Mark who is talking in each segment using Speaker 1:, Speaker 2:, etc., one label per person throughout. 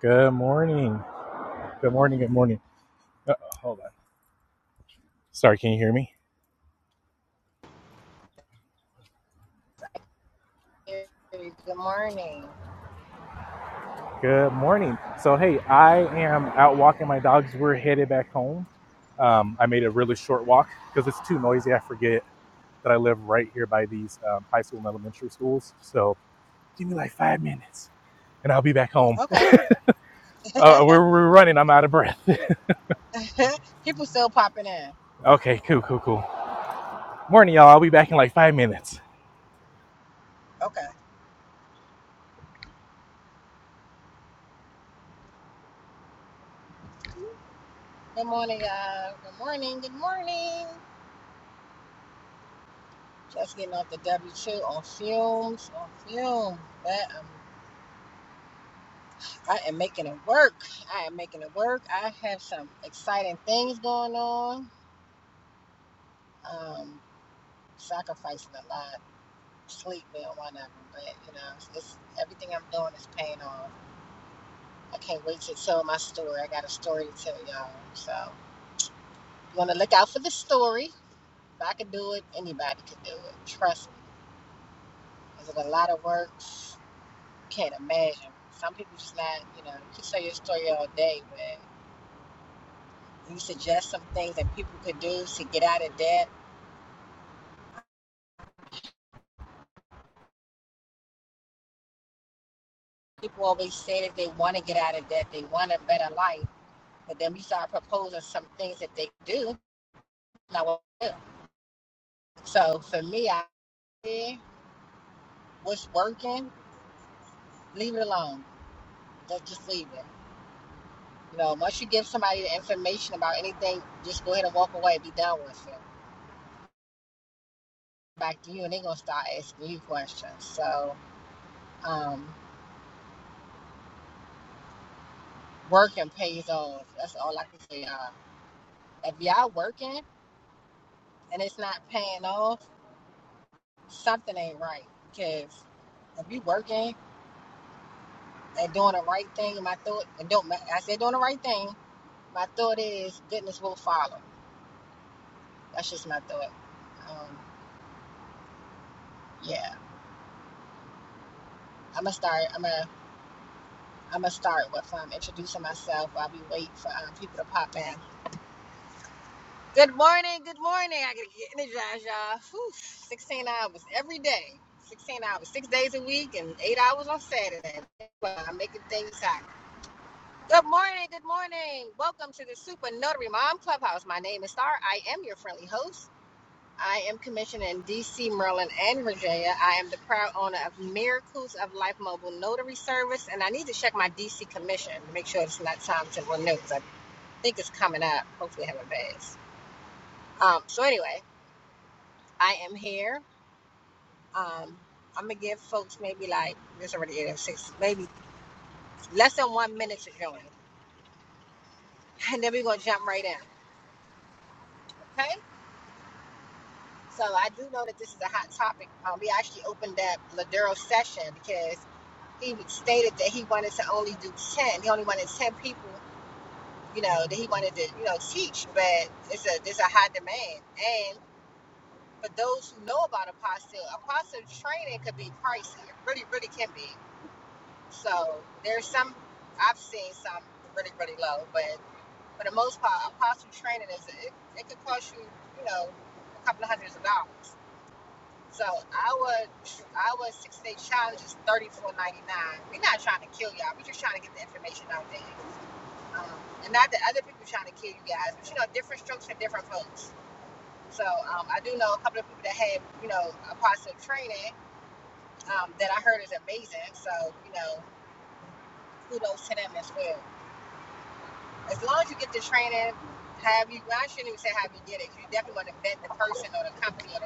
Speaker 1: Good morning. Good morning. Good morning. Uh, hold on. Sorry, can you hear me?
Speaker 2: Hey, Good morning.
Speaker 1: Good morning. So, hey, I am out walking my dogs. We're headed back home. Um, I made a really short walk because it's too noisy. I forget that I live right here by these um, high school and elementary schools. So, give me like five minutes and I'll be back home.
Speaker 2: Okay.
Speaker 1: Uh, we're, we're running. I'm out of breath.
Speaker 2: People still popping in.
Speaker 1: Okay, cool, cool, cool. Morning, y'all. I'll be back in like five minutes.
Speaker 2: Okay. Good morning, y'all. Good morning. Good morning. Just getting off the W two on fumes. On fumes. But um, I am making it work. I am making it work. I have some exciting things going on. Um, sacrificing a lot, sleep and whatever. But you know, it's, it's everything I'm doing is paying off. I can't wait to tell my story. I got a story to tell y'all. So. You want to look out for the story. If I could do it, anybody could do it. Trust me. Is it a lot of works? Can't imagine. Some people just not, you know, you could tell your story all day, but you suggest some things that people could do to get out of debt. People always say that they want to get out of debt, they want a better life, but then we start proposing some things that they do, not what they do. So for me, I yeah, what's working, leave it alone. Just just leave it. You know, once you give somebody the information about anything, just go ahead and walk away, and be done with it. Back to you, and they're gonna start asking you questions. So, um, working pays off. That's all I can say. y'all. if y'all working and it's not paying off, something ain't right. Because if you working and doing the right thing, my thought and don't I said doing the right thing. My thought is goodness will follow. That's just my thought. Um, yeah, I'm gonna start. I'm gonna. I'm gonna start with um, introducing myself while we wait for um, people to pop in. Good morning, good morning. I gotta get energized, y'all. Whew, 16 hours every day, 16 hours, six days a week, and eight hours on Saturday. Well, I'm making things happen. Good morning, good morning. Welcome to the Super Notary Mom Clubhouse. My name is Star. I am your friendly host. I am commissioned in DC, Maryland, and Virginia. I am the proud owner of Miracles of Life Mobile Notary Service, and I need to check my DC commission to make sure it's not time to renew because I think it's coming up. Hopefully, I haven't passed. Um, so, anyway, I am here. Um, I'm going to give folks maybe like, it's already 8 oh six, maybe less than one minute to join, and then we're going to jump right in, okay? So, I do know that this is a hot topic. Um, we actually opened up Ladero session because he stated that he wanted to only do 10. He only wanted 10 people, you know, that he wanted to, you know, teach, but it's a there's a high demand. And for those who know about apostle, apostle training could be pricey. It really, really can be. So there's some, I've seen some really, really low, but for the most part, apostle training is, a, it, it could cost you, you know, a couple of hundreds of dollars. So our our six day challenge is thirty four ninety nine. We're not trying to kill y'all. We're just trying to get the information out there, um, and not that other people trying to kill you guys. But you know, different strokes for different folks. So um, I do know a couple of people that had you know a positive training um, that I heard is amazing. So you know, kudos to them as well. As long as you get the training, have you? Well, I shouldn't even say have you get it. You definitely want to vet the person or the company or the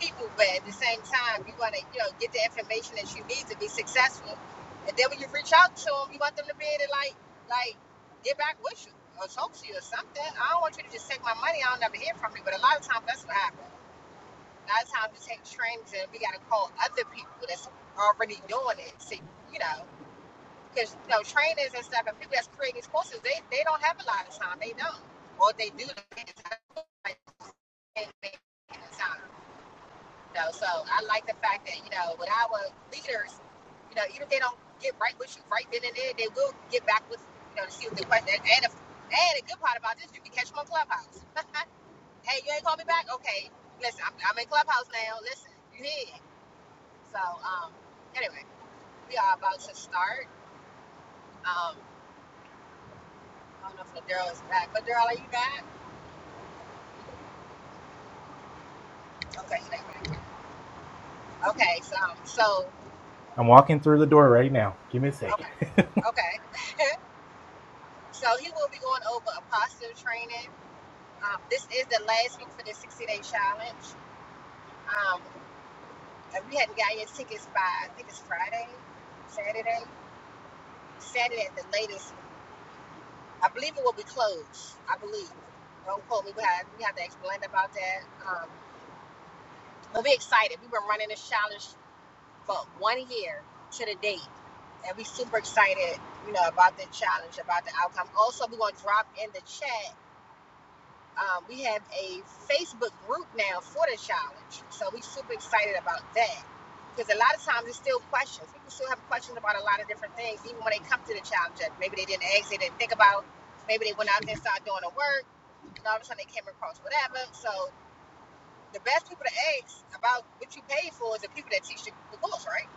Speaker 2: people, but at the same time, you want to, you know, get the information that you need to be successful. And then when you reach out to them, you want them to be able to like, like, get back with you or talk to you or something. I don't want you to just take my money. I don't never hear from you. But a lot of times, that's what happens. A lot of times, you take trainings and we got to call other people that's already doing it. See, you know, because you know, trainers and stuff and people that's creating these courses, they they don't have a lot of time. They don't, or they do. They can't make it in time. You know, so I like the fact that you know with our leaders, you know, even if they don't get right with you right then and there, they will get back with you know to see what the question. is. and, if, and the good part about this, you can catch them on Clubhouse. Hey, you ain't call me back? Okay, listen, I'm, I'm in Clubhouse now. Listen, you here? So um, anyway, we are about to start. Um, I don't know if the girl is back, but girl, are you back? Okay, she not back. Okay, so so
Speaker 1: I'm walking through the door right now. Give me a second.
Speaker 2: okay, okay. so he will be going over apostle training Um, this is the last week for the 60 day challenge. Um, and we hadn't got your tickets by, I think it's Friday, Saturday, Saturday at the latest. I believe it will be closed. I believe. Don't quote me, but I- we have to explain about that. Um, but we're excited. We've been running this challenge for one year to the date. And we're super excited, you know, about the challenge, about the outcome. Also, we're going to drop in the chat Um, we have a Facebook group now for the challenge, so we're super excited about that. Because a lot of times it's still questions. People still have questions about a lot of different things, even when they come to the challenge. Like, Maybe they didn't ask, they didn't think about. Maybe they went out there and started doing the work, and all of a sudden they came across whatever. So the best people to ask about what you paid for is the people that teach the, the course, right?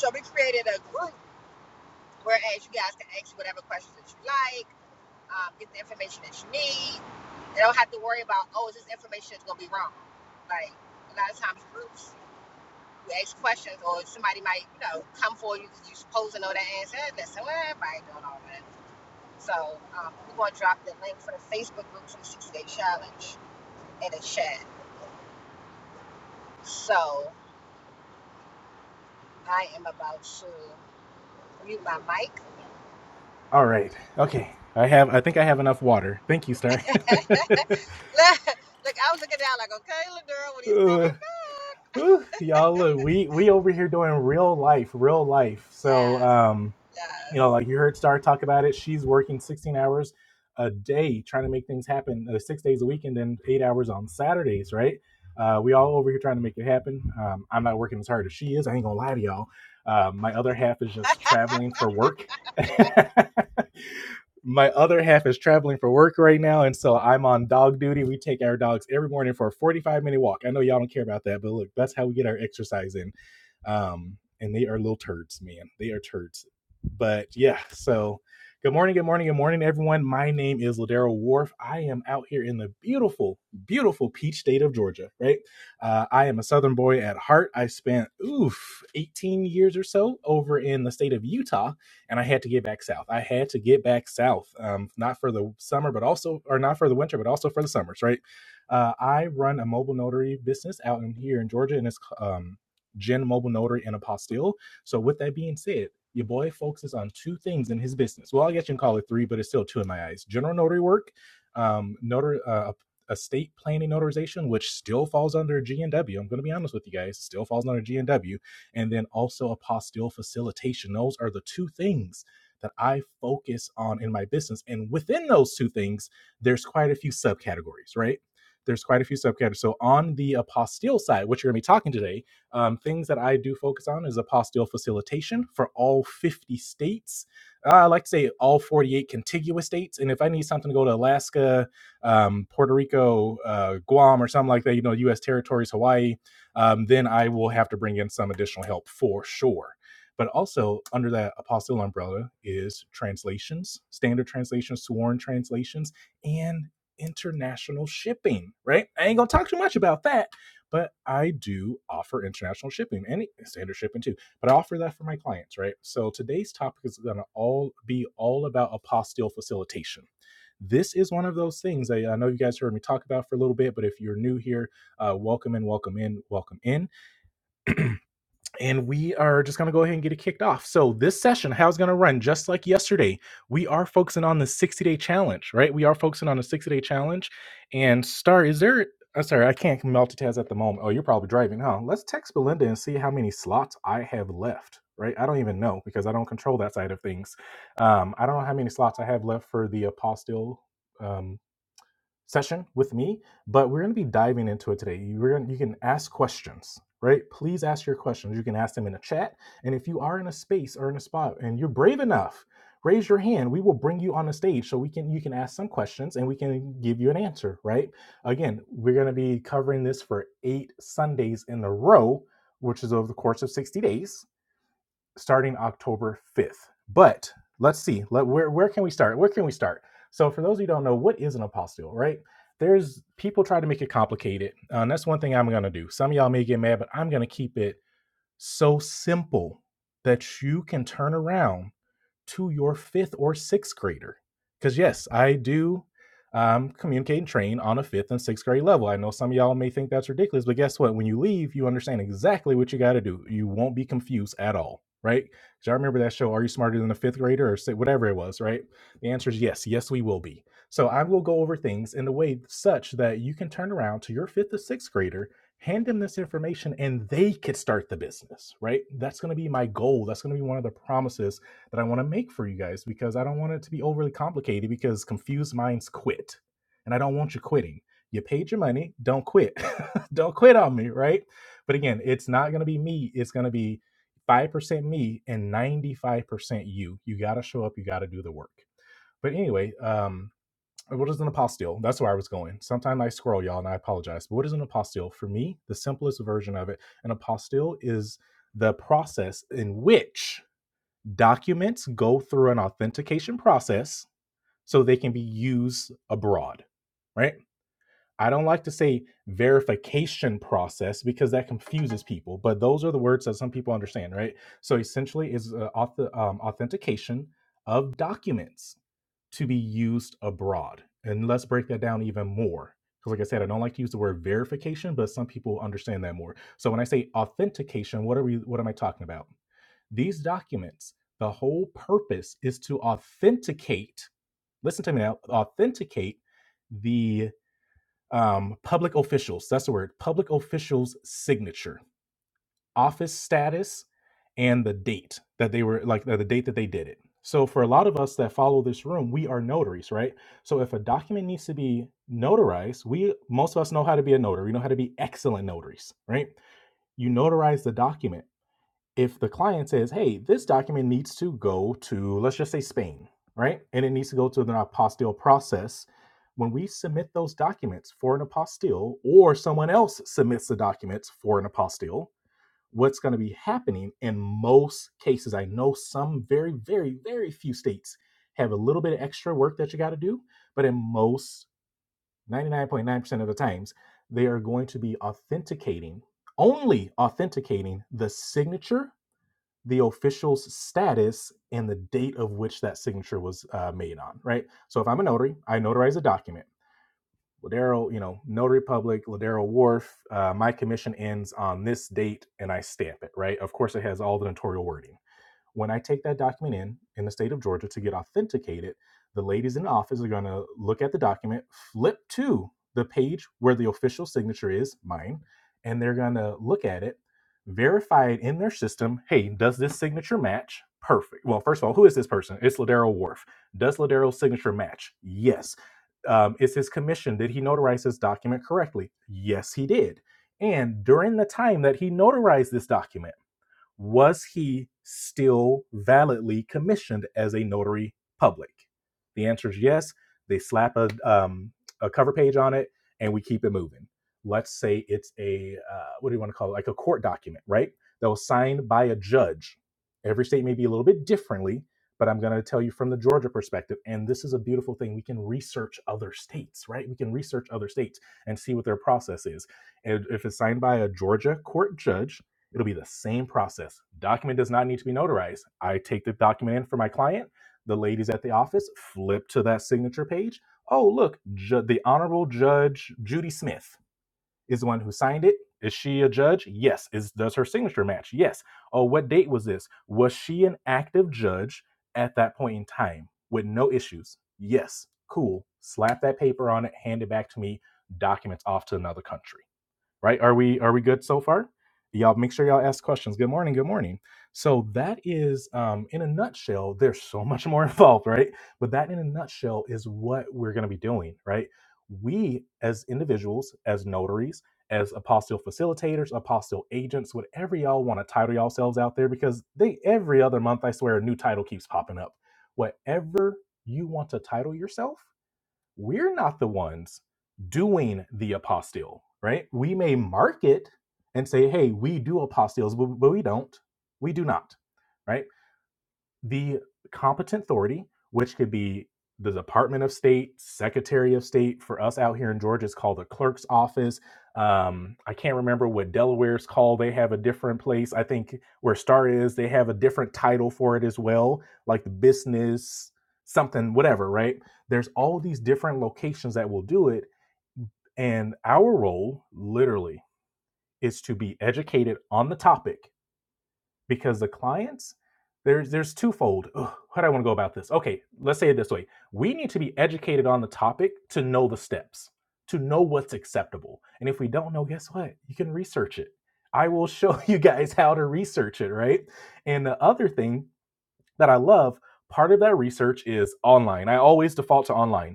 Speaker 2: So we created a group where as you guys can ask whatever questions that you like um, get the information that you need. They don't have to worry about, oh, is this information that's going to be wrong? Like, a lot of times groups, you ask questions or somebody might, you know, come for you because you are supposed to know that answer. And listen, well, everybody doing all that. So um, we're going to drop the link for the Facebook group for the 60 Day Challenge in the chat. So I am about to mute my mic.
Speaker 1: All right. Okay. I have. I think I have enough water. Thank you, Star.
Speaker 2: look, I was looking down like, okay, little when he's
Speaker 1: uh,
Speaker 2: coming back.
Speaker 1: whew, y'all, look, we we over here doing real life, real life. So,
Speaker 2: Yes,
Speaker 1: um, you
Speaker 2: yes.
Speaker 1: know, like you heard Star talk about it. She's working 16 hours a day trying to make things happen, uh, six days a week, and then eight hours on Saturdays, right? Uh, we all over here trying to make it happen. Um, I'm not working as hard as she is. I ain't gonna lie to y'all. Uh, my other half is just traveling for work. my other half is traveling for work right now, and so I'm on dog duty. We take our dogs every morning for a 45 minute walk. I know y'all don't care about that, but look, that's how we get our exercise in um, and they are little turds, man. They are turds. But yeah, so good morning, good morning, good morning, everyone. My name is Ladero Wharf. I am out here in the beautiful, beautiful peach state of Georgia, right? Uh, I am a Southern boy at heart. I spent, oof, 18 years or so over in the state of Utah, and I had to get back south. I had to get back south, um, not for the summer, but also, or not for the winter, but also for the summers, right? Uh, I run a mobile notary business out in here in Georgia, and it's um, Gen Mobile Notary and Apostille. So, with that being said, your boy focuses on two things in his business. Well, I guess you can call it three, but it's still two in my eyes: general notary work, um, notary, uh, estate planning notarization, which still falls under G and I'm going to be honest with you guys; still falls under GNW, and and then also apostille facilitation. Those are the two things that I focus on in my business, and within those two things, there's quite a few subcategories, right? There's quite a few subcategories. So on the apostille side, what you're going to be talking today um, things that I do focus on is apostille facilitation for all 50 states. Uh, I like to say all 48 contiguous states. And if I need something to go to Alaska, um, Puerto Rico, uh, Guam, or something like that, you know, U.S. territories, Hawaii, um, then I will have to bring in some additional help for sure. But also under that apostille umbrella is translations, standard translations, sworn translations, and international shipping, right? I ain't gonna talk too much about that but I do offer international shipping and standard shipping too. But I offer that for my clients, right? So today's topic is going to all be all about apostille facilitation. This is one of those things I, I know you guys heard me talk about for a little bit, but if you're new here, uh, welcome in, welcome in, welcome in and we are just going to go ahead and get it kicked off. So this session, how it's going to run, just like yesterday, we are focusing on the 60 day challenge, right? We are focusing on the 60 day challenge. And Star, is there? I'm sorry, I can't multitask at the moment. Oh, you're probably driving, huh? Let's text Belinda and see how many slots I have left. Right? I don't even know because I don't control that side of things. Um, I don't know how many slots I have left for the apostle session with me, but we're going to be diving into it today. You, we're gonna, you can ask questions, right? Please ask your questions. You can ask them in the chat. And if you are in a space or in a spot and you're brave enough, raise your hand. We will bring you on the stage so we can you can ask some questions and we can give you an answer, right? Again, we're going to be covering this for 8 Sundays in a row, which is over the course of 60 days starting October 5th. But let's see, let, where, where can we start? Where can we start? So, for those of you who don't know, what is an apostille, right? There's people try to make it complicated. uh, and that's one thing I'm going to do. Some of y'all may get mad, but I'm going to keep it so simple that you can turn around to your fifth or sixth grader. Because, yes, I do um, communicate and train on a fifth and sixth grade level. I know some of y'all may think that's ridiculous, but guess what? When you leave, you understand exactly what you got to do. You won't be confused at all, right? Because I remember that show, Are You Smarter Than a Fifth Grader or say whatever it was, right? The answer is yes. Yes, we will be. So I will go over things in a way such that you can turn around to your fifth or sixth grader, hand them this information, and they could start the business, right? That's going to be my goal. That's going to be one of the promises that I want to make for you guys because I don't want it to be overly complicated because confused minds quit. And I don't want you quitting. You paid your money, don't quit. don't quit on me, right? But again, it's not going to be me, it's going to be 5% me and 95% you. You got to show up, you got to do the work. But anyway, um what is an apostille? That's where I was going. Sometimes I scroll, y'all, and I apologize. But what is an apostille? For me, the simplest version of it, an apostille is the process in which documents go through an authentication process so they can be used abroad, right? I don't like to say verification process because that confuses people, but those are the words that some people understand, right? So essentially, is uh, auth- um, authentication of documents to be used abroad. And let's break that down even more. Because, like I said, I don't like to use the word verification, but some people understand that more. So when I say authentication, what are we? What am I talking about? These documents, the whole purpose is to authenticate, listen to me now, authenticate the um, public officials, that's the word, public officials' signature, office status, and the date that they were, like the the date that they did it. So for a lot of us that follow this room, we are notaries, right? So if a document needs to be notarized, we most of us know how to be a notary. We know how to be excellent notaries, right? You notarize the document if the client says, hey, this document needs to go to, let's just say Spain, right? And it needs to go to the apostille process. When we submit those documents for an apostille or someone else submits the documents for an apostille, what's going to be happening in most cases, I know some very, very, very few states have a little bit of extra work that you got to do, but in most 99.9% of the times, they are going to be authenticating, only authenticating the signature the official's status and the date of which that signature was uh, made on, right? So if I'm a notary, I notarize a document. Ladero, you know, Notary Public, Ladero Wharf, uh, my commission ends on this date and I stamp it, right? Of course, it has all the notarial wording. When I take that document in in the state of Georgia to get authenticated, the ladies in the office are going to look at the document, flip to the page where the official signature is, mine, and they're going to look at it, verify it in their system. Hey, does this signature match? Perfect. Well, first of all, who is this person? It's Ladero Wharf. Does Ladero's signature match? Yes. Um, is his commission? Did he notarize this document correctly? Yes, he did. And during the time that he notarized this document, was he still validly commissioned as a notary public? The answer is yes. They slap a, um, a cover page on it and we keep it moving. Let's say it's a, uh, what do you want to call it? Like a court document, right? That was signed by a judge. Every state may be a little bit differently, but I'm going to tell you from the Georgia perspective. And this is a beautiful thing. We can research other states, right? We can research other states and see what their process is. And if it's signed by a Georgia court judge, It'll be the same process. Document does not need to be notarized. I take the document in for my client. The ladies at the office flip to that signature page. Oh, look, ju- the Honorable Judge Judy Smith is the one who signed it. Is she a judge? Yes. Is does her signature match? Yes. Oh, what date was this? Was she an active judge at that point in time with no issues? Yes. Cool. Slap that paper on it. Hand it back to me. Documents off to another country right are we are we good so far y'all make sure y'all ask questions good morning good morning so that is um, in a nutshell there's so much more involved right but that in a nutshell is what we're going to be doing right we as individuals as notaries as apostle facilitators apostle agents whatever y'all want to title yourselves out there because they every other month i swear a new title keeps popping up whatever you want to title yourself we're not the ones doing the apostille, right? We may market and say, hey, we do apostilles, but, we don't. We do not, right? the competent authority, which could be the Department of State, Secretary of State. For us out here in Georgia, it's called the clerk's office. Um, I can't remember what Delaware's called. They have a different place. I think where Star is, they have a different title for it as well, like the business something, whatever, right? There's all these different locations that will do it. And our role, literally, is to be educated on the topic because the clients there's there's twofold Ugh, how do i want to go about this okay let's say it this way we need to be educated on the topic to know the steps to know what's acceptable and if we don't know guess what you can research it i will show you guys how to research it right and the other thing that i love part of that research is online i always default to online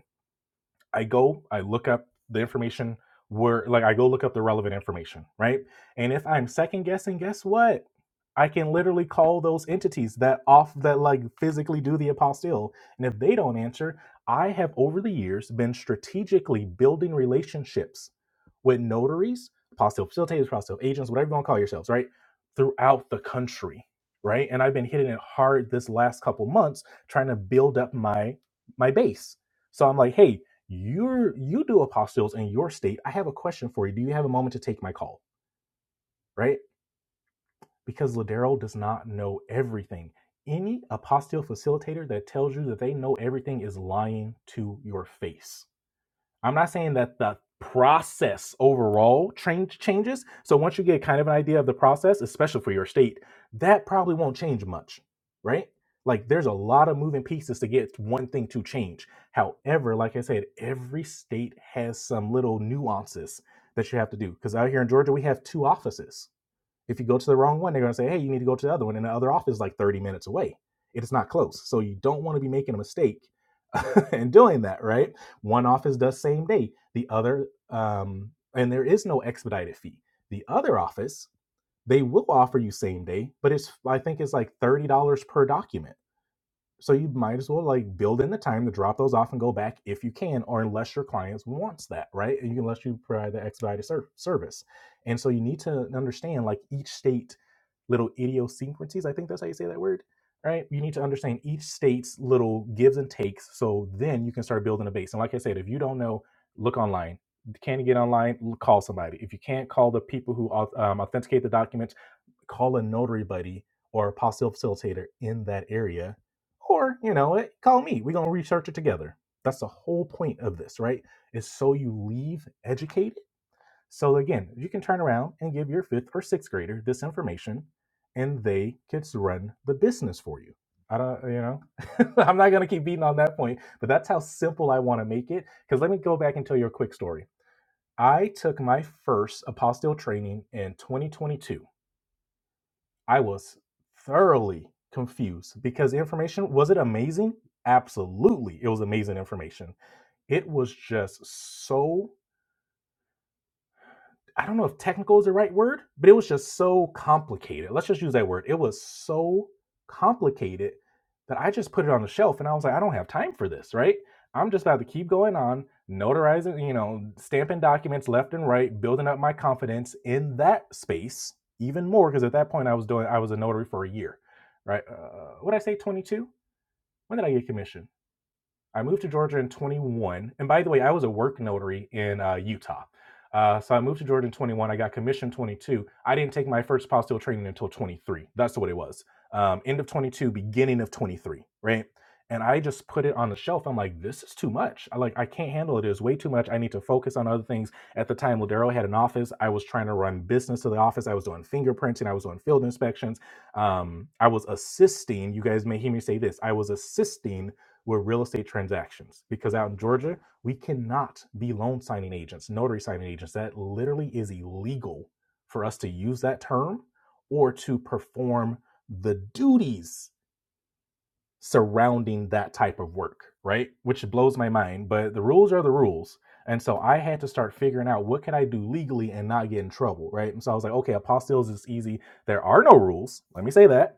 Speaker 1: I go, I look up the information where, like, I go look up the relevant information, right? And if I'm second guessing, guess what? I can literally call those entities that off that like physically do the apostille. And if they don't answer, I have over the years been strategically building relationships with notaries, apostille facilitators, apostille agents, whatever you want to call yourselves, right? Throughout the country, right? And I've been hitting it hard this last couple months trying to build up my my base. So I'm like, hey, you're you do apostilles in your state. I have a question for you. Do you have a moment to take my call? Right? Because Ladero does not know everything. Any apostille facilitator that tells you that they know everything is lying to your face. I'm not saying that the process overall change changes. So once you get kind of an idea of the process, especially for your state, that probably won't change much, right? Like there's a lot of moving pieces to get one thing to change. However, like I said, every state has some little nuances that you have to do. Because out here in Georgia, we have two offices if you go to the wrong one, they're going to say, hey, you need to go to the other one. And the other office is like 30 minutes away. It's not close. So you don't want to be making a mistake and doing that, right? One office does same day, the other, um, and there is no expedited fee. The other office, they will offer you same day, but it's, I think it's like $30 per document so you might as well like build in the time to drop those off and go back if you can, or unless your clients wants that, right? And Unless you provide the expedited ser- service. And so you need to understand like each state little idiosyncrasies. I think that's how you say that word, right? You need to understand each state's little gives and takes. So then you can start building a base. And like I said, if you don't know, look online. Can you get online? L- Call somebody. If you can't, call the people who au- um, authenticate the document call a notary buddy or a apostille facilitator in that area, or you know, eh, call me. We're gonna research it together. That's the whole point of this, right? Is so you leave educated. So again, you can turn around and give your fifth or sixth grader this information, and they could run the business for you. I don't, you know, I'm not gonna keep beating on that point, but that's how simple I want to make it. Because let me go back and tell you a quick story. I took my first apostille training in 2022 I was thoroughly confused because the information was it amazing? Absolutely. It was amazing information. It was just so I don't know if technical is the right word, but it was just so complicated. Let's just use that word. It was so complicated that I just put it on the shelf and I was like, I don't have time for this, right? I'm just about to keep going on, notarizing, you know, stamping documents left and right, building up my confidence in that space even more. Cause at that point I was doing, I was a notary for a year, right? Uh, what did I say, 22? When did I get commission? I moved to Georgia in 21. And by the way, I was a work notary in uh, Utah. Uh, so I moved to Georgia in 21. I got commissioned 22. I didn't take my first apostille training until 23. That's what it was. Um, end of 22, beginning of 23, right? And I just put it on the shelf. I'm like, this is too much. I like, I can't handle it. It is way too much. I need to focus on other things. At the time, Ladero had an office. I was trying to run business to the office. I was doing fingerprinting. I was doing field inspections. Um, I was assisting. You guys may hear me say this. I was assisting were real estate transactions because out in Georgia, we cannot be loan signing agents, notary signing agents. That literally is illegal for us to use that term or to perform the duties surrounding that type of work, right? Which blows my mind, but the rules are the rules. And so I had to start figuring out what can I do legally and not get in trouble, right? And so I was like, okay, apostilles is easy. There are no rules. Let me say that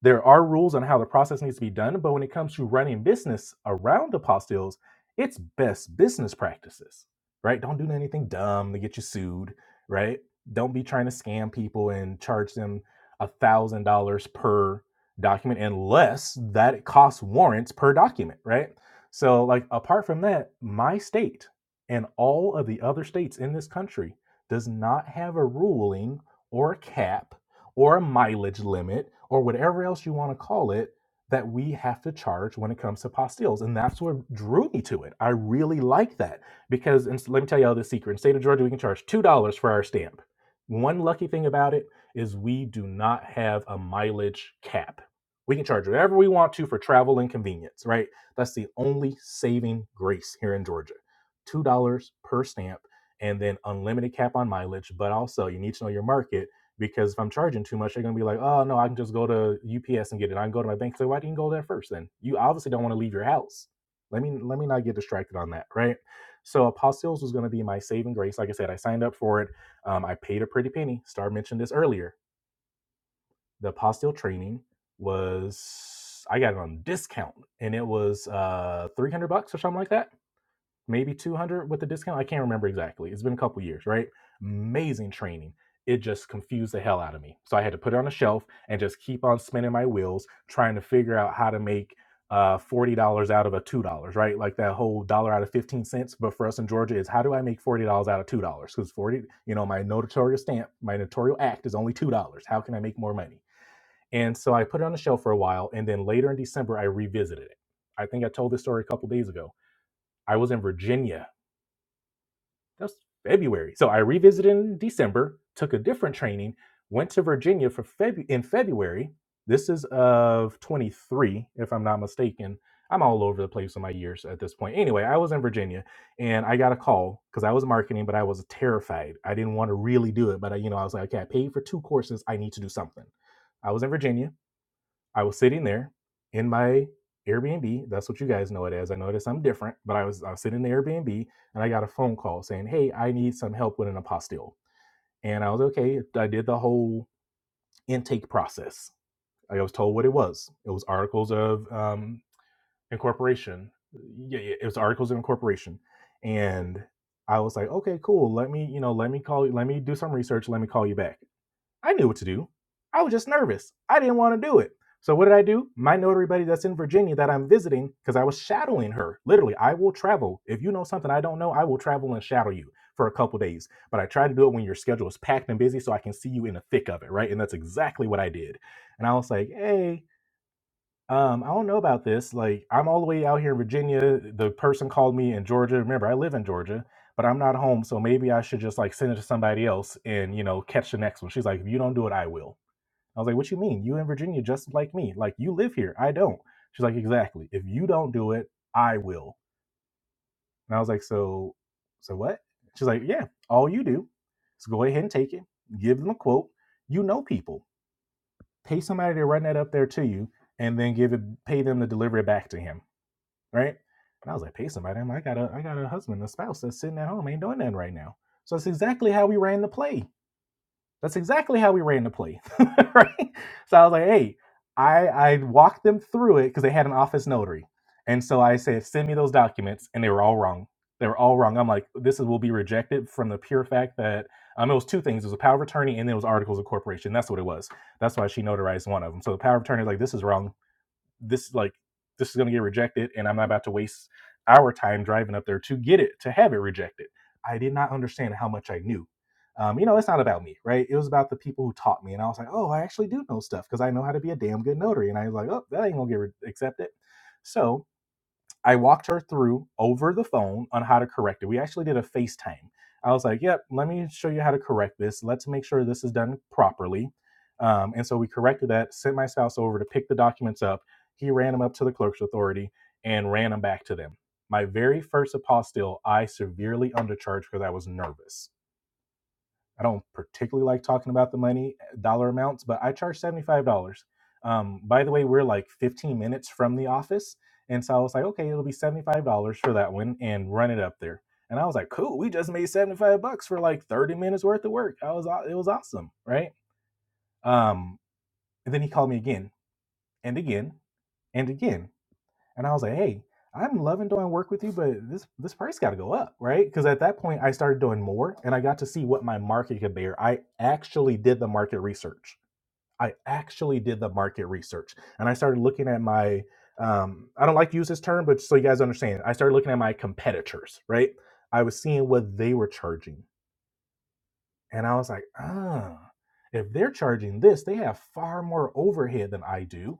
Speaker 1: there are rules on how the process needs to be done, but when it comes to running business around apostilles, it's best business practices, right? Don't do anything dumb to get you sued, right? Don't be trying to scam people and charge them a thousand dollars per document unless that costs warrants per document, right? So, like apart from that, my state and all of the other states in this country does not have a ruling or a cap or a mileage limit or whatever else you want to call it that we have to charge when it comes to postilles. And that's what drew me to it. I really like that because, and let me tell you all this secret in the state of Georgia, we can charge $2 for our stamp. One lucky thing about it is we do not have a mileage cap. We can charge whatever we want to for travel and convenience, right? That's the only saving grace here in Georgia. $2 per stamp and then unlimited cap on mileage. But also, you need to know your market because if I'm charging too much, they're gonna be like, oh no, I can just go to UPS and get it. I can go to my bank. So why didn't you go there first? Then you obviously don't want to leave your house. Let me let me not get distracted on that, right? So apostilles was gonna be my saving grace. Like I said, I signed up for it. Um, I paid a pretty penny. Star mentioned this earlier. The apostille training was I got it on discount, and it was uh 300 bucks or something like that maybe 200 with the discount. I can't remember exactly. It's been a couple years, right? Amazing training. It just confused the hell out of me. So I had to put it on a shelf and just keep on spinning my wheels trying to figure out how to make uh, $40 out of a $2, right? Like that whole dollar out of 15 cents. But for us in Georgia, is how do I make $40 out of $2? Because 40, you know, my notorious stamp, my notorial act is only $2. How can I make more money? And so I put it on the shelf for a while. And then later in December, I revisited it. I think I told this story a couple days ago. I was in Virginia that was February. So I revisited in December, took a different training, went to Virginia for Feb- in February. This is of 23, if I'm not mistaken. I'm all over the place in my years at this point. Anyway, I was in Virginia and I got a call because I was marketing, but I was terrified. I didn't want to really do it, but I, you know, I was like, okay, I paid for two courses. I need to do something. I was in Virginia I was sitting there in my Airbnb. That's what you guys know it as. I noticed I'm different, but I was I was sitting in the Airbnb and I got a phone call saying, "Hey, I need some help with an apostille." And I was okay. I did the whole intake process. I was told what it was. It was articles of um, incorporation. Yeah, yeah, it was articles of incorporation, and I was like, "Okay, cool. Let me, you know, let me call you. Let me do some research. Let me call you back." I knew what to do. I was just nervous. I didn't want to do it. So what did I do? My notary buddy that's in Virginia that I'm visiting, because I was shadowing her. Literally, I will travel. If you know something I don't know, I will travel and shadow you for a couple days. But I try to do it when your schedule is packed and busy so I can see you in the thick of it, right? And that's exactly what I did. And I was like, hey, um, I don't know about this. Like, I'm all the way out here in Virginia. The person called me in Georgia. Remember, I live in Georgia, but I'm not home, so maybe I should just like send it to somebody else and you know catch the next one. She's like, if you don't do it, I will. I was like, what you mean? You in Virginia just like me? Like you live here? I don't. She's like, exactly. If you don't do it, I will. And I was like, so, so what? She's like, yeah. All you do is go ahead and take it. Give them a quote. You know people. Pay somebody to run that up there to you, and then give it. Pay them to deliver it back to him right? And I was like, pay somebody. I'm like, I got a I got a husband, a spouse that's sitting at home, ain't doing nothing right now. So that's exactly how we ran the play. That's exactly how we ran the play. right? So I was like, hey, I I walked them through it because they had an office notary. And so I said, send me those documents, and they were all wrong. They were all wrong. I'm like, this is, will be rejected from the pure fact that um, it was two things. It was a power of attorney, and then it was articles of corporation. That's what it was. That's why she notarized one of them. So the power of attorney, is like, this is wrong this like this is going to get rejected and i'm not about to waste our time driving up there to get it to have it rejected i did not understand how much i knew um, you know it's not about me right it was about the people who taught me and i was like oh i actually do know stuff because i know how to be a damn good notary and i was like oh that ain't gonna get re- accepted so I walked her through over the phone on how to correct it. We actually did a FaceTime. I was like, yep, let me show you how to correct this. Let's make sure this is done properly. Um, and so we corrected that, sent my spouse over to pick the documents up. He ran them up to the clerk's authority and ran them back to them. My very first apostille, I severely undercharged because I was nervous I don't particularly like talking about the money eh, dollar amounts, but I charge seventy five dollars. Um, by the way, we're like fifteen minutes from the office, and so I was like, okay, it'll be seventy five dollars for that one, and run it up there. And I was like, cool, we just made seventy five bucks for like thirty minutes worth of work. I was it was awesome, right? Um, and then he called me again and again and again and I was like, hey, I'm loving doing work with you, but this this price got to go up, right? Because at that point, I started doing more, and I got to see what my market could bear. I actually did the market research. I actually did the market research, and I started looking at my. Um, I don't like to use this term, but just so you guys understand, I started looking at my competitors, right? I was seeing what they were charging, and I was like, ah, if they're charging this, they have far more overhead than I do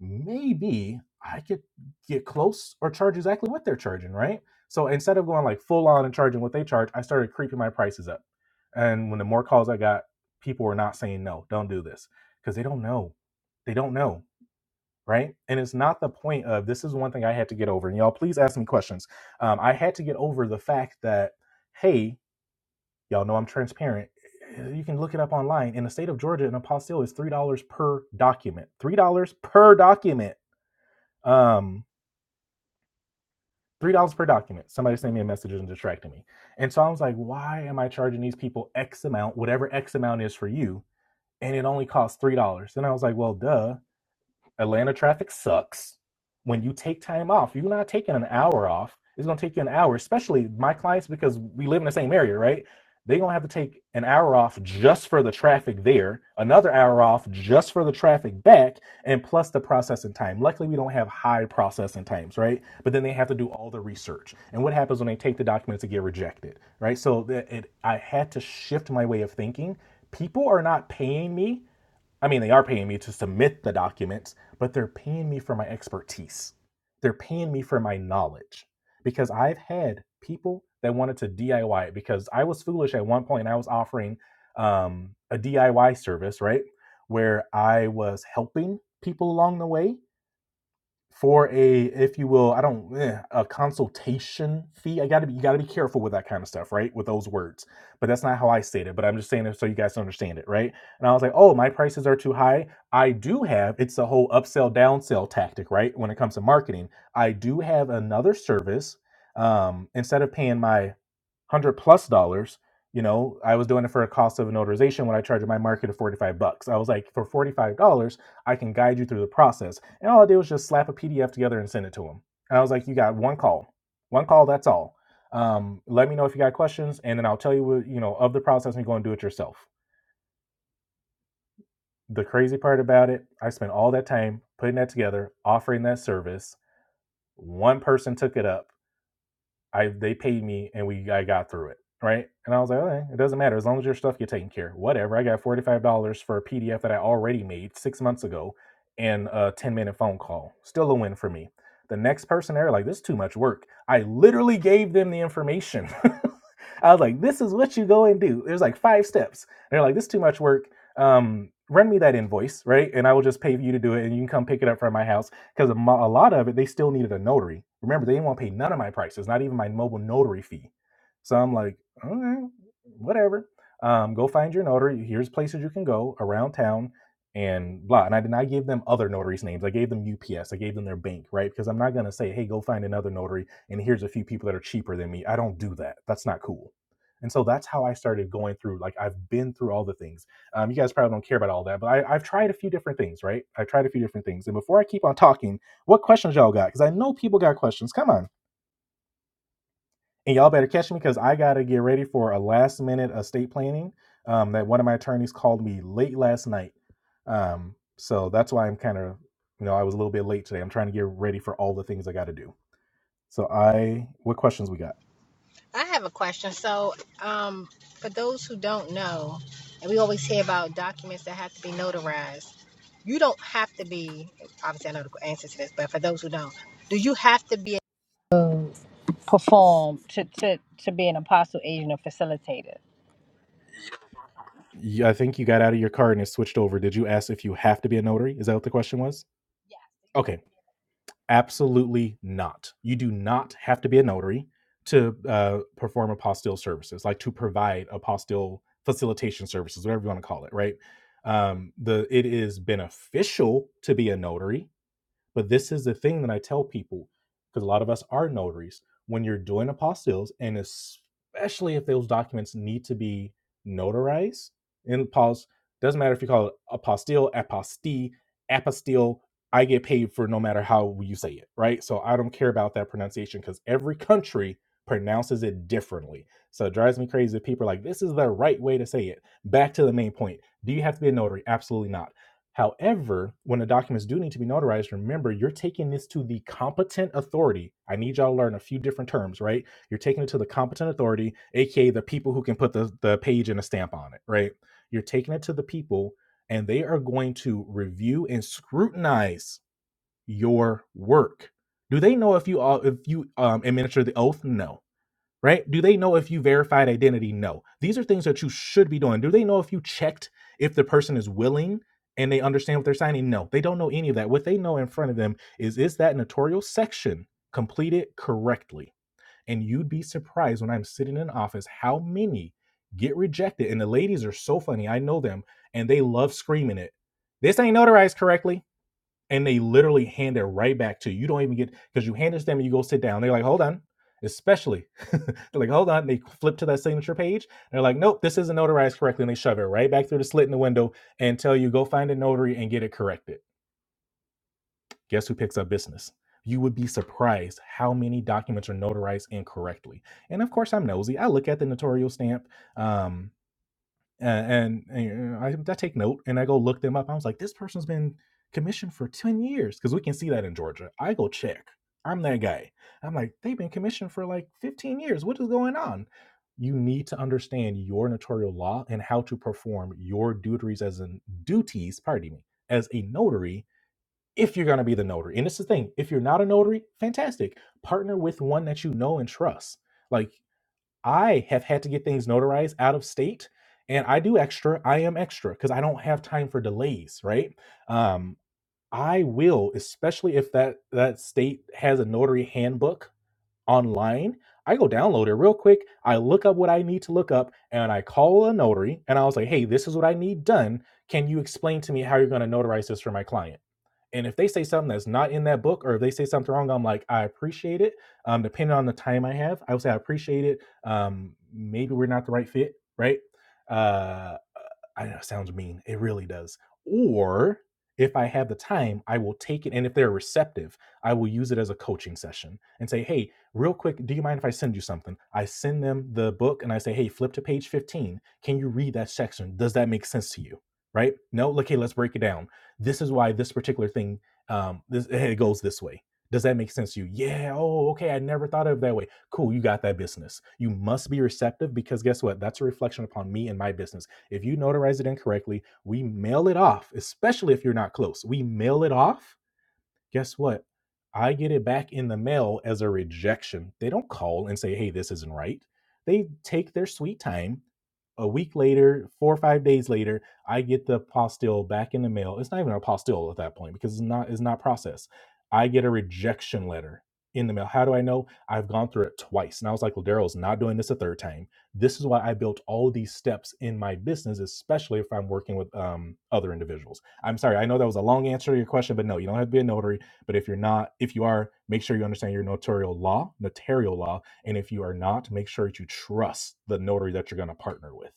Speaker 1: maybe I could get close or charge exactly what they're charging, right? So instead of going like full on and charging what they charge, I started creeping my prices up. And when the more calls I got, people were not saying no, don't do this because they don't know. They don't know, right? And it's not the point of this is one thing I had to get over. And y'all, please ask me questions. Um, I had to get over the fact that, hey, y'all know I'm transparent. Eh, You can look it up online. In the state of Georgia, an apostille is $3 per document. $3 per document um three dollars per document somebody sent me a message and distracted me and so i was like why am i charging these people x amount whatever x amount is for you and it only costs three dollars and i was like well duh Atlanta traffic sucks. When you take time off, you're not taking an hour off. It's gonna take you an hour, especially my clients, because we live in the same area, right? They're gonna have to take an hour off just for the traffic there, another hour off just for the traffic back, and plus the processing time. Luckily, we don't have high processing times, right? But then they have to do all the research. And what happens when they take the documents and get rejected, right? So that it, I had to shift my way of thinking. People are not paying me I mean, they are paying me to submit the documents, but they're paying me for my expertise. They're paying me for my knowledge because I've had people that wanted to DIY it because I was foolish at one point. I was offering um, a DIY service, right? Where I was helping people along the way for a if you will i don't eh, a consultation fee i gotta be you gotta be careful with that kind of stuff right with those words but that's not how i stated it but i'm just saying it so you guys understand it right and i was like oh my prices are too high i do have it's a whole upsell downsell tactic right when it comes to marketing i do have another service um instead of paying my one hundred plus dollars. You know, I was doing it for a cost of an notarization when I charged my market of 45 bucks. I was like, for $45, I can guide you through the process. And all I did was just slap a PDF together and send it to them. And I was like, you got one call, one call, that's all. Um, let me know if you got questions and then I'll tell you what, you know, of the process and go and do it yourself. The crazy part about it, I spent all that time putting that together, offering that service. One person took it up I they paid me and we I got through it. Right. And I was like, okay, it doesn't matter. As long as your stuff get taken care of. Whatever. I got $45 for a PDF that I already made six months ago and a 10 minute phone call. Still a win for me. The next person there, like, this is too much work. I literally gave them the information. I was like, this is what you go and do. There's like five steps. And they're like, this is too much work. Um, run me that invoice, right? And I will just pay for you to do it and you can come pick it up from my house because a, lot of it they still needed a notary. Remember, they didn't want to pay none of my prices, not even my mobile notary fee. So I'm like, all right, whatever. Um, go find your notary. Here's places you can go around town and blah. And I did not give them other notaries' names. I gave them UPS. I gave them their bank, right? Because I'm not gonna say, hey, go find another notary and here's a few people that are cheaper than me. I don't do that. That's not cool. And so that's how I started going through. Like I've been through all the things. Um, you guys probably don't care about all that, but I, I've tried a few different things, right? I've tried a few different things. And before I keep on talking, what questions y'all got? Because I know people got questions. Come on. And y'all better catch me because I got to get ready for a last minute estate planning um, that one of my attorneys called me late last night. Um, so that's why I'm kind of, you know, I was a little bit late today. I'm trying to get ready for all the things I got to do. So I, what questions we got?
Speaker 2: I have a question. So, um, for those who don't know, and we always hear about documents that have to be notarized, you don't have to be, obviously, I know the answer to this, but for those who don't, do you have to be a Perform to, to, to be an apostle, agent, or facilitator.
Speaker 1: Yeah, I think you got out of your car and it switched over. Did you ask if you have to be a notary? Is that what the question was? Okay. Absolutely not. You do not have to be a notary to uh, perform apostille services, like to provide apostille facilitation services, whatever you want to call it, right? Um, the it is beneficial to be a notary but this is the thing that I tell people because a lot of us are notaries. When you're doing apostilles, and especially if those documents need to be notarized, and pause, doesn't matter if you call it apostille, apostille, apostille, I get paid for no matter how you say it, right? So I don't care about that pronunciation because every country pronounces it differently. So it drives me crazy that people are like, this is the right way to say it. Back to the main point. Do you have to be a notary? Absolutely not However, when the documents do need to be notarized, remember you're taking this to the competent authority. I need y'all to learn a few different terms, right? You're taking it to the competent authority, aka the people who can put the, the page and a stamp on it, right? You're taking it to the people and they are going to review and scrutinize your work. Do they know if you uh, if you um, administer the oath? No right? Do they know if you verified identity? No. These are things that you should be doing. Do they know if you checked if the person is willing and they understand what they're signing? No, they don't know any of that. What they know in front of them is is that notarial section completed correctly? And you'd be surprised when I'm sitting in office how many get rejected. And the ladies are so funny. I know them and they love screaming it. This ain't notarized correctly and they literally hand it right back to you. You don't even get because you hand it to them and you go sit down. They're like, hold on, especially they're like, hold on. They flip to that signature page. They're like, nope, this isn't notarized correctly, and they shove it right back through the slit in the window and tell you go find a notary and get it corrected. Guess who picks up business? You would be surprised how many documents are notarized incorrectly. And of course, I'm nosy. I look at the notarial stamp. Um, and, and, and I, I take note and I go look them up. I was like, this person's been commissioned for 10 years because we can see that in Georgia. I go check. I'm that guy. I'm like, they've been commissioned for like 15 years. What is going on? You need to understand your notarial law and how to perform your duties as in duties, pardon me, as a notary if you're going to be the notary. And it's the thing, if you're not a notary, fantastic. Partner with one that you know and trust. Like I have had to get things notarized out of state, and I do extra. I am extra because I don't have time for delays, right? Um, I will, especially if that that state has a notary handbook online. I go download it real quick. I look up what I need to look up, and I call a notary, and I was like, "Hey, this is what I need done. Can you explain to me how you're going to notarize this for my client?" And if they say something that's not in that book, or if they say something wrong, I'm like, I appreciate it. Um, depending on the time I have, I would say I appreciate it. Um, maybe we're not the right fit, right? Uh, I know it sounds mean. It really does. Or if I have the time, I will take it. And if they're receptive, I will use it as a coaching session and say, hey, real quick, do you mind if I send you something? I send them the book and I say, hey, flip to page 15. Can you read that section? Does that make sense to you? Right? No? Okay, let's break it down this is why this particular thing um, this, eh, it goes this way. Does that make sense to you? Yeah. Oh, okay. I never thought of it that way. Cool. You got that business. You must be receptive because guess what? That's a reflection upon me and my business. If you notarize it incorrectly, we mail it off, especially if you're not close. We mail it off Guess what? I get it back in the mail as a rejection. They don't call and say, hey, this isn't right. They take their sweet time. A week later, four or five days later, I get the apostille back in the mail. It's not even an apostille at that point because it's not it's not processed. I get a rejection letter in the mail. How do I know? I've gone through it twice. And I was like, well, Daryl's not doing this a third time. This is why I built all these steps in my business, especially if I'm working with um, other individuals. I'm sorry, I know that was a long answer to your question, but no, you don't have to be a notary but if you're not, if you are, make sure you understand your notarial law, notarial law. And if you are not, make sure that you trust the notary that you're going to partner with.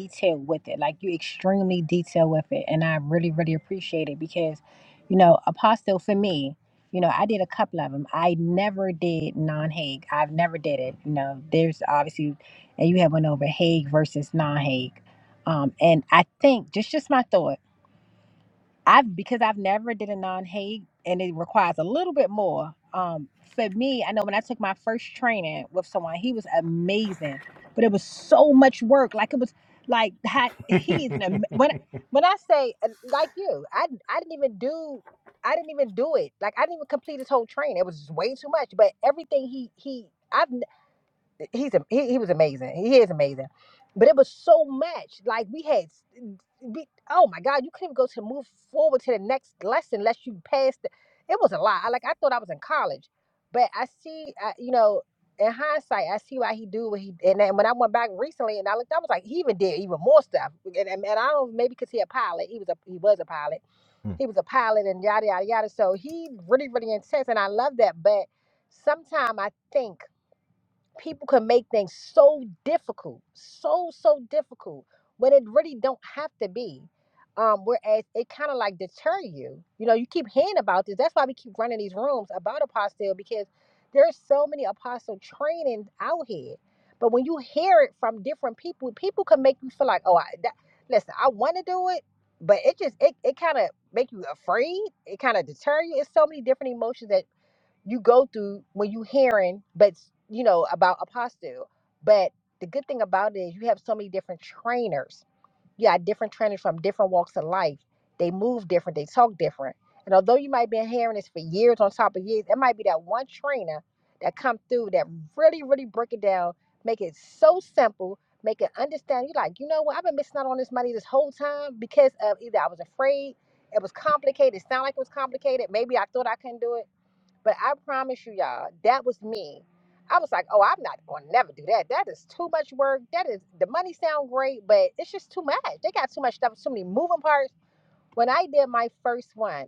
Speaker 2: detailed with it. Like you extremely detailed with it. And I really, really appreciate it because, you know, apostle for me, you know, I did a couple of them. I never did non-Hague. I've never did it. You know, there's obviously, and you have one over Hague versus non-Hague. Um, and I think just just my thought. I've because I've never did a non-hate and it requires a little bit more. Um, for me, I know when I took my first training with someone, he was amazing, but it was so much work. Like it was like ha- he's an, am- when when I say uh, like you, I I didn't even do I didn't even do it. Like I didn't even complete his whole training. It was just way too much. But everything he he I've he's a, he, he was amazing. He is amazing. But it was so much. Like we had, we, oh my God, you couldn't even go to move forward to the next lesson unless you passed. The, it was a lot. I like I thought I was in college, but I see, uh, you know, in hindsight, I see why he do what he. And then when I went back recently and I looked, I was like, he even did even more stuff. And, and, and I don't maybe because he a pilot. He was a he was a pilot. He was a pilot and yada yada yada. So he really really intense, and I love that. But sometimes I think people can make things so difficult, so so difficult when it really don't have to be. Um, whereas it kind of like deter you. You know, you keep hearing about this. That's why we keep running these rooms about apostle because there's so many apostle trainings out here. But when you hear it from different people, people can make you feel like, oh, I that, listen, I want to do it, but it just it it kind of make you afraid. It kind of deter you. It's so many different emotions that you go through when you hearing but you know about apostle but the good thing about it is you have so many different trainers you got different trainers from different walks of life they move different they talk different and although you might been hearing this for years on top of years it might be that one trainer that come through that really really break it down make it so simple make it understand you like you know what i've been missing out on this money this whole time because of either i was afraid it was complicated it sounded like it was complicated maybe i thought i couldn't do it but I promise you, y'all, that was me. I was like, oh, I'm not gonna never do that. That is too much work. That is the money sound great, but it's just too much. They got too much stuff, too many moving parts. When I did my first one,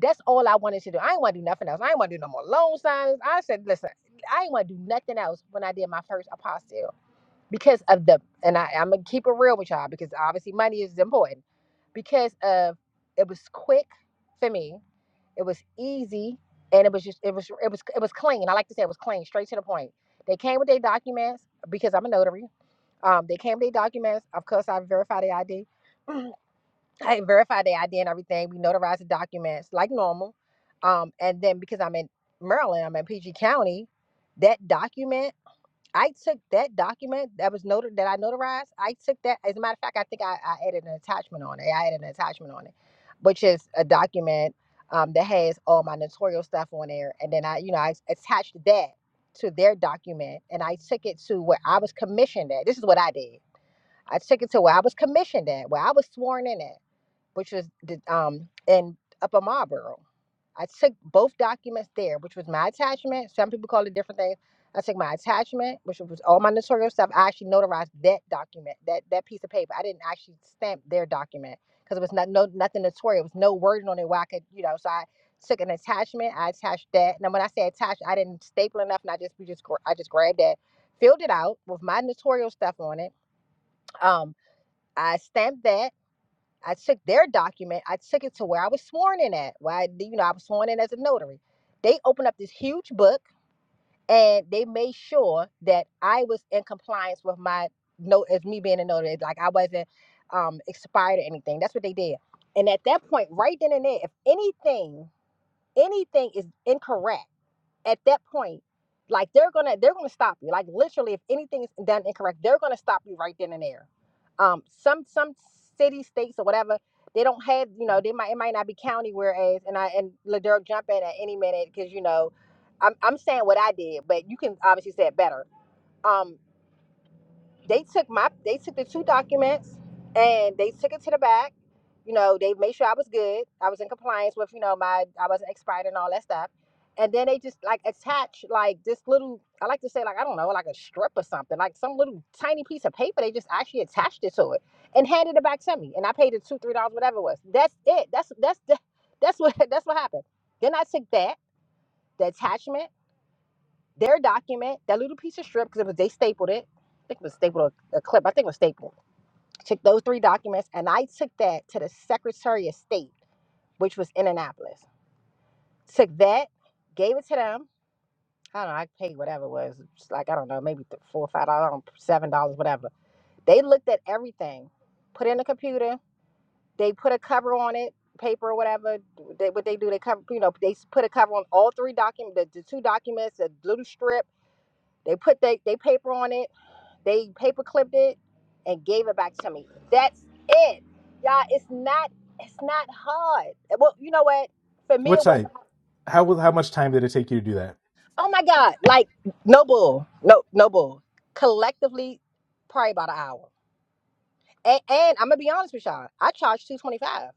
Speaker 2: that's all I wanted to do. I didn't want to do nothing else. I didn't want to do no more loan signs. I said, listen, I didn't want to do nothing else when I did my first apostle because of the and I, I'm gonna keep it real with y'all because obviously money is important. Because of it was quick for me it was easy, and it was just it was it was it was clean. I like to say it was clean, straight to the point. They came with their documents because I'm a notary. Um, they came with their documents. Of course, I verified the ID. I verified the ID and everything. We notarized the documents like normal. Um, and then because I'm in Maryland, I'm in PG County. That document I took that document that was noted that I notarized. I took that. As a matter of fact, I think I, I added an attachment on it. I added an attachment on it, which is a document um, that has all my notarial stuff on there. And then I, you know, I attached that to their document, and I took it to where I was commissioned at. This is what I did. I took it to where I was commissioned at, where I was sworn in at, which was the, um, in Upper Marlboro. I took both documents there, which was my attachment. Some people call it different things. I took my attachment, which was all my notarial stuff. I actually notarized that document, that that piece of paper. I didn't actually stamp their document because it was not no nothing notarial. It was no wording on it where I could, you know. So I took an attachment. I attached that. Now when I say attached, I didn't staple enough, and I just we just gra- I just grabbed that, filled it out with my notarial stuff on it. Um, I stamped that. I took their document, I took it to where I was sworn in at. Why, you know, I was sworn in as a notary. They opened up this huge book and they made sure that I was in compliance with my note as me being a notary. Like I wasn't um expired or anything. That's what they did. And at that point, right then and there, if anything, anything is incorrect at that point, like they're gonna they're gonna stop you. Like literally, if anything is done incorrect, they're gonna stop you right then and there. Um, some some city, states, or whatever, they don't have you know they might it might not be county. Whereas and I and Ladero jump in at any minute because you know, I'm I'm saying what I did, but you can obviously say it better. Um, they took my they took the two documents and they took it to the back. You know, they made sure I was good. I was in compliance with, you know, my I wasn't expired and all that stuff. And then they just like attach like this little I like to say like I don't know, like a strip or something, like some little tiny piece of paper. They just actually attached it to it and handed it back to me. And I paid it two, three dollars, whatever it was. That's it. That's that's that's what that's what happened. Then I took that, the attachment. Their document, that little piece of strip, because it was they stapled it. I think it was stapled a, a clip. I think it was stapled. Took those three documents and I took that to the Secretary of State, which was in Annapolis. Took that, gave it to them. I don't know. I paid whatever it was. It's like I don't know, maybe th- four or five dollars, seven dollars, whatever. They looked at everything, put it in the computer. They put a cover on it, paper or whatever. They, what they do, they cover. You know, they s- put a cover on all three documents, the, the two documents, the little strip. They put they, they paper on it They paper clipped it and gave it back to me. That's it. Y'all, it's not it's not hard. Eh, Well, you know what? For me
Speaker 1: What
Speaker 2: it
Speaker 1: time?
Speaker 2: wasn't hard.
Speaker 1: How how much time did it take you to do
Speaker 2: Oh my God. Like no bull. No no bull. Collectively, probably about an hour. And, and I'm gonna be honest with y'all. I charged two twenty five.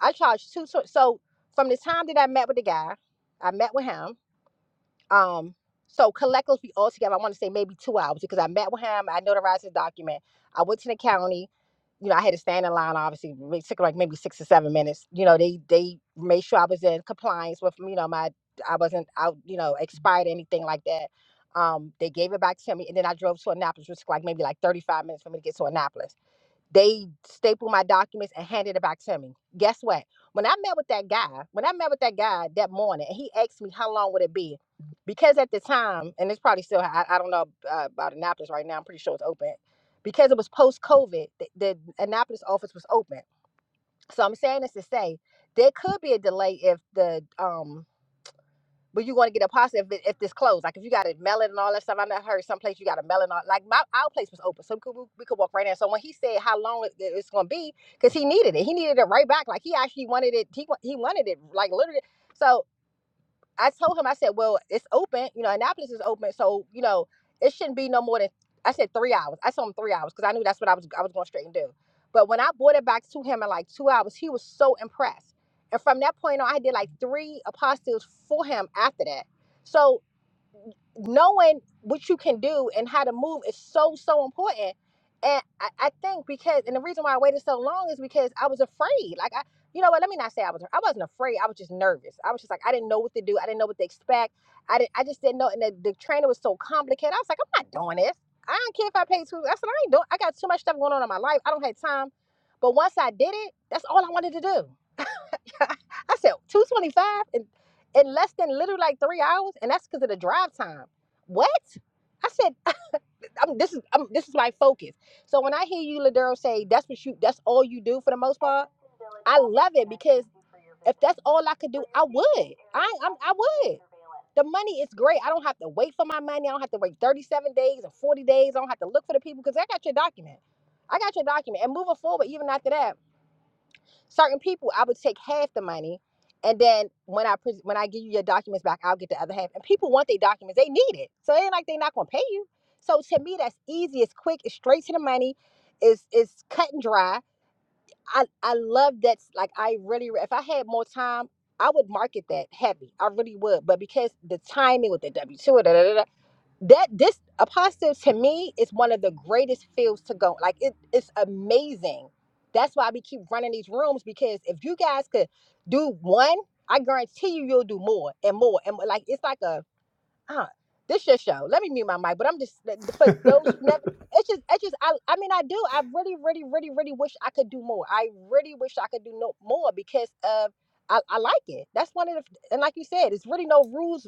Speaker 2: I charged two so so from the time that I met with the guy, I met with him. Um, so collectively all together, I want to say maybe two hours because I met with him, I notarized his document, I went to the county, you know, I had to stand in line obviously, it took like maybe six or seven minutes. You know, they they made sure I was in compliance with, you know, my I wasn't out, you know, expired or anything like that. Um, they gave it back to me and then I drove to Annapolis, which took like maybe like 35 minutes for me to get to Annapolis. They stapled my documents and handed it back to me. Guess what? When I met with that guy, when I met with that guy that morning, and he asked me how long would it be, because at the time, and it's probably still, I, I don't know uh, about Annapolis right now. I'm pretty sure it's open, because it was post COVID. The, the Annapolis office was open, so I'm saying this to say there could be a delay if the um but you're going to get a pasta if, it, if this closed. Like if you got to mail it melon and all that stuff. I have heard some place you got a melon. all like my our place was open, so we could, we, could walk right in. So when he said how long it- it's going to be, because he needed it, he needed it right back. Like he actually wanted it. He wa- he wanted it like literally. So I told him, I said, well, it's open, you know, Annapolis is open, so you know, it shouldn't be no more than I said three hours. I told him three hours because I knew that's what I was I was going straight and do. But when I brought it back to him in like two hours, he was so impressed. And from that point on, I did like three apostles for him after that. So knowing what you can do and how to move is so so important and I, I think because and the reason why i waited so long is because i was afraid like i you know what let me not say i was i wasn't afraid i was just nervous i was just like i didn't know what to do i didn't know what to expect i didn't i just didn't know and the, the trainer was so complicated i was like i'm not doing this i don't care if i pay two i said i ain't doing i got too much stuff going on in my life i don't have time but once i did it that's all i wanted to do I said 225 in, in less than literally like three hours, and that's because of the drive time. What? I said I, I'm, this is I'm, this is my focus. So when I hear you, Ladero, say that's what you that's all you do for the most part, I love it because if that's all I could do, I would. I I'm, I would. The money is great. I don't have to wait for my money. I don't have to wait 37 days or 40 days. I don't have to look for the people because I got your document. I got your document. And moving forward, even after that certain people i would take half the money and then when i pres when i give you your documents back i'll get the other half and people want their documents they need it so it ain't like they're not gonna pay you so to me that's easy it's quick it's straight to the money it's it's cut and dry i i love that like i really if i had more time i would market that heavy i really would but because the timing with the w2 that this apostle to me is one of the greatest fields to go like it, it's amazing that's why we keep running these rooms because if you guys could do one i guarantee you you'll do more and more and more. like it's like a uh, this your show let me mute my mic but i'm just for
Speaker 1: that?
Speaker 2: those who never it's just it's just I, I mean i do i really really really really wish i could do more i really wish i could do no more because of I, I like it that's one of the and like you said it's really no rules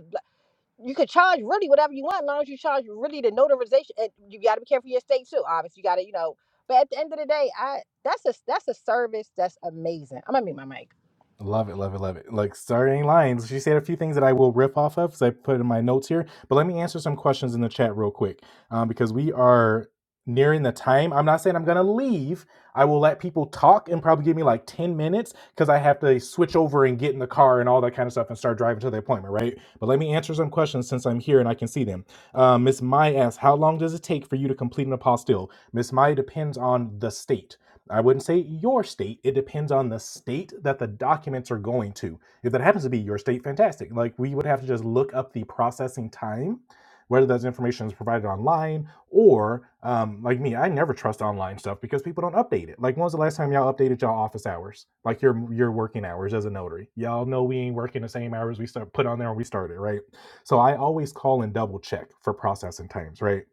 Speaker 2: you could charge really whatever you want, as long as you charge really the notarization. And you got to be careful your state too. Obviously, you got to you know. But at the end of the day, I that's a that's a service that's amazing. I'm gonna mute my mic.
Speaker 1: Love it, love it, love it. Like starting lines, she said a few things that I will rip off of because I put in my notes here. But let me answer some questions in the chat real quick um, because we are nearing the time. I'm not saying I'm gonna leave. I will let people talk and probably give me like ten minutes because I have to switch over and get in the car and all that kind of stuff and start driving to the appointment, right? But let me answer some questions since I'm here and I can see them. Um, Miss Mai asks, "How long does it take for you to complete an apostille?" Miss Mai depends on the state. I wouldn't say your state. It depends on the state that the documents are going to. If that happens to be your state, fantastic. Like we would have to just look up the processing time, whether that information is provided online or, um, like me, I never trust online stuff because people don't update it. Like when was the last time y'all updated y'all office hours, like your your working hours as a notary? Y'all know we ain't working the same hours we start put on there when we started, right? So I always call and double check for processing times, right?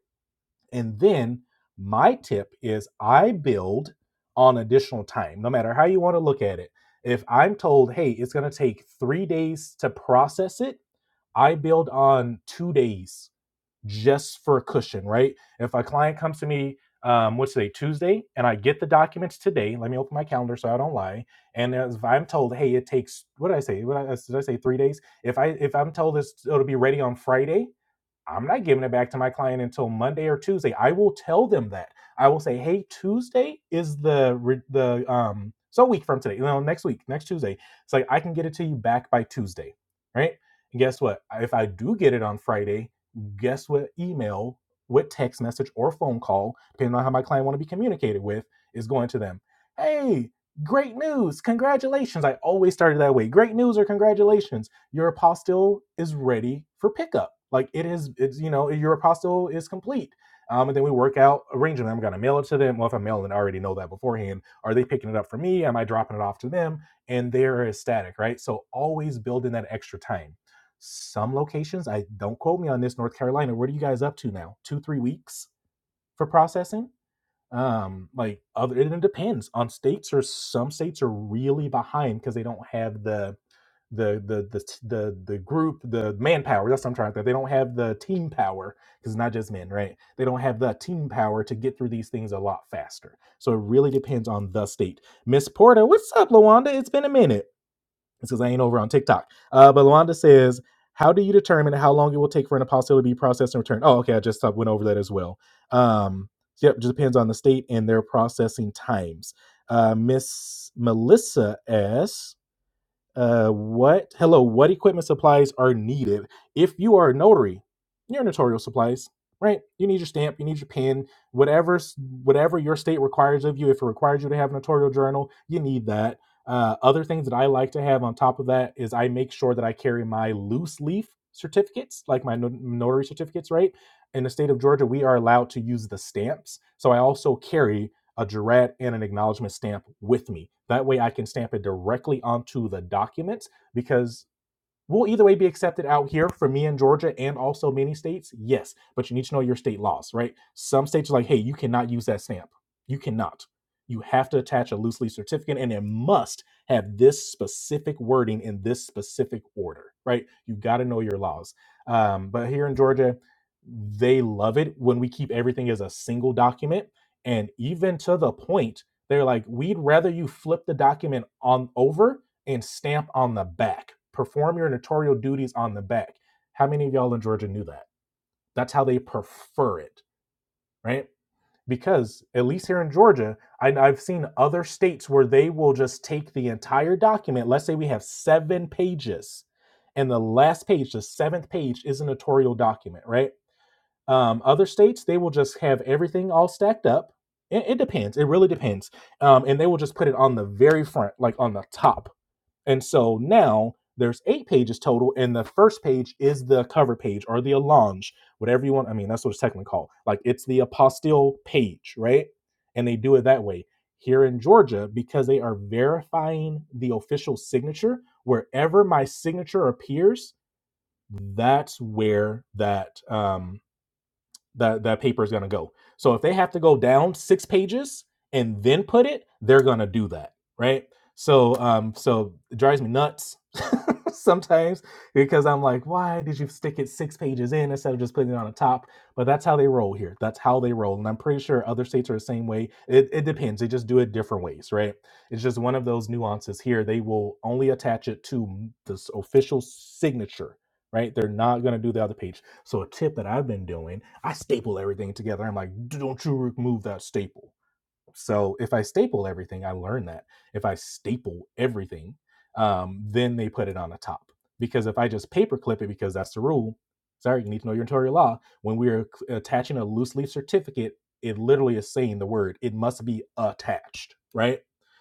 Speaker 1: And then my tip is I build on additional time, no matter how you want to look at it. If I'm told, hey, it's going to take three days to process it, I build on two days just for a cushion, right? If a client comes to me, um, what's today, Tuesday, and I get the documents today, let me open my calendar so I don't lie. And if I'm told, hey, it takes, what did I say? What did I say three days? If I if I'm told this it'll be ready on Friday, I'm not giving it back to my client until Monday or Tuesday. I will tell them that. I will say, "Hey, Tuesday is the the um so week from today. No, next week, next Tuesday. It's like I can get it to you back by Tuesday, right? And guess what? If I do get it on Friday, guess what? Email, what text message or phone call, depending on how my client want to be communicated with, is going to them. Hey, great news! Congratulations! I always started that way. Great news or congratulations your apostille is ready for pickup. Like it is, it's you know, your apostille is complete. Um, and then we work out arranging. I'm gonna mail it to them. Well, if I'm mailing, I already know that beforehand. Are they picking it up for me? Am I dropping it off to them? And they're ecstatic, right? So always build in that extra time. Some locations, I don't quote me on this, North Carolina. What are you guys up to now? Two, three weeks for processing? Um, like other, it depends on states or some states are really behind because they don't have the the the the the the group the manpower that's what i'm trying to think they don't have the team power because it's not just men right they don't have the team power to get through these things a lot faster so it really depends on the state miss porter what's up lawanda it's been a minute it's because i ain't over on tiktok uh but lawanda says how do you determine how long it will take for an apostle to be processed and returned oh okay i just uh, went over that as well um yep just depends on the state and their processing times uh miss melissa asks uh, what? Hello. What equipment supplies are needed if you are a notary? Your notarial supplies, right? You need your stamp. You need your pen. Whatever, whatever your state requires of you. If it requires you to have a notarial journal, you need that. Uh, other things that I like to have on top of that is I make sure that I carry my loose leaf certificates, like my no- notary certificates, right? In the state of Georgia, we are allowed to use the stamps, so I also carry a Gerard and an acknowledgement stamp with me. That way I can stamp it directly onto the documents because Will either way be accepted out here for me in Georgia and also many states? Yes, but you need to know your state laws, right? Some states are like, hey, you cannot use that stamp. You cannot. You have to attach a loose leaf certificate and it must have this specific wording in this specific order, right? You got to know your laws. Um, but here in Georgia, they love it when we keep everything as a single document. And even to the point, they're like, we'd rather you flip the document on over and stamp on the back. Perform your notarial duties on the back. How many of y'all in Georgia knew that? That's how they prefer it, right? Because at least here in Georgia, I, I've seen other states where they will just take the entire document. Let's say we have seven pages, and the last page, the seventh page, is a notarial document, right? Um, other states, they will just have everything all stacked up. It, it depends. It really depends. Um, and they will just put it on the very front, like on the top and so now there's eight pages total, and the first page is the cover page or the allonge, whatever you want. I mean, that's what it's technically called. Like it's the apostille page, right? And they do it that way. Here in Georgia, because they are verifying the official signature, wherever my signature appears, that's where that um, the the paper is going to go. So if they have to go down six pages and then put it, they're going to do that, right? So um so it drives me nuts sometimes because I'm like, why did you stick it six pages in instead of just putting it on the top? But that's how they roll here. That's how they roll, and I'm pretty sure other states are the same way. It it depends. They just do it different ways, right? It's just one of those nuances here. They will only attach it to this official signature, right? They're not going to do the other page. So a tip that I've been doing, I staple everything together. I'm like, don't you remove that staple. So if I staple everything, I learned that if I staple everything, um, then they put it on the top. Because if I just paperclip it, because that's the rule. Sorry, you need to know your notarial law. When we are attaching a loose leaf certificate, it literally is saying the word. It must be attached, right?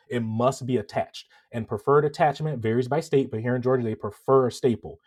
Speaker 1: It must be attached. And preferred attachment varies by state, but here in Georgia, they prefer a staple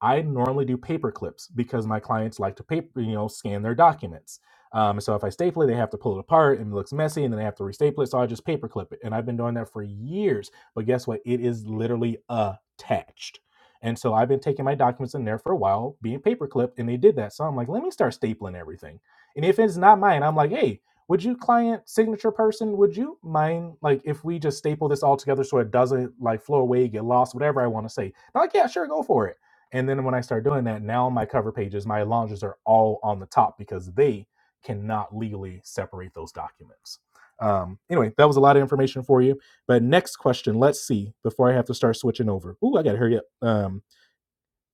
Speaker 1: I normally do paper clips because my clients like to paper, you know, scan their documents. Um, so if I staple it, they have to pull it apart and it looks messy and then they have to restaple it. So I just paper clip it. And I've been doing that for years. But guess what? It is literally attached. And so I've been taking my documents in there for a while, being paper clipped, and they did that. So I'm like, let me start stapling everything. And if it's not mine, I'm like, hey, would you client signature person, would you mind like if we just staple this all together so it doesn't like flow away, get lost, whatever I want to say? They're like, yeah, sure, go for it. And then when I start doing that, now my cover pages, my launches are all on the top because they cannot legally separate those documents. Um, anyway, that was a lot of information for you. But next question, let's see before I have to start switching over. Ooh, I got to hurry up. Um,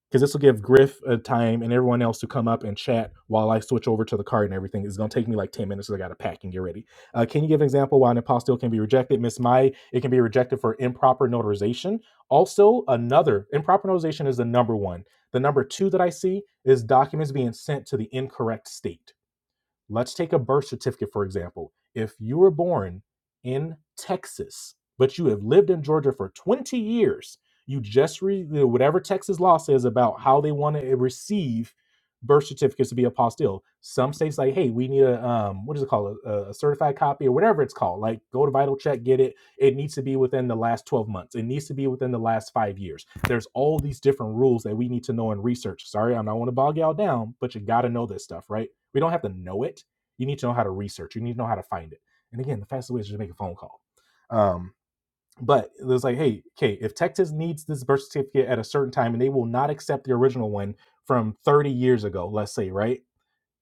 Speaker 1: because this will give Griff a time and everyone else to come up and chat while I switch over to the card and everything. It's gonna take me like ten minutes because I gotta pack and get ready. Uh, can you give an example why an apostille can be rejected, Miss Mai? It can be rejected for improper notarization. Also, another improper notarization is the number one. The number two that I see is documents being sent to the incorrect state Let's take a birth certificate, for example. If you were born in Texas, but you have lived in Georgia for 20 years, you just read whatever Texas law says about how they want to receive birth certificates to be apostille. Some states like, hey, we need a um, what is it called, a, a certified copy or whatever it's called. Like, go to Vital Check, get it. It needs to be within the last 12 months. It needs to be within the last five years. There's all these different rules that we need to know and research. Sorry, I'm not want to bog y'all down, but you got to know this stuff, right? We don't have to know it. You need to know how to research. You need to know how to find it. And again, the fastest way is just make a phone call. Um, but it was like, hey, okay, if Texas needs this birth certificate at a certain time and they will not accept the original one from 30 years ago, let's say, right?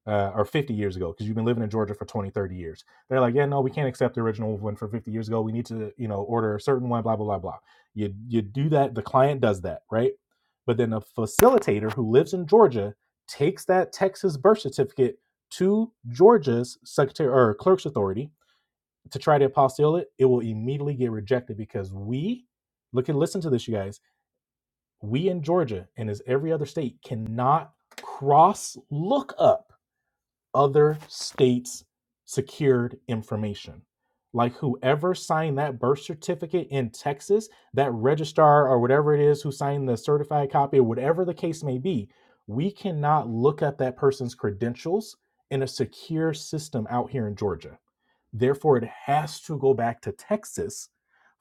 Speaker 1: uh, or 50 years ago because you've been living in Georgia for 20, 30 years. They're like, yeah, no, we can't accept the original one from 50 years ago. We need to, you know, order a certain one, blah, blah, blah, blah. You, you do that. The client does that, right? But then a facilitator who lives in Georgia takes that Texas birth certificate to Georgia's secretary or clerk's authority to try to apostille it. It will immediately get rejected because we, look and listen to this, you guys. We in Georgia and as every other state cannot cross look up other states' secured information. Like whoever signed that birth certificate in Texas, that registrar or whatever it is who signed the certified copy, or whatever the case may be, we cannot look up that person's credentials in a secure system out here in Georgia. Therefore, it has to go back to Texas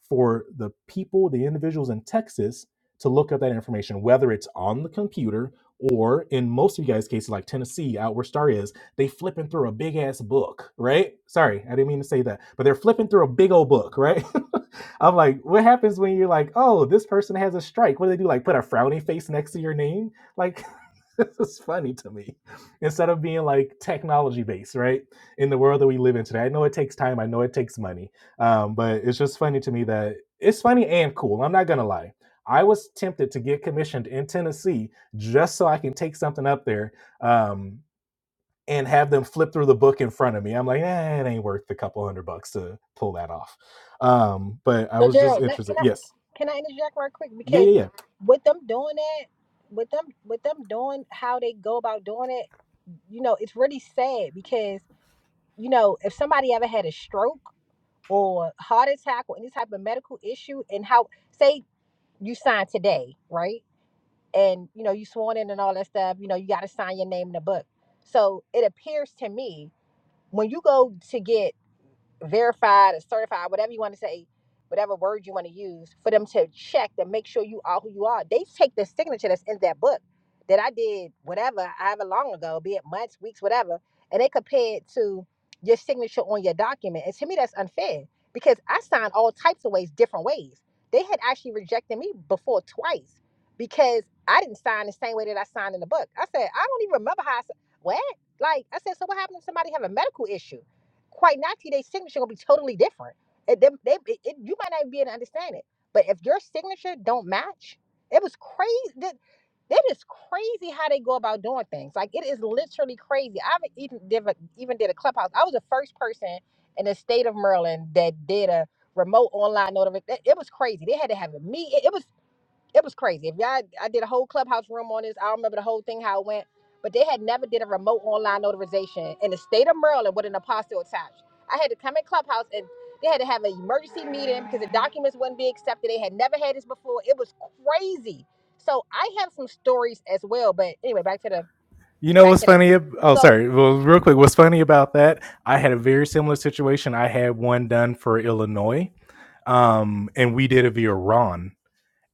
Speaker 1: for the people, the individuals in Texas to look up that information, whether it's on the computer or in most of you guys' cases, like Tennessee, out where Star is they flipping through a big ass book, right? Sorry, I didn't mean to say that, but they're flipping through a big old book, right? I'm like, what happens when you're like, oh, this person has a strike? What do they do? Like put a frowny face next to your name? Like this is funny to me. Instead of being like technology based, right? In the world that we live in today. I know it takes time, I know it takes money. Um, but it's just funny to me that it's funny and cool. I'm not gonna lie. I was tempted to get commissioned in Tennessee just so I can take something up there. Um, and have them flip through the book in front of me. I'm like, eh, it ain't worth the couple hundred bucks to pull that off. Um, but I
Speaker 2: So,
Speaker 1: was just
Speaker 2: Gerald, let- can
Speaker 1: interested.
Speaker 2: I
Speaker 1: Yes.
Speaker 2: can I interject right quick
Speaker 1: Yeah,
Speaker 2: because
Speaker 1: yeah, yeah.
Speaker 2: with them doing that, with them with them doing how they go about doing it, you know, it's really sad because you know if somebody ever had a stroke or heart attack or any type of medical issue, and how say you sign today, right? and you know you sworn in and all that stuff you know you got to sign your name in the book so it appears to me when you go to get verified or certified, whatever you want to say, whatever word you want to use, for them to check to make sure you are who you are. They take the signature that's in that book that I did, whatever, however long ago, be it months, weeks, whatever, and they compare it to your signature on your document. And to me, that's unfair because I signed all types of ways, different ways. They had actually rejected me before twice because I didn't sign the same way that I signed in the book. I said, I don't even remember how I, s- what? Like, I said, so what happened if somebody have a medical issue? quite not their signature gonna be totally different. It, them- they, it, it- you might not even be able to understand it. But if your signature don't match, it was crazy. That, that is crazy how they go about doing things. Like it is literally crazy. I haven't even did a, even did a clubhouse. I was the first person in the state of Maryland that did a remote online notification. It it was crazy. They had to have a meet. meeting it was crazy. If y'all, I did a whole clubhouse room on this. I don't remember the whole thing how it went, but they had never did a remote online notarization in the state of Maryland with an apostille attached. I had to come in clubhouse and they had to have an emergency meeting because the documents wouldn't be accepted. They had never had this before. It was crazy. So I have some stories as well, but anyway, back to the
Speaker 1: You know
Speaker 2: back
Speaker 1: what's
Speaker 2: to this.
Speaker 1: funny? Oh,
Speaker 2: So
Speaker 1: sorry. Well, real quick, what's funny about that? I had a very similar situation. I had one done for Illinois, um, and we did it via Ron.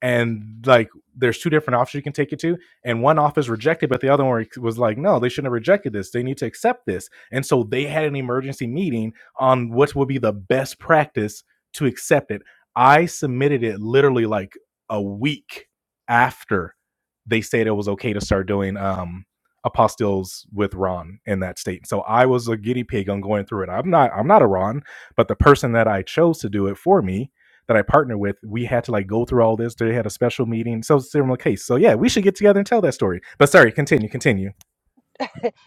Speaker 1: and like there's two different options you can take it to and one off is rejected but the other one was like no they shouldn't have rejected this they need to accept this and so they had an emergency meeting on what would be the best practice to accept it i submitted it literally like a week after they said it was okay to start doing um apostilles with ron in that state so i was a guinea pig on going through it i'm not i'm not a ron but the person that i chose to do it for me that I partner with, we had to like go through all this. They had a special meeting. So it's a similar case. So yeah, we should get together and tell that story. But sorry, continue, continue.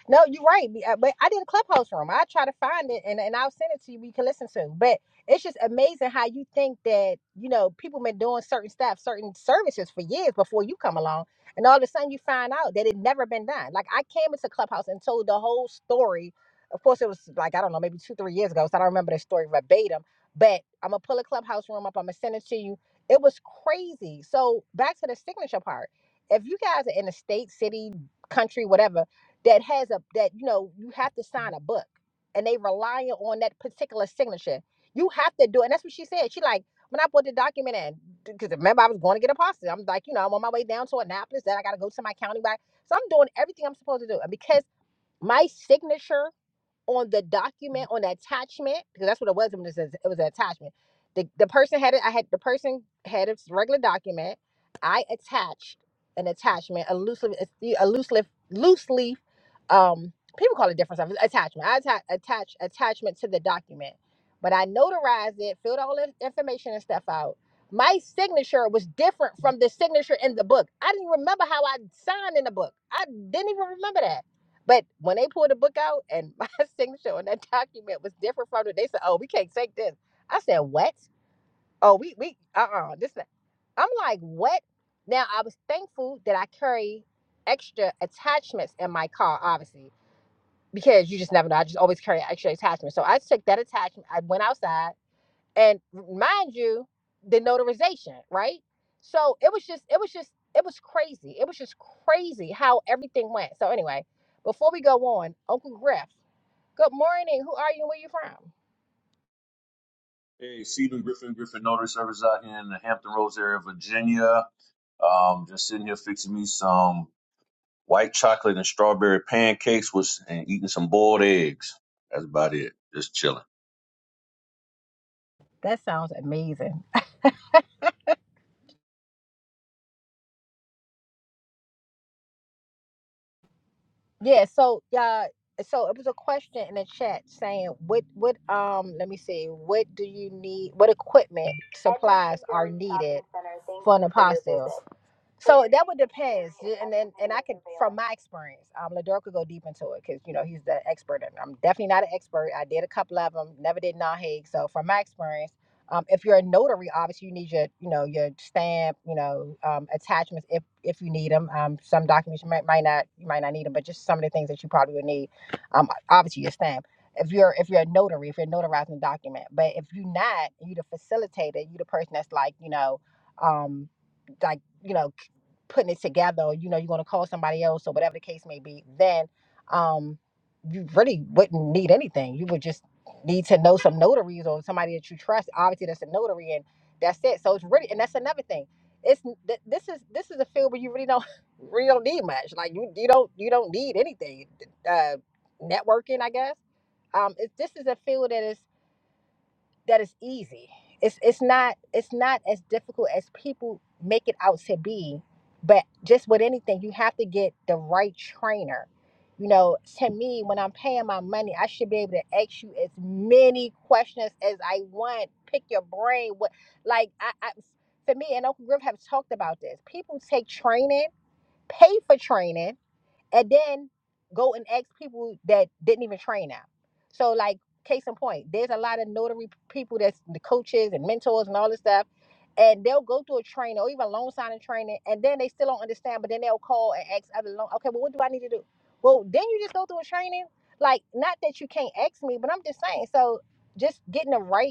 Speaker 2: No, you're right. be- uh, But I did a clubhouse room. I try to find it and, and I'll send it to you. You can listen to. But it's just amazing how you think that, you know, people been doing certain stuff, certain services for years before you come along. And all of a sudden you find out that it never been done. Like I came into Clubhouse and told the whole story. Of course, it was like, I don't know, maybe two, three years ago. So I don't remember the story verbatim. But I'm going to pull a clubhouse room up. I'm going to send it to you. It was crazy. So back to the signature part. If you guys are in a state, city, country, whatever, that has a that you know you have to sign a book and they rely on that particular signature you have to do it and that's what she said she like when i put the document in because remember i was going to get a pasta i'm like you know i'm on my way down to annapolis then i gotta go to my county back so i'm doing everything i'm supposed to do and because my signature on the document on the attachment because that's what it was when it says it was an attachment. The the person had it. I had the person had a regular document. I attached an attachment, a loose leaf, a loose leaf, loose leaf. Um, people call it different stuff. It's Attachment. I atta- attach attachment to the document, but I notarized it, filled all the information and stuff out. My signature was different from the signature in the book. I didn't remember how I signed in the book. I didn't even remember that. But when they pulled the book out and my signature on that document was different from it, they said, "Oh, we can't take this." I said, "What? Oh, we we uh uh this." not-" I'm like, "What?" Now I was thankful that I carry extra attachments in my car, obviously, because you just never know. I just always carry extra attachments. So I took that attachment. I went outside and mind you the notarization right so it was just it was just it was crazy it was just crazy how everything went so anyway before we go on uncle griff good morning who are you and where you from
Speaker 3: Hey, Stephen Griffin, Griffin Notary Service out here in the Hampton Roads area, of Virginia. Um, just sitting here fixing me some white chocolate and strawberry pancakes with, and eating some boiled eggs. That's about it. Just chilling.
Speaker 2: that sounds amazing yeah so uh so it was a question in the chat saying what what um let me see what do you need what equipment So. would from my experience, um, Lador could go deep into it because you know he's the expert. and I'm definitely not an expert. I did a couple of them, never did non Hague. So from my experience, um, if you're a notary, obviously you need your you know your stamp, you know um, attachments if if you need them. Um, some documents you might might not you might not need them, but just some of the things that you probably would need. Um, obviously your stamp. If you're if you're a notary, if you're notarizing a document, but if you're not, you the facilitator, you the person that's like you know. Um, like you know putting it together or you know you're going to call somebody else or whatever the case may be then um you really wouldn't need anything you would just need to know some notaries or somebody that you trust obviously that's a notary and that's it so it's really and that's another thing it's th- this is this is a field where you really don't really don't need much like you you don't you don't need anything uh networking i guess um it, this is a field that is that is easy. It's it's not it's not as difficult as people make it out to be. But just with anything, you have to get the right trainer. You know, to me, when I'm paying my money, I should be able to ask you as many questions as I want. Pick your brain. What like I, I for me and Uncle Griff have talked about this. People take training, pay for training and then go and ask people that didn't even train them. So, like, case in point, there's a lot of notary people that's the coaches and mentors and all this stuff, and they'll go through a training or even loan signing training, and then they still don't understand, but then they'll call and ask other loan, okay, well, what do I need to do? Well, then you just go through a training. Like, not that you can't ask me, but I'm just saying. So, just getting the right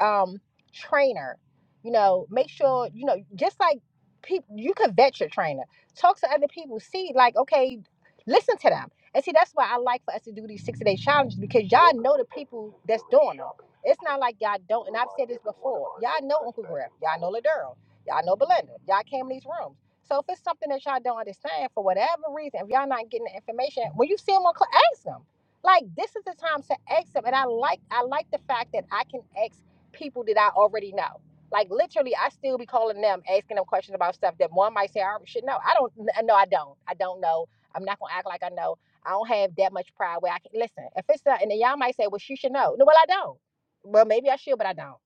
Speaker 2: um trainer you know make sure you know just like people you could vet your trainer talk to other people see like okay listen to them and see that's why i like for us to do these 60 day challenges because y'all know the people that's doing them it's not like y'all don't and i've said this before y'all know uncle griff y'all know ladero y'all know belinda y'all came in these rooms so if it's something that y'all don't understand for whatever reason if y'all not getting the information when you see them on cl- ask them like this is the time to ask them and i like i like the fact that i can ask people that I already know. Like literally, I still be calling them, asking them questions about stuff that one might say I should know. I don't. No, I don't. I don't know. I'm not gonna act like I know. I don't have that much pride where I can listen. If it's not, and then y'all might say, "Well, she should know." No, well, I don't. Well, maybe I should, but I don't.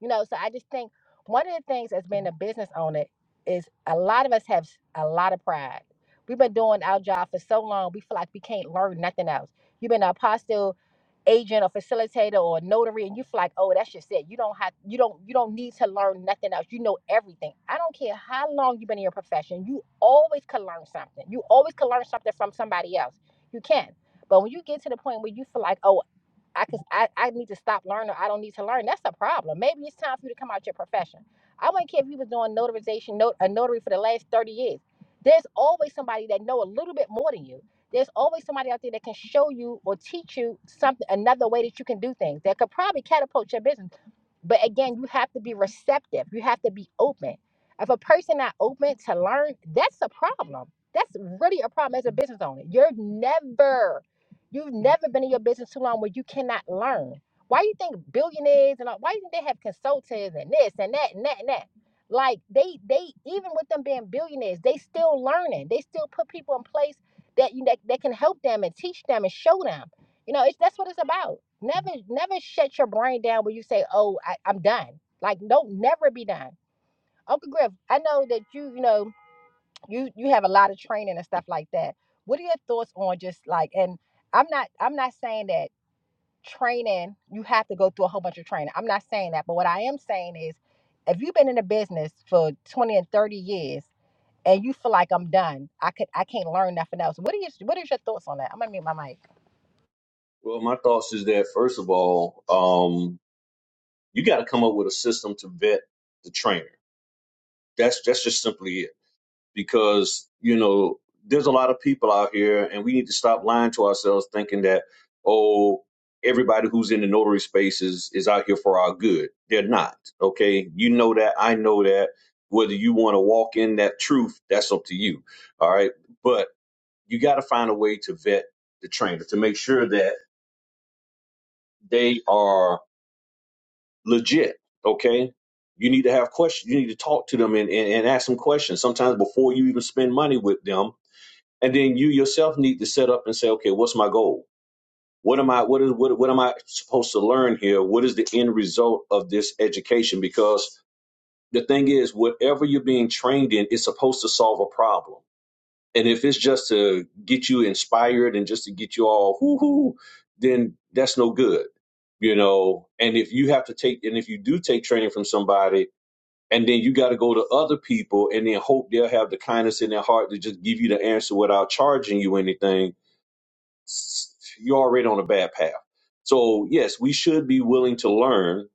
Speaker 2: You know, so I just think one of the things as being a business owner is a lot of us have s- a lot of pride. We've been doing our job for so long, we feel like we can't learn nothing else. You've been an apostle agent or facilitator or notary and you feel like, oh, that's just it. You don't have you don't you don't need to learn nothing else. You know everything. I don't care how long you've been in your profession, you always can learn something. You always can learn something from somebody else. You can. But when you get to the point where you feel like, oh, I cause I, I need to stop learning. I don't need to learn. That's a problem. Maybe it's time for you to come out your profession. I wouldn't care if you was doing notarization, not, a notary for the last 30 years. There's always somebody that know a little bit more than you. There's always somebody out there that can show you or teach you something another way that you can do things that could probably catapult your business. But again, you have to be receptive. You have to be open. If a person not open to learn, that's a problem. That's really a problem as a business owner. You're never You've never been in your business too long where you cannot learn. Why you think billionaires and all, why you think they have consultants and this and that and that and that? Like they they even with them being billionaires, they still learning. They still put people in place that you that, that can help them and teach them and show them. You know, it's that's what it's about. Never never shut your brain down when you say, "Oh, I, I'm done." Like don't never be done. Uncle Griff, I know that you you know you you have a lot of training and stuff like that what are your thoughts on just like and i'm not i'm not saying that training you have to go through a whole bunch of training i'm not saying that but what i am saying is if you've been in the business for 20 and 30 years and you feel like i'm done i could i can't learn nothing else what are you what is your thoughts on that i'm gonna mute my mic
Speaker 3: Well, my thoughts is that first of all, um, you got to come up with a system to vet the trainer. That's that's just simply it because you know there's a lot of people out here and we need to stop lying to ourselves thinking that oh everybody who's in the notary space is is out here for our good they're not okay you know that i know that whether you want to walk in that truth that's up to you all right but you got to find a way to vet the trainer to make sure that they are legit okay you need to have questions you need to talk to them and, and, and ask them questions sometimes before you even spend money with them and then you yourself need to set up and say okay what's my goal what am i what is what, what am i supposed to learn here what is the end result of this education because the thing is whatever you're being trained in is supposed to solve a problem and if it's just to get you inspired and just to get you all hoo hoo then that's no good you know and if you have to take and if you do take training from somebody and then you got to go to other people and then hope they'll have the kindness in their heart to just give you the answer without charging you anything you're already on a bad path. So yes, we should be willing to learn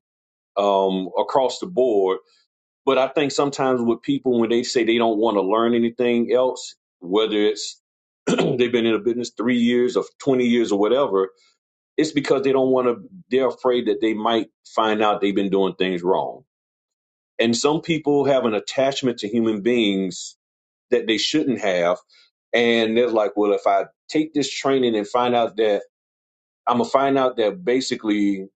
Speaker 3: um, across the board. But I think sometimes with people when they say they don't want to learn anything else, whether it's they've been in a business three years or twenty years or whatever, it's because they don't want to. They're afraid that they might find out they've been doing things wrong. And some people have an attachment to human beings that they shouldn't have, and they're like, "Well, if I take this training and find out that." I'm gonna find out that basically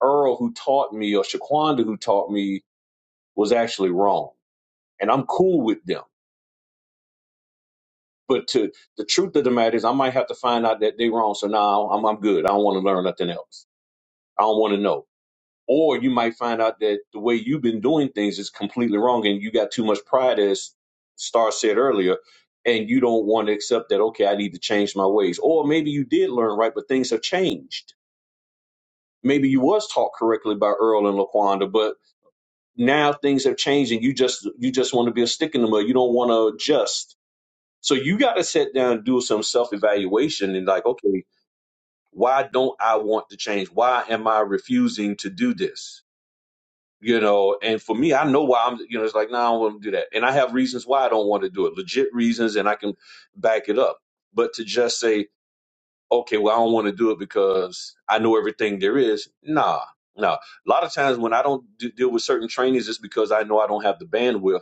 Speaker 3: Earl, who taught me, or Shaquanda, who taught me, was actually wrong, and I'm cool with them. But to the truth of the matter is, I might have to find out that they're wrong. So now I'm I'm good. I don't want to learn nothing else. I don't want to know. Or you might find out that the way you've been doing things is completely wrong, and you got too much pride, as Star said earlier, and you don't want to accept that. Okay, I need to change my ways. Or maybe you did learn right, but things have changed maybe you was taught correctly by Earl and Laquanda, but now things have changed and you just you just want to be a stick in the mud you don't want to adjust so you got to sit down and do some self-evaluation and like okay why don't i want to change why am i refusing to do this you know and for me i know why i'm you know it's like no nah, i don't want to do that and i have reasons why i don't want to do it legit reasons and i can back it up but to just say okay well i don't want to do it because i know everything there is nah nah a lot of times when i don't d- deal with certain trainings it's because i know i don't have the bandwidth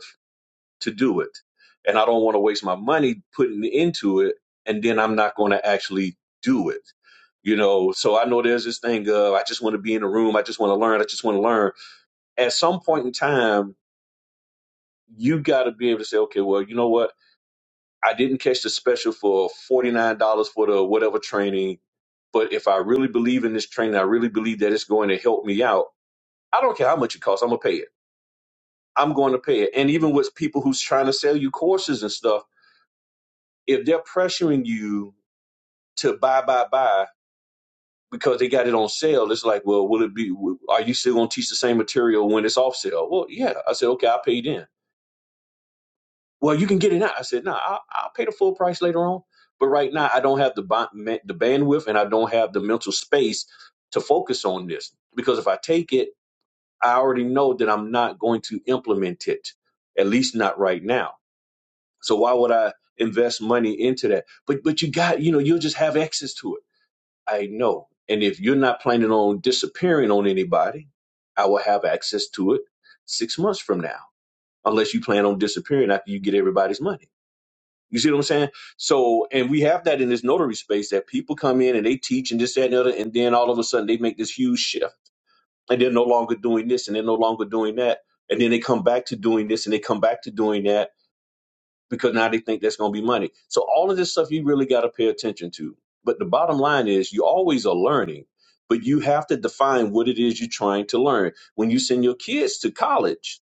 Speaker 3: to do it. And I don't want to waste my money putting into it and then I'm not going to actually do it. You know, so I know there's this thing of I just want to be in a room, I just want to learn, I just want to learn. At some point in time, you got to be able to say, okay, well, you know what? I didn't catch the special for $49 for the whatever training, but if I really believe in this training, I really believe that it's going to help me out. I don't care how much it costs, I'm going to pay it. I'm going to pay it. And even with people who's trying to sell you courses and stuff, if they're pressuring you to buy, buy, buy because they got it on sale, it's like, well, will it be? Are you still going to teach the same material when it's off sale? Well, yeah. I said, okay, I'll pay then. Well, you can get it now. I said, no, nah, I'll, I'll pay the full price later on. But right now, I don't have the the bandwidth and I don't have the mental space to focus on this because if I take it, I already know that I'm not going to implement it, at least not right now. So why would I invest money into that? But but you got you know you'll just have access to it I know. And if you're not planning on disappearing on anybody, I will have access to it six months from now, unless you plan on disappearing after you get everybody's money. You see what I'm saying? So, and we have that in this notary space that people come in and they teach and this, that, and the other, and then all of a sudden they make this huge shift and they're no longer doing this and they're no longer doing that. And then they come back to doing this and they come back to doing that because now they think that's going to be money. So all of this stuff you really got to pay attention to. But the bottom line is you always are learning, but you have to define what it is you're trying to learn. When you send your kids to college,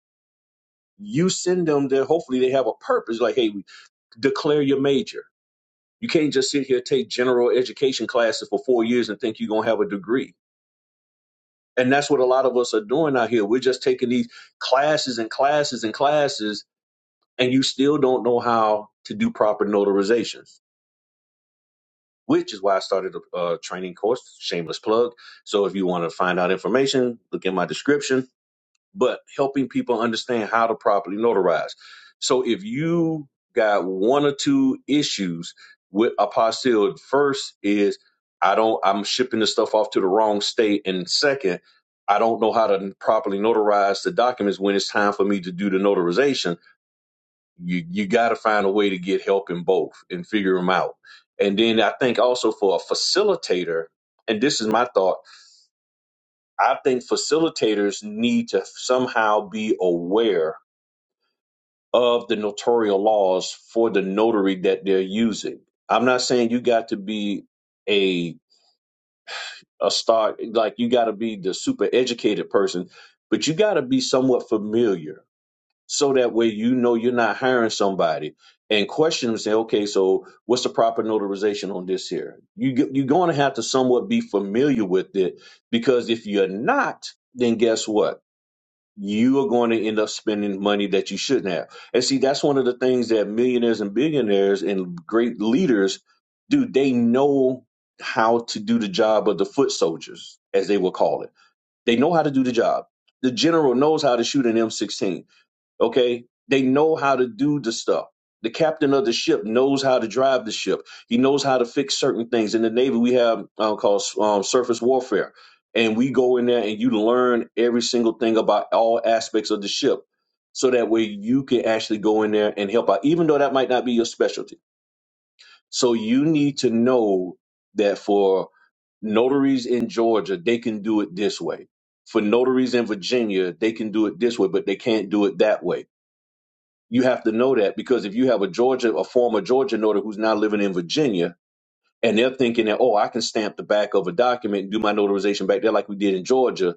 Speaker 3: you send them there. Hopefully they have a purpose. Like, hey, declare your major. You can't just sit here take general education classes for four years and think you're going to have a degree. And that's what a lot of us are doing out here. We're just taking these classes and classes and classes, and you still don't know how to do proper notarization which is why I started a, a training course, shameless plug. So if you want to find out information, look in my description. But helping people understand how to properly notarize. So if you got one or two issues with apostille, first is I don't I'm shipping the stuff off to the wrong state, and second, I don't know how to properly notarize the documents when it's time for me to do the notarization you you got to find a way to get help in both and figure them out and then i think also for a facilitator and this is my thought i think facilitators need to somehow be aware of the notarial laws for the notary that they're using i'm not saying you got to be a a star like you got to be the super educated person but you got to be somewhat familiar so that way you know you're not hiring somebody and question them say okay so what's the proper notarization on this here you, g- you're going to have to somewhat be familiar with it because if you're not then guess what you are going to end up spending money that you shouldn't have and see that's one of the things that millionaires and billionaires and great leaders do they know how to do the job of the foot soldiers as they will call it they know how to do the job the general knows how to shoot an m16 Okay. They know how to do the stuff. The captain of the ship knows how to drive the ship. He knows how to fix certain things. In the Navy, we have uh, called um, surface warfare. And we go in there and you learn every single thing about all aspects of the ship. So that way you can actually go in there and help out, even though that might not be your specialty. So you need to know that for notaries in Georgia, they can do it this way. For notaries in Virginia, they can do it this way, but they can't do it that way you have to know that because if you have a Georgia, a former Georgia notary who's now living in Virginia, and they're thinking that, oh, I can stamp the back of a document and do my notarization back there like we did in Georgia,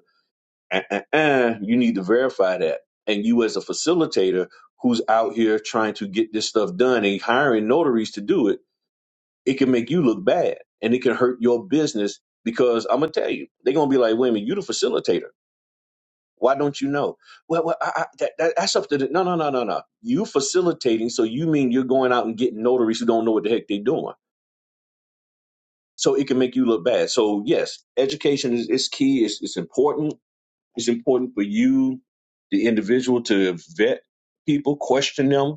Speaker 3: uh, uh, uh, you need to verify that. And you, as a facilitator who's out here trying to get this stuff done and hiring notaries to do it, it can make you look bad and it can hurt your business because I'm going to tell you, they're going to be like, wait a minute, you the facilitator why don't you know? Well, well I, I, that, that, that's up to the. No, no, no, no, no. You facilitating, so you mean you're going out and getting notaries who don't know what the heck they're doing. So it can make you look bad. So yes, education is, is key. It's, it's important. It's important for you, the individual, to vet people, question them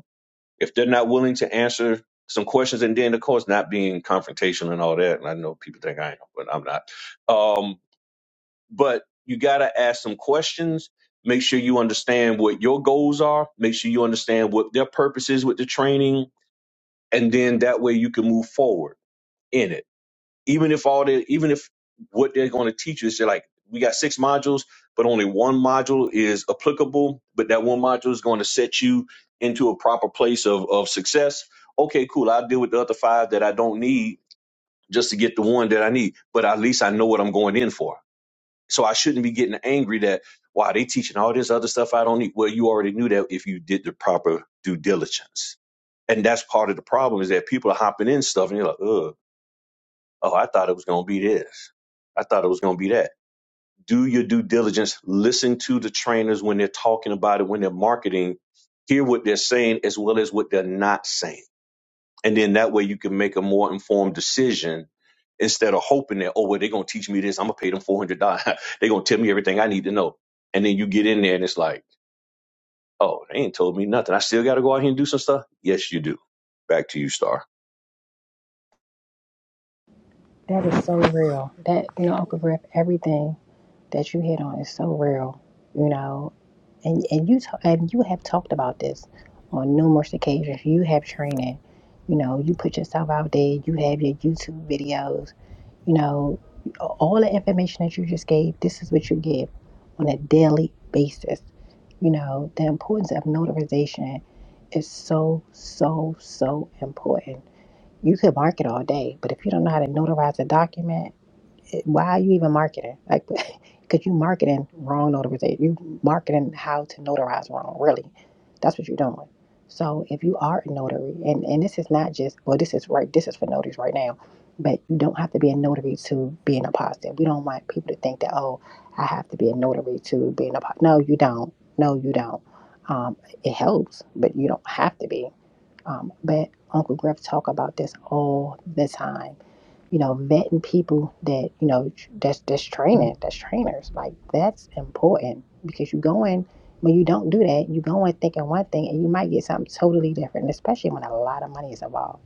Speaker 3: if they're not willing to answer some questions, and then of course not being confrontational and all that. And I know people think I am, but I'm not. Um, but you got to ask some questions. Make sure you understand what your goals are. Make sure you understand what their purpose is with the training, and then that way you can move forward in it. Even if all the, even if what they're going to teach you is they're like, we got six modules, but only one module is applicable. But that one module is going to set you into a proper place of of success. Okay, cool. I'll deal with the other five that I don't need just to get the one that I need. But at least I know what I'm going in for. So I shouldn't be getting angry that wow, they teaching all this other stuff I don't need. Well, you already knew that if you did the proper due diligence. And that's part of the problem is that people are hopping in stuff and you're like, Ugh, oh, I thought it was gonna be this. I thought it was gonna be that. Do your due diligence, listen to the trainers when they're talking about it, when they're marketing, hear what they're saying as well as what they're not saying and then that way you can make a more informed decision instead of hoping that, oh, well, they're going to teach me this. I'm going to pay them $400. they're going to tell me everything I need to know. And then you get in there and it's like, oh, they ain't told me nothing. I still got to go out here and do some stuff. Yes, you do. Back to you, Star.
Speaker 2: That is so real. That you know, Uncle Griff, everything that you hit on is so real. You know, and and you ta- and you have talked about this on numerous occasions. You have training. You know, you put yourself out there, you have your YouTube videos, you know, all the information that you just gave, this is what you give on a daily basis. You know, the importance of notarization is so, so, so important. You could market all day, but if you don't know how to notarize a document, it, why are you even marketing? Like, because you marketing wrong notarization. You marketing how to notarize, really That's what you're doing. So if you are a notary, and, and this is not just, well, this is right, this is for notaries right now, but you don't have to be a notary to be an apostle. We don't want people to think that, oh, I have to be a notary to be an apostle. No, you don't. No, you don't. Um, it helps, but you don't have to be. Um, but Uncle Griff talk about this all the time you know, vetting people that, you know, tr- that's that's training, that's trainers. Like that's important because you go in when you don't do that, you go in thinking one thing and you might get something totally different, especially when a lot of money is involved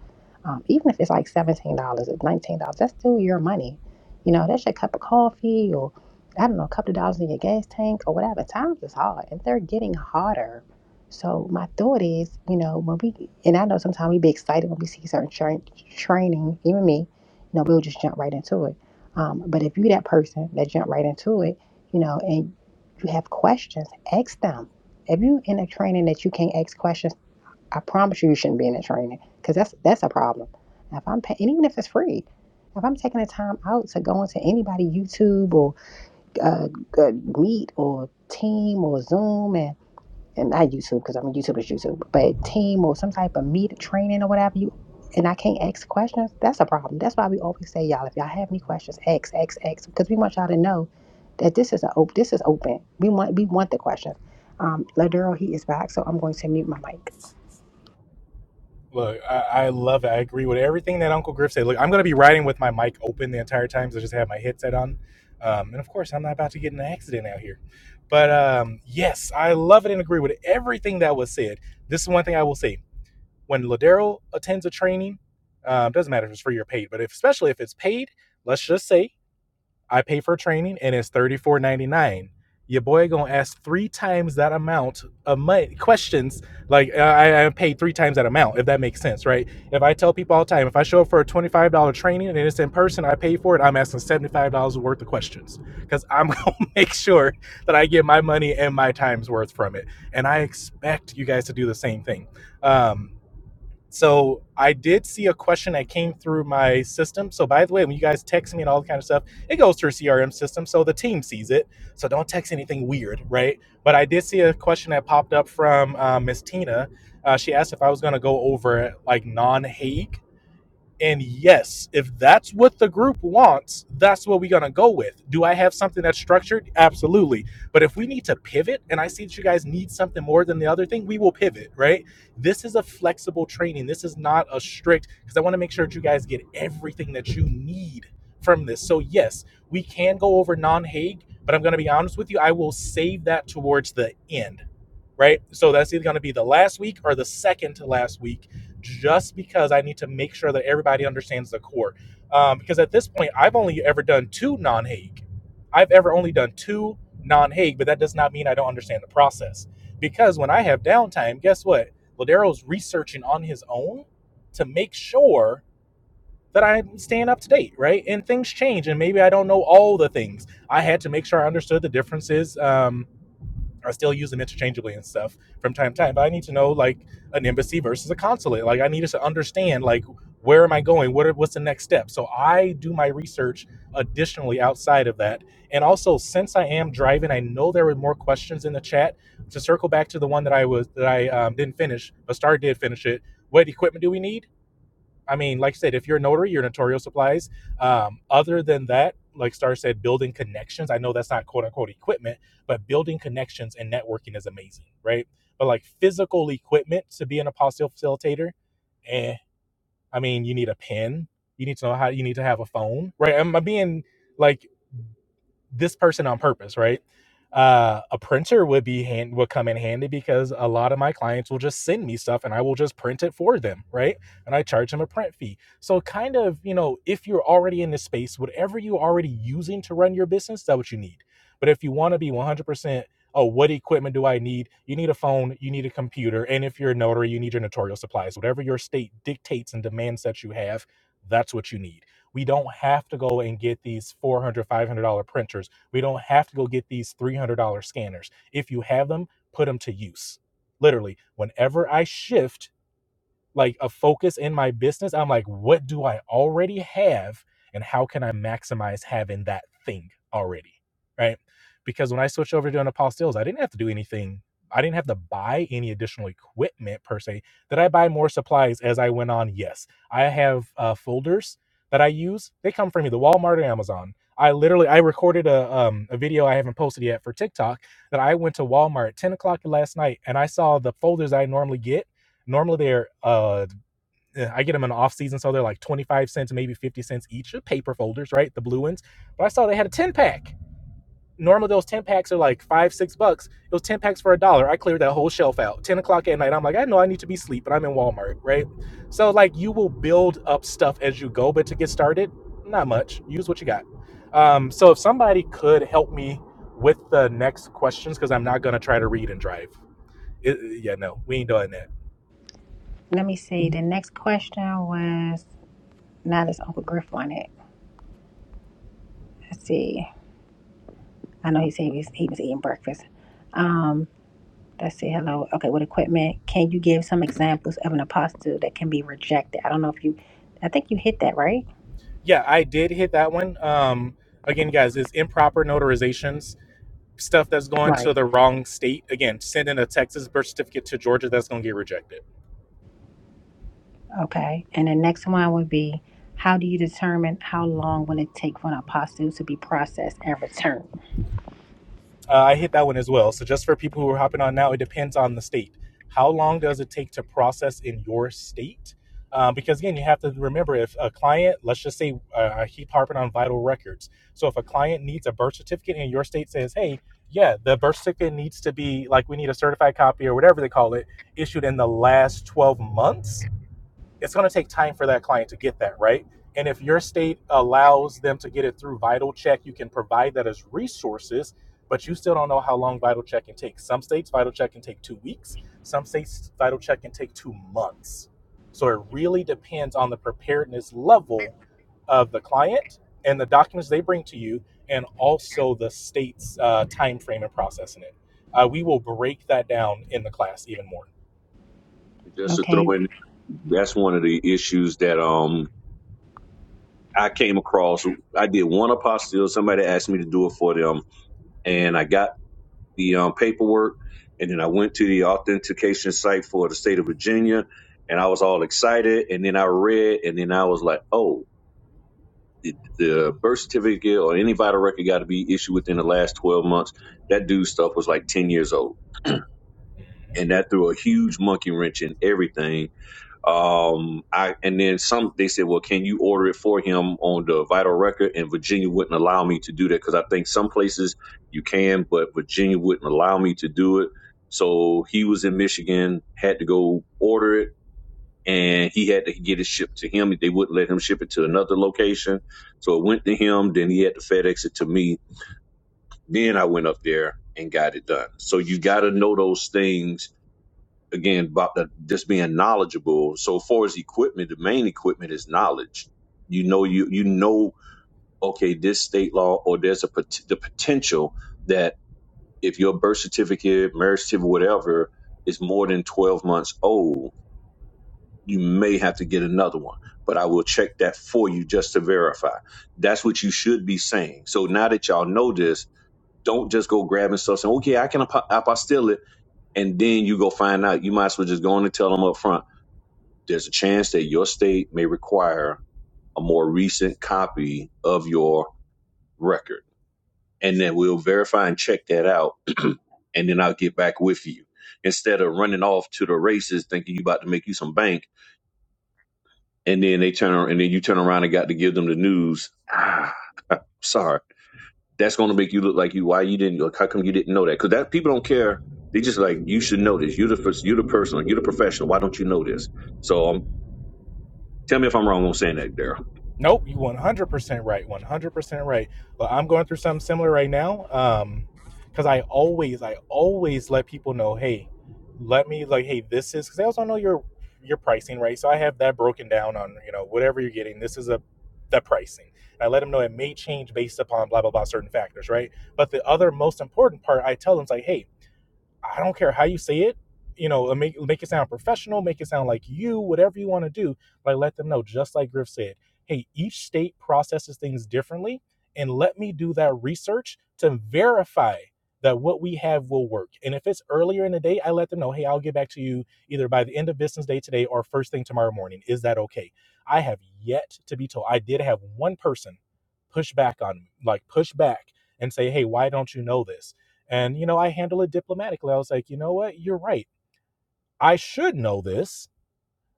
Speaker 2: um, even if it's like seventeen dollars or nineteen dollars, that's still your money. You know, that's your cup of coffee or I don't know, a couple of dollars in your gas tank or whatever. Times is hard and they're getting harder. So my thought is, you know, when we and I know sometimes we be excited when we see certain tra- training, even me, you know, we'll just jump right into it. Um, if you that person that jump right into it, you know, and you have questions, ask them. If you in a training that you can't ask questions I promise you, you shouldn't be in a training because that's that's a problem. Now, If I'm paying, and even if it's free, if I'm taking the time out to go into anybody YouTube or uh, uh, Meet or Team or Zoom and and not YouTube because I mean YouTube is YouTube, but Team or some type of Meet training or whatever you, and I can't ask questions, that's a problem. That's why we always say y'all, if y'all have any questions, ask, ask, ask, because we want y'all to know that this is a op- this is open. We want we want the questions. Um, Ladero, he is back, so I'm going to mute my mic.
Speaker 1: Look, I, I love it. I agree with everything that Uncle Griff said. Look, I'm going to be riding with my mic open the entire time, so I just have my headset on. Um, and of course, I'm not about to get in an accident out here. But um, yes, I love it and agree with everything that was said. This is one thing I will say. when Ladero attends a training, um, doesn't matter if it's free or paid, but if, especially if it's paid, let's just say I pay for training and it's thirty four ninety nine. Your boy gonna ask three times that amount of money questions. Like uh, I, I paid three times that amount, if that makes sense, right? If I tell people all the time, if I show up for a twenty five dollar training and it's in person, I pay for it. I'm asking seventy five dollars worth of questions because I'm gonna make sure that I get my money and my time's worth from it. And I expect you guys to do the same thing. Um, so I did see a question that came through my system. So by the way, when you guys text me and all that kind of stuff, it goes through CRM system, so the team sees it. So don't text anything weird, right? But I did see a question that popped up from uh, Miss Tina. Uh, she asked if I was going to go over like non-Hague and yes, if that's what the group wants, that's what we're going to go with. Do I have something that's structured? Absolutely. But if we need to pivot and I see that you guys need something more than the other thing, we will pivot, right? This is a flexible training. This is not a strict, because I want to make sure that you guys get everything that you need from this. So, yes, we can go over non Hague, but I'm going to be honest with you, I will save that towards the end right? So that's either going to be the last week or the second to last week, just because I need to make sure that everybody understands the core. Um, because at this point, I've only ever done two non Hague. I've ever only done two non Hague, but that does not mean I don't understand the process. Because when I have downtime, guess what? Ladero's researching on his own to make sure that I'm staying up to date, right? And things change, and maybe I don't know all the things. I had to make sure I understood the differences. Um, I still use them interchangeably and stuff from time to time. But I need to know like an embassy versus a consulate. Like I need to understand like where am I going? What are, what's the next step? So I do my research additionally outside of that. And also since I am driving, I know there were more questions in the chat. To circle back to the one that I was that I um, didn't finish, but Star did finish it. What equipment do we need? I mean, like I said, if you're a notary, you're notarial supplies. Um, other than that, like Star said, building connections. I know that's not quote unquote equipment, but building connections and networking is amazing, right? But like physical equipment to be an apostille facilitator, eh? I mean, you need a pen. You need to know how. You need to have a phone, right? Am I being like this person on purpose, right? Uh, a printer would be hand would come in handy because a lot of my clients will just send me stuff and I will just print it for them, right? And I charge them a print fee. So kind of, you know, if you're already in this space, whatever you're already using to run your business, that's what you need. But if you want to be 100%, oh, what equipment do I need? You need a phone, you need a computer, and if you're a notary, you need your notarial supplies. Whatever your state dictates and demands that you have, that's what you need. We don't have to go and get these four hundred, five hundred dollars printers. We don't have to go get these $300 scanners. If you have them, put them to use. Literally, whenever I shift like a focus in my business. I'm like, what do I already have and how can I maximize having that thing already? Right. Because when I switched over to doing apostilles, I didn't have to do anything. I didn't have to buy any additional equipment per se. Did I buy more supplies as I went on? Yes. I have uh, folders that I use. They come from either Walmart or Amazon. I literally I recorded a um, a video I haven't posted yet for TikTok that I went to Walmart at 10 o'clock last night and I saw the folders I normally get Normally they're uh I get them in off season, so they're like 25 cents, maybe 50 cents each of paper folders, right? The blue ones. But I saw they had a 10 pack. Normally those 10 packs are like five, six bucks. It was 10 packs for a dollar. I cleared that whole shelf out. 10 o'clock at night. I'm like, I know I need to be asleep, but I'm in Walmart, right? So like you will build up stuff as you go, but to get started, not much. Use what you got. Um, so if somebody could help me with the next questions, because I'm not gonna try to read and drive. It, yeah, no, we ain't doing that.
Speaker 2: Let me see. The next question was now there's Uncle Griff on it. Let's see. I know he said he was, he was eating breakfast. Um, let's see. Hello. Okay, with equipment, can you give some examples of an apostle that can be rejected? I don't know if you, I think you hit that, right?
Speaker 1: Yeah, I did hit that one. Um, again, guys, it's improper notarizations, stuff that's going
Speaker 2: Right.
Speaker 1: to the wrong state. Again, sending a Texas birth certificate to Georgia, that's going to get rejected.
Speaker 2: Okay. And the next one would be how do you determine how long will it take for an apostle to be processed and returned?
Speaker 1: Uh, I hit that one as well. So just for people who are hopping on now, it depends on the state. How long does it take to process in your state? Um, because again, you have to remember if a client, let's just say, uh, I keep harping on vital records. So if a client needs a birth certificate and your state says, hey, yeah, the birth certificate needs to be like we need a certified copy or whatever they call it, issued in the last 12 months it's going to take time for that client to get that right and if your state allows them to get it through vital check you can provide that as resources but you still don't know how long vital check can take some states vital check can take two weeks some states vital check can take two months so it really depends on the preparedness level of the client and the documents they bring to you and also the state's uh, time frame and processing it uh, we will break that down in the class even more
Speaker 3: Just to throw
Speaker 2: Okay.
Speaker 3: in, that's one of the issues that um I came across. I did one apostille. Somebody asked me to do it for them, and I got the um, paperwork, and then I went to the authentication site for the state of Virginia, and I was all excited. And then I read, and then I was like, oh, the birth certificate or any vital record got to be issued within the last 12 months. That dude stuff was like 10 years old. And that threw a huge monkey wrench in everything um, I and then some. They said, "Well, can you order it for him on the vital record?" And Virginia wouldn't allow me to do that because I think some places you can, but Virginia wouldn't allow me to do it. So he was in Michigan, had to go order it, and he had to get it shipped to him. They wouldn't let him ship it to another location, so it went to him. Then he had to FedEx it to me. Then I went up there and got it done. So you got to know those things again about the, just being knowledgeable. So far as equipment, the main equipment is knowledge. You know, you you know, okay, this state law or there's a pot- the potential that if your birth certificate, marriage certificate, whatever is more than twelve months old, you may have to get another one. But I will check that for you just to verify. That's what you should be saying. So now that y'all know this, don't just go grabbing stuff saying, okay, I can apo- apostille it. And then you go find out. You might as well just go on and tell them upfront there's a chance that your state may require a more recent copy of your record. And then we'll verify and check that out. and then I'll get back with you. Instead of running off to the races thinking you about to make you some bank. And then they turn and then you turn around and got to give them the news. Ah, sorry. That's going to make you look like you. Why you didn't? Like, how come you didn't know that? Because that people don't care. They just like you should know this. You're the you you're the person. You're the professional. Why don't you know this? So um, tell me if I'm wrong on saying that, Daryl.
Speaker 1: Nope, you 100% right. 100% right. Well, I'm going through something similar right now. Um, because I always, I always let people know, hey, let me like, hey, this is because I also know your your pricing, right? So I have that broken down on you know whatever you're getting. This is a the pricing. And I let them know it may change based upon blah blah blah certain factors, right? But the other most important part, I tell them is like, hey, I don't care how you say it, you know, uh, make make it sound professional, make it sound like you, whatever you want to do, like let them know, just like Griff said, hey, each state processes things differently, and let me do that research to verify that what we have will work. And if it's earlier in the day, I let them know, hey, I'll get back to you either by the end of business day today or first thing tomorrow morning. Is that okay? I have yet to be told. I did have one person push back on me, like push back and say, hey, why don't you know this? And, you know, I handle it diplomatically. I was like, you know what? You're right. I should know this.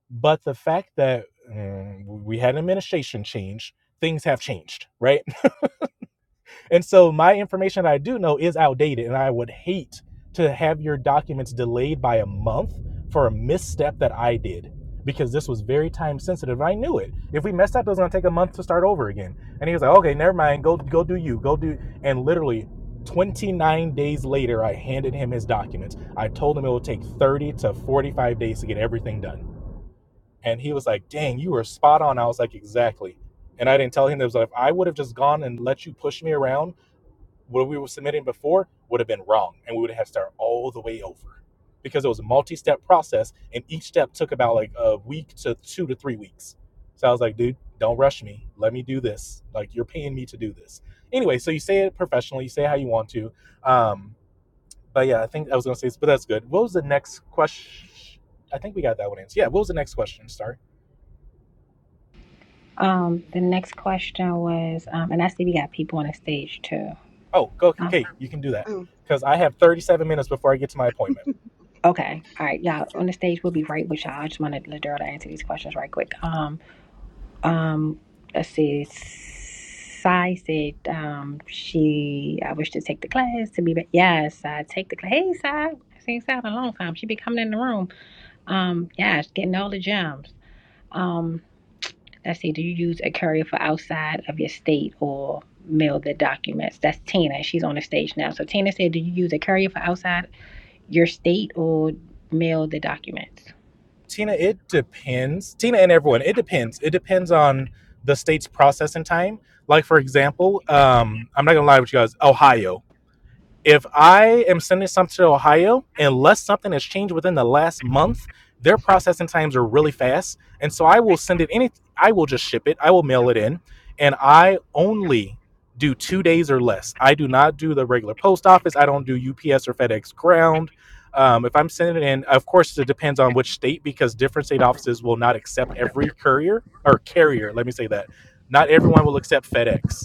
Speaker 1: But the fact that mm, we had an administration change, things have changed, right? And so my information that I do know is outdated, and I would hate to have your documents delayed by a month for a misstep that I did because this was very time sensitive. I knew it. If we messed up, it was going to take a month to start over again. And he was like, "Okay, never mind. Go, go do you. Go do." And literally. 29 days later, I handed him his documents. I told him it would take 30 to 45 days to get everything done. And he was like, dang, you were spot on. I was like, exactly. And I didn't tell him that It was like, if I would have just gone and let you push me around what we were submitting before would have been wrong and we would have had to start all the way over because it was a multi-step process and each step took about like a week to two to three weeks so i was like dude don't rush me let me do this like you're paying me to do this anyway so you say it professionally you say it how you want to um but yeah i think i was gonna say this but that's good what was the next question i think we got that one answered yeah what was the next question sorry
Speaker 2: Um, the next question was, um, and I see we got people on the stage too.
Speaker 1: oh go
Speaker 2: Um,
Speaker 1: kate you can do that
Speaker 4: Mm.
Speaker 1: because i have 37 minutes before i get to my appointment
Speaker 2: Okay. All right. Y'all on the stage. We'll be right with y'all. I just wanted Ladera to answer these questions right quick. Um, um, let's see. Sai said um, she, I wish to take the class to be back. Yes, I take the class. Hey, Sai. I seen Sai in a long time. She be coming in the room. Um, yes, getting all the gems. Um, let's see. Do you use a courier for outside of your state or mail the documents? That's Tina. She's on the stage now. So Tina said, do you use a courier for outside your state or mail the documents?
Speaker 1: Tina, it depends. Tina and everyone, it depends. It depends on the state's processing time. Like for example, um, I'm not gonna lie with you guys, Ohio if I am sending something to Ohio, unless something has changed within the last month, their processing times are really fast. And so I will send it any I will just ship it. I will mail it in. And I only do two days or less. I do not do the regular post office. I don't do UPS or FedEx ground. Um, if I'm sending it in, of course, it depends on which state because different state offices will not accept every courier or carrier. Let me say that. Not everyone will accept FedEx.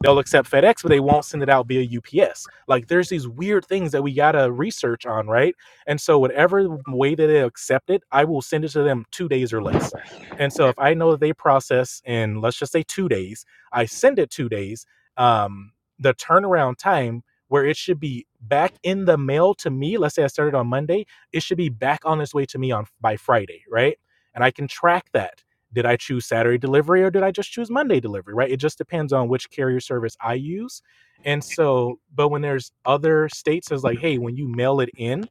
Speaker 1: They'll accept FedEx, but they won't send it out via UPS. Like there's these weird things that we gotta research on, right? And so whatever way that they accept it, I will send it to them two days or less. And so if I know that they process in let's just say two days, I send it two days. Um, the turnaround time where it should be back in the mail to me, let's say I started on Monday, it should be back on its way to me on by Friday, right? And I can track that did I choose Saturday delivery or did I just choose Monday delivery, right? It just depends on which carrier service I use. And so, but when there's other states it's like, hey, when you mail it in,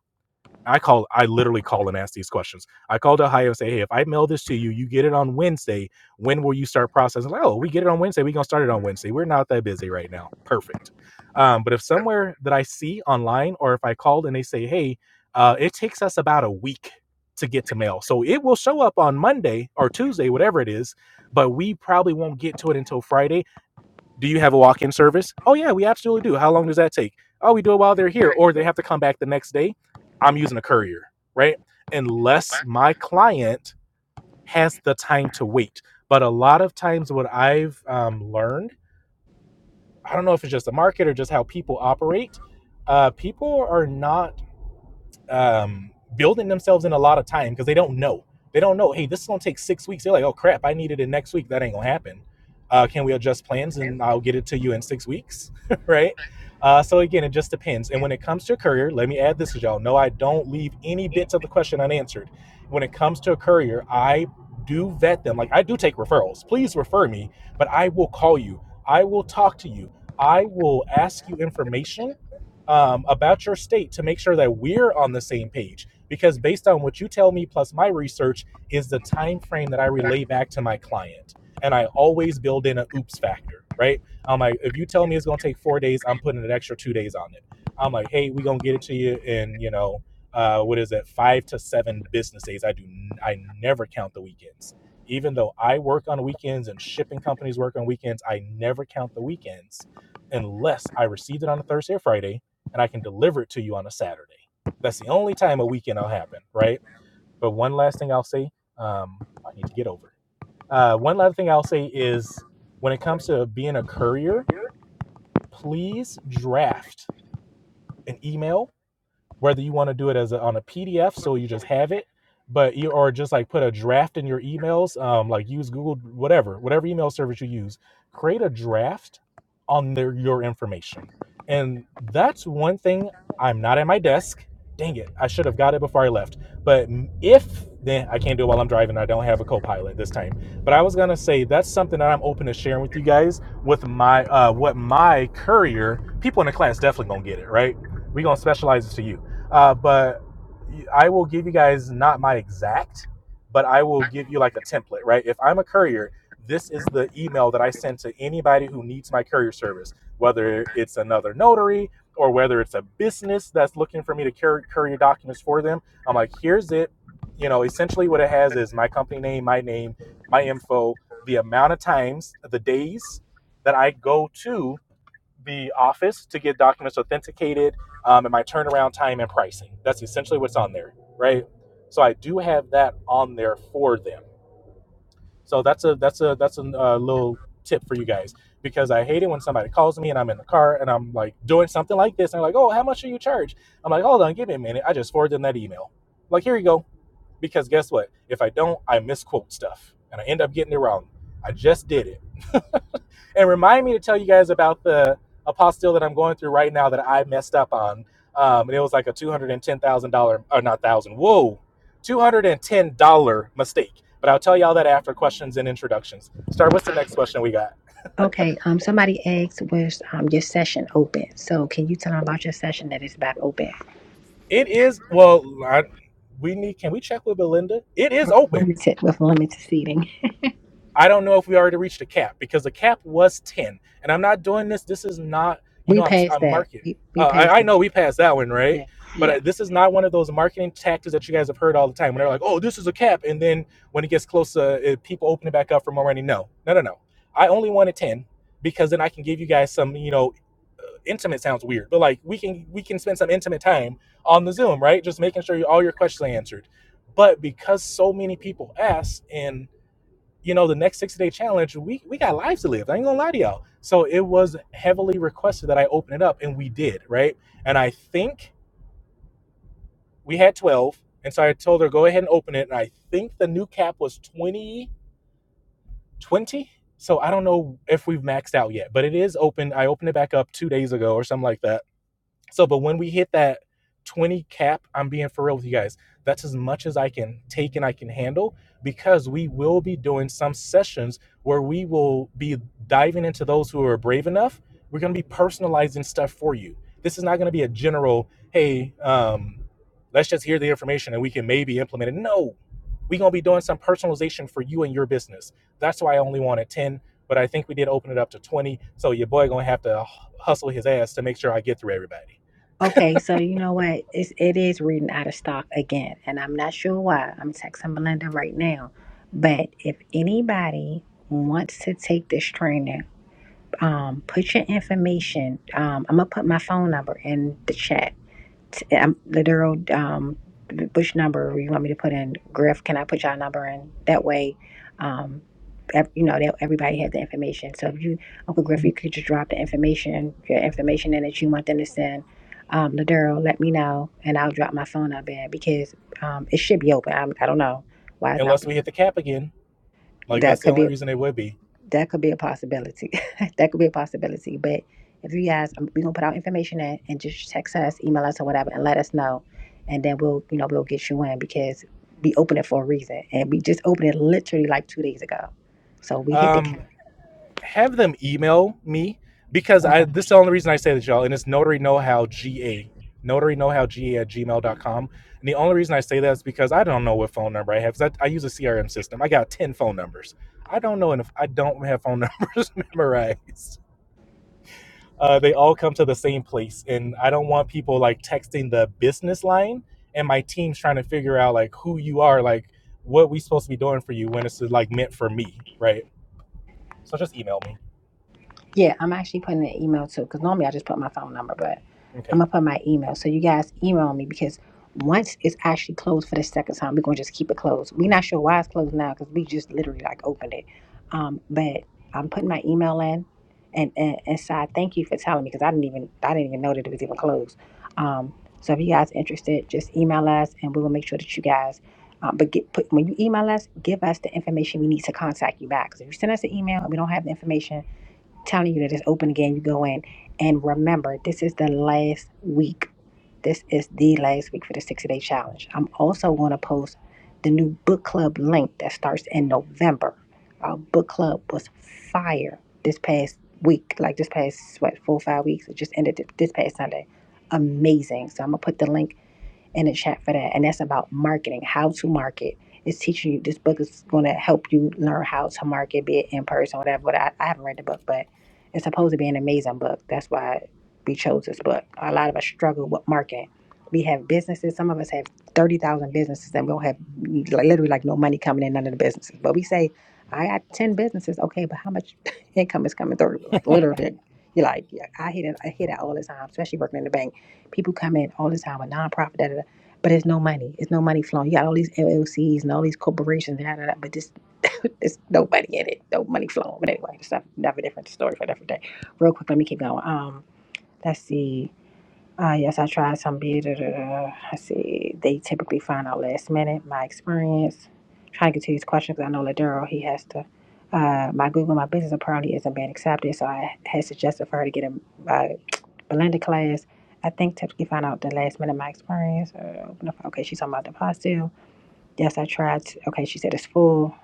Speaker 1: I call I literally call and ask these questions. I called Ohio and say, hey, if I mail this to you, you get it on Wednesday. When will you start processing? Like, oh, we get it on Wednesday. We're gonna start it on Wednesday. We're not that busy right now. Perfect. Um, but if somewhere that I see online or if I called and they say, hey, uh, it takes us about a week to get to mail. So it will show up on Monday or Tuesday, whatever it is, but we probably won't get to it until Friday do you have a walk-in service? Oh yeah, we absolutely do. How long does that take? Oh, we do it while they're here, or they have to come back the next day. I'm using a courier, right? Unless my client has the time to wait. But a lot of times, what I've um, learned, I don't know if it's just the market or just how people operate, uh, people are not um, building themselves in a lot of time because they don't know. They don't know. Hey, this is gonna take six weeks. They're like, oh crap, I needed it next week. That ain't gonna happen. Uh, can we adjust plans and I'll get it to you in six weeks, right? Uh, so again, it just depends. And when it comes to a courier, let me add this because y'all know I don't leave any bits of the question unanswered. When it comes to a courier, I do vet them. Like I do take referrals. Please refer me, but I will call you. I will talk to you. I will ask you information um, about your state to make sure that we're on the same page because based on what you tell me plus my research is the time frame that i relay back to my client and i always build in an oops factor right i'm like if you tell me it's going to take four days i'm putting an extra two days on it i'm like hey we're going to get it to you in you know uh, what is it five to seven business days i do I never count the weekends even though i work on weekends and shipping companies work on weekends i never count the weekends unless i received it on a thursday or friday and I can deliver it to you on a Saturday. That's the only time a weekend will happen, right? But one last thing I'll say, um, I need to get over. Uh, one last thing I'll say is when it comes to being a courier, please draft an email whether you want to do it as a, on a PDF so you just have it, but you or just like put a draft in your emails, um, like use Google, whatever, whatever email service you use, create a draft on their, your information. And that's one thing I'm not at my desk. Dang it, I should have got it before I left. But if then I can't do it while I'm driving, I don't have a co pilot this time. But I was gonna say that's something that I'm open to sharing with you guys with my uh what my courier, people in the class definitely gonna get it, right? we gonna specialize it to you uh, but I will give you guys not my exact, but I will give you like a template, right? If I'm a courier, this is the email that I send to anybody who needs my courier service, whether it's another notary or whether it's a business that's looking for me to carry courier documents for them. I'm like, here's it. You know, essentially what it has is my company name, my name, my info, the amount of times, the days that I go to the office to get documents authenticated um, and my turnaround time and pricing. That's essentially what's on there, right? So I do have that on there for them. So that's a that's a that's a uh, little tip for you guys because I hate it when somebody calls me and I'm in the car and I'm like doing something like this and they're like, "Oh, how much do you charge?" I'm like, "Hold on, give me a minute." I just forward them that email. I'm Like, here you go. Because guess what? If I don't, I misquote stuff and I end up getting it wrong. I just did it and remind me to tell you guys about the apostille that I'm going through right now that I messed up on. Um, and it was like a two hundred and ten thousand dollar, or not thousand, whoa, two hundred and ten dollar mistake. But I'll tell y'all that after questions and introductions. Star, what's the next question we got?
Speaker 2: Okay, um, somebody asked, was um, your session open? So can you tell them about your session that is back open
Speaker 1: It is well, I, we need. Can we check with Belinda? It is
Speaker 2: with
Speaker 1: open.
Speaker 2: limited with limited seating?
Speaker 1: I don't know if we already reached a cap because the cap was 10. And I'm not doing this. This is not, you
Speaker 2: We
Speaker 1: know, I'm,
Speaker 2: passed
Speaker 1: I'm
Speaker 2: that.
Speaker 1: marketing.
Speaker 2: We, we
Speaker 1: Uh,
Speaker 2: passed
Speaker 1: I, I
Speaker 2: that.
Speaker 1: know we passed that one, right?
Speaker 2: Yeah.
Speaker 1: But
Speaker 2: Yeah.
Speaker 1: uh, this is not one of those marketing tactics that you guys have heard all the time when they're like, oh, this is a cap. And then when it gets closer, it, people open it back up for more money. No, no, no, no. I only wanted 10 because then I can give you guys some, you know, uh, intimate sounds weird, but like we can we can spend some intimate time on the Zoom, right? Just making sure you, all your questions are answered. But because so many people asked and you know, the next 60 day challenge, we, we got lives to live. I ain't gonna lie to y'all. So it was heavily requested that I open it up, and we did, right? And I think we had 12. And so I told her, go ahead and open it. And I think the new cap was 20 20. So I don't know if we've maxed out yet, but it is open. I opened it back up two days ago or something like that So, but when we hit that 20 cap, I'm being for real with you guys. That's as much as I can take and I can handle because we will be doing some sessions where we will be diving into those who are brave enough. We're going to be personalizing stuff for you. This is not going to be a general, hey, um, let's just hear the information and we can maybe implement it. No, we're going to be doing some personalization for you and your business. That's why I only wanted 10, but I think we did open it up to 20. So your boy going to have to hustle his ass to make sure I get through everybody.
Speaker 2: Okay, so you know what? It's it is reading out of stock again, and I'm not sure why. I'm texting Melinda right now, but if anybody wants to take this training. Um, put your information. Um, I'm gonna put my phone number in the chat. T- um, the um, Bush number. You want me to put in Griff? Can I put y'all number in? That way, um, ev- you know, that everybody has the information. So if you, Uncle Griff, you could just drop the information, your information in that you want them to send. Um, Ladero, let me know, and I'll drop my phone up in because um, it should be open. I'm, I don't know why it's not
Speaker 1: unless
Speaker 2: open.
Speaker 1: we hit the cap again. Like
Speaker 2: That
Speaker 1: that's the
Speaker 2: could be
Speaker 1: only reason it would be.
Speaker 2: that could be a possibility. that could be a possibility. But if you guys, we're gonna put our information in and just text us, email us, or whatever, and let us know, and then we'll, you know, we'll get you in because we opened it for a reason, and we just opened it literally like two days ago, so we hit the
Speaker 1: Um,
Speaker 2: cap.
Speaker 1: have them email me because
Speaker 2: Okay.
Speaker 1: I this is the only reason I say this, y'all, and it's notary know how GA. Notary know how GA at Gmail dot com. And the only reason I say that is because I don't know what phone number I have. 'cause I, I use a CRM system. I got 10 phone numbers. I don't know if I don't have phone numbers memorized. uh, they all come to the same place and i don't want people like texting the business line and my team's trying to figure out like who you are like what we supposed to be doing for you when it's like meant for me right so just email me
Speaker 2: Yeah, I'm actually putting an email too, because normally I just put my phone number, but I'm
Speaker 1: okay
Speaker 2: gonna put my email. So you guys email me because once it's actually closed for the second time, we're gonna just keep it closed. We're not sure why it's closed now because we just literally like opened it. Um, but I'm putting my email in, and and, and Sai, thank you for telling me because I didn't even I didn't even know that it was even closed. Um, so if you guys interested, just email us, and we will make sure that you guys. Um, but get, put, when you email us, give us the information we need to contact you back. Because if you send us an email and we don't have the information telling you that it's open again. You go in and remember, this is the last week. This is the last week for the 60 day challenge. I'm also going to post the new book club link that starts in November. Our book club was fire this past week, like this past, what, four or five weeks. It just ended this past Sunday. Amazing. So I'm going to put the link in the chat for that. And that's about marketing, how to market. It's teaching you, this book is going to help you learn how to market, be it in person, whatever. But I, I haven't read the book, but it's supposed to be an amazing book. That's why we chose this book. A lot of us struggle with marketing. We have businesses. Some of us have 30,000 businesses and we don't have like, literally like no money coming in, none of the businesses. But we say, I got 10 businesses. Okay, but how much income is coming through? Like literally, like, you're like, yeah, I hear that, I hear that all the time, especially working in the bank people come in all the time with nonprofit. da da da but it's no money. It's no money flowing. You got all these LLCs and all these corporations, da, da, da, but this, there's no money in it, no money flowing. But anyway, it's not, not a different story for a different day. Real quick, let me keep going. Um, let's see. Uh, yes, I tried some beer. Da, da, da. Let's see. They typically find out last minute. My experience. Trying to get to these questions 'cause I know Ladero, he has to. Uh, my Google My Business apparently isn't being accepted, so I had suggested for her to get a, uh, Belinda class, I think typically find out the last minute my experience. Uh, okay, she's talking about the pot still. Yes, I tried. To, okay, she said it's full.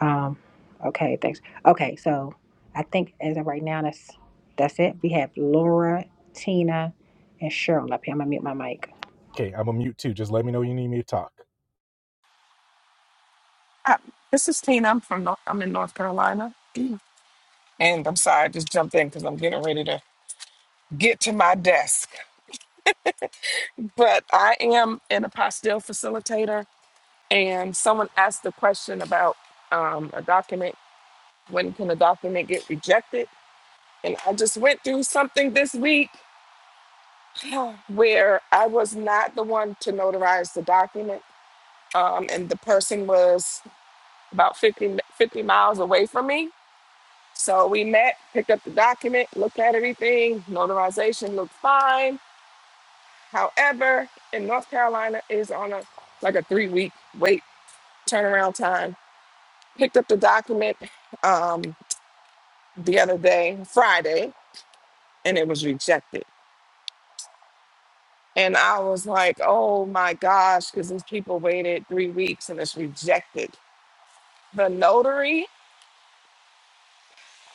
Speaker 2: Um, okay, thanks. Okay, so I think as of right now, that's that's it. We have Laura, Tina, and Cheryl up here. I'm gonna mute my mic.
Speaker 1: okay i'm a mute too just let me know you need me to talk
Speaker 4: Hi, This is Tina. I'm from North, I'm in North Carolina, and I'm sorry I just jumped in because I'm getting ready to get to my desk. But I am an apostille facilitator, and someone asked the question about um, a document. When can a document get rejected? And I just went through something this week where I was not the one to notarize the document, um, and the person was about 50, mi- 50 miles away from me. So we met, picked up the document, looked at everything. Notarization looked fine. However, in North Carolina it is on a like a three week wait turnaround time. Picked up the document um, the other day, Friday, and it was rejected. And I was like, oh my gosh, because these people waited three weeks and it's rejected. The notary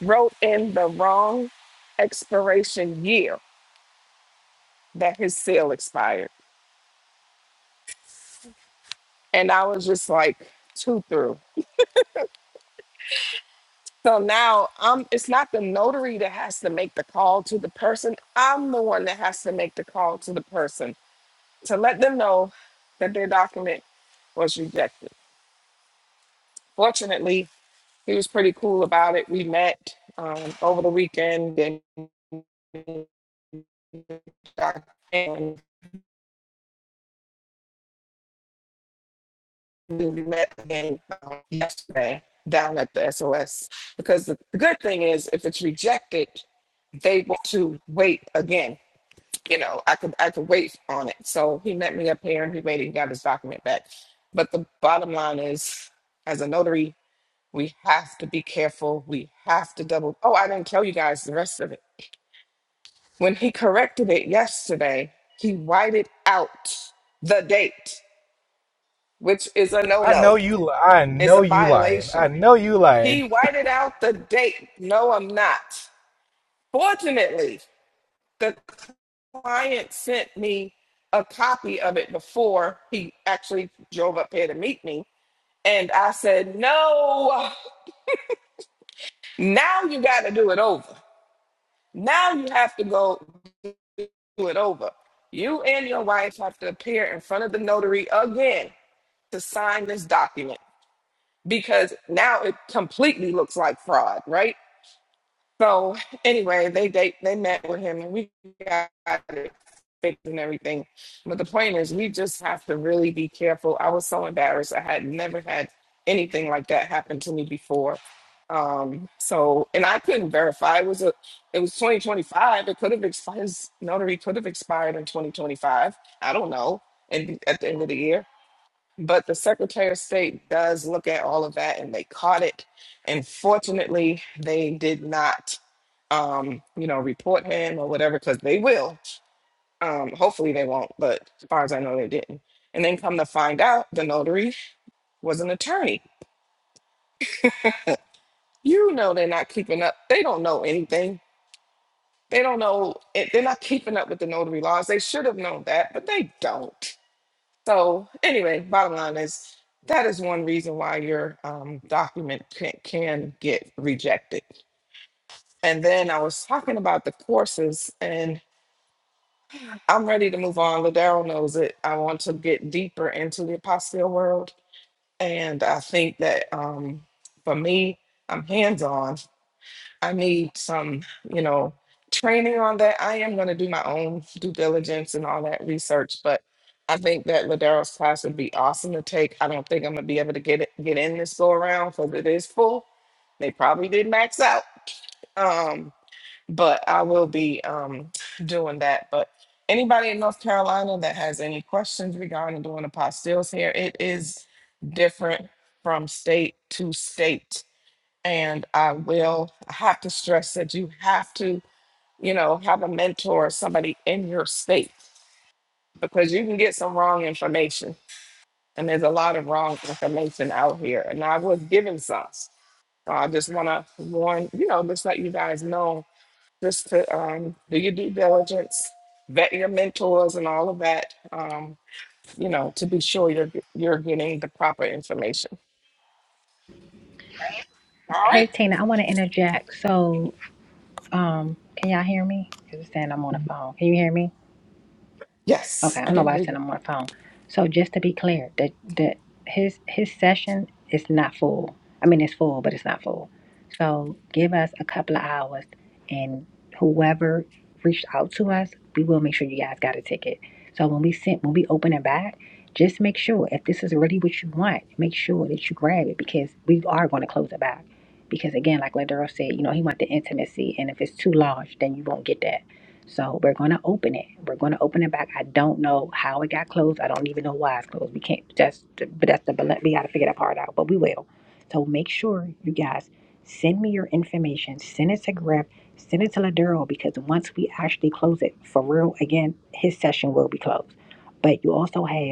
Speaker 4: wrote in the wrong expiration year that his sale expired. and I was just like too through. So now um it's not the notary that has to make the call to the person. I'm the one that has to make the call to the person to let them know that their document was rejected. Fortunately, he was pretty cool about it. We met um, over the weekend and and we met again um, yesterday down at the SOS. Because the the good thing is if it's rejected, they want to wait again. You know, I could I could wait on it. So he met me up here and he waited and got his document back. But the bottom line is, as a notary, we have to be careful. We have to double. Oh, I didn't tell you guys the rest of it. When he corrected it yesterday, he whited out the date, which is a no
Speaker 1: i know
Speaker 4: no.
Speaker 1: you i
Speaker 4: It's
Speaker 1: know
Speaker 4: a
Speaker 1: you lying i
Speaker 4: violation.
Speaker 1: know you lying
Speaker 4: He whited out the date. No, I'm not. Fortunately, the. client sent me a copy of it before he actually drove up here to meet me. And I said, no, now you got to do it over. Now you have to go do it over. You and your wife have to appear in front of the notary again to sign this document because now it completely looks like fraud, right? So anyway, they they they met with him and we got it fixed and everything. But the point is, we just have to really be careful. I was so embarrassed. I had never had anything like that happen to me before. Um, so and I couldn't verify it was a it was 2025. It could have expired. His notary could have expired in 2025. I don't know. And at the end of the year. But the Secretary of State does look at all of that and they caught it. And fortunately, they did not um, you know, report him or whatever, because they will. Um, hopefully they won't, but as far as I know, they didn't. And then come to find out, the notary was an attorney. You know, they're not keeping up. They don't know anything. They don't know. It, they're not keeping up with the notary laws. They should have known that, but they don't. So anyway, bottom line is that is one reason why your um, document can, can get rejected. And then I was talking about the courses, and. I'm ready to move on. Ladaro knows it. I want to get deeper into the apostle world. And I think that um, for me, I'm hands on. I need some, you know, training on that. I am going to do my own due diligence and all that research, but I think that Ladaro's class would be awesome to take. I don't think I'm going to be able to get it, get in this go around because it is full. They probably did max out. Um, but I will be um, doing that. But anybody in North Carolina that has any questions regarding doing apostilles here, it is different from state to state. And I will I have to stress that you have to, you know, have a mentor, somebody in your state, because you can get some wrong information. And there's a lot of wrong information out here. And I was given some. So I just want to warn, you know, just let you guys know just to um, do your due diligence, vet your mentors and all of that, um, you know, to be sure you're you're getting the proper information. All
Speaker 2: Hey,
Speaker 4: right.
Speaker 2: Tina, I want to interject. So, um, can y'all hear me? Because it's saying I'm on the phone. Can you hear me? Okay,
Speaker 4: Yes,
Speaker 2: I
Speaker 4: I
Speaker 2: don't know
Speaker 4: can
Speaker 2: why I
Speaker 4: hear
Speaker 2: said
Speaker 4: you.
Speaker 2: I'm on the phone. So just to be clear, that that his his session is not full. I mean, it's full, but it's not full. So give us a couple of hours, and whoever reached out to us, we will make sure you guys got a ticket. So when we sent, when we open it back, just make sure if this is really what you want, make sure that you grab it because we are going to close it back. Because again, like Ladero said, you know, he want the intimacy, and if it's too large, then you won't get that. So we're going to open it. We're going to open it back. I don't know how it got closed. I don't even know why it's closed. We can't. That's but that's the bal- we got to figure that part out. But we will. So make sure you guys send me your information. Send it to Griff. Send it to Laduro because once we actually close it for real again, his session will be closed. But you also have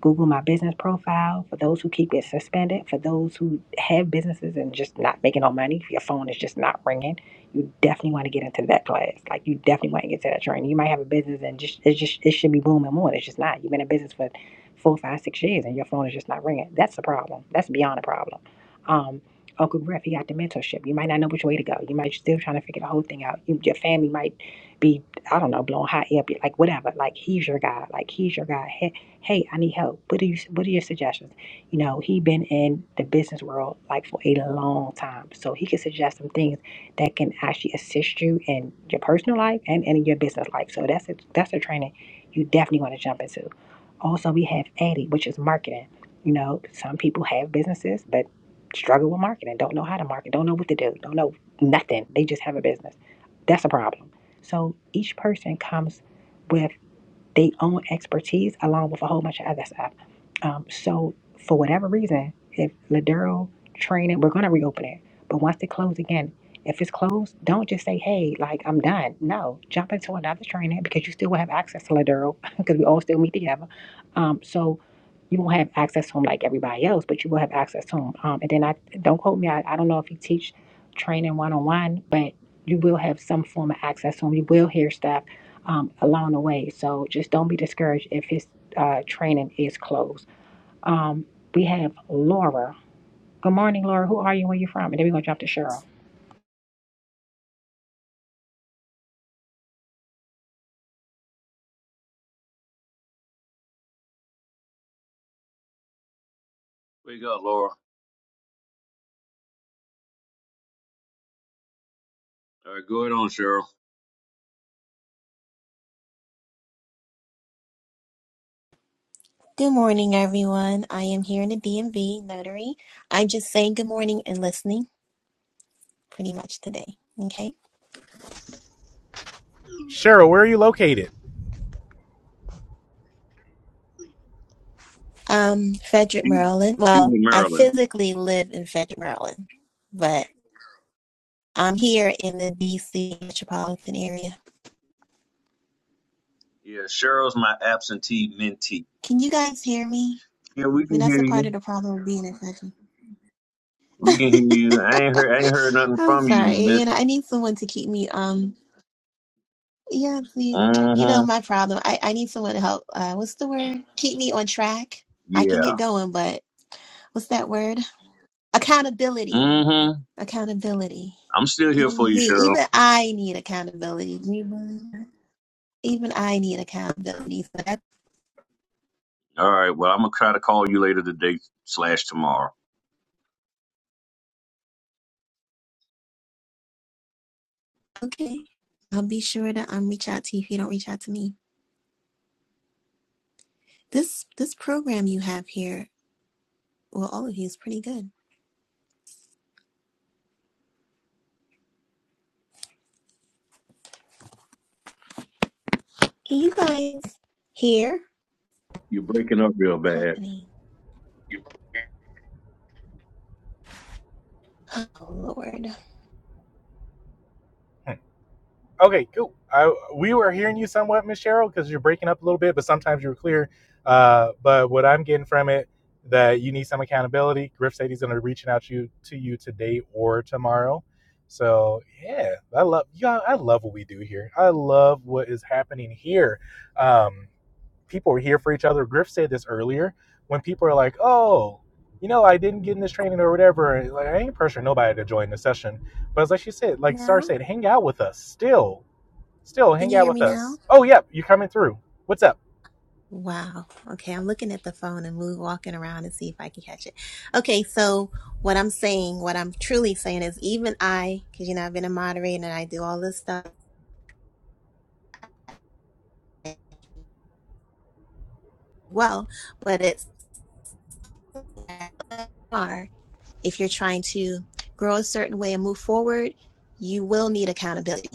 Speaker 2: Google my business profile for those who keep it suspended, for those who have businesses and just not making no money, if your phone is just not ringing, you definitely want to get into that class. Like you definitely want to get to that training. You might have a business and just it's just it should be booming more. It's just not. You've been in business for four, five, six years and your phone is just not ringing. That's the problem. That's beyond a problem. Um, Uncle Griff, he got the mentorship. You might not know which way to go. You might still trying to figure the whole thing out. You, your family might be, I don't know, blowing hot air, be like whatever. Like he's your guy. Like he's your guy hey i need help what do you what are your suggestions you know he been in the business world like for a long time so he can suggest some things that can actually assist you in your personal life and, and in your business life so that's a that's a training you definitely want to jump into also we have addy which is marketing you know some people have businesses but struggle with marketing don't know how to market don't know what to do don't know nothing they just have a business that's a problem so each person comes with their own expertise along with a whole bunch of other stuff. Um, so for whatever reason, if Ladero training, we're gonna reopen it. But once they close again, if it's closed, don't just say, "Hey, like I'm done." No, jump into another training because you still will have access to Ladero because we all still meet together. Um, so you won't have access to them like everybody else, but you will have access to them. Um, and then I don't quote me. I, I don't know if you teach training one on one, but you will have some form of access to them. You will hear stuff um, along the way. So just don't be discouraged if his uh, training is closed. Um, we have Laura. Good morning, Laura. Who are you? Where you from? And then we're gonna jump to Cheryl.
Speaker 5: Good morning, everyone. I am here in the DMV notary. I just say good morning and listening pretty much today. Okay.
Speaker 1: cheryl where are you located
Speaker 5: Um, Frederick,
Speaker 3: She's
Speaker 5: Maryland.
Speaker 3: she's
Speaker 5: Well,
Speaker 3: in
Speaker 5: I
Speaker 3: Maryland.
Speaker 5: physically live in Frederick, Maryland, but I'm here in the DC metropolitan area.
Speaker 3: Yeah, Cheryl's my absentee mentee.
Speaker 5: Can you guys hear me?
Speaker 3: Yeah,
Speaker 5: I
Speaker 3: we
Speaker 5: mean,
Speaker 3: can
Speaker 5: that's a
Speaker 3: hear
Speaker 5: part
Speaker 3: you.
Speaker 5: of the problem of being in Frederick.
Speaker 3: We can hear you. I ain't heard I ain't heard nothing
Speaker 5: I'm
Speaker 3: from you,
Speaker 5: sorry.
Speaker 3: Miss.
Speaker 5: You know, I need someone to keep me, um, yeah, see, you know,
Speaker 3: Mm-hmm.
Speaker 5: my problem. I, I need someone to help, uh, what's the word? Keep me on track. I can
Speaker 3: Yeah.
Speaker 5: get going, but what's that word? Accountability.
Speaker 3: Mm-hmm.
Speaker 5: Accountability.
Speaker 3: I'm still here for
Speaker 5: Even
Speaker 3: you,
Speaker 5: me,
Speaker 3: Cheryl.
Speaker 5: even I need accountability. Do you believe that? Even I need accountability. So that's
Speaker 3: All right. Well, I'm gonna try to call you later today slash tomorrow.
Speaker 5: okay. I'll be sure to um reach out to you if you don't reach out to me. This this program you have here, well, all of you is pretty good. Can you guys hear
Speaker 3: You're breaking up real
Speaker 5: what's
Speaker 3: bad.
Speaker 5: happening? Oh Lord.
Speaker 1: Okay, cool. I, we were hearing you somewhat, Miss Cheryl, because you're breaking up a little bit, but sometimes you're clear. Uh, but what I'm getting from it that you need some accountability. Griff said he's going to be reaching out to you to you today or tomorrow. So yeah, I love yeah, I love what we do here. I love what is happening here. Um, people are here for each other. Griff said this earlier when people are like, "Oh, you know, I didn't get in this training or whatever." and, Like I ain't pressuring nobody to join the session, but it's like she said, like Star
Speaker 5: Now?
Speaker 1: said, hang out with us still Still,
Speaker 5: Can
Speaker 1: hang
Speaker 5: you
Speaker 1: out
Speaker 5: hear me
Speaker 1: with
Speaker 5: now?
Speaker 1: us. Oh, yep, you coming through. What's up?
Speaker 5: Wow. Okay, I'm looking at the phone and move walking around and see if I can catch it. Okay, so what I'm saying, what I'm truly saying is even I, because you know I've been a moderator and I do all this stuff well, but it's hard. If you're trying to grow a certain way and move forward, you will need accountability.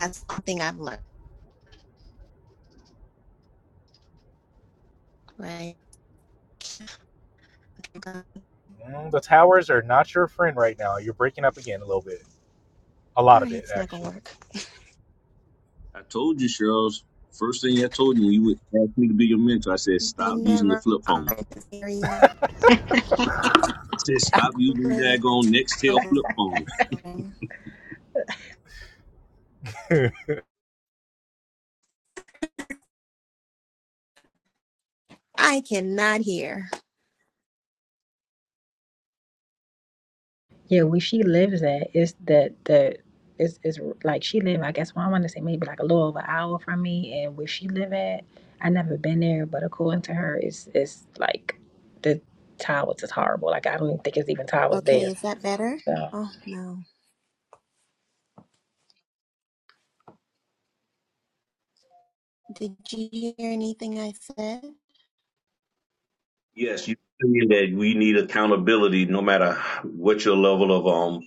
Speaker 5: That's one thing I've learned, right? All
Speaker 1: Mm, the towers are not your friend right now. You're breaking up again a little bit. A lot of
Speaker 5: right,
Speaker 1: it,
Speaker 5: it's not gonna
Speaker 1: actually.
Speaker 5: work.
Speaker 3: I told you, Cheryl. First thing I told you when you would ask me to be your mentor, I said
Speaker 5: They
Speaker 3: stop using the
Speaker 5: never
Speaker 3: flip phone.
Speaker 5: are in this area.
Speaker 3: Sis, stop
Speaker 5: What
Speaker 3: using
Speaker 5: is the
Speaker 3: daggone Nextel flip phones.
Speaker 5: I cannot hear.
Speaker 2: Yeah, where she lives at is the the is is like she live I guess well, I want to say maybe like a little over an hour from me, and where she live at, I never been there, but according to her, it's it's like the towers is horrible. Like I don't even think it's even towers
Speaker 5: Okay,
Speaker 2: there.
Speaker 5: is that better?
Speaker 2: So.
Speaker 5: Oh, no. Did you hear anything I said?
Speaker 3: Yes, you saying that we need accountability no matter what your level of um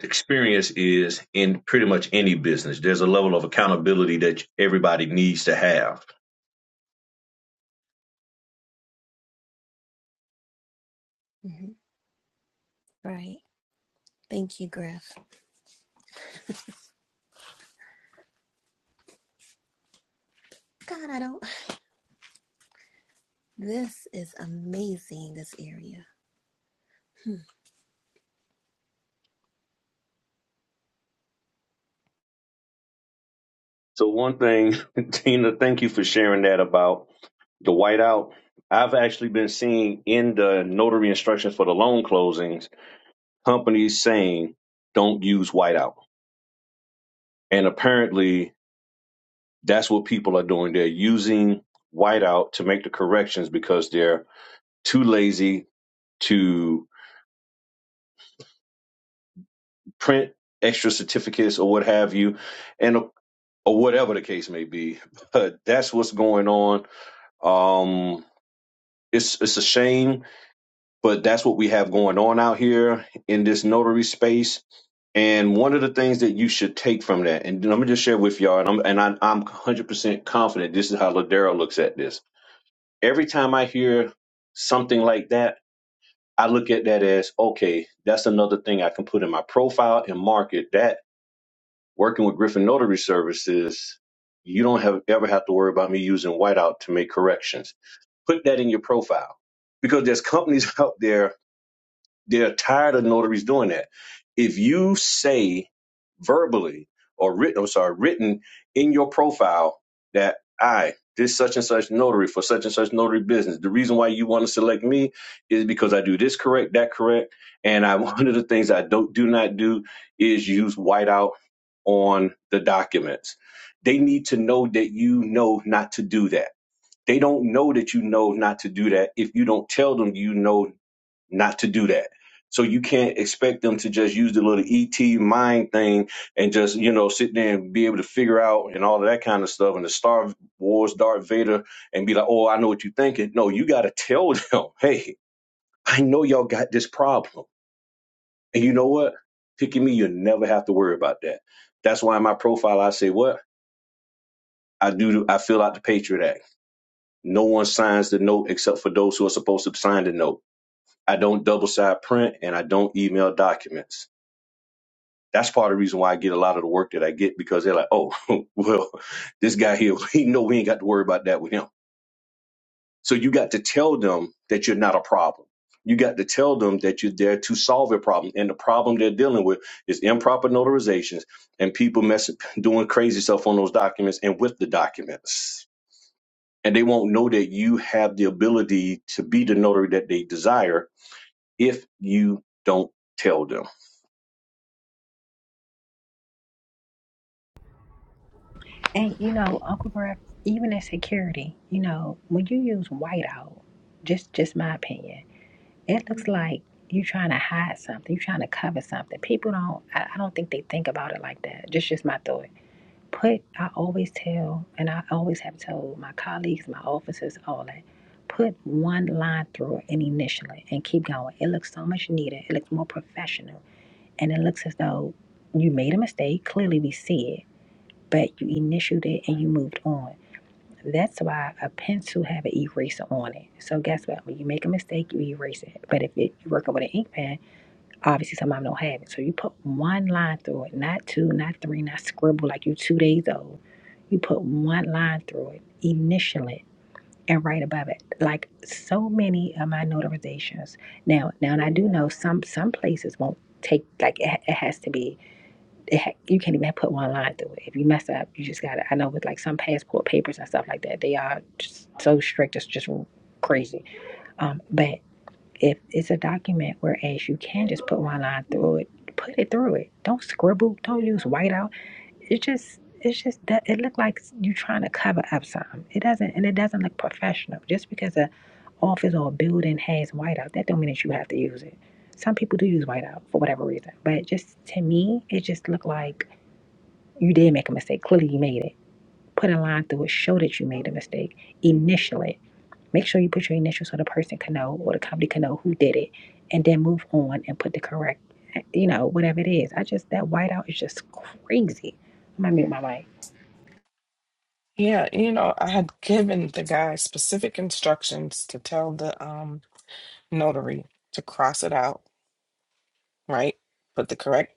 Speaker 3: experience is in pretty much any business. There's a level of accountability that everybody needs to have.
Speaker 5: Mhm. Right. Thank you, Griff. God, I don't. This is amazing, this area.
Speaker 3: So one thing, Tina, thank you for sharing that about the whiteout. I've actually been seeing in the notary instructions for the loan closings, companies saying don't use whiteout. And apparently that's what people are doing. They're using whiteout to make the corrections because they're too lazy to print extra certificates or what have you, and or whatever the case may be. But that's what's going on. Um, it's it's a shame but that's what we have going on out here in this notary space. And one of the things that you should take from that, and let me just share with y'all, and I'm and I, I'm 100% confident this is how Ladero looks at this. Every time I hear something like that, I look at that as okay, that's another thing I can put in my profile and market. That working with Griffin Notary Services, you don't have ever have to worry about me using whiteout to make corrections. Put that in your profile because there's companies out there they're tired of notaries doing that. If you say verbally or written, I'm sorry, written in your profile that I, this such and such notary for such and such notary business. The reason why you want to select me is because I do this correct, that correct. And I, one of the things I don't, do not do is use whiteout on the documents. They need to know that you know not to do that. They don't know that you know not to do that if you don't tell them you know not to do that. So you can't expect them to just use the little ET mind thing and just, you know, sit there and be able to figure out and all of that kind of stuff and the Star Wars Darth Vader and be like, oh, I know what you're thinking. No, you got to tell them, hey, I know y'all got this problem. And you know what? Picking me, you'll never have to worry about that. That's why in my profile, I say what? I do, I fill out the Patriot Act. No one signs the note except for those who are supposed to sign the note. I don't double side print and I don't email documents. That's part of the reason why I get a lot of the work that I get because they're like, oh, well, this guy here, he know we ain't got to worry about that with him. So you got to tell them that you're not a problem. You got to tell them that you're there to solve a problem. And the problem they're dealing with is improper notarizations and people messing, doing crazy stuff on those documents and with the documents. And they won't know that you have the ability to be the notary that they desire if you don't tell them.
Speaker 2: And you know, Uncle Griff, even in security, you know, when you use whiteout, just just my opinion, it looks like you're trying to hide something, you're trying to cover something. People don't, I, I don't think they think about it like that. Just just my thought. Put, I always tell, and I always have told my colleagues, my officers, all that. Put one line through it and initial it and keep going. It looks so much neater. It looks more professional. And it looks as though you made a mistake. Clearly, we see it but you initialed it and you moved on. That's why a pencil have an eraser on it. So guess what? When you make a mistake, you erase it. But if it, you're working with an ink pen, obviously some of them don't have it. So you put one line through it, not two, not three, not scribble like you two days old. You put one line through it, initial it, and right above it. Like so many of my notarizations. Now, now, and I do know some some places won't take like it, it has to be it you can't even put one line through it. If you mess up, you just gotta. I know with like some passport papers and stuff like that, they are just so strict. It's just crazy. Um, but if it's a document, whereas you can just put one line through it, put it through it. Don't scribble. Don't use whiteout. It just it's just that it look like you trying to cover up something. It doesn't, and it doesn't look professional. Just because a office or a building has whiteout, that don't mean that you have to use it. Some people do use whiteout for whatever reason, but just to me, it just looked like you did make a mistake. Clearly, you made it. Put a line through it. Show that you made a mistake. Initial it. Make sure you put your initials so the person can know or the company can know who did it, and then move on and put the correct, you know, whatever it is. I just that whiteout is just crazy. I'm gonna mute my mic.
Speaker 4: Yeah, you know, I had given the guy specific instructions to tell the um, notary to cross it out, right? Put the correct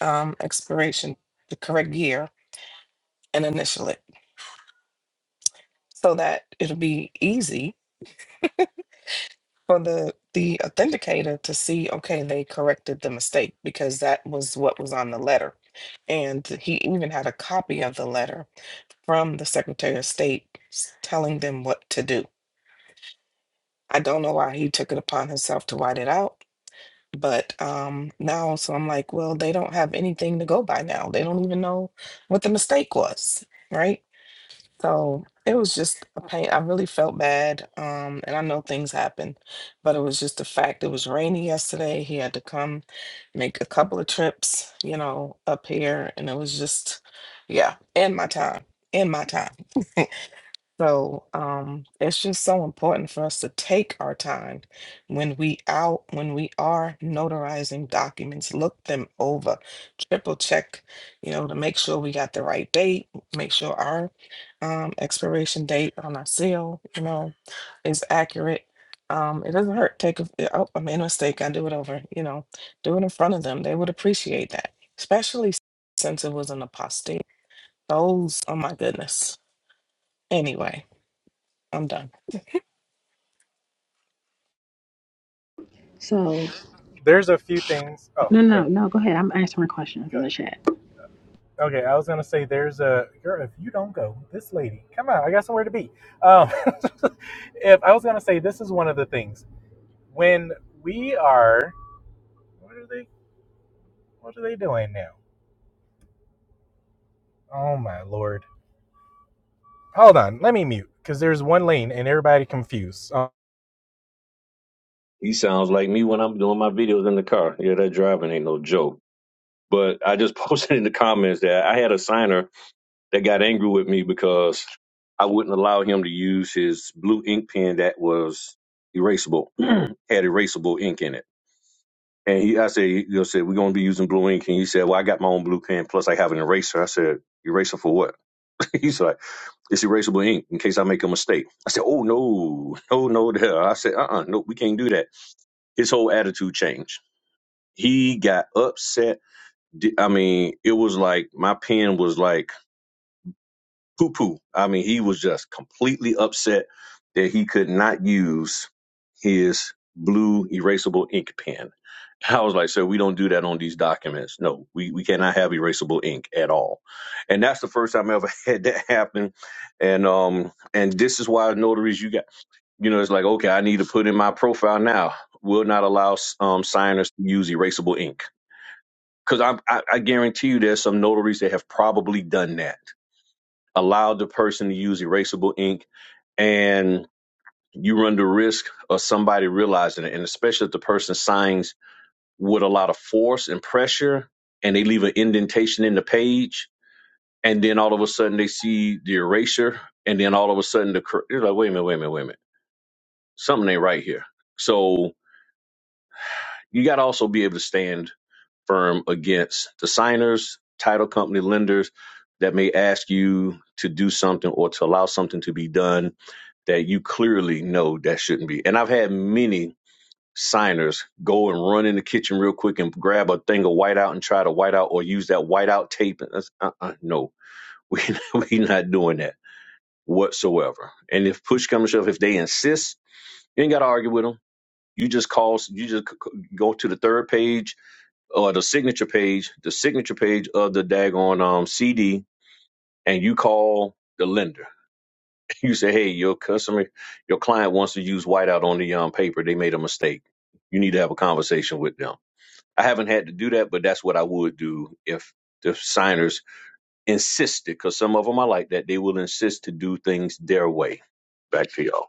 Speaker 4: um, expiration, the correct year, and initial it so that it'll be easy for the the authenticator to see okay they corrected the mistake because that was what was on the letter and he even had a copy of the letter from the secretary of state s- telling them what to do i don't know why he took it upon himself to write it out but um now so i'm like well they don't have anything to go by now they don't even know what the mistake was right so it was just a pain. I really felt bad. Um, and I know things happen, but it was just the fact it was rainy yesterday. He had to come make a couple of trips, you know, up here. And it was just, yeah, and my time, and my time. So um, it's just so important for us to take our time when we out when we are notarizing documents, look them over, triple check, you know, to make sure we got the right date, make sure our um, expiration date on our seal, you know, is accurate. Um, it doesn't hurt. Take a, oh, I made a mistake. I do it over. You know, do it in front of them. They would appreciate that, especially since it was an apostate. Those, oh my goodness. Anyway, I'm done.
Speaker 2: So
Speaker 1: there's a few things. Oh,
Speaker 2: no, no,
Speaker 1: sorry.
Speaker 2: no. Go ahead. I'm answering questions in
Speaker 1: Good.
Speaker 2: the chat.
Speaker 1: Okay, I was going to say there's a. Girl, if you don't go, this lady, come on, I got somewhere to be. Um, if I was going to say this is one of the things. When we are. What are they? What are they doing now? Oh, my lord. Hold on, let me mute because there's one lane and everybody confused. Um,
Speaker 3: He sounds like me when I'm doing my videos in the car. Yeah, that driving ain't no joke. But I just posted in the comments that I had a signer that got angry with me because I wouldn't allow him to use his blue ink pen that was erasable, had erasable ink in it. And he, I said, you know, said we're gonna be using blue ink, and he said, well, I got my own blue pen, plus I have an eraser. I said, eraser for what? He's like, it's erasable ink in case I make a mistake. I said, oh no, no, no, there. I said, uh, uh no, we can't do that. His whole attitude changed He got upset. I mean, it was like my pen was like poo poo. I mean, he was just completely upset that he could not use his blue erasable ink pen. I was like, sir, we don't do that on these documents. No, we, we cannot have erasable ink at all. And that's the first time I ever had that happen. And um and this is why notaries you got you know, it's like, okay, I need to put in my profile now. Will not allow um signers to use erasable ink because I, I, I guarantee you there's some notaries that have probably done that, allowed the person to use erasable ink, and you run the risk of somebody realizing it. And especially if the person signs with a lot of force and pressure and they leave an indentation in the page, and then all of a sudden they see the erasure, and then all of a sudden the, cor- they're like, wait a minute, wait a minute, wait a minute. Something ain't right here. So you got to also be able to stand. firm against the signers, title company, lenders that may ask you to do something or to allow something to be done that you clearly know that shouldn't be. And I've had many signers go and run in the kitchen real quick and grab a thing of whiteout and try to whiteout or use that whiteout tape. And that's, uh-uh, no, we we are not doing that whatsoever. And if push comes to shove, if they insist, you ain't got to argue with them. You just call. You just c- c- go to the third page or the signature page, the signature page of the daggone um, CD, and you call the lender. You say, "Hey, your customer, your client wants to use whiteout on the um, paper. They made a mistake. You need to have a conversation with them." I haven't had to do that, but that's what I would do if the signers insisted, because some of them are like that. They will insist to do things their way. Back to y'all.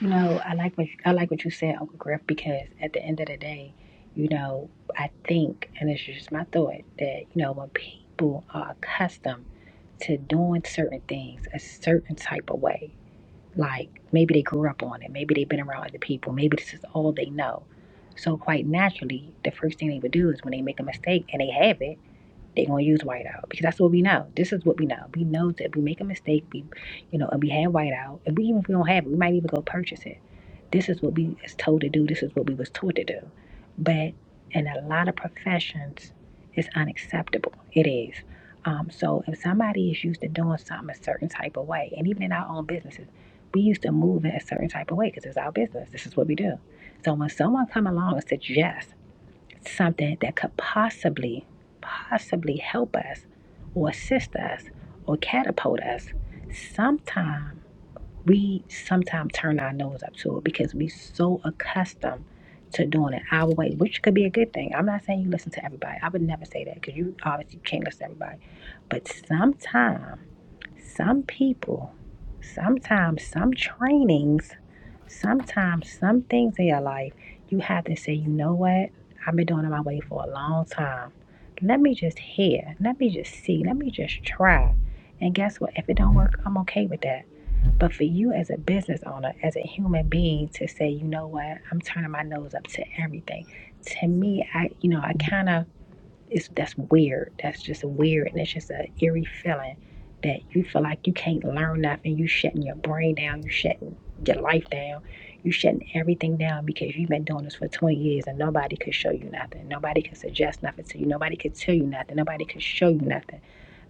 Speaker 2: You know, I like what I like what you said, Uncle Griff, because at the end of the day, you know, I think, and it's just my thought that you know when people are accustomed to doing certain things a certain type of way, like maybe they grew up on it, maybe they've been around other people, maybe this is all they know. So quite naturally, the first thing they would do is when they make a mistake and they have it they're gonna use whiteout because that's what we know. This is what we know. We know that we make a mistake, we you know, and we have whiteout, and we even if we don't have it, we might even go purchase it. This is what we is told to do, this is what we was taught to do. But in a lot of professions, it's unacceptable. It is. Um, so if somebody is used to doing something a certain type of way, and even in our own businesses, we used to move in a certain type of way because it's our business. This is what we do. So when someone come along and suggest something that could possibly, possibly help us or assist us or catapult us, sometime we sometimes turn our nose up to it because we so accustomed to doing it our way, which could be a good thing. I'm not saying you listen to everybody. I would never say that because you obviously can't listen to everybody. But sometimes some people, sometimes some trainings, sometimes some things in your life, you have to say, you know what? I've been doing it my way for a long time. Let me just hear. Let me just see. Let me just try. And guess what? If it don't work, I'm okay with that. But for you as a business owner, as a human being, to say, you know what, I'm turning my nose up to everything. To me, I, you know, I kind of it's that's weird. That's just weird, and it's just a eerie feeling that you feel like you can't learn nothing. You shutting your brain down. You shutting your life down. You shutting everything down because you've been doing this for 20 years and nobody could show you nothing. Nobody could suggest nothing to you. Nobody could tell you nothing. Nobody could show you nothing.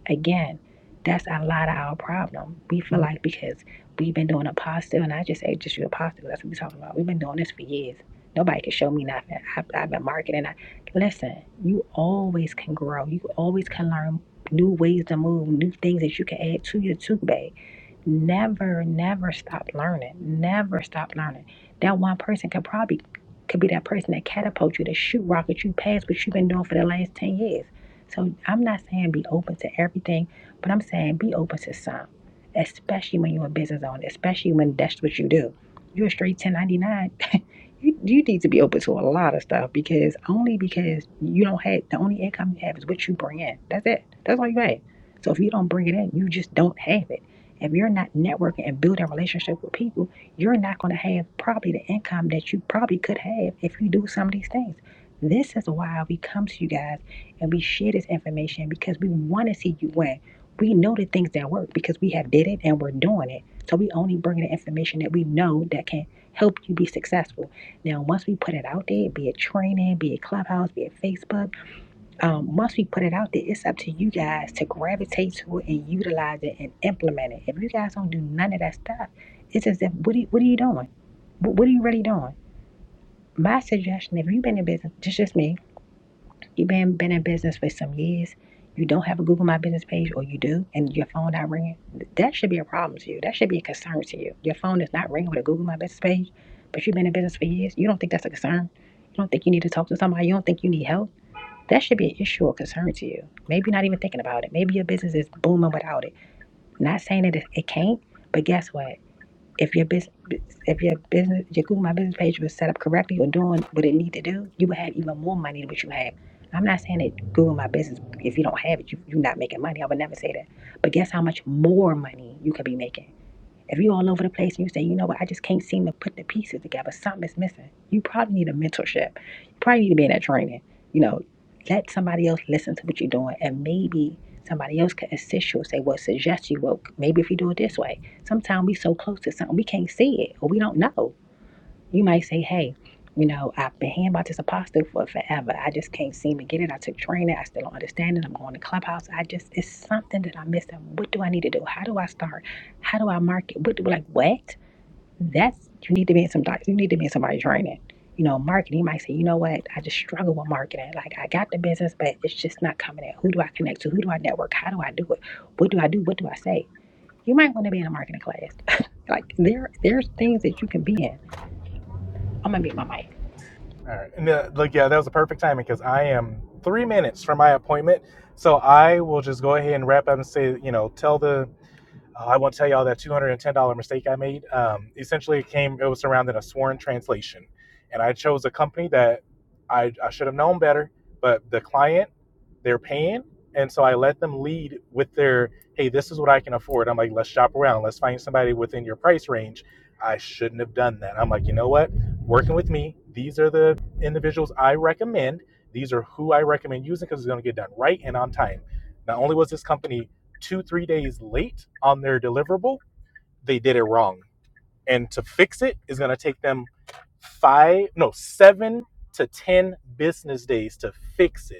Speaker 2: Again, that's a lot of our problem. We feel like because we've been doing apostle, and I just say just you apostle, that's what we're talking about. We've been doing this for years. Nobody can show me nothing. i I've been marketing. I, listen, you always can grow. You always can learn new ways to move, new things that you can add to your tool bag Never, never stop learning. Never stop learning. That one person could probably could be that person that catapult you, that shoot rocket you past what you've been doing for the last ten years. So I'm not saying be open to everything, but I'm saying be open to some, especially when you're a business owner, especially when that's what you do. You're a straight 1099. you, you need to be open to a lot of stuff because only because you don't have the only income you have is what you bring in. That's it. That's all you have. So if you don't bring it in, you just don't have it. If you're not networking and building a relationship with people, you're not going to have probably the income that you probably could have if you do some of these things. This is why we come to you guys and we share this information because we want to see you win. We know the things that work because we have did it and we're doing it. So we only bring the information that we know that can help you be successful. Now, once we put it out there, be it training, be it clubhouse, be it Facebook um, once we put it out there, it's up to you guys to gravitate to it and utilize it and implement it. If you guys don't do none of that stuff, it's as if what are you, what are you doing? What, what are you really doing? My suggestion, if you've been in business, just just me, you've been been in business for some years, you don't have a Google My Business page, or you do, and your phone not ringing, that should be a problem to you. That should be a concern to you. Your phone is not ringing with a Google My Business page, but you've been in business for years. You don't think that's a concern. You don't think you need to talk to somebody. You don't think you need help that should be an issue or concern to you. Maybe you're not even thinking about it. Maybe your business is booming without it. Not saying that it it can't, but guess what? If your business, if your business, your Google My Business page was set up correctly or doing what it need to do, you would have even more money than what you have. I'm not saying that Google My Business, if you don't have it, you, you're not making money. I would never say that. But guess how much more money you could be making? If you're all over the place and you say, you know what, I just can't seem to put the pieces together, Something is missing, you probably need a mentorship. You probably need to be in that training. You know, let somebody else listen to what you're doing and maybe somebody else can assist you and say, well, suggest you, well, maybe if you do it this way. Sometimes we so close to something, we can't see it or we don't know. You might say, hey, you know, I've been hearing about this apostle for forever. I just can't seem to get it. I took training. I still don't understand it. I'm going to clubhouse. I just, it's something that I'm missing. What do I need to do? How do I start? How do I market? What do, like, what? That's, you need to be in some, doc- you need to be in somebody's training. You know, marketing, you might say, you know what? I just struggle with marketing. Like, I got the business, but it's just not coming in. Who do I connect to? Who do I network? How do I do it? What do I do? What do I say? You might want to be in a marketing class. like, there, there's things that you can be in. I'm going to mute my mic.
Speaker 1: All right. And uh, look, yeah, that was the perfect timing because I am three minutes from my appointment. So I will just go ahead and wrap up and say, you know, tell the uh, I won't tell y'all that $210 mistake I made. Um, essentially, it came, it was surrounded a sworn translation. And I chose a company that I, I should have known better, but the client, they're paying. And so I let them lead with their, hey, this is what I can afford. I'm like, let's shop around. Let's find somebody within your price range. I shouldn't have done that. I'm like, you know what? Working with me, these are the individuals I recommend. These are who I recommend using because it's going to get done right and on time. Not only was this company two, three days late on their deliverable, they did it wrong. And to fix it is going to take them five, no, seven to 10 business days to fix it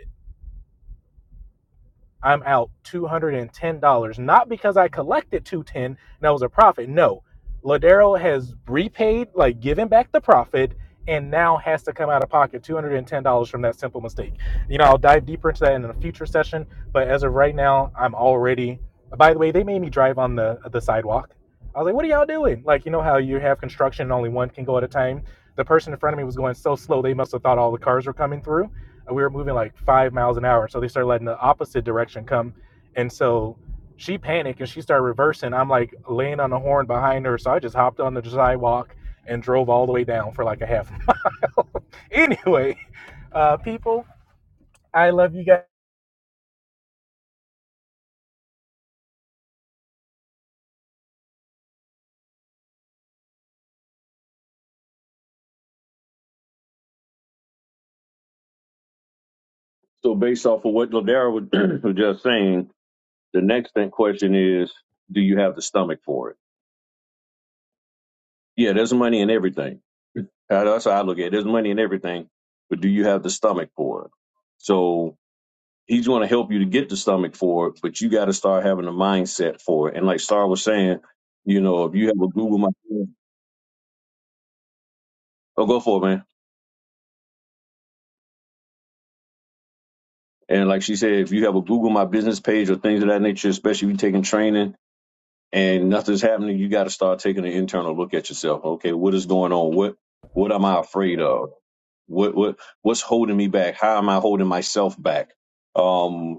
Speaker 1: I'm out $210, not because I collected 210 dollars and that was a profit. No. Ladero has repaid, like given back the profit, and now has to come out of pocket $210 from that simple mistake. You know, I'll dive deeper into that in a future session, but as of right now, I'm already by the way, they made me drive on the the sidewalk. I was like, what are y'all doing? Like, you know how you have construction and only one can go at a time? The person in front of me was going so slow they must have thought all the cars were coming through we were moving like five miles an hour. So they started letting the opposite direction come. And so she panicked and she started reversing. I'm like laying on the horn behind her. So I just hopped on the sidewalk and drove all the way down for like a half mile. anyway, uh, people, I love you guys.
Speaker 3: So, based off of what Ladera was was just saying, the next thing question is, do you have the stomach for it? Yeah, there's money in everything Uh, That's how I look at it. There's money in everything, but do you have the stomach for it? So he's going to help you to get the stomach for it, but you got to start having the mindset for it. And like Star was saying, you know, if you have a Google My oh, go for it, man. And like she said, if you have a Google My Business page or things of that nature, especially if you're taking training and nothing's happening, you got to start taking an internal look at yourself. Okay, what is going on? What what am I afraid of? What what what's holding me back? How am I holding myself back? Um.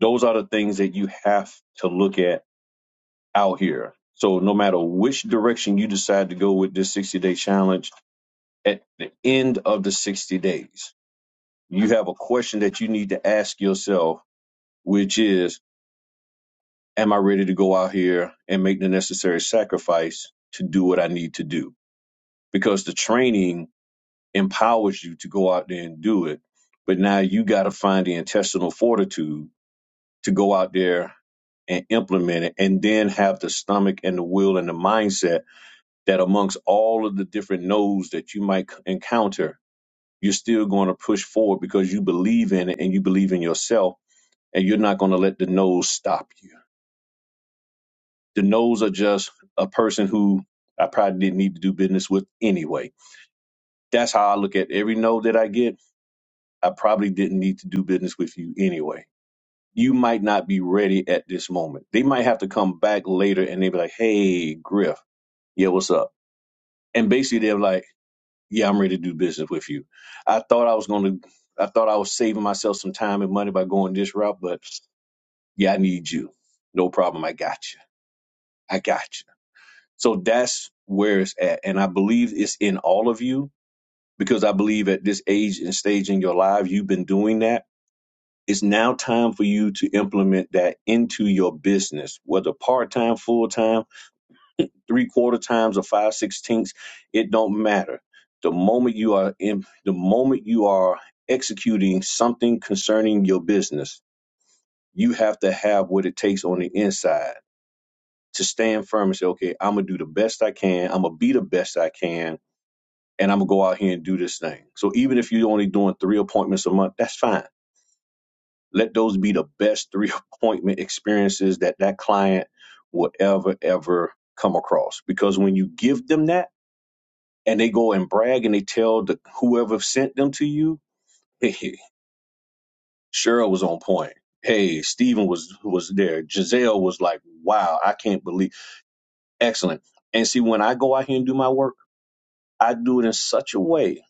Speaker 3: Those are the things that you have to look at out here. So no matter which direction you decide to go with this 60 day challenge, at the end of the 60 days, you have a question that you need to ask yourself, which is, am I ready to go out here and make the necessary sacrifice to do what I need to do? Because the training empowers you to go out there and do it. But now you got to find the intestinal fortitude to go out there and implement it and then have the stomach and the will and the mindset that amongst all of the different no's that you might encounter you're still going to push forward because you believe in it and you believe in yourself and you're not going to let the no's stop you the no's are just a person who i probably didn't need to do business with anyway that's how i look at every no that i get i probably didn't need to do business with you anyway you might not be ready at this moment. They might have to come back later and they be like, hey, Griff, yeah, what's up? And basically they're like, yeah, I'm ready to do business with you. I thought I was going to, I thought I was saving myself some time and money by going this route, but yeah, I need you. No problem. I got you. I got you. So that's where it's at. And I believe it's in all of you because I believe at this age and stage in your life, you've been doing that it's now time for you to implement that into your business, whether part time, full time, three quarter times, or five sixteenths. It don't matter. The moment you are in, the moment you are executing something concerning your business, you have to have what it takes on the inside to stand firm and say, "Okay, I'm gonna do the best I can. I'm gonna be the best I can." And I'm gonna go out here and do this thing. So even if you're only doing three appointments a month, that's fine Let those be the best three appointment experiences that that client will ever, ever come across. Because when you give them that and they go and brag and they tell the, whoever sent them to you, hey, Cheryl was on point. Hey, Stephen was was there. Giselle was like, wow, I can't believe. Excellent. And see, when I go out here and do my work, I do it in such a way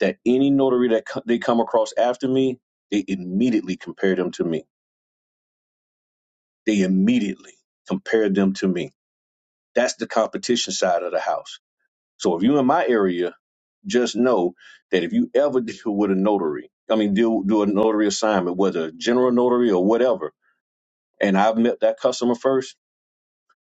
Speaker 3: that any notary that co- they come across after me, they immediately compare them to me. They immediately compare them to me That's the competition side of the house. So if you're in my area, just know that if you ever deal with a notary, I mean, deal do a notary assignment, whether a general notary or whatever, and I've met that customer first,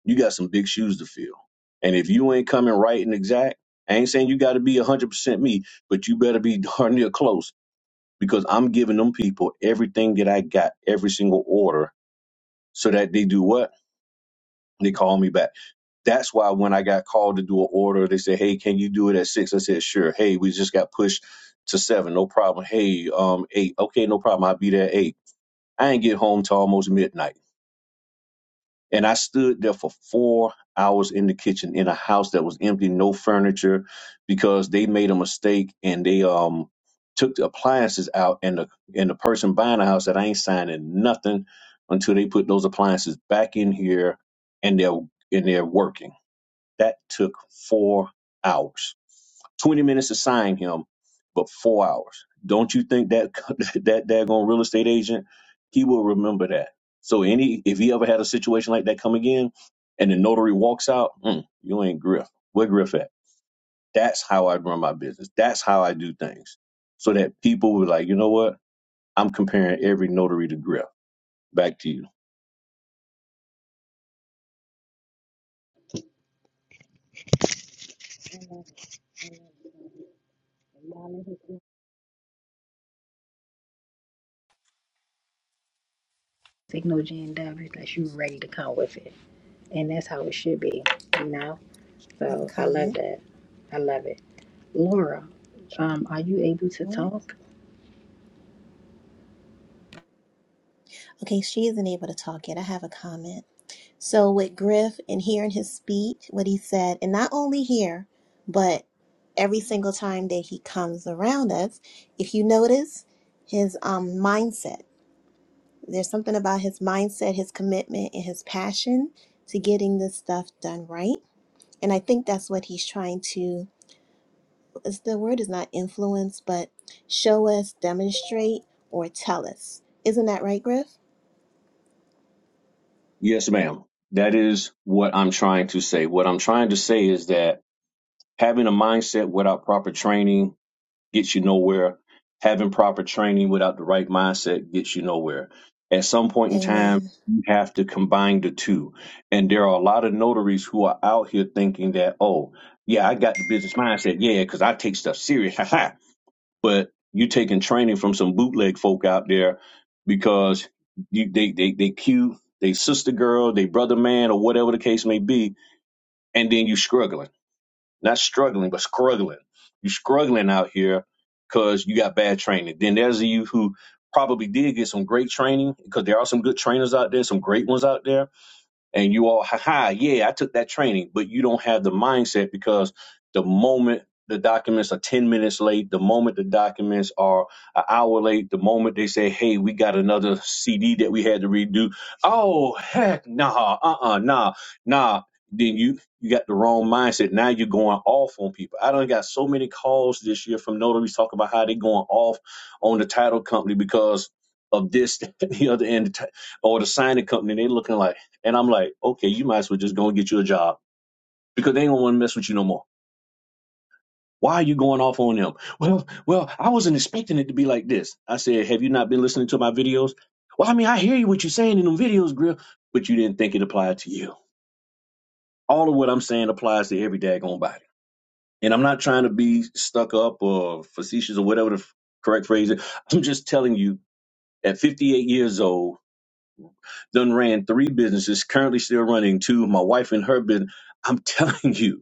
Speaker 3: you got some big shoes to fill. And if you ain't coming right and exact, I ain't saying you got to be 100% me, but you better be darn near close because I'm giving them people everything that I got, every single order, so that they do what? They call me back that's why when I got called to do an order, they said, "Hey, can you do it at six?" I said, "Sure." Hey, we just got pushed to seven. No problem. Hey, um, eight. Okay, no problem. I'll be there at eight. I ain't get home till almost midnight, and I stood there for four hours in the kitchen in a house that was empty, no furniture, because they made a mistake and they um took the appliances out, and the and the person buying the house said, "I ain't signing nothing until they put those appliances back in here, and they're and they're working." That took four hours. 20 minutes to sign him, but four hours. Don't you think that that daggone real estate agent, he will remember that. So any if he ever had a situation like that come again and the notary walks out, mm, you ain't Griff. Where Griff at? That's how I run my business. That's how I do things. So that people were like, you know what? I'm comparing every notary to Griff. Back to you.
Speaker 2: Signal Jen W that you ready to come with it. And that's how it should be, you know?
Speaker 5: I have a
Speaker 2: So I love
Speaker 5: comment.
Speaker 2: that. I love it. Laura, um, are you able to
Speaker 5: What?
Speaker 2: talk?
Speaker 5: Okay, she isn't able to talk yet. I have a comment. So, with Griff and hearing his speech, what he said, and not only here, but every single time that he comes around us, if you notice his um, mindset. There's something about his mindset, his commitment, and his passion to getting this stuff done right. And I think that's what he's trying to, is the word is not influence, but show us, demonstrate, or tell us. Isn't that right, Griff?
Speaker 3: Yes, ma'am. That is what I'm trying to say. What I'm trying to say is that Having a mindset without proper training gets you nowhere. Having proper training without the right mindset gets you nowhere. At some point in time,
Speaker 5: Amen.
Speaker 3: you have to combine the two. And there are a lot of notaries who are out here thinking that, oh, yeah, I got the business mindset. Yeah, because I take stuff serious. Ha ha. But you taking training from some bootleg folk out there because you, they, they, they cute, they sister girl, they brother man, or whatever the case may be, and then you struggling not struggling, but struggling. You're struggling out here because you got bad training. Then there's you who probably did get some great training because there are some good trainers out there, some great ones out there and you all, haha, yeah, I took that training, but you don't have the mindset because the moment the documents are 10 minutes late, the moment the documents are an hour late, the moment they say, hey, we got another CD that we had to redo, oh, heck, nah, uh uh nah, nah. Then you you got the wrong mindset. Now you're going off on people. I done got so many calls this year from notaries talking about how they going off on the title company because of this, the other, end, or the signing company. They looking like and I'm like, okay, you might as well just go and get you a job because they don't want to mess with you no more. Why are you going off on them? Well, well, I wasn't expecting it to be like this. I said, have you not been listening to my videos? Well, I mean, I hear you what you're saying in them videos, Grill, but you didn't think it applied to you. All of what I'm saying applies to every daggone body. And I'm not trying to be stuck up or facetious or whatever the correct phrase is. I'm just telling you, at 58 years old, done ran three businesses, currently still running two. My wife and her business. I'm telling you,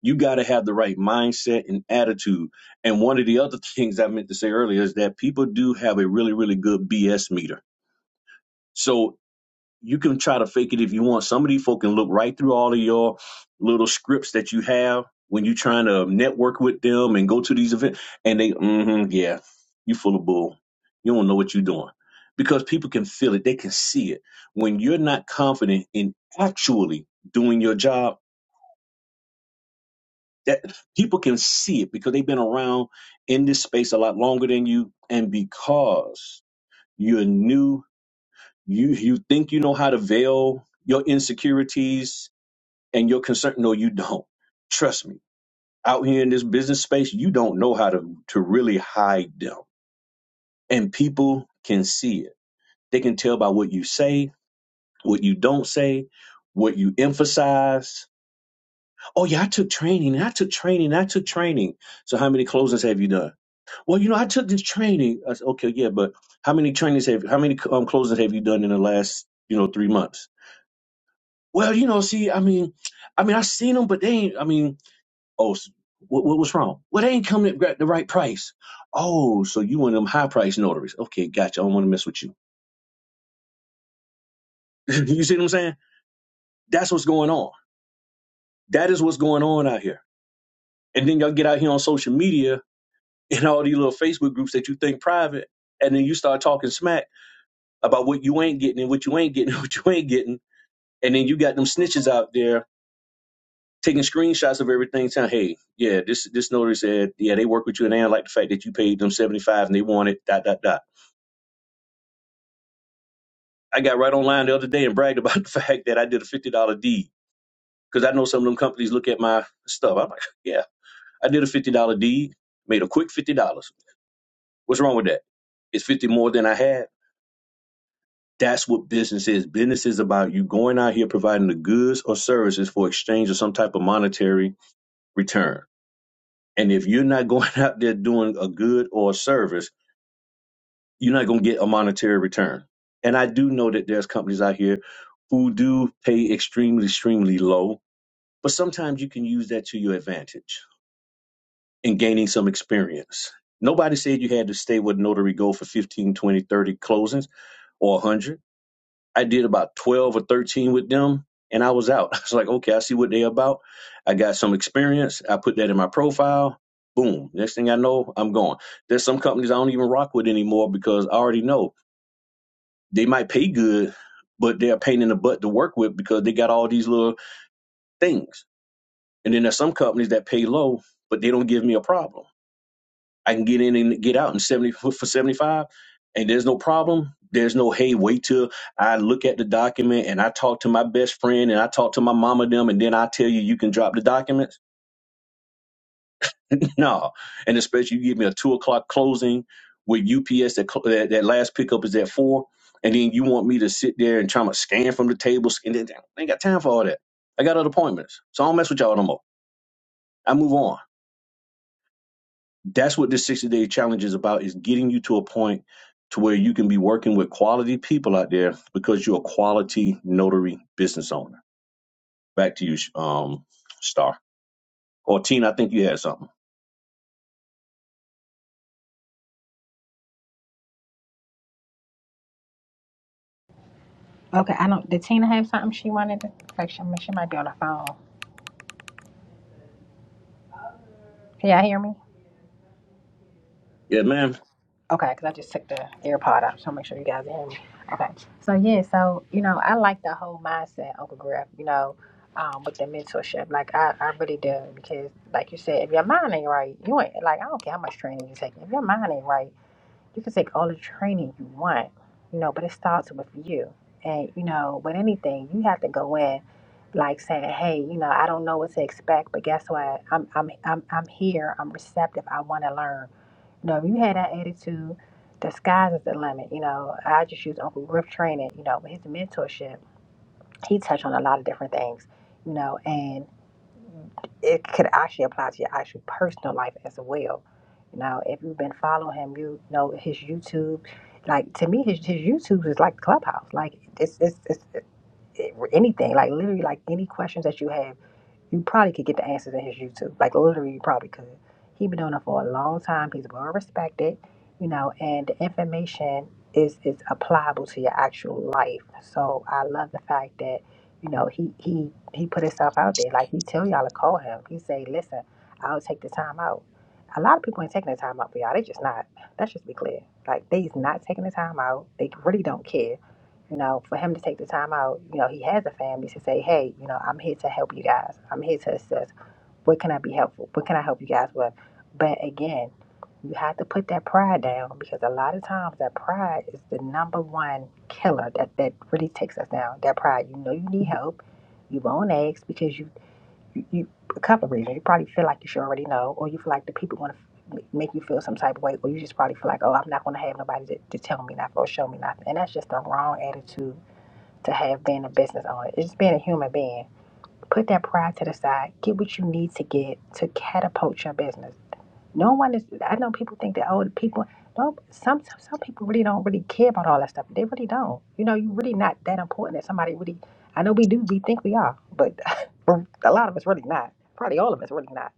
Speaker 3: You got to have the right mindset and attitude. And one of the other things I meant to say earlier is that people do have a really, really good BS meter. So you can try to fake it if you want. Some of these folk can look right through all of your little scripts that you have when you're trying to network with them and go to these events, and they, mm yeah, you full of bull. You don't know what you're doing because people can feel it. They can see it. When you're not confident in actually doing your job, that people can see it because they've been around in this space a lot longer than you and because you're new you you think you know how to veil your insecurities and your concern no you don't trust me out here in this business space you don't know how to to really hide them and people can see it they can tell by what you say what you don't say what you emphasize oh yeah i took training i took training i took training so how many closings have you done Well, you know, I took this training. I said, okay, yeah, but how many trainings have, how many um, closings have you done in the last, you know, three months? Well, you know, see, I mean, I mean, I seen them, but they ain't, I mean, oh, s- what, what was wrong? Well, they ain't coming at the right price. Oh, so you one of them high price notaries. Okay, gotcha. I don't want to mess with you. you see what I'm saying? That's what's going on. That is what's going on out here. And then y'all get out here on social media and all these little Facebook groups that you think private. And then you start talking smack about what you ain't getting and what you ain't getting and what you ain't getting And then you got them snitches out there taking screenshots of everything, saying, "Hey, yeah, this this notary said, yeah, they work with you, and they don't like the fact that you paid them seventy five, and they wanted Dot dot dot. I got right online the other day and bragged about the fact that I did a fifty dollar deed because I know some of them companies look at my stuff. I'm like, "Yeah, I did a fifty dollar deed, made a quick fifty dollars. What's wrong with that? It's fifty more than I had." That's what business is. Business is about you going out here providing the goods or services for exchange or some type of monetary return And if you're not going out there doing a good or a service, you're not going to get a monetary return. And I do know that there's companies out here who do pay extremely, extremely low, but sometimes you can use that to your advantage in gaining some experience. Nobody said you had to stay with Notary Go for 15, 20, 30 closings or 100 I did about 12 or 13 with them and I was out. I was like, okay, I see what they're about. I got some experience. I put that in my profile. Boom. Next thing I know, I'm gone. There's some companies I don't even rock with anymore because I already know they might pay good, but they're a pain in the butt to work with because they got all these little things. And then there's some companies that pay low, but they don't give me a problem. I can get in and get out in 70 for 75 and there's no problem. There's no, hey, wait till I look at the document and I talk to my best friend and I talk to my mama them and then I tell you you can drop the documents. no. And especially you give me a two o'clock closing with UPS that, cl- that, that last pickup is at four. And then you want me to sit there and try to scan from the table. scan- I ain't got time for all that. I got other appointments. So I don't mess with y'all no more. I move on. that's what this 60 day challenge is about is getting you to a point to where you can be working with quality people out there because you're a quality notary business owner back to you um star or teen i think you had something
Speaker 2: Okay, I don't. Did Tina have something she wanted to? Like she, she might be on the phone. Can y'all hear me?
Speaker 3: yeah man
Speaker 2: Okay, because I just took the AirPod out, so make sure you guys hear me. Okay, so yeah, so you know, I like the whole mindset, Uncle Griff. You know, um, with the mentorship, like I, I really do because, like you said, if your mind ain't right, you ain't like I don't care how much training you take. If your mind ain't right, you can take all the training you want, you know, but it starts with you. And you know, with anything, you have to go in, like saying, hey, you know, I don't know what to expect, but guess what? I'm, I'm, I'm, I'm here. I'm receptive. I want to learn no, if you had that attitude, the sky's is the limit. You know, I just use Uncle Griff training, you know, with his mentorship. He touched on a lot of different things, you know, and it could actually apply to your actual personal life as well. You know, if you've been following him, you know his YouTube. Like to me, his, his YouTube is like Clubhouse. Like it's it's, it's it, anything. Like literally, like any questions that you have. You probably could get the answers at his YouTube. Like literally, you probably could. He been doing it for a long time. He's well respected, you know, and the information is is applicable to your actual life. So I love the fact that you know he he he put himself out there. Like he tell y'all to call him. He say, listen, I'll take the time out. A lot of people ain't taking the time out for y'all. They just not. Let's just be clear. Like they's not taking the time out. They really don't care you know, for him to take the time out, you know, he has a family to say, hey, you know, I'm here to help you guys. I'm here to assist. What can I be helpful? What can I help you guys with? But again, you have to put that pride down because a lot of times that pride is the number one killer that, that really takes us down. That pride, you know, you need help. You won't ask because you, you, you a couple of reasons. You probably feel like you should already know, or you feel like the people want to make you feel some type of way, or you just probably feel like, oh, I'm not going to have nobody to, to tell me nothing or show me nothing. And that's just the wrong attitude to have been a business owner. It's just being a human being. Put that pride to the side. Get what you need to get to catapult your business. No one is. I know people think that oh, people. No, some some some people really don't really care about all that stuff. They really don't. You know, you're really not that important that somebody really. I know we do. We think we are, but a lot of us really not. Probably all of us really not.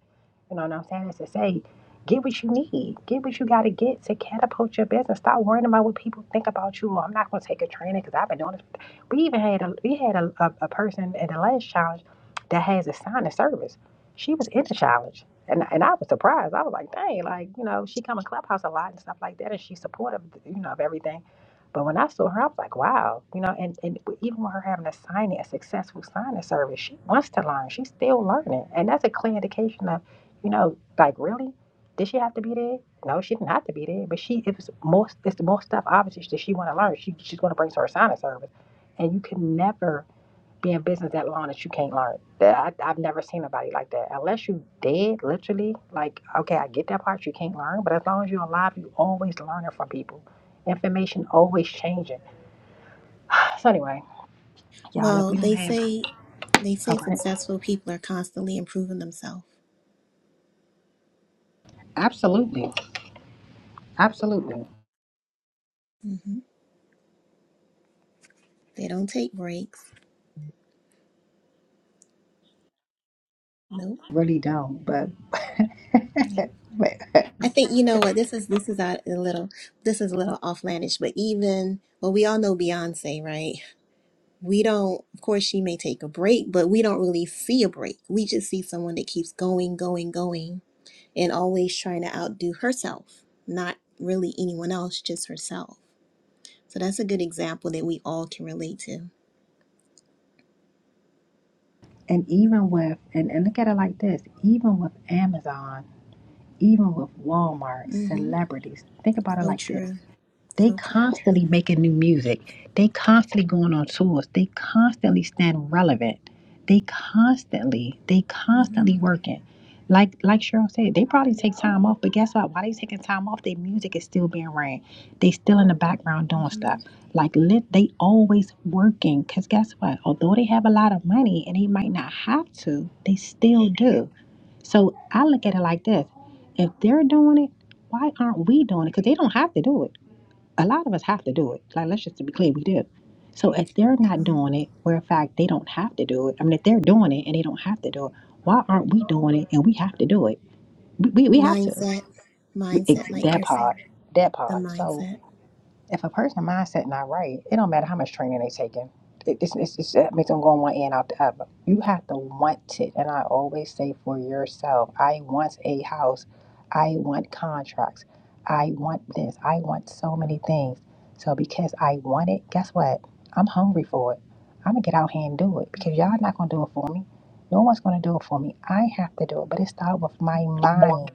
Speaker 2: You know what I'm saying? It's to say, get what you need, get what you got to get to catapult your business. Stop worrying about what people think about you. Well, I'm not going to take a training because I've been doing this. We even had a we had a, a, a person at the last challenge that has a sign of service. She was in the challenge, and and I was surprised. I was like, dang, like you know, she come in clubhouse a lot and stuff like that, and she's supportive, you know, of everything. But when I saw her, I was like, wow, you know, and, and even with her having a signing, a successful signing service, she wants to learn. She's still learning. And that's a clear indication of you know, like really? Did she have to be there? No, she didn't have to be there. But she it was most it's the most stuff obviously that she wanna learn. She she's gonna bring to her signing service. And you can never be in business that long that you can't learn. That I, I've never seen nobody like that. Unless you dead, literally, like, okay, I get that part, you can't learn, but as long as you're alive, you always learning from people. Information always changing. So anyway, y'all, if
Speaker 5: Well,
Speaker 2: we don't
Speaker 5: they
Speaker 2: have
Speaker 5: say they say
Speaker 2: okay.
Speaker 5: successful people are constantly improving themselves.
Speaker 2: Absolutely. Absolutely.
Speaker 5: hmm They don't take breaks. Nope.
Speaker 2: Really don't, but
Speaker 5: Nope.
Speaker 2: But
Speaker 5: I think you know what this is. This is out a little. This is a little offlandish, but even well, we all know Beyonce, right? we don't of course she may take a break but we don't really see a break we just see someone that keeps going going going and always trying to outdo herself not really anyone else just herself so that's a good example that we all can relate to
Speaker 2: And even with, and, and look at it like this, even with Amazon, even with Walmart,
Speaker 5: hmm
Speaker 2: celebrities, think about it
Speaker 5: so
Speaker 2: like this.
Speaker 5: true
Speaker 2: They
Speaker 5: so true
Speaker 2: constantly making new music. They constantly going on tours. They constantly staying relevant. They constantly, they
Speaker 5: hmm
Speaker 2: constantly working. Like like Cheryl said, they probably take time off, but guess what? While they taking time off, their music is still being ran. They still in the background doing
Speaker 5: hmm
Speaker 2: stuff. Like lit, they always working. Cause guess what? Although they have a lot of money and they might not have to, they still do. So I look at it like this: if they're doing it, why aren't we doing it? Because they don't have to do it a lot of us have to do it. Like, let's just be clear, we do. So if they're not doing it, where in fact they don't have to do it, I mean, if they're doing it and they don't have to do it, why aren't we doing it and we have to do it? We, we, we have to.
Speaker 5: mindset
Speaker 2: We, it,
Speaker 5: mindset like
Speaker 2: that
Speaker 5: griff
Speaker 2: part,
Speaker 5: said
Speaker 2: that
Speaker 5: the
Speaker 2: part. So
Speaker 5: mindset
Speaker 2: if a person mindset not right, it don't matter how much training they taking. It, it's, it's, it's, it makes them go on one end out the other. You have to want it, and I always say for yourself, I want a house, I want contracts, I want this, I want so many things. So because I want it, guess what? I'm hungry for it. I'm gonna get out here and do it because y'all
Speaker 5: hmm
Speaker 2: not gonna do it for me. No one's gonna do it for me. I have to do it, but it starts with my mind.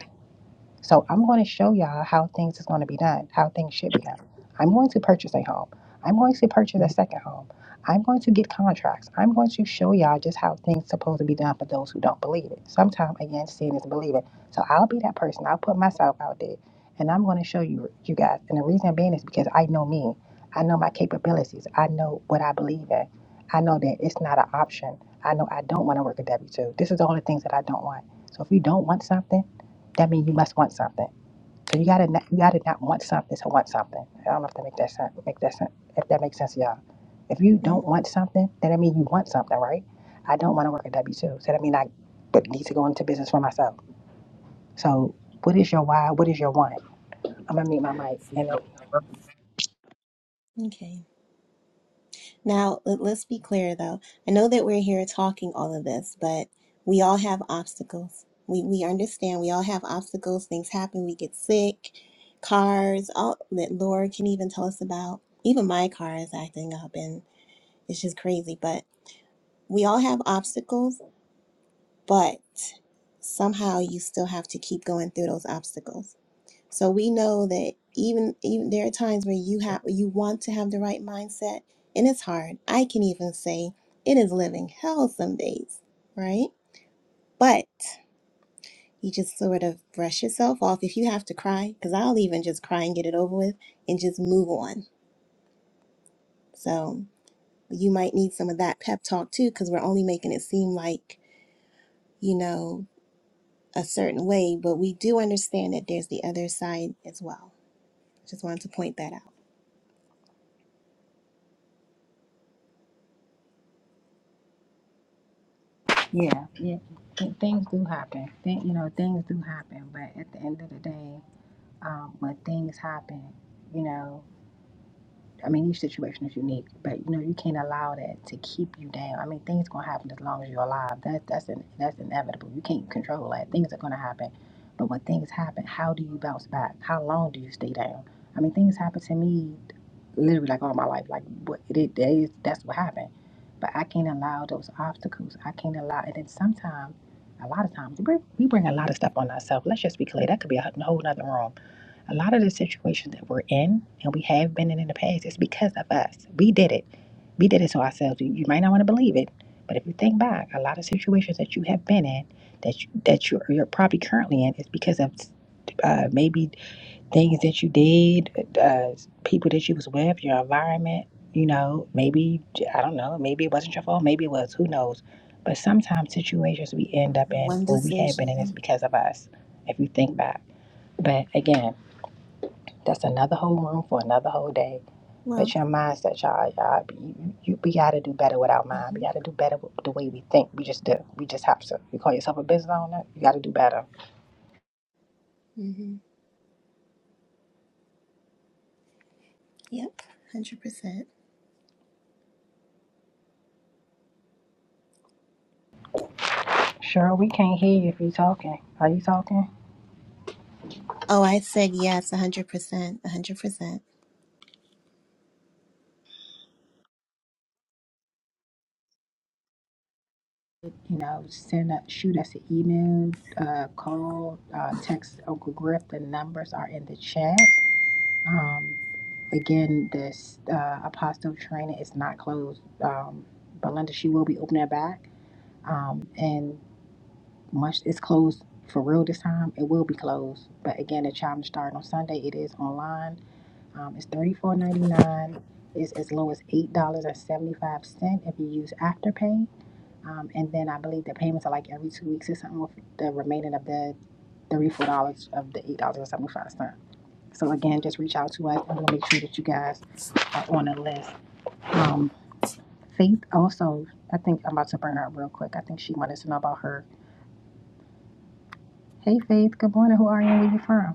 Speaker 2: So I'm going to show y'all how things is going to be done, how things should be done. I'm going to purchase a home. I'm going to purchase a second home. I'm going to get contracts. I'm going to show y'all just how things supposed to be done for those who don't believe it. Sometimes again, seeing is believing. So I'll be that person. I'll put myself out there, and I'm going to show you you guys. And the reason being is because I know me. I know my capabilities. I know what I believe in. I know that it's not an option. I know I don't want to work a W two. This is all the things that I don't want. So if you don't want something that means you must want something. So you gotta not, you gotta not want something to want something. I don't know if that make that sense. Make that sense. If that makes sense, y'all. If you
Speaker 5: hmm
Speaker 2: don't want something, then that means you want something, right? I don't want to work at W two, so that means I but need to go into business for myself. So what is your why? What is your want? I'm gonna mute my mic and if,
Speaker 5: okay Now, let- let's be clear though. I know that we're here talking all of this, but we all have obstacles. We we understand we all have obstacles. Things happen. We get sick. Cars, all that Laura can even tell us about. Even my car is acting up and it's just crazy. But we all have obstacles, but somehow you still have to keep going through those obstacles. So we know that even even there are times where you have you want to have the right mindset and it's hard. I can even say it is living hell some days, right? But you just sort of brush yourself off if you have to cry cuz I'll even just cry and get it over with and just move on. So you might need some of that pep talk too cuz we're only making it seem like, you know, a certain way, but we do understand that there's the other side as well. Just wanted to point that out.
Speaker 2: yeah, yeah. Th- things do happen. Th- you know, things do happen. But at the end of the day, um, when things happen, you know. I mean, each situation is unique, but you know, you can't allow that to keep you down. I mean, things gonna happen as long as you're alive. That that's in, that's inevitable. You can't control that. Things are gonna happen, but when things happen, how do you bounce back? How long do you stay down? I mean, things happen to me, literally like all my life. Like what it, it that is, that's what happened. But I can't allow those obstacles. I can't allow, and then sometimes, a lot of times, we bring, we bring a lot of stuff on ourselves. Let's just be clear. That could be a whole nother room a lot of the situations that we're in and we have been in in the past is because of us. We did it. We did it to ourselves. You, you might not want to believe it, but if you think back, a lot of situations that you have been in that you, that you're, you're probably currently in is because of uh, maybe things that you did, uh, people that you was with, your environment. You know, maybe I don't know. Maybe it wasn't your fault. Maybe it was. Who knows? But sometimes situations we end up in
Speaker 5: One
Speaker 2: or we have been in is
Speaker 5: decision.
Speaker 2: because of us. If you think back, but again. That's another whole room for another whole day.
Speaker 5: Well.
Speaker 2: But your mindset, y'all, y'all, you, you, we gotta do better with our mind. We
Speaker 5: hmm
Speaker 2: gotta do better with the way we think. We just do. We just have to. You call yourself a business owner, you gotta do better.
Speaker 5: hmm Yep, hundred percent.
Speaker 2: Sure, we can't hear you if you're talking. Are you talking?
Speaker 5: Oh, I said yes, hundred percent, hundred percent.
Speaker 2: You know, send a, shoot us an email, uh, call, uh, text Uncle Griff. The numbers are in the chat. Um, again, this uh, Apostle training is not closed. Um, Belinda, she will be opening it back. Um, and March it's closed for real this time. It will be closed. But again, the challenge started on Sunday. It is online. Um, it's thirty four ninety nine. It's as low as eight dollars and seventy five cent if you use Afterpay. Um, and then I believe the payments are like every two weeks or something with the remaining of the thirty four dollars of the eight dollars and seventy five cent. So again, just reach out to us and we'll make sure that you guys are on the list. Um, Faith also, I think I'm about to bring her up real quick. I think she wanted to know about her Hey Faith, good morning. Who are you and where you from?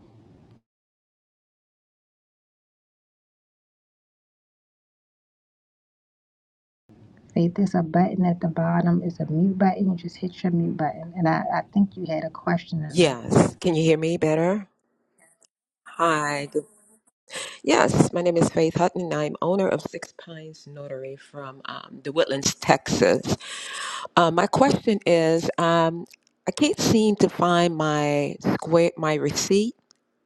Speaker 2: Faith, there's a button at the bottom. It's a mute button. You just hit your mute button. And I, I think you had a question in there.
Speaker 6: Yes. Can you hear me better? Hi. Good. Yes, my name is Faith Hutton. and I'm owner of Six Pines Notary from um, the Woodlands, Texas. Uh, my question is, um, I can't seem to find my square, my receipt,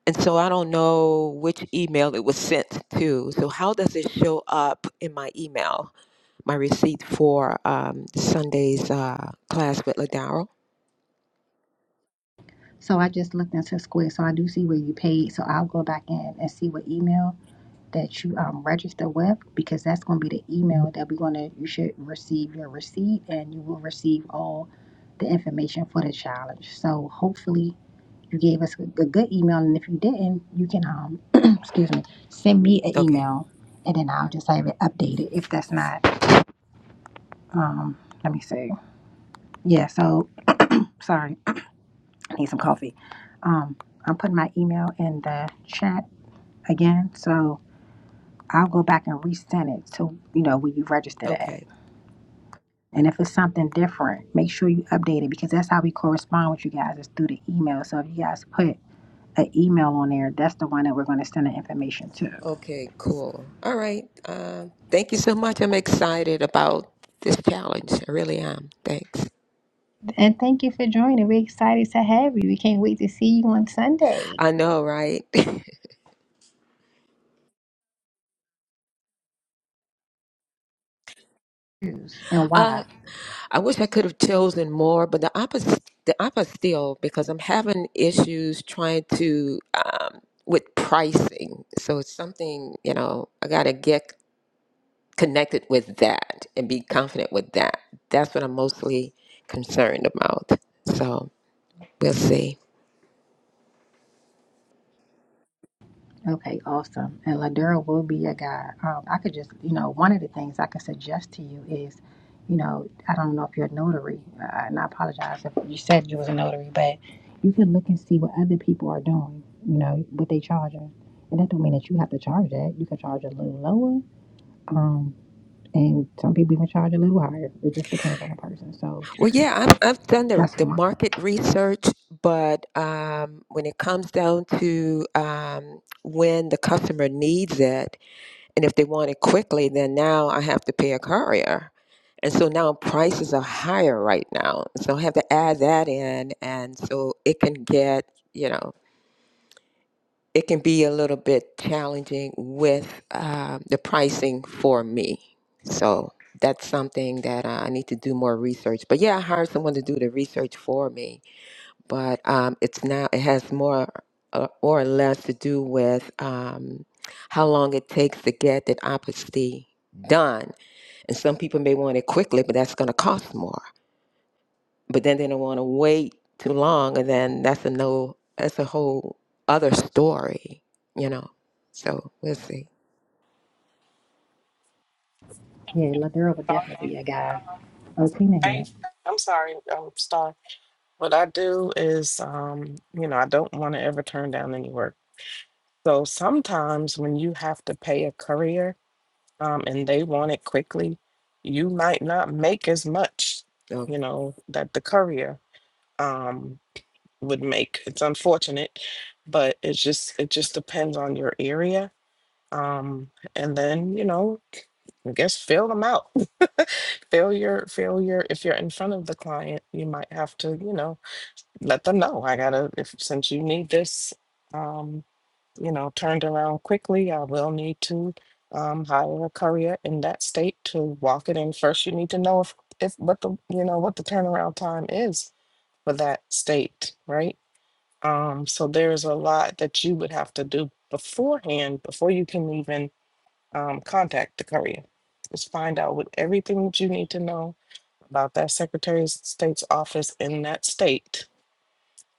Speaker 6: and so I don't know which email it was sent to. So how does it show up in my email, my receipt for um, Sunday's uh, class with Ladaro?
Speaker 2: So I just looked into Square. So I do see where you paid. So I'll go back in and see what email that you um register with because that's gonna be the email that we're gonna you should receive your receipt and you will receive all the information for the challenge. So hopefully gave us a, good email, and if you didn't, you can um, excuse me, send me an
Speaker 6: Okay.
Speaker 2: email, and then I'll just have it updated if that's not um. Let me see. Yeah. So sorry, I need some coffee. Um, I'm putting my email in the chat again, so I'll go back and resend it to you know where you registered at.
Speaker 6: Okay.
Speaker 2: And if it's something different, make sure you update it because that's how we correspond with you guys is through the email. So if you guys put an email on there, that's the one that we're going to send the information to.
Speaker 6: Okay. Cool. All right. Uh, thank you so much. I'm excited about this challenge. I really am. Thanks.
Speaker 2: And thank you for joining. We're excited to have you. We can't wait to see you on Sunday.
Speaker 6: I know, right?
Speaker 2: And
Speaker 6: uh,
Speaker 2: why?
Speaker 6: I wish I could have chosen more, but the opposite, the opposite still, because I'm having issues trying to um, with pricing. So it's something you know I got to get connected with that and be confident with that. That's what I'm mostly concerned about. So. We'll see.
Speaker 2: Okay, awesome. And Ladera will be your guide. Um, I could just, you know, one of the things I could suggest to you is, you know, I don't know if you're a notary, uh, and I apologize if you said you was a notary, but you can look and see what other people are doing, you know, what they charging. And that don't mean that you have to charge that. You can charge a little lower, um, and some people even charge a little higher. It just depends on the person. So
Speaker 6: Well, yeah, I've, I've done the,
Speaker 2: that's
Speaker 6: the
Speaker 2: one.
Speaker 6: market research, but um, when it comes down to um, when the customer needs it, and if they want it quickly, then now I have to pay a courier. And so now prices are higher right now. So I have to add that in. And so it can get, you know. it can be a little bit challenging with uh, the pricing for me. So that's something that I need to do more research. But yeah, I hired someone to do the research for me. But um, it's now it has more uh, or less to do with um, how long it takes to get that opposite done. And some people may want it quickly, but that's going to cost more but then they don't want to wait too long and then that's a no that's a whole other story you know so we'll see
Speaker 2: Yeah, Ladera would definitely be a guy. Oh, Tina
Speaker 4: I,
Speaker 2: here.
Speaker 4: I'm sorry, um, Star. What I do is, um, you know, I don't want to ever turn down any work. So sometimes when you have to pay a courier, um, and they want it quickly, you might not make as much,
Speaker 6: okay.
Speaker 4: you know, that the courier, um, would make. It's unfortunate, but it's just it just depends on your area. Um, and then, you know, I guess fill them out. Fill your fill your if you're in front of the client, you might have to, you know. let them know I gotta if since you need this um you know turned around quickly I will need to um hire a courier in that state to walk it in first you need to know if if what the you know what the turnaround time is for that state right um so there's a lot that you would have to do beforehand before you can even um contact the courier just find out what everything that you need to know about that Secretary of State's office in that state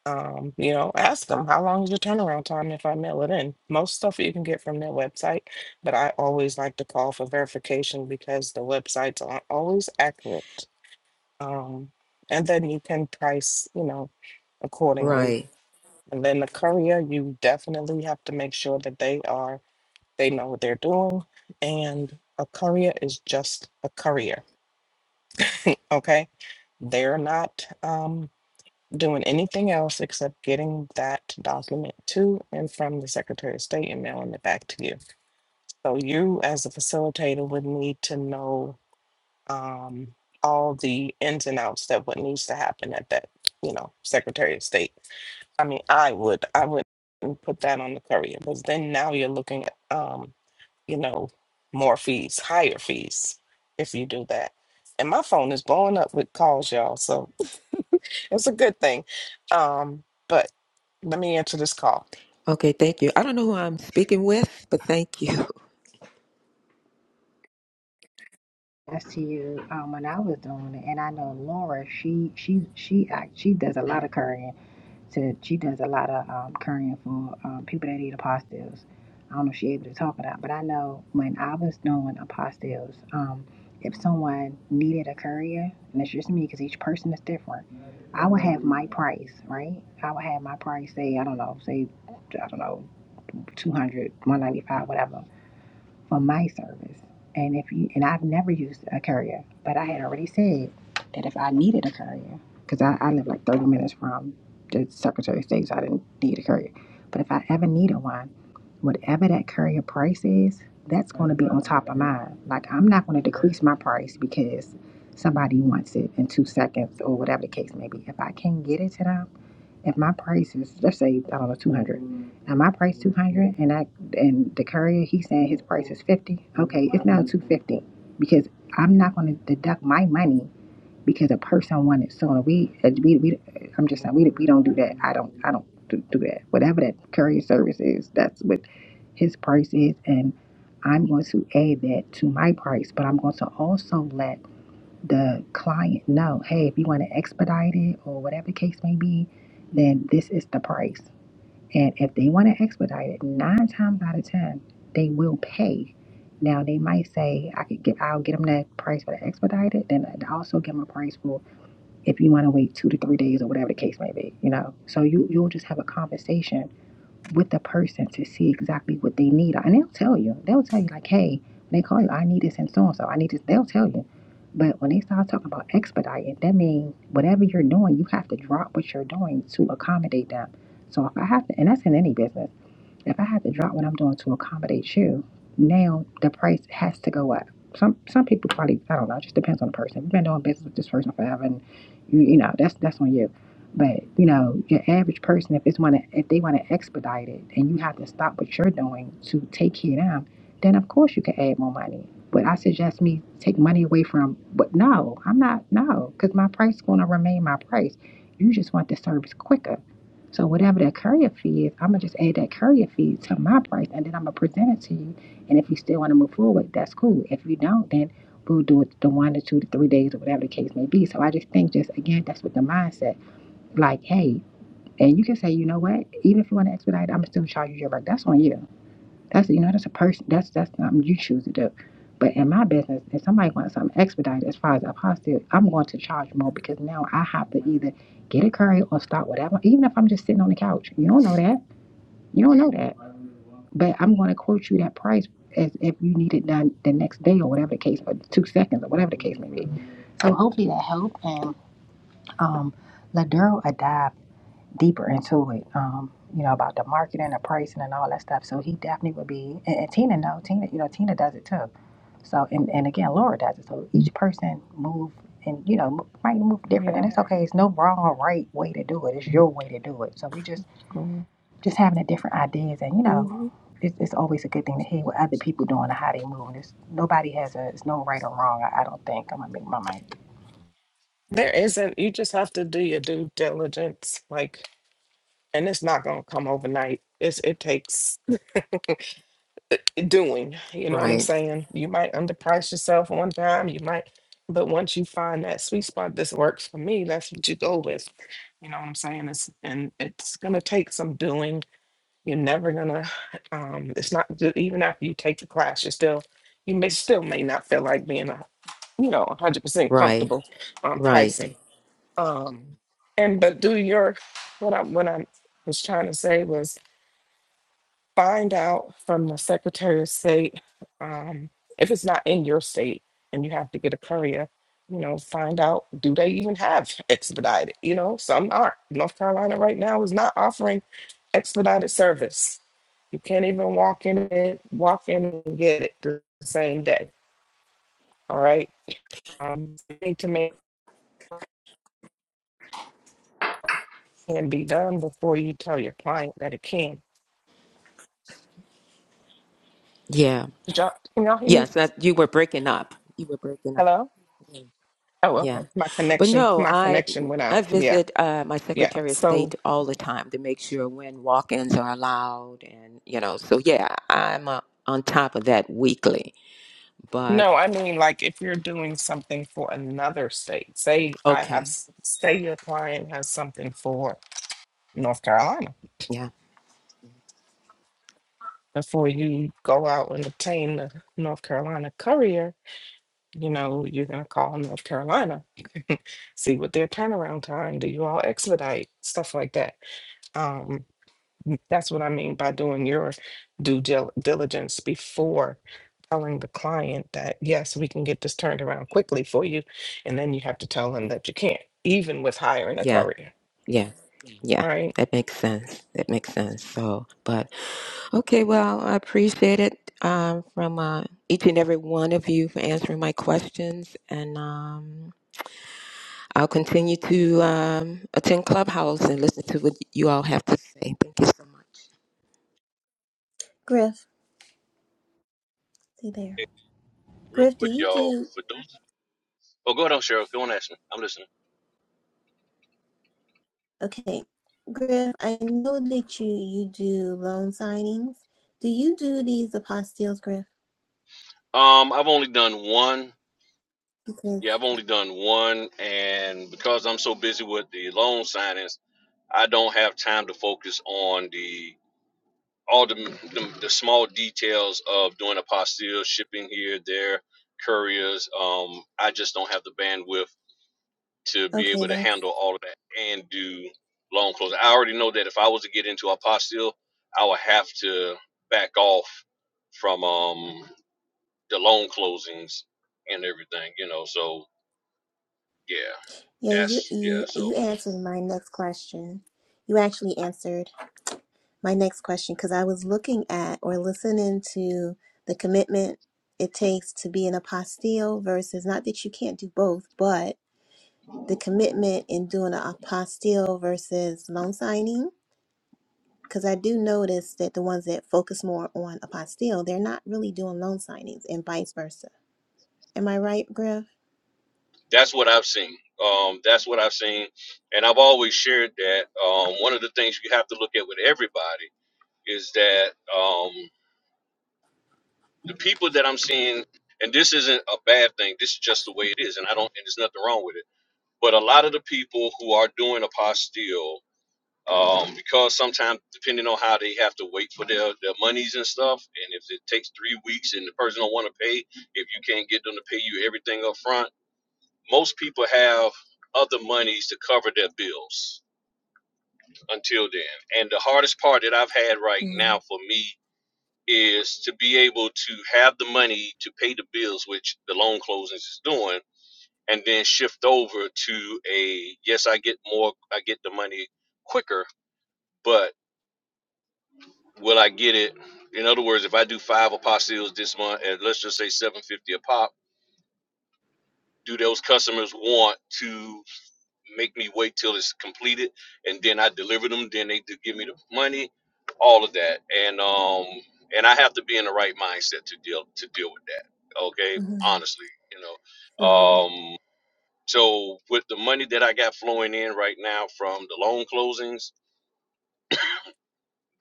Speaker 4: um, you know, ask them how long is your turnaround time if I mail it in. Most stuff you can get from their website, but I always like to call for verification because the websites aren't always accurate. Um, and then you can price, you know, accordingly.
Speaker 6: right
Speaker 4: And then the courier, you definitely have to make sure that they are they know what they're doing. And a courier is just a courier, okay? They're not. um doing anything else except getting that document to and from the Secretary of State and mailing it back to you. So you, as a facilitator, would need to know um, all the ins and outs that what needs to happen at that, you know, Secretary of State. I mean, I would, I would put that on the courier because then now you're looking at, um, you know, more fees, higher fees if you do that. And my phone is blowing up with calls, y'all. So it's a good thing. Um, but let me answer this call.
Speaker 6: okay thank you i don't know who i'm speaking with but thank you
Speaker 2: I to you um, when I was doing it, and I know Laura. She she she act- she does a lot of currying. To she does a lot of um, currying for um, people that eat apostilles. I don't know if she able to talk about, but I know when I was doing apostilles, um, if someone needed a courier, and it's just me because each person is different, I would have my price, right? I would have my price. Say I don't know, say I don't know, two hundred, one ninety five, whatever. for my service. And if you and I've never used a courier, but I had already said that if I needed a courier, because I, I live like 30 minutes from the Secretary of State, so I didn't need a courier. But if I ever needed one, whatever that courier price is, that's going to be on top of mine. Like I'm not going to decrease my price because somebody wants it in two seconds or whatever the case may be. If I can get it to them if my price is let's say I don't know two hundred, now my price two hundred, and I and the courier he's saying his price is fifty. Okay, it's now two fifty because I'm not going to deduct my money because a person wanted sooner. We, uh, we we I'm just saying we we don't do that. I don't I don't do, do that. Whatever that courier service is, that's what his price is, and I'm going to add that to my price. But I'm going to also let the client know, hey, if you want to expedite it or whatever the case may be, then this is the price. And if they want to expedite it, nine times out of ten, they will pay. Now they might say, I could get, I'll get them that price for the expedited. Then I also give them a price for if you want to wait two to three days or whatever the case may be. You know, so you you'll just have a conversation with the person to see exactly what they need. And they'll tell you. They'll tell you like, hey, when they call you, I need this and so and so. I need this. They'll tell you. But when they start talking about expediting, that means whatever you're doing, you have to drop what you're doing to accommodate them. So if I have to, and that's in any business. If I have to drop what I'm doing to accommodate you, now the price has to go up. Some some people probably I don't know. It just depends on the person. If you've been doing business with this person forever, and you, you know that's that's on you. But you know your average person, if it's want to if they want to expedite it, and you have to stop what you're doing to take care of them, then of course you can add more money. But I suggest me take money away from. But no, I'm not no, because my price going to remain my price. You just want the service quicker. So whatever that courier fee is, I'm gonna just add that courier fee to my price, and then I'm gonna present it to you. And if you still want to move forward, that's cool. If you don't, then we'll do it the one to two to three days or whatever the case may be. So I just think, just again, that's what the mindset. Like, hey, and you can say, you know what? Even if you want to expedite, I'm gonna still charge you your work. That's on you. That's you know, that's a person. That's that's something you choose to do. But in my business, if somebody wants something expedited as far as apostate, I'm going to charge more because now I have to either get a curry or start whatever. Even if I'm just sitting on the couch, you don't know that. You don't know that. But I'm going to quote you that price as if you need it done the next day or whatever the case, or two seconds or whatever the case may be. So hopefully that helped. And um, Ladero Adab deeper into it, um, you know, about the marketing, the pricing, and all that stuff. So he definitely would be, and, and Tina, no, Tina, you know, Tina does it too. So, and, and again, Laura does it. So each person move and, you know, m- might move different. And
Speaker 4: Yeah.
Speaker 2: it's okay. It's no wrong or right way to do it. It's your way to do it. So we just,
Speaker 4: Mm.
Speaker 2: just having the different ideas and, you know,
Speaker 4: Mhm.
Speaker 2: it's, it's always a good thing to hear what other people doing and how they move. And it's, nobody has a, it's no right or wrong. I, I don't think I'm going to make my mic.
Speaker 4: There isn't, you just have to do your due diligence, like, and it's not gonna come overnight. It's it takes doing, you know what I'm
Speaker 6: right
Speaker 4: saying? You might underprice yourself one time, you might, but once you find that sweet spot, this works for me, that's what you go with. You know what I'm saying? It's and it's gonna take some doing You're never gonna. Um, it's not ju- even after you take the class, you're still you may still may not feel like being a you know 100 percent
Speaker 6: right
Speaker 4: comfortable on
Speaker 6: right
Speaker 4: pricing. Um, and but do your what I what I was trying to say was find out from the Secretary of State um, if it's not in your state and you have to get a courier. You know, find out do they even have expedited? You know, some aren't. North Carolina right now is not offering expedited service. You can't even walk in it, walk in and get it the same day. All right. Um, you need to make it can be done before you tell your client that it can.
Speaker 6: yeah
Speaker 4: Did y'all, can y'all hear me?
Speaker 6: yes that you were breaking up you were breaking up
Speaker 4: Hello. Oh,
Speaker 6: yeah
Speaker 4: okay. My
Speaker 6: but
Speaker 4: connection,
Speaker 6: no
Speaker 4: my
Speaker 6: i
Speaker 4: connection went
Speaker 6: i
Speaker 4: out. Yeah.
Speaker 6: visit uh, my
Speaker 4: Yeah.
Speaker 6: secretary of
Speaker 4: So,
Speaker 6: state all the time to make sure when walk-ins are allowed and you know so yeah i'm uh, on top of that weekly
Speaker 4: no, I mean, like if you're doing something for another state, say I have,
Speaker 6: Okay.
Speaker 4: s- say your client has something for North Carolina,
Speaker 6: Yeah.
Speaker 4: before you go out and obtain the North Carolina courier, you know, you're going to call North Carolina, see what their turnaround time, do you all expedite, stuff like that. Um, That's what I mean by doing your due dil- diligence before telling the client that, yes, we can get this turned around quickly for you. And then you have to tell them that you can't, even with hiring a
Speaker 6: Yeah.
Speaker 4: courier,
Speaker 6: Yeah. Yeah.
Speaker 4: right?
Speaker 6: That makes sense. That makes sense. So, but okay. Well, I appreciate it um, from uh, each and every one of you for answering my questions, and um, I'll continue to um, attend Clubhouse and listen to what you all have to say. Thank you so much.
Speaker 5: Griff, stay there. Griff, do you do okay? Griff, I know that you you do loan signings. Do you do these apostilles, Griff?
Speaker 3: Um, I've only done one.
Speaker 5: Because
Speaker 3: Yeah, I've only done one, and because I'm so busy with the loan signings, I don't have time to focus on the all the, the the small details of doing a postil, shipping here, there, couriers. Um, I just don't have the bandwidth to be
Speaker 5: okay,
Speaker 3: able to
Speaker 5: that's
Speaker 3: handle all of that and do loan closing. I already know that if I was to get into a postil, I would have to back off from um the loan closings and everything, you know. So yeah,
Speaker 5: yeah. You
Speaker 3: that's yeah.
Speaker 5: you
Speaker 3: So
Speaker 5: you answered my next question. You actually answered my next question because I was looking at or listening to the commitment it takes to be an apostille versus not that you can't do both, but the commitment in doing an apostille versus loan signing. Because I do notice that the ones that focus more on apostille, they're not really doing loan signings and vice versa. Am I right, Griff?
Speaker 3: that's what I've seen. Um, that's what I've seen, and I've always shared that. Um, one of the things you have to look at with everybody is that um, the people that I'm seeing, and this isn't a bad thing. This is just the way it is, and I don't, and there's nothing wrong with it. But a lot of the people who are doing apostille, um, because sometimes depending on how they have to wait for their, their monies and stuff, and if it takes three weeks and the person don't want to pay, if you can't get them to pay you everything up front Most people have other monies to cover their bills until then. And the hardest part that I've had right
Speaker 5: Mm-hmm.
Speaker 3: now for me is to be able to have the money to pay the bills, which the loan closings is doing, and then shift over to a yes, I get more, I get the money quicker, but will I get it? In other words, if I do five apostilles this month, and let's just say seven fifty a pop, do those customers want to make me wait till it's completed, and then I deliver them. Then they do give me the money, all of that, and um, and I have to be in the right mindset to deal to deal with that. Okay, honestly, you know,
Speaker 5: So,
Speaker 3: um, so with the money that I got flowing in right now from the loan closings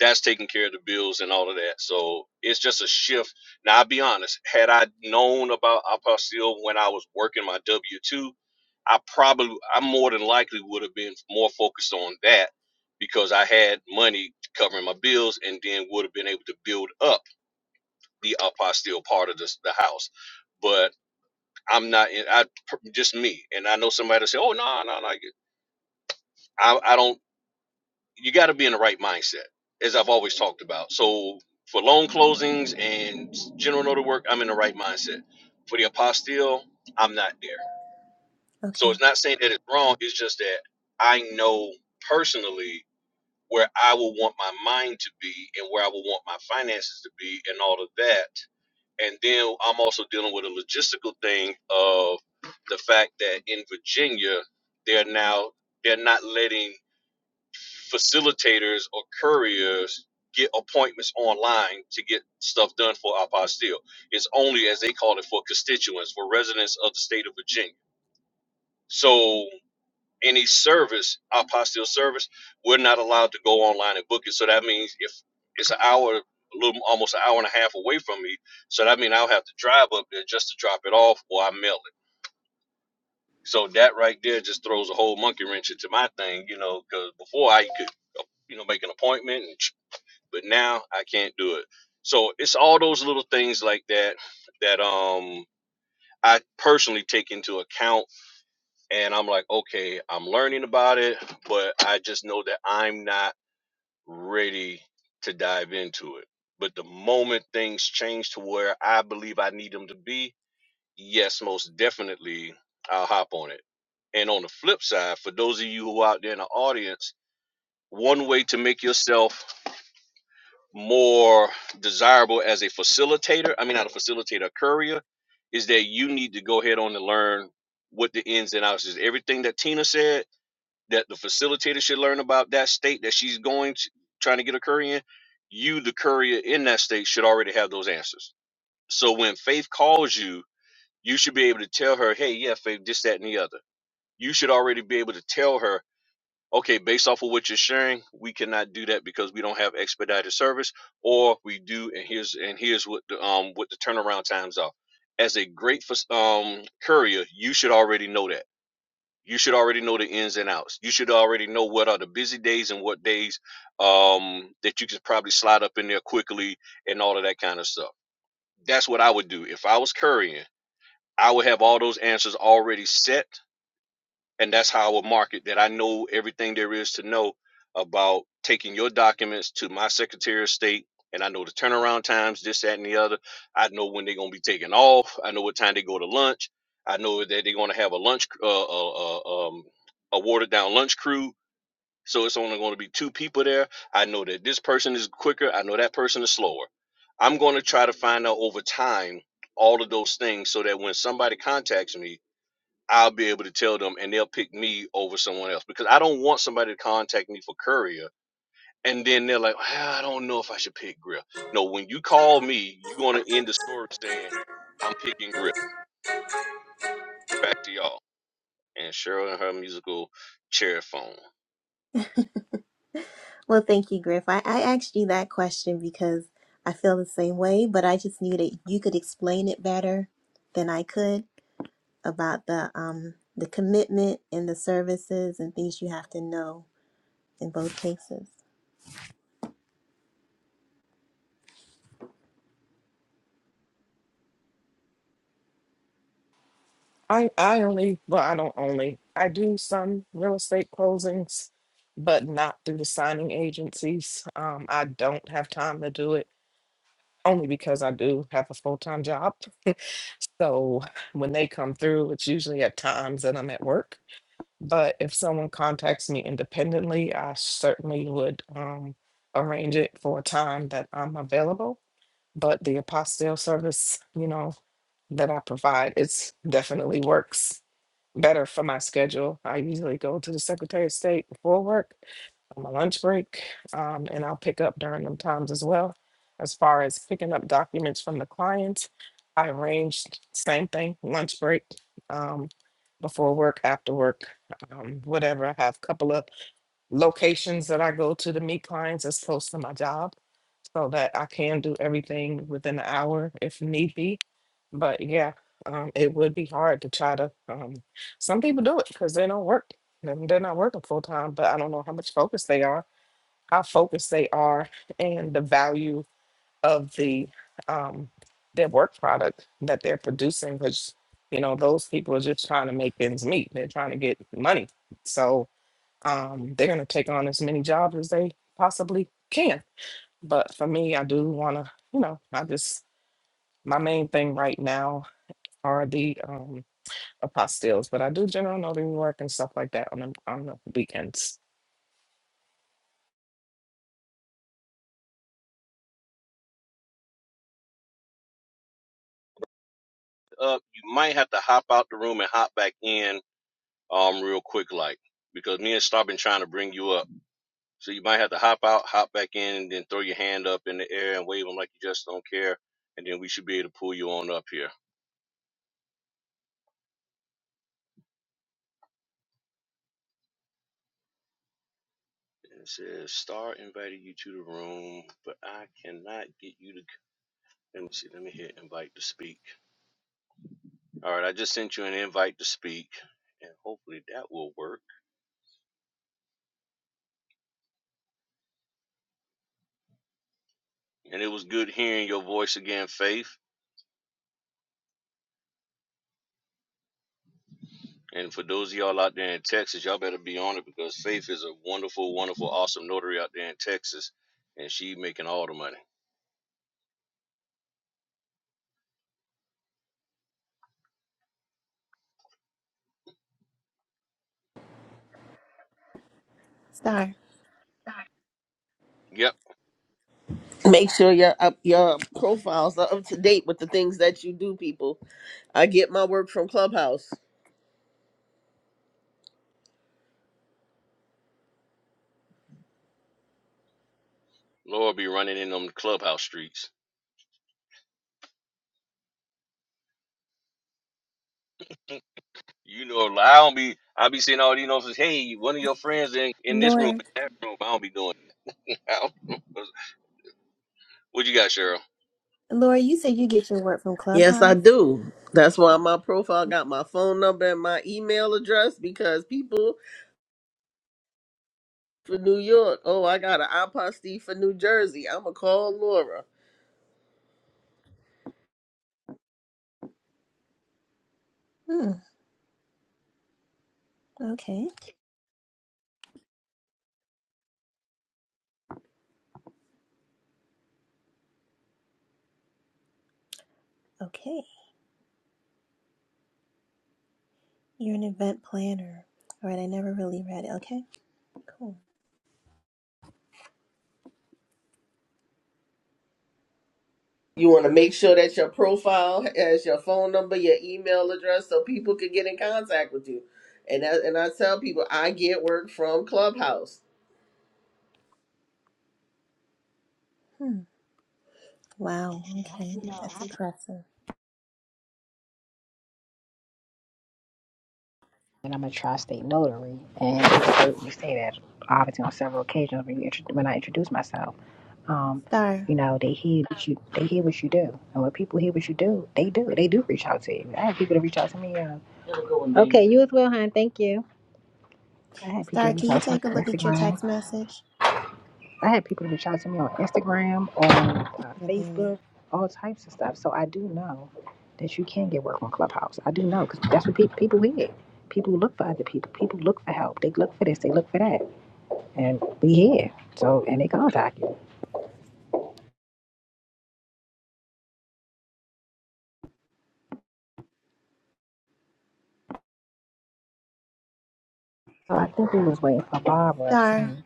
Speaker 3: that's taking care of the bills and all of that. So it's just a shift. Now I'll be honest, had I known about Apostille when I was working my W two, I probably I more than likely would have been more focused on that because I had money covering my bills and then would have been able to build up the Apostille part of this, the house. But I'm not in I just me. And I know somebody say, Oh no, no, no. I, I don't you got to be in the right mindset, as I've always talked about. So for loan closings and general notary work, I'm in the right mindset. For the apostille, I'm not there. So
Speaker 5: okay.
Speaker 3: it's not saying that it's wrong. It's just that I know personally where I will want my mind to be and where I will want my finances to be and all of that. And then I'm also dealing with a logistical thing of the fact that in Virginia, they're now they're not letting facilitators or couriers get appointments online to get stuff done for our apostille. It's only, as they call it, for constituents, for residents of the state of Virginia. So any service, our apostille service, we're not allowed to go online and book it. So that means if it's an hour, a little, almost an hour and a half away from me, so that means I'll have to drive up there just to drop it off or I mail it. So that right there just throws a whole monkey wrench into my thing, you know, because before I could you know, make an appointment and but now I can't do it. So it's all those little things like that that um I personally take into account and I'm like, okay, I'm learning about it, but I just know that I'm not ready to dive into it. But the moment things change to where I believe I need them to be, yes, most definitely I'll hop on it. And on the flip side, for those of you who out there in the audience, one way to make yourself more desirable as a facilitator, I mean, not a facilitator, a courier, is that you need to go ahead on and learn what the ins and outs is. Everything that Tina said that the facilitator should learn about that state that she's going to, trying to get a courier in, you, the courier in that state, should already have those answers. So when Faith calls you, you should be able to tell her, hey, yeah, Faith, this, that, and the other. You should already be able to tell her okay, based off of what you're sharing, we cannot do that because we don't have expedited service, or we do, and here's and here's what the, um what the turnaround times are. As a great um courier, you should already know that. You should already know the ins and outs. You should already know what are the busy days and what days um that you can probably slide up in there quickly and all of that kind of stuff. That's what I would do if I was couriering. I would have all those answers already set and that's how I would market that I know everything there is to know about taking your documents to my Secretary of State, and I know the turnaround times, this, that, and the other. I know when they're going to be taken off. I know what time they go to lunch. I know that they're going to have a lunch, uh, uh, uh, um, a watered down lunch crew. So it's only going to be two people there. I know that this person is quicker. I know that person is slower. I'm going to try to find out over time all of those things so that when somebody contacts me, I'll be able to tell them and they'll pick me over someone else because I don't want somebody to contact me for courier and then they're like, "Ah, I don't know if I should pick Griff. No, when you call me, you're going to end the story saying, I'm picking Griff. Back to y'all. And Cheryl and her musical chair phone.
Speaker 5: Well, thank you, Griff. I, I asked you that question because I feel the same way, but I just knew that you could explain it better than I could about the um the commitment and the services and things you have to know in both cases.
Speaker 4: I, I only, well, I don't only, I do some real estate closings, but not through the signing agencies. Um, I don't have time to do it only because I do have a full time job. so when they come through, it's usually at times that I'm at work But if someone contacts me independently, I certainly would um, arrange it for a time that I'm available. But the apostille service, you know, that I provide, it's definitely works better for my schedule. I usually go to the Secretary of State before work on my lunch break, um, and I'll pick up during them times as well. As far as picking up documents from the clients, I arranged same thing, lunch break, um, before work, after work, um, whatever. I have a couple of locations that I go to to meet clients as close to my job so that I can do everything within an hour if need be. But yeah, um, it would be hard to try to. Um, some people do it because they don't work. and They're not working full time, but I don't know how much focus they are, how focused they are, and the value of the um, their work product that they're producing. Because you know those people are just trying to make ends meet. They're trying to get money, so um, they're going to take on as many jobs as they possibly can but for me, I do want to, you know, I just, my main thing right now are the um apostilles, but I do general notary work and stuff like that on the, on the weekends.
Speaker 3: Uh, you might have to hop out the room and hop back in um, real quick, like, because me and Star been trying to bring you up. So you might have to hop out, hop back in, and then throw your hand up in the air and wave them like you just don't care. And then we should be able to pull you on up here. And It says Star invited you to the room, but I cannot get you to. Let me see. Let me hit invite to speak. All right, I just sent you an invite to speak, and hopefully that will work. And it was good hearing your voice again, Faith. And for those of y'all out there in Texas, y'all better be on it because Faith is a wonderful, wonderful, awesome notary out there in Texas, and she making all the money.
Speaker 5: Star.
Speaker 3: Yep,
Speaker 7: Make sure your up your profiles are up to date with the things that you do, people. I get my work from Clubhouse.
Speaker 3: Laura be running in them clubhouse streets. You know, like, I don't be. I be seeing all these notices. Hey, one of your friends in in this room,
Speaker 5: Laura.
Speaker 3: in that room. I don't be doing. out. what you got, Cheryl?
Speaker 5: Laura, you said you get your work from
Speaker 7: Yes, I
Speaker 5: Clubhouse?
Speaker 7: do. That's why my profile got my phone number and my email address because people for New York, oh, I got an apostille for New Jersey. I'm going to call Laura.
Speaker 5: Hmm. Okay. Okay. You're an event planner. All right, I never really read it. Okay. Cool.
Speaker 7: You want to make sure that your profile has your phone number, your email address, so people can get in contact with you. And, that, and I tell people, I get work from Clubhouse.
Speaker 5: Hmm. Wow, okay. That's impressive.
Speaker 2: and I'm a tri-state notary, and you heard me say that obviously on several occasions when, you, intro- when I introduce myself. Um,
Speaker 5: Star,
Speaker 2: you know, they hear what you they hear what you do, and when people hear what you do, they do they do reach out to you. I had people to reach out to me. Uh, okay, you as well, hon. Thank you. I had people to
Speaker 5: Star, can
Speaker 2: reach
Speaker 5: you
Speaker 2: out to me
Speaker 5: take a
Speaker 2: on
Speaker 5: look at your
Speaker 2: Instagram.
Speaker 5: text message?
Speaker 2: I had people to reach out to me on Instagram, on uh,
Speaker 5: You can hear me.
Speaker 2: Facebook, all types of stuff. So I do know that you can get work on Clubhouse. I do know because that's what pe- people hear. People look for other people. People look for help. They look for this. They look for that. and be here. So, and they contacted. So I think we was waiting for Barbara or
Speaker 5: Star,
Speaker 2: something.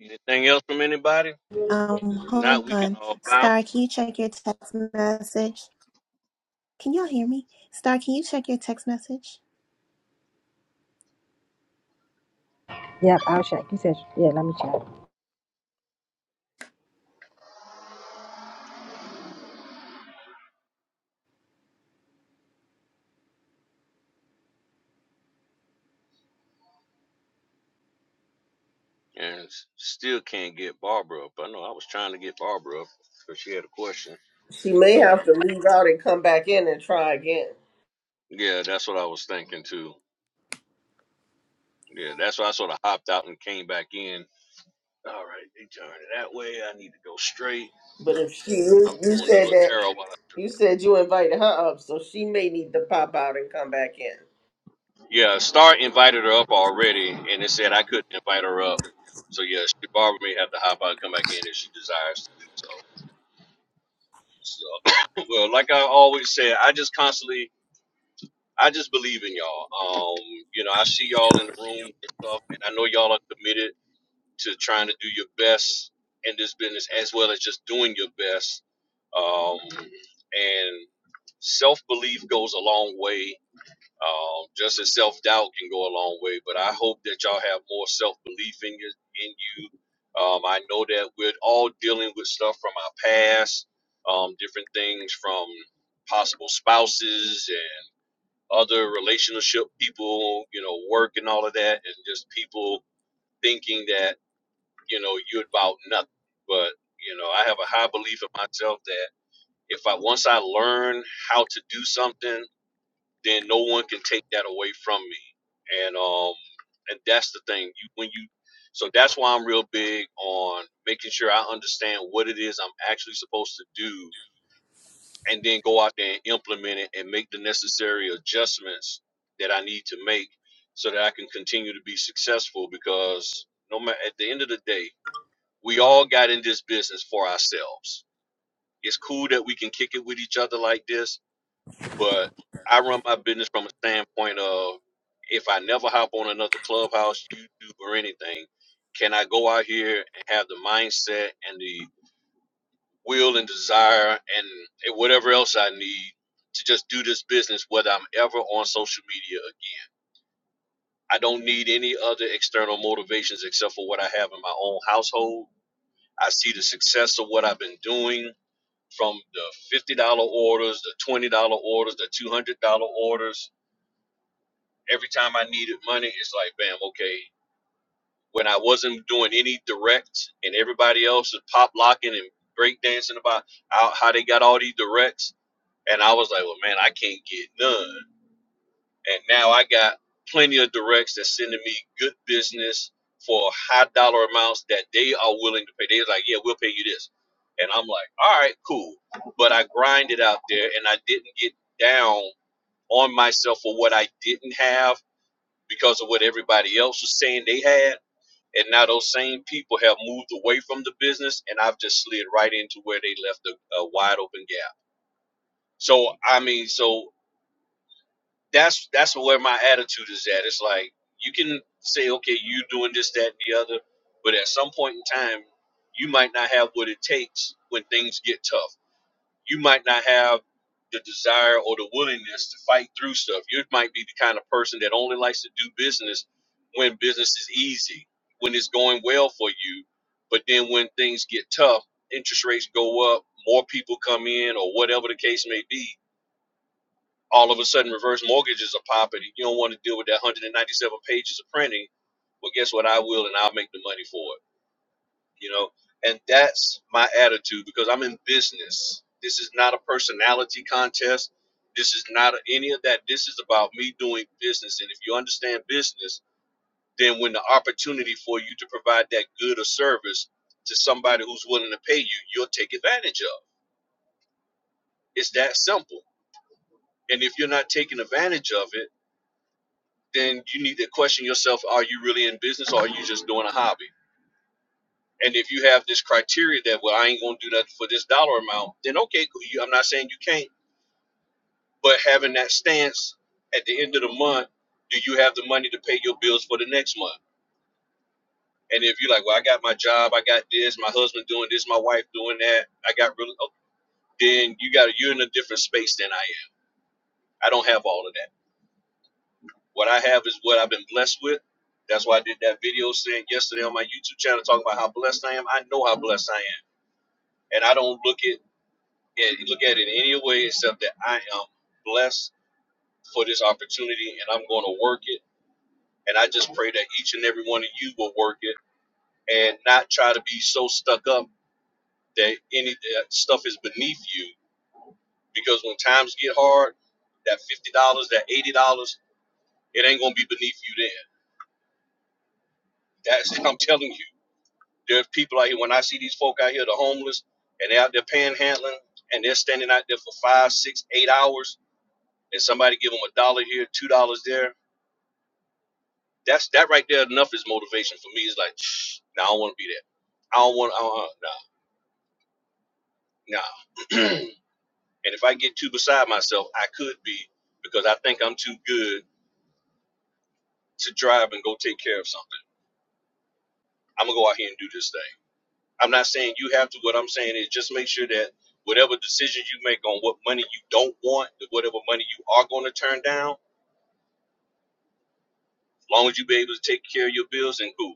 Speaker 3: Anything else from anybody?
Speaker 5: um,
Speaker 3: 'Cause If not,
Speaker 5: hold
Speaker 3: we can
Speaker 5: on.
Speaker 3: all bounce.
Speaker 5: Star, can you check your text message? Can y'all hear me? Star, can you check your text message?
Speaker 2: Yep, I'll check. You said, yeah, let me check.
Speaker 3: And s- still can't get Barbara up. I know I was trying to get Barbara up because she had a question.
Speaker 7: She may
Speaker 3: for Some
Speaker 7: have
Speaker 3: reason.
Speaker 7: to leave out and come back in and try again.
Speaker 3: Yeah, that's what I was thinking too. Yeah, that's why I sort of hopped out and came back in. All right, they turned it that way. I need to go straight.
Speaker 7: But if she, you,
Speaker 3: I'm
Speaker 7: you
Speaker 3: doing the
Speaker 7: said that
Speaker 3: Ladero while
Speaker 7: you
Speaker 3: I.
Speaker 7: said you invited her up, so she may need to pop out and come back in.
Speaker 3: Yeah, Star invited her up already, and it said I couldn't invite her up. So yeah, she, Barbara may have to hop out and come back in if she desires. to do so. So, well, like I always say, I just constantly, I just believe in y'all. Um, you know, I see y'all in the room and stuff, and I know y'all are committed to trying to do your best in this business as well as just doing your best. Um, and self belief goes a long way um, just as self doubt can go a long way, but I hope that y'all have more self belief in you. In you, um, I know that we're all dealing with stuff from our past, um, different things from possible spouses and other relationship people, you know, work and all of that, and just people thinking that you know you're about nothing. But you know, I have a high belief in myself that if I once I learn how to do something then no one can take that away from me. And um and that's the thing. You when you so that's why I'm real big on making sure I understand what it is I'm actually supposed to do and then go out there and implement it and make the necessary adjustments that I need to make so that I can continue to be successful because no matter at the end of the day, we all got in this business for ourselves. It's cool that we can kick it with each other like this, but I run my business from a standpoint of if I never hop on another clubhouse, YouTube, or anything, can I go out here and have the mindset and the will and desire and and whatever else I need to just do this business, whether I'm ever on social media again? I don't need any other external motivations except for what I have in my own household. I see the success of what I've been doing from the $50 orders, the $20 orders, the $200 orders every time I needed money, it's like, bam, okay. When I wasn't doing any directs and everybody else is pop locking and break dancing about how, how they got all these directs, and I was like, well, man, I can't get none. And now I got plenty of directs that's sending me good business for high dollar amounts that they are willing to pay. They're like, yeah, we'll pay you this. And I'm like, all right, cool. But I grinded out there and I didn't get down on myself for what I didn't have because of what everybody else was saying they had. And now those same people have moved away from the business, and I've just slid right into where they left a, a wide open gap. So I mean, so that's that's where my attitude is at. It's like you can say, okay, you doing this, that, and the other, but at some point in time, you might not have what it takes when things get tough you might not have the desire or the willingness to fight through stuff. You might be the kind of person that only likes to do business when business is easy, when it's going well for you. But then when things get tough, interest rates go up, more people come in, or whatever the case may be, all of a sudden reverse mortgages are popping. and You don't want to deal with that 197 pages of printing. Well, guess what? I will, and I'll make the money for it you know and that's my attitude because i'm in business this is not a personality contest this is not any of that this is about me doing business and if you understand business then when the opportunity for you to provide that good or service to somebody who's willing to pay you you'll take advantage of it's that simple and if you're not taking advantage of it then you need to question yourself are you really in business or are you just doing a hobby And if you have this criteria that well, I ain't gonna do nothing for this dollar amount, then okay, cool. I'm not saying you can't, but having that stance at the end of the month, do you have the money to pay your bills for the next month? And if you're like, well, I got my job, I got this, my husband doing this, my wife doing that, I got really, oh, then you got you're in a different space than I am. I don't have all of that. What I have is what I've been blessed with. That's why I did that video saying yesterday on my YouTube channel talking about how blessed I am. I know how blessed I am, and I don't look at and you look at it in any way except that I am blessed for this opportunity and I'm going to work it. And I just pray that each and every one of you will work it and not try to be so stuck up that any that stuff is beneath you. Because when times get hard, that fifty dollars, that eighty dollars, it ain't gonna be beneath you then. That's I'm telling you. There's people out here. When I see these folk out here, the homeless, and they're out there panhandling, and they're standing out there for five, six, eight hours, and somebody give them a dollar here, two dollars there That's that right there. Enough is motivation for me. It's like, nah, I don't want to be there. I don't want. I don't. nah, nah. and if I get too beside myself, I could be because I think I'm too good to drive and go take care of something. I'm gonna go out here and do this thing. I'm not saying you have to. What I'm saying is just make sure that whatever decisions you make on what money you don't want, whatever money you are going to turn down, as long as you be able to take care of your bills and cool.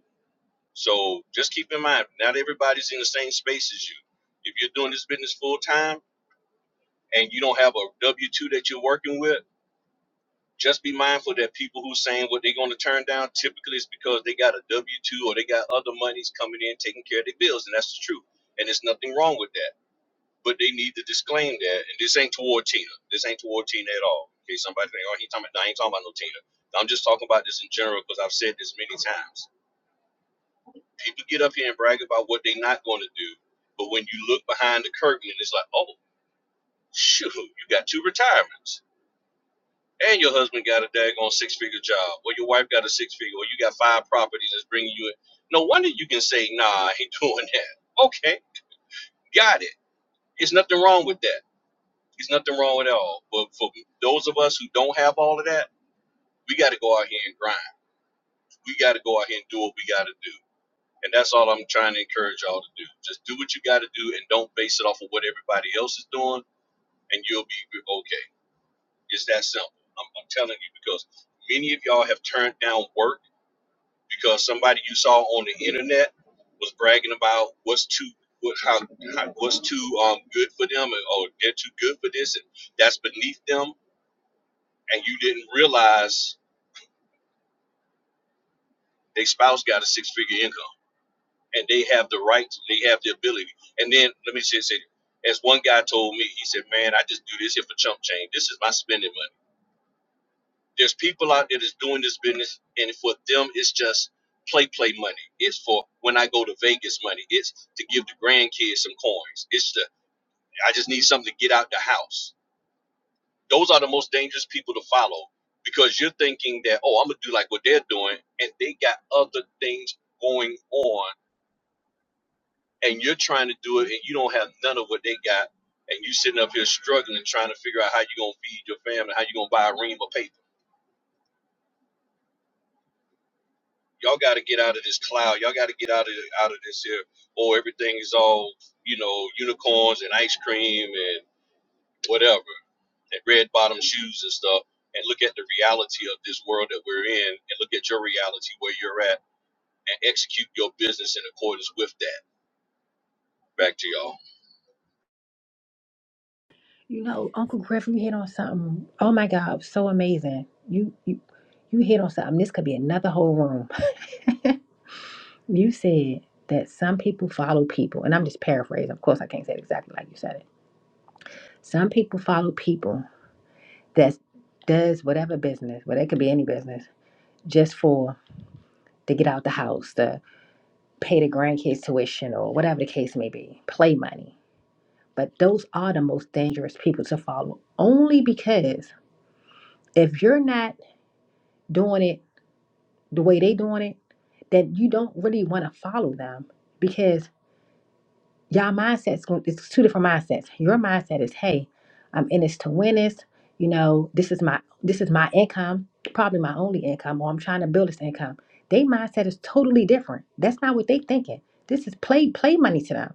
Speaker 3: So just keep in mind, not everybody's in the same space as you. If you're doing this business full time and you don't have a W two that you're working with, just be mindful that people who saying what they're going to turn down typically is because they got a W two or they got other monies coming in taking care of their bills, and that's the truth. And there's nothing wrong with that, but they need to disclaim that. And this ain't toward Tina. This ain't toward Tina at all. Okay, somebody think, oh, he talking about. nah, I ain't talking about no Tina. I'm just talking about this in general because I've said this many times. People get up here and brag about what they're not going to do, but when you look behind the curtain, and it's like, oh, shoot, you got two retirements and your husband got a daggone six figure job, or your wife got a six figure, or you got five properties that's bringing you in. No wonder you can say, nah, I ain't doing that. Okay, got it. There's nothing wrong with that. There's nothing wrong at all. But for those of us who don't have all of that, we got to go out here and grind. We got to go out here and do what we got to do. And that's all I'm trying to encourage y'all to do. Just do what you got to do and don't base it off of what everybody else is doing, and you'll be okay. It's that simple. I'm, I'm telling you because many of y'all have turned down work because somebody you saw on the internet was bragging about what's too what how, how what's too um good for them and oh they're too good for this and that's beneath them and you didn't realize their spouse got a six figure income and they have the right they have the ability and then let me just say as one guy told me he said man I just do this here for chump change this is my spending money There's people out there that's doing this business, and for them, it's just play, play money. It's for when I go to Vegas money. It's to give the grandkids some coins. It's the I just need something to get out the house. Those are the most dangerous people to follow because you're thinking that oh, I'm gonna do like what they're doing, and they got other things going on, and you're trying to do it, and you don't have none of what they got, and you sitting up here struggling, trying to figure out how you're gonna feed your family, how you're gonna buy a ream of paper. y'all got to get out of this cloud. Y'all got to get out of out of this here, or everything is all you know unicorns and ice cream and whatever and red bottom shoes and stuff. And look at the reality of this world that we're in, and look at your reality where you're at, and execute your business in accordance with that. Back to y'all.
Speaker 2: You know, Uncle Griffin you hit on something. Oh my God, so amazing. You you you hit on something. This could be another whole room. You said that some people follow people, and I'm just paraphrasing. Of course, I can't say it exactly like you said it. Some people follow people that does whatever business, well, it could be any business, just for to get out the house, to pay the grandkids tuition or whatever the case may be, play money But those are the most dangerous people to follow. Only because if you're not doing it the way they doing it, then you don't really want to follow them. because. Y'all mindsets group is two different mindsets. Your mindset is, hey, I'm in this to win this. You know, this is my this is my income, probably my only income, or I'm trying to build this income. They mindset is totally different. That's not what they thinking. This is play play money to them.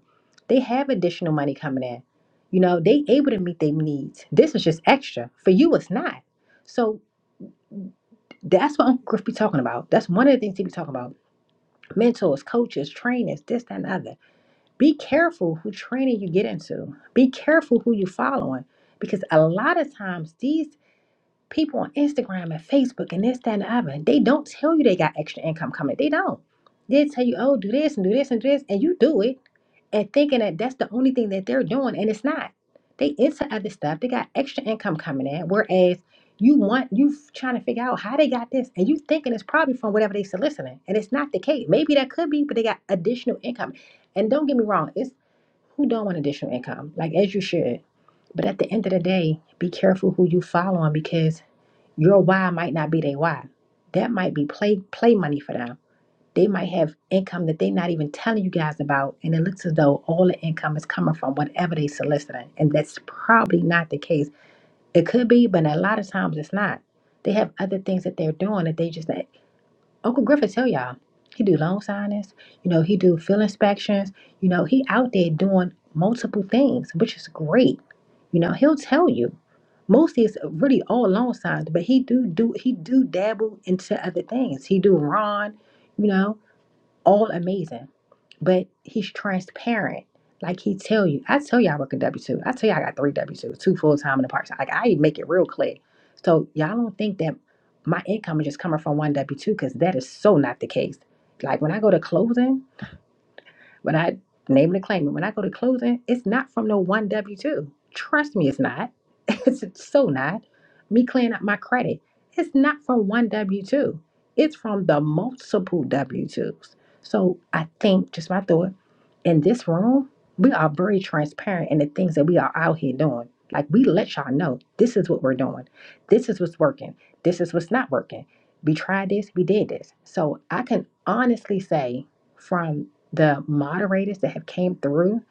Speaker 2: They have additional money coming in. You know, they able to meet their needs. This is just extra. For you, it's not. So that's what Uncle Griff be talking about. That's one of the things he be talking about. Mentors, coaches, trainers, this, that, and the other be careful who training you get into. Be careful who you following. Because a lot of times these people on Instagram and Facebook and this, that, and the other, they don't tell you they got extra income coming. They don't. They tell you, oh, do this and do this and do this, and you do it and thinking that that's the only thing that they're doing, and it's not. They into other stuff. They got extra income coming in. Whereas you want you trying to figure out how they got this, and you thinking it's probably from whatever they soliciting, and it's not the case. Maybe that could be, but they got additional income. And don't get me wrong, it's who don't want additional income? Like as you should. But at the end of the day, be careful who you following because your why might not be their why. That might be play play money for them. They might have income that they're not even telling you guys about, and it looks as though all the income is coming from whatever they soliciting, and that's probably not the case. It could be, but a lot of times it's not. They have other things that they're doing that they just Uncle Griffith tell y'all, he do loan signings, you know, he do field inspections, you know, he out there doing multiple things, which is great. You know, he'll tell you. Mostly it's really all loan signs, but he do do he do dabble into other things. He do Ron, you know all amazing. But he's transparent. Like he tell you, I tell you I work a W two. I tell you I got three W two, two full time and a part time. Like I make it real clear. So y'all don't think that my income is just coming from one W two because that is so not the case. Like when I go to closing. When I name and claim it, when I go to closing, it's not from no one W two. Trust me, it's not. It's so not. Me clearing up my credit, it's not from one W two. It's from the multiple W twos. So I think, just my thought, in this room, we are very transparent in the things that we are out here doing. Like we let y'all know this is what we're doing. This is what's working. This is what's not working. We tried this, we did this. So I can honestly say from the moderators that have came through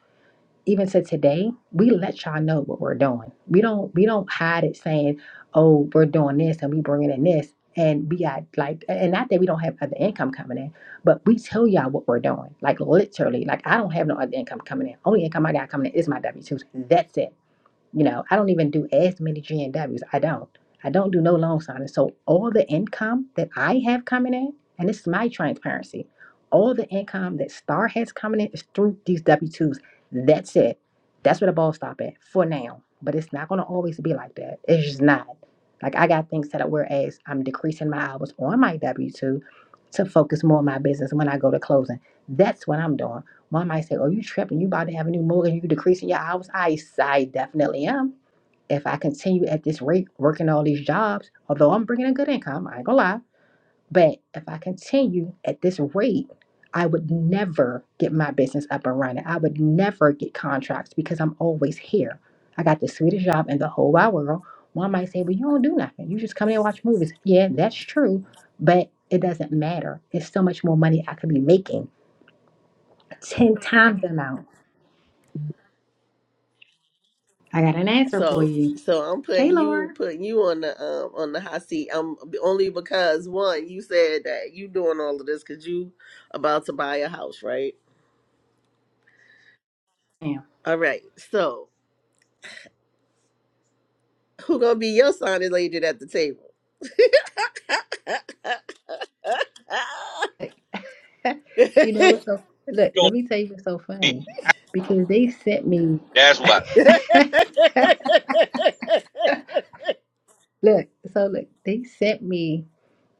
Speaker 2: even to today we let y'all know what we're doing we don't we don't hide it saying oh we're doing this and we bringing in this and we got like and not that we don't have other income coming in but we tell y'all what we're doing like literally like i don't have no other income coming in only income i got coming in is my w-2s that's it you know, I don't even do as many G N Ws. I don't. I don't do no loan signing. So all the income that I have coming in, and this is my transparency, all the income that Star has coming in is through these W twos. That's it. That's where the ball stop at for now. But it's not gonna always be like that. It's just not. Like I got things set up whereas I'm decreasing my hours on my W two to focus more on my business when I go to closing. That's what I'm doing. Mom might say, Oh, you tripping. You about to have a new mortgage. You decreasing your hours. I, I definitely am. If I continue at this rate working all these jobs, although I'm bringing a good income, I ain't gonna lie, but if I continue at this rate, I would never get my business up and running. I would never get contracts because I'm always here. I got the sweetest job in the whole wide world. One might say, Well, you don't do nothing. You just come in and watch movies. Yeah, that's true, but it doesn't matter. It's so much more money I could be making 10 times the amount. I got an answer for
Speaker 7: So,
Speaker 2: you.
Speaker 7: so I'm
Speaker 2: Hey,
Speaker 7: putting
Speaker 2: Laura.
Speaker 7: you putting you on the um on the hot seat. Um, only because one, you said that you doing all of this because you about to buy a house, right?
Speaker 2: Damn.
Speaker 7: All right. So, who gonna be your signing lady at the table?
Speaker 2: You know what's so look,
Speaker 3: You
Speaker 2: let
Speaker 3: don't
Speaker 2: me tell you what's so funny.
Speaker 3: see-
Speaker 2: Because they sent me
Speaker 3: That's what
Speaker 2: look, so look, they sent me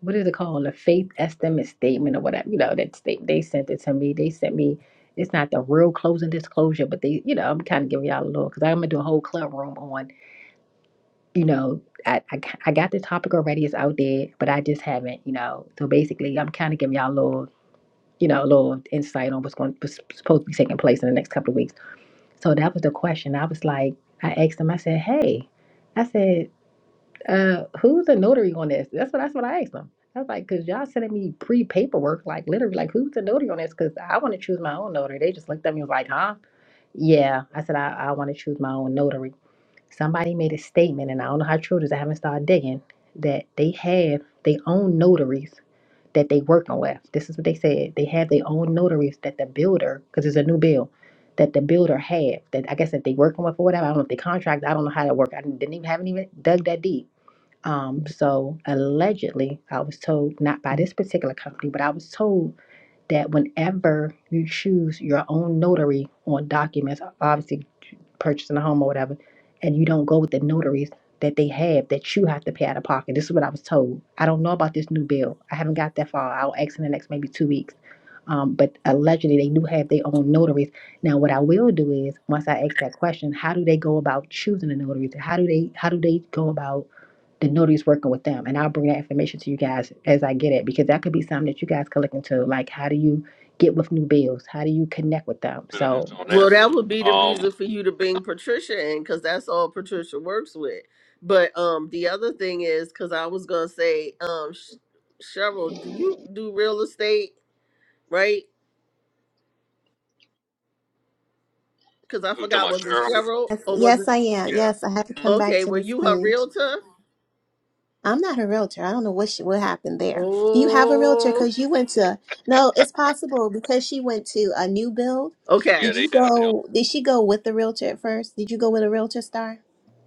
Speaker 2: what is it called? A faith estimate statement or whatever. You know, that they, they sent it to me. They sent me it's not the real closing disclosure, but they, you know, I'm kind of giving y'all a little because I'm gonna do a whole club room on, you know, I, I, I got the topic already, it's out there, but I just haven't, you know. So basically, I'm kind of giving y'all a little. you know, a little insight on what's going what's supposed to be taking place in the next couple of weeks. So that was the question. I was like, I asked him. I said, "Hey," I said, uh, "Who's the notary on this?" That's what that's what I asked him. I was like, "Cause y'all sending me pre paperwork, like literally, like who's the notary on this? Cause I want to choose my own notary." They just looked at me and was like, "Huh?" Yeah, I said I, I want to choose my own notary. Somebody made a statement, and I don't know how true it is. I haven't started digging that they have they own notaries that they working with. This is what they said. They had their own notaries that the builder, because it's a new bill, that the builder had. That I guess that they working with or whatever. I don't know if they contract. I don't know how that work. I didn't even haven't even dug that deep. Um, so allegedly, I was told not by this particular company, but I was told that whenever you choose your own notary on documents, obviously purchasing a home or whatever, and you don't go with the notaries that they have that you have to pay out of pocket. This is what I was told. I don't know about this new bill. I haven't got that far. I'll ask in the next maybe two weeks. Um, but allegedly they do have their own notaries. Now what I will do is once I ask that question, how do they go about choosing a notary? How do they how do they go about the notary's working with them. And I'll bring that information to you guys as I get it because that could be something that you guys could look into. Like, how do you get with new bills? How do you connect with them?
Speaker 3: I better
Speaker 2: So,
Speaker 3: answer on
Speaker 7: Well,
Speaker 3: that.
Speaker 7: that would be the
Speaker 3: Um,
Speaker 7: reason for you to bring Patricia in, because that's all Patricia works with. But um, the other thing is, because I was gonna say, um, Sh- Cheryl, do you do real estate, right? Because I
Speaker 3: who talking
Speaker 7: forgot,
Speaker 3: about
Speaker 7: was it
Speaker 3: Cheryl?
Speaker 7: Cheryl
Speaker 5: Yes,
Speaker 7: or was
Speaker 5: yes,
Speaker 7: it?
Speaker 5: I am. Yes, I had to
Speaker 3: Yeah,
Speaker 5: come back
Speaker 7: Okay,
Speaker 5: to
Speaker 7: were
Speaker 5: this
Speaker 7: you her
Speaker 5: page.
Speaker 7: realtor?
Speaker 5: I'm not a realtor. I don't know what sh what happened there. Do you have a realtor?
Speaker 7: Oh,
Speaker 5: Because you went to no, it's possible because she went to a new build.
Speaker 3: yeah,
Speaker 7: okay.
Speaker 5: Did
Speaker 3: they
Speaker 5: you
Speaker 3: have them.
Speaker 5: go? Did she go with the realtor at first? Did you go with a realtor, Star?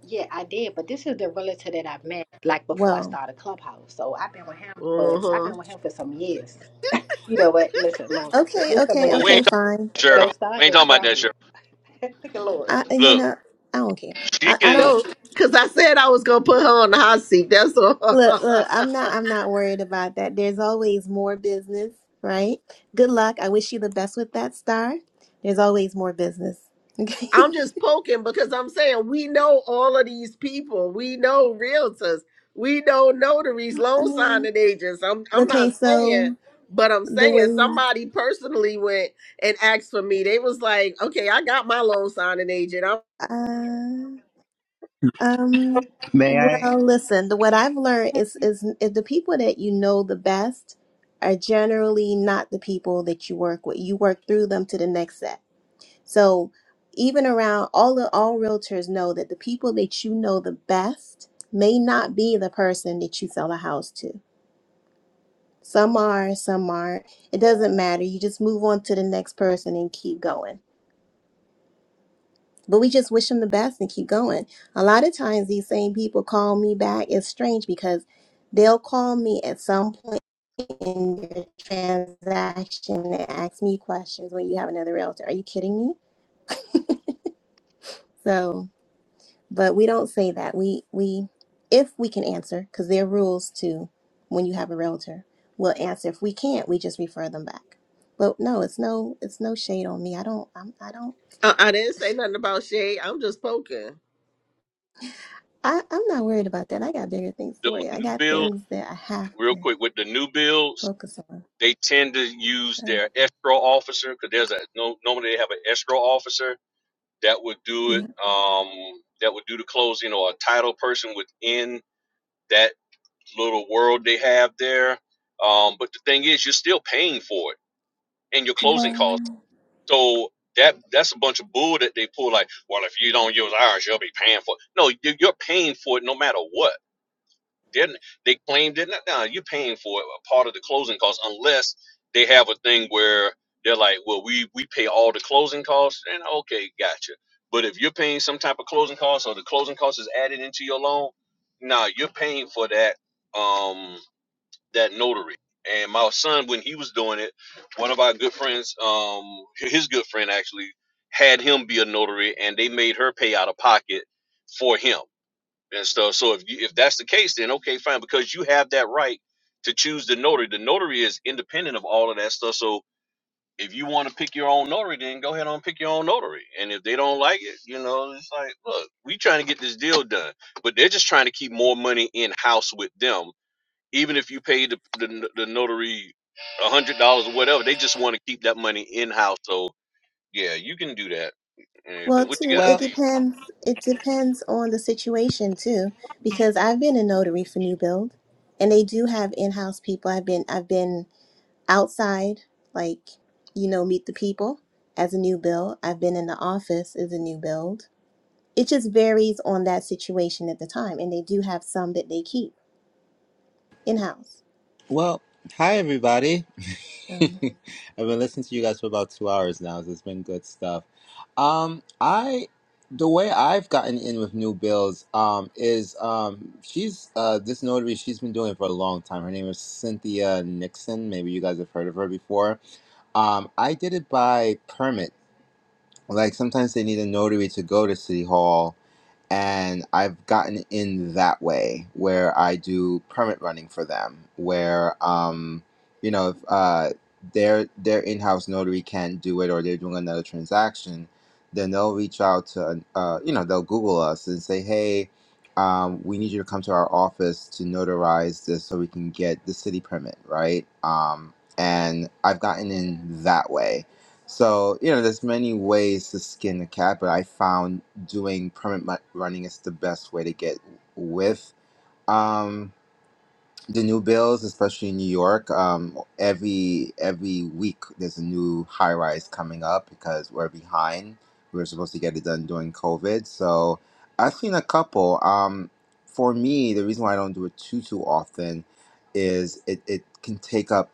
Speaker 2: Yeah, I did, but this is the realtor that I met like before I
Speaker 5: Whoa.
Speaker 2: started Clubhouse. So I've been with him for
Speaker 7: Uh
Speaker 2: I've
Speaker 7: huh.
Speaker 2: been with him for some years. You know what? Listen, Lord,
Speaker 5: Okay,
Speaker 2: listen,
Speaker 5: okay,
Speaker 3: But
Speaker 2: Lord,
Speaker 3: we
Speaker 5: okay,
Speaker 3: ain't
Speaker 2: don't
Speaker 3: talking
Speaker 5: fine.
Speaker 3: about
Speaker 5: I,
Speaker 3: Cheryl.
Speaker 2: don't
Speaker 3: We
Speaker 2: start
Speaker 3: ain't
Speaker 2: no
Speaker 3: talking about that
Speaker 2: trouble.
Speaker 3: Cheryl.
Speaker 2: Look at Lord.
Speaker 5: I you
Speaker 3: Look,
Speaker 5: know, I don't care.
Speaker 3: she
Speaker 5: I, I
Speaker 3: can
Speaker 5: don't
Speaker 7: No, because I said I was gonna put her on the hot seat. That's all.
Speaker 5: look, look, I'm not I'm not worried about that. There's always more business, right? Good luck. I wish you the best with that star. There's always more business. Okay.
Speaker 7: I'm just poking because I'm saying we know all of these people. We know realtors. We know notaries,
Speaker 5: I
Speaker 7: loan
Speaker 5: mean,
Speaker 7: signing agents. I'm I'm
Speaker 5: okay,
Speaker 7: not saying,
Speaker 5: so
Speaker 7: but I'm
Speaker 5: the
Speaker 7: saying
Speaker 5: way
Speaker 7: somebody personally went and asked for me. They was like, "Okay, I got my loan signing agent. I'm,
Speaker 5: uh um
Speaker 8: May I?
Speaker 5: well, listen, the what I've learned is is is the people that you know the best are generally not the people that you work with. You work through them to the next set So even around all the all realtors know that the people that you know the best may not be the person that you sell a house to. Some are, some aren't. It doesn't matter. You just move on to the next person and keep going. But we just wish them the best and keep going. A lot of times these same people call me back. It's strange because they'll call me at some point in the transaction and ask me questions when you have another realtor. Are you kidding me? So but we don't say that we we if we can answer because there are rules to when you have a realtor we'll answer if we can't we just refer them back but no it's no it's no shade on me i don't i'm i don't
Speaker 7: I I didn't say nothing about Shay. I'm just poking."
Speaker 5: I, i'm not worried about that i got bigger things to
Speaker 3: those
Speaker 5: worry i
Speaker 3: new
Speaker 5: got
Speaker 3: bills.
Speaker 5: things that i have
Speaker 3: real
Speaker 5: to
Speaker 3: quick with the new builds,
Speaker 5: focus on
Speaker 3: they tend to use
Speaker 5: so
Speaker 3: their escrow officer because there's a no normally they have an escrow officer that would do it.
Speaker 5: yeah
Speaker 3: Um, that would do the closing or a title person within that little world they have there. Um, but the thing is, you're still paying for it and your closing
Speaker 5: well
Speaker 3: costs. So that that's a bunch of bull that they pull. Like, well, if you don't use ours, you'll be paying for it. No, you- you're paying for it no matter what They're, they claimed it. No, you're paying for a part of the closing costs unless they have a thing where they're like, well, we we pay all the closing costs. And okay, gotcha. But if you're paying some type of closing costs or the closing cost is added into your loan, nah, you're paying for that um that notary. And my son, when he was doing it, one of our good friends, um, his good friend actually had him be a notary, and they made her pay out of pocket for him and stuff. So if you, if that's the case, then okay, fine, because you have that right to choose the notary. The notary is independent of all of that stuff. So if you want to pick your own notary, then go ahead and pick your own notary. And if they don't like it, you know, it's like, look, we trying to get this deal done, but they're just trying to keep more money in house with them. Even if you pay the the, the notary a hundred dollars or whatever, they just want to keep that money in house. So yeah, you can do that. And
Speaker 5: well
Speaker 3: everything. What you
Speaker 5: too
Speaker 3: got,
Speaker 5: it
Speaker 8: Well,
Speaker 3: Steve?
Speaker 5: depends it depends on the situation too because i've been a notary for new build and they do have in-house people i've been i've been outside, like, you know, meet the people as a new build. I've been in the office as a new build. It just varies on that situation at the time. And they do have some that they keep in house.
Speaker 8: well, hi everybody. I've
Speaker 5: So
Speaker 8: been listening to you guys for about two hours now. So it's been good stuff. Um, I the way I've gotten in with new bills um is um she's uh this notary she's been doing it for a long time. Her name is Cynthia Nixon. Maybe you guys have heard of her before. Um, I did it by permit. Like sometimes they need a notary to go to City Hall, and I've gotten in that way where I do permit running for them, where um, you know, if uh, their their in-house notary can't do it or they're doing another transaction, then they'll reach out to uh, you know, they'll Google us and say, hey. Um, we need you to come to our office to notarize this so we can get the city permit, right? Um, and I've gotten in that way so, you know, there's many ways to skin a cat, but I found doing permit mu- running is the best way to get with um, the new bills, especially in New York. Um, every every week there's a new high rise coming up because we're behind. We were supposed to get it done during COVID. So I've seen a couple. Um, for me, the reason why I don't do it too too often is it, it can take up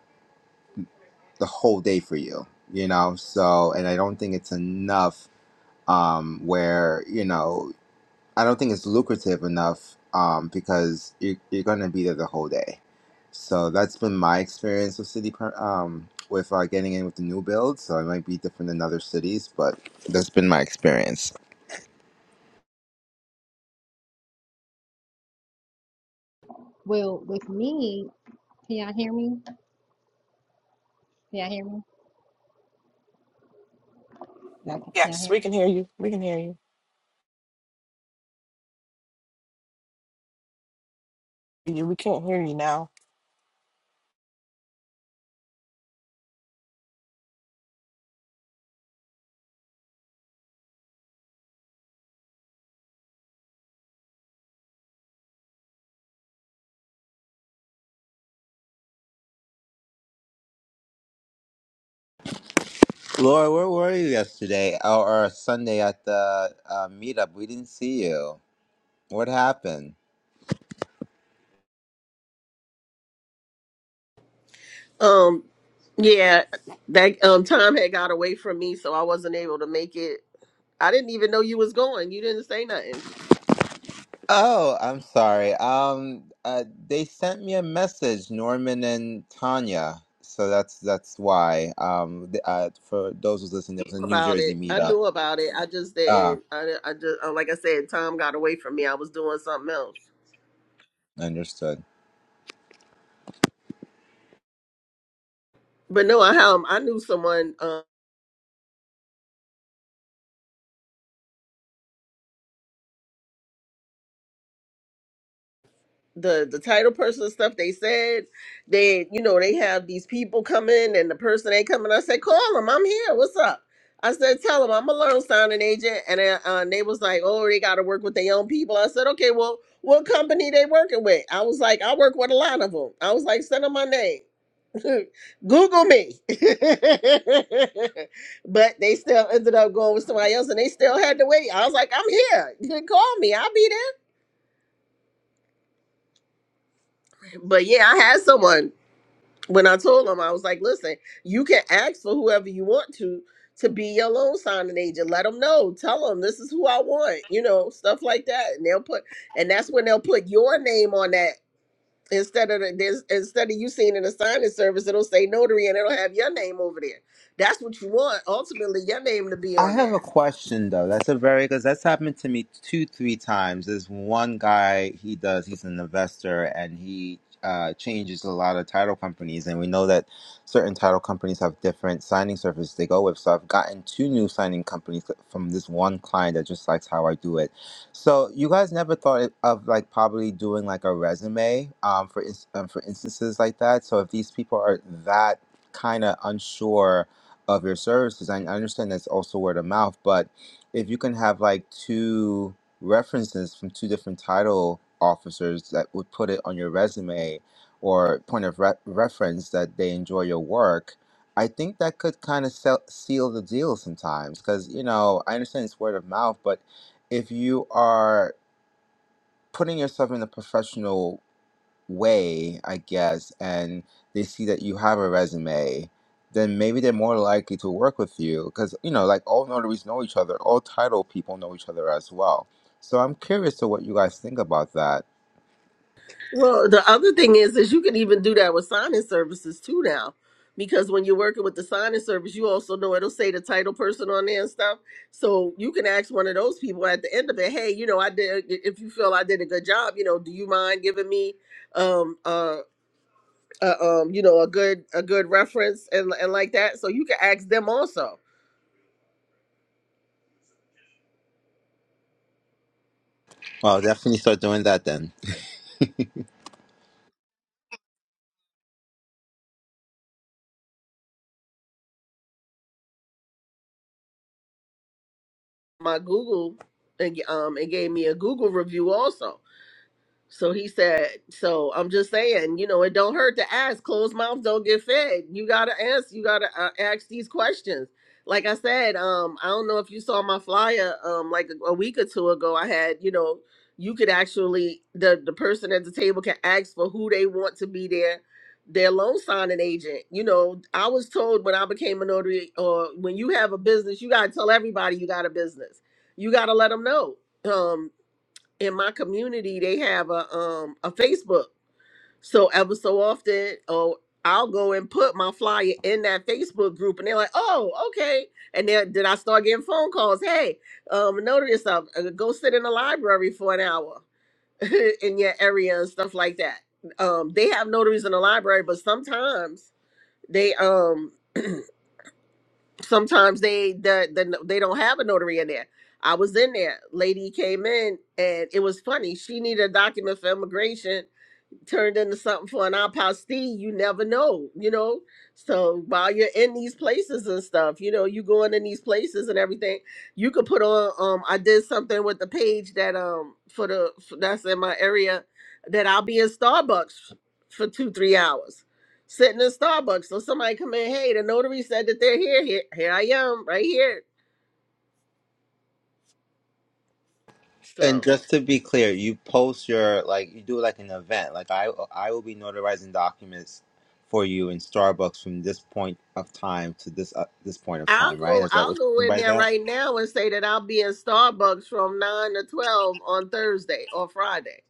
Speaker 8: the whole day for you, you know? So, and I don't think it's enough um, where you know I don't think it's lucrative enough um, because you're, you're going to be there the whole day. So that's been my experience with city per- um, with uh, getting in with the new build. So it might be different in other cities, but that's been my experience.
Speaker 2: Well, with me, can y'all hear me? Can y'all hear me? Okay, Can y'all hear me?
Speaker 4: Yes, we can hear you. We can hear you. You, we can't hear you now.
Speaker 8: Laura, where were you yesterday or, or Sunday at the uh, meetup? We didn't see you. What happened?
Speaker 7: Um, yeah, that um time had got away from me, so I wasn't able to make it. I didn't even know you was going. You didn't say nothing.
Speaker 8: Oh, I'm sorry. Um, uh, they sent me a message, Norman and Tanya. So that's that's why. Um, th- uh, for those who's listening, there was a New
Speaker 7: about
Speaker 8: Jersey
Speaker 7: it. I
Speaker 8: meetup.
Speaker 7: knew about it. I just
Speaker 8: Ah,
Speaker 7: didn't. I, I just uh, like I said, time got away from me. I was doing something else.
Speaker 8: understood.
Speaker 7: But no, I um, I knew someone. Um, the the title person and stuff they said they you know they have these people coming and the person ain't coming. I said call them. I'm here. What's up? I said tell them I'm a loan signing agent. And uh, uh, they was like, oh, they got to work with their own people. I said okay, well, what company they working with? I was like, I work with a lot of them. I was like, send them my name. Google me. but they still ended up going with somebody else and they still had to wait. I was like, I'm here. You can call me. I'll be there. But yeah, I had someone when I told them, I was like, listen, you can ask for whoever you want to to be your loan signing agent. Let them know. Tell them this is who I want, you know, stuff like that. And they'll put and that's when they'll put your name on that Instead of the, there's, instead of you seeing an assignment service, it'll say notary and it'll have your name over there. That's what you want. Ultimately, your name to be
Speaker 8: I
Speaker 7: on
Speaker 8: have a
Speaker 7: there.
Speaker 8: question though. That's a very because that's happened to me two, three times. There's one guy he does. He's an investor and he uh, changes a lot of title companies, and we know that certain title companies have different signing services they go with. So I've gotten two new signing companies from this one client that just likes how I do it. So you guys never thought of like probably doing like a resume um, for ins- um, for instances like that. So if these people are that kind of unsure of your services. I I understand that's also word of mouth, but if you can have like two references from two different title officers that would put it on your resume or point of re- reference that they enjoy your work, I think that could kind of sell- seal the deal sometimes. Because, you know, I understand it's word of mouth, but if you are putting yourself in a professional way, I guess, and they see that you have a resume, then maybe they're more likely to work with you because, you know, like all notaries know each other, all title people know each other as well. So I'm curious to what you guys think about that.
Speaker 7: Well, the other thing is, is you can even do that with signing services too now, because when you're working with the signing service, you also know it'll say the title person on there and stuff. So you can ask one of those people at the end of it, hey, you know, I did. If you feel I did a good job, you know, do you mind giving me, um, uh, uh um, you know, a good a good reference and and like that. So you can ask them also
Speaker 8: Well, I'll definitely start doing that then.
Speaker 7: my Google and um it gave me a Google review also. So he said, so I'm just saying, you know, it don't hurt to ask. Closed mouths don't get fed. You got to ask, you got to uh, ask these questions. Like I said, um, I don't know if you saw my flyer, um, like a, a week or two ago, I had, you know, you could actually, the, the person at the table can ask for who they want to be their, their loan signing agent. You know, I was told when I became a notary or when you have a business, you got to tell everybody you got a business. You got to let them know. Um, in my community they have a um a Facebook. So ever so often, oh, I'll go and put my flyer in that Facebook group, and they're like, "Oh, okay." And then then I start getting phone calls. Hey, um, notice up, uh, go sit in the library for an hour in your area and stuff like that. Um, they have notaries in the library, but sometimes they um sometimes they the, the they don't have a notary in there. I was in there. Lady came in and it was funny. She needed a document for immigration turned into something for an apostille, you never know, you know. So while you're in these places and stuff, you know, you going in these places and everything, you could put on. Um, I did something with the page that um for the for, that's in my area that I'll be in Starbucks for two three hours, sitting in Starbucks. So somebody come in, hey, the notary said that they're here. Here, here I am, right here. So
Speaker 8: And just to be clear, you post your like you do like an event. Like I I will be notarizing documents for you in Starbucks from this point of time to this uh, this point of
Speaker 7: I'll
Speaker 8: time, right?
Speaker 7: go.
Speaker 8: Is that what
Speaker 7: I'll go
Speaker 8: you mean
Speaker 7: in
Speaker 8: by
Speaker 7: there
Speaker 8: that?
Speaker 7: right now and say that I'll be in Starbucks from nine to twelve on Thursday or Friday.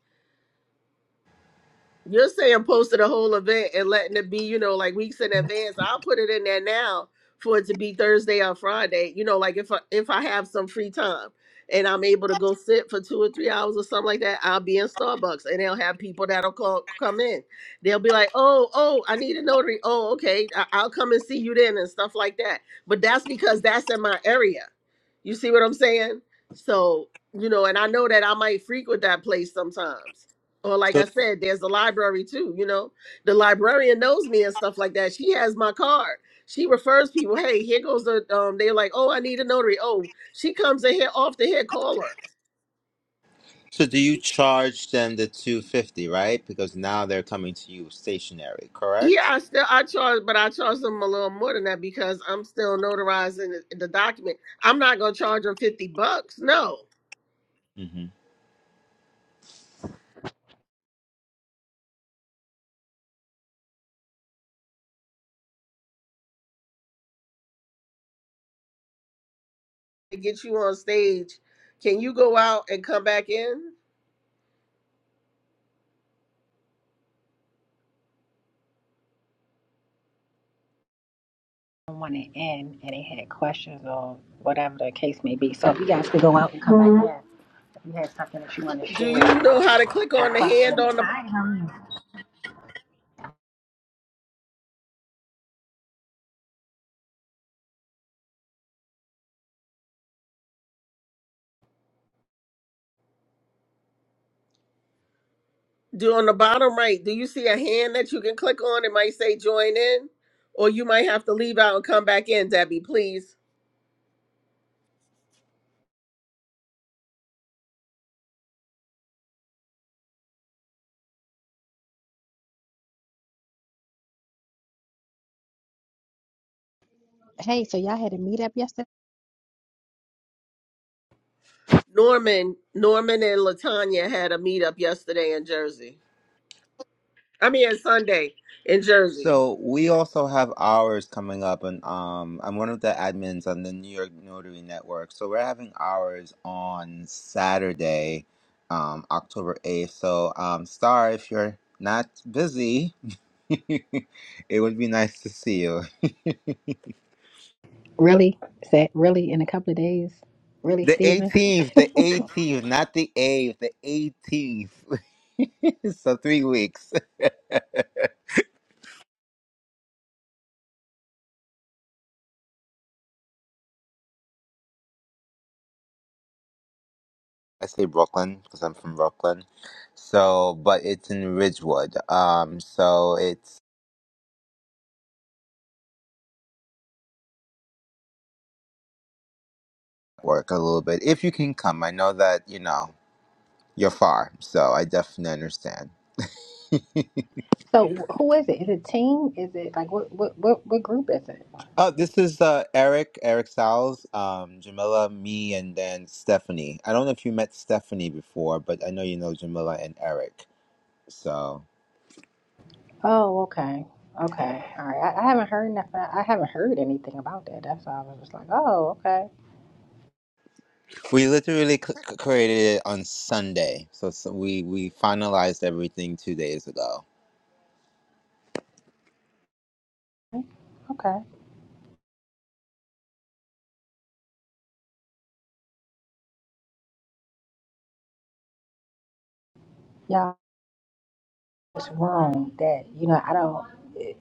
Speaker 7: You're saying posting a whole event and letting it be, you know, like weeks in advance. I'll put it in there now for it to be Thursday or Friday. You know, like if I if I have some free time and I'm able to go sit for two or three hours or something like that, I'll be in Starbucks and they'll have people that'll call come in. They'll be like, "Oh, oh, I need a notary. Oh, okay, I- I'll come and see you then and stuff like that." But that's because that's in my area. You see what I'm saying? So you know, and I know that I might frequent that place sometimes or like
Speaker 8: So,
Speaker 7: I said, there's the library too. You know, the librarian knows me and stuff like that. She has my card. She refers people. Hey, here goes the. Um, they're like, oh, I need a notary. Oh, she comes in here off the head. Call her.
Speaker 8: So do you charge them the 250, right? Because now they're coming to you stationary, correct?
Speaker 7: Yeah, I still I charge, but I charge them a little more than that because I'm still notarizing the, the document. I'm not gonna charge them fifty bucks. No,
Speaker 8: hmm
Speaker 7: to get you on stage, can you go out and come back in?
Speaker 2: on it end and they had questions or whatever the case may be. So if you guys could go out and come back in, if you had something that you want to
Speaker 7: Do
Speaker 2: share or
Speaker 7: you know how to click on the hand
Speaker 2: questions.
Speaker 7: on the
Speaker 2: Hi, how are you?
Speaker 7: Do on the bottom right, do you see a hand that you can click on? It might say join in, or you might have to leave out and come back in, Debbie, please.
Speaker 2: Hey, so y'all had a meetup yesterday?
Speaker 7: Norman, Norman and Latanya had a meetup yesterday in Jersey. I mean, Sunday in Jersey.
Speaker 8: So we also have ours coming up and um I'm one of the admins on the New York Notary Network. So we're having ours on Saturday, um October 8th. So um Star, if you're not busy, it would be nice to see you.
Speaker 2: Is that really in a couple of days? Really,
Speaker 8: The
Speaker 2: Stephen?
Speaker 8: 18th, the 18th, not the 8th, the 18th. so 3 weeks. I say Brooklyn because I'm from Brooklyn. So, but it's in Ridgewood. Um, so it's work a little bit. If you can come, I know that, you know, you're far. So I definitely understand. Oh, this is uh, Eric, Eric Sowles, um, Jamila, me, and then Stephanie. I don't know if you met Stephanie before, but I know you know Jamila and Eric. So
Speaker 2: Oh, okay. Okay. All right. I, I haven't heard nothing. I haven't heard anything about that. That's why I was just like, oh, okay.
Speaker 8: we literally c- c- created it on Sunday. So, so we, we finalized everything two days ago.
Speaker 2: Okay. Y'all, it's wrong that, you know, I don't, it,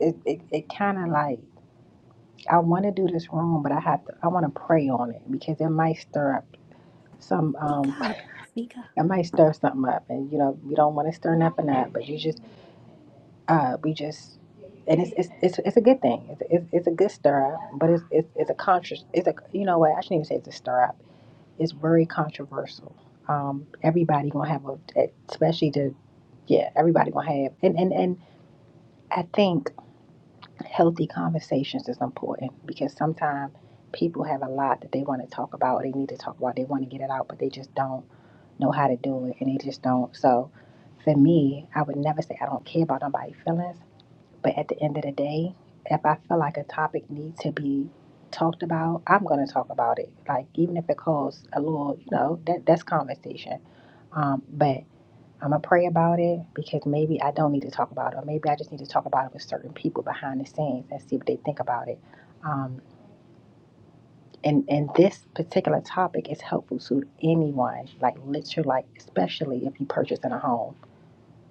Speaker 2: it, it, it kind of like, I want to do this wrong, but I have to, I want to pray on it because it might stir up some
Speaker 5: speak
Speaker 2: um
Speaker 5: up, speak up.
Speaker 2: I might stir something up and you know we don't want to stir nothing up but you just uh we just and it's it's it's, it's a good thing it's, it's it's a good stir up but it's it's, it's a conscious it's a you know what I shouldn't even say it's a stir up it's very controversial um everybody gonna have a especially the yeah everybody gonna have and and and I think healthy conversations is important because sometimes people have a lot that they want to talk about they need to talk about they want to get it out but they just don't know how to do it and they just don't. So for me, I would never say I don't care about nobody's feelings. But at the end of the day, if I feel like a topic needs to be talked about, I'm gonna talk about it. Like even if it costs a little, you know, that that's conversation. Um, but I'm gonna pray about it because maybe I don't need to talk about it, or maybe I just need to talk about it with certain people behind the scenes and see what they think about it. Um, and and this particular topic is helpful to anyone like literally like especially if you purchasing a home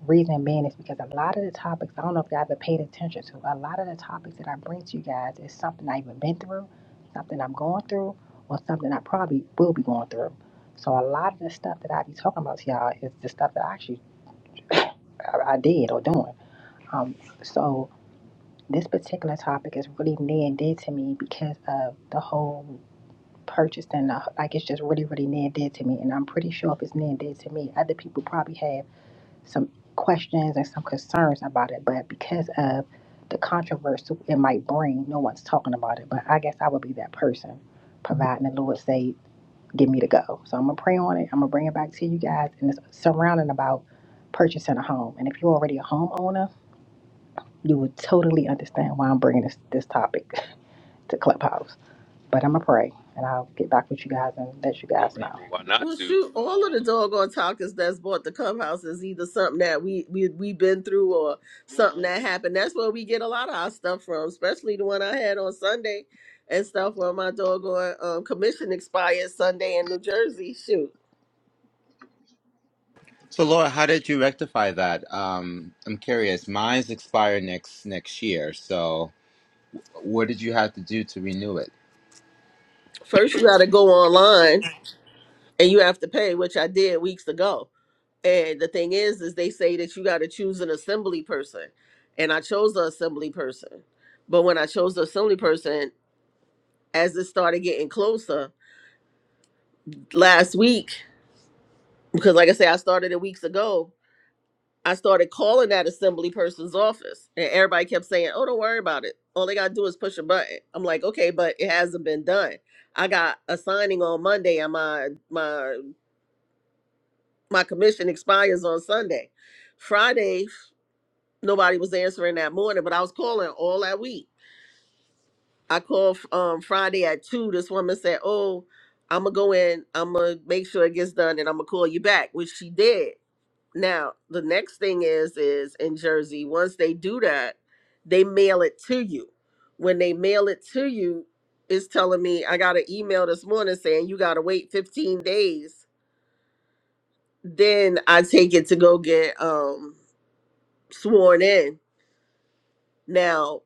Speaker 2: reason being is because a lot of the topics i don't know if you guys have paid attention to a lot of the topics that i bring to you guys is something i've even been through something i'm going through or something i probably will be going through so a lot of the stuff that i be talking about to y'all is the stuff that i actually i, I did or doing um so this particular topic is really near and dear to me because of the whole purchased and uh, like it's just really really near and dear to me and i'm pretty sure if it's near and dear to me other people probably have some questions and some concerns about it but because of the controversy it might bring no one's talking about it but i guess i would be that person providing the lord say give me the go so i'm gonna pray on it i'm gonna bring it back to you guys and it's surrounding about purchasing a home and if you're already a homeowner you would totally understand why i'm bringing this this topic to clubhouse but i'm gonna pray and i'll get back with you guys and let you
Speaker 3: No
Speaker 2: guys know
Speaker 3: reason why not
Speaker 7: Well,
Speaker 3: to.
Speaker 7: shoot, all of the
Speaker 3: Um,
Speaker 7: doggone talkers that's bought the clubhouse is either something that we we we have been through or something that happened. That's where we get a lot of our stuff from, especially the one I had on Sunday and stuff where my doggone um, commission expired Sunday in New Jersey. Shoot.
Speaker 8: So Laura, how did you rectify that? Um, I'm curious. Mine's expire next next year, so what did you have to do to renew it?
Speaker 7: First, you got to go online and you have to pay, which I did weeks ago. And the thing is, is they say that you got to choose an assembly person, and I chose the assembly person. But when I chose the assembly person, as it started getting closer last week, because like I say, I started it weeks ago. I started calling that assembly person's office, and everybody kept saying, "Oh, don't worry about it. All they gotta do is push a button." I'm like, "Okay, but it hasn't been done. I got a signing on Monday, and my my my commission expires on Sunday. Friday, nobody was answering that morning, but I was calling all that week. I called um, Friday at two. This woman said, "Oh, I'm gonna go in. I'm gonna make sure it gets done, and I'm gonna call you back," which she did. Now the next thing is, is in Jersey, once they do that, they mail it to you. When they mail it to you, it's telling me I got an email this morning saying you gotta wait 15 days then I take it to go get um sworn in. Now,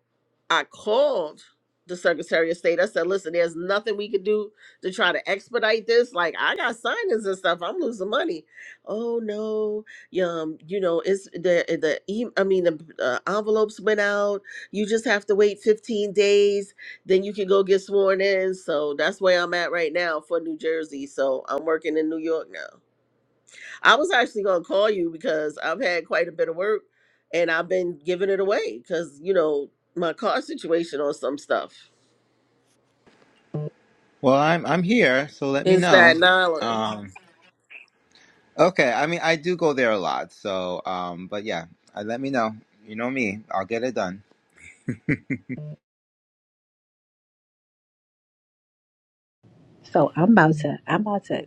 Speaker 7: I called the Secretary of State. I said, listen, there's nothing we could do to try to expedite this. Like, I got signings and stuff. I'm losing money. Oh, no. yeah, Um, you know, it's the, the, e- I mean, the uh, envelopes went out. You just have to wait 15 days. Then you can go get sworn in. So that's where I'm at right now for New Jersey. So I'm working in New York now. I was actually going to call you because I've had quite a bit of work and I've been giving it away because, you know, my car situation on some stuff
Speaker 8: Well, I'm I'm here, so let me
Speaker 7: in
Speaker 8: know.
Speaker 7: Staten Island.
Speaker 8: Um, okay, I mean I do go there a lot, so um, but yeah, I, let me know. You know me, I'll get it done.
Speaker 2: So I'm about to, I'm about to,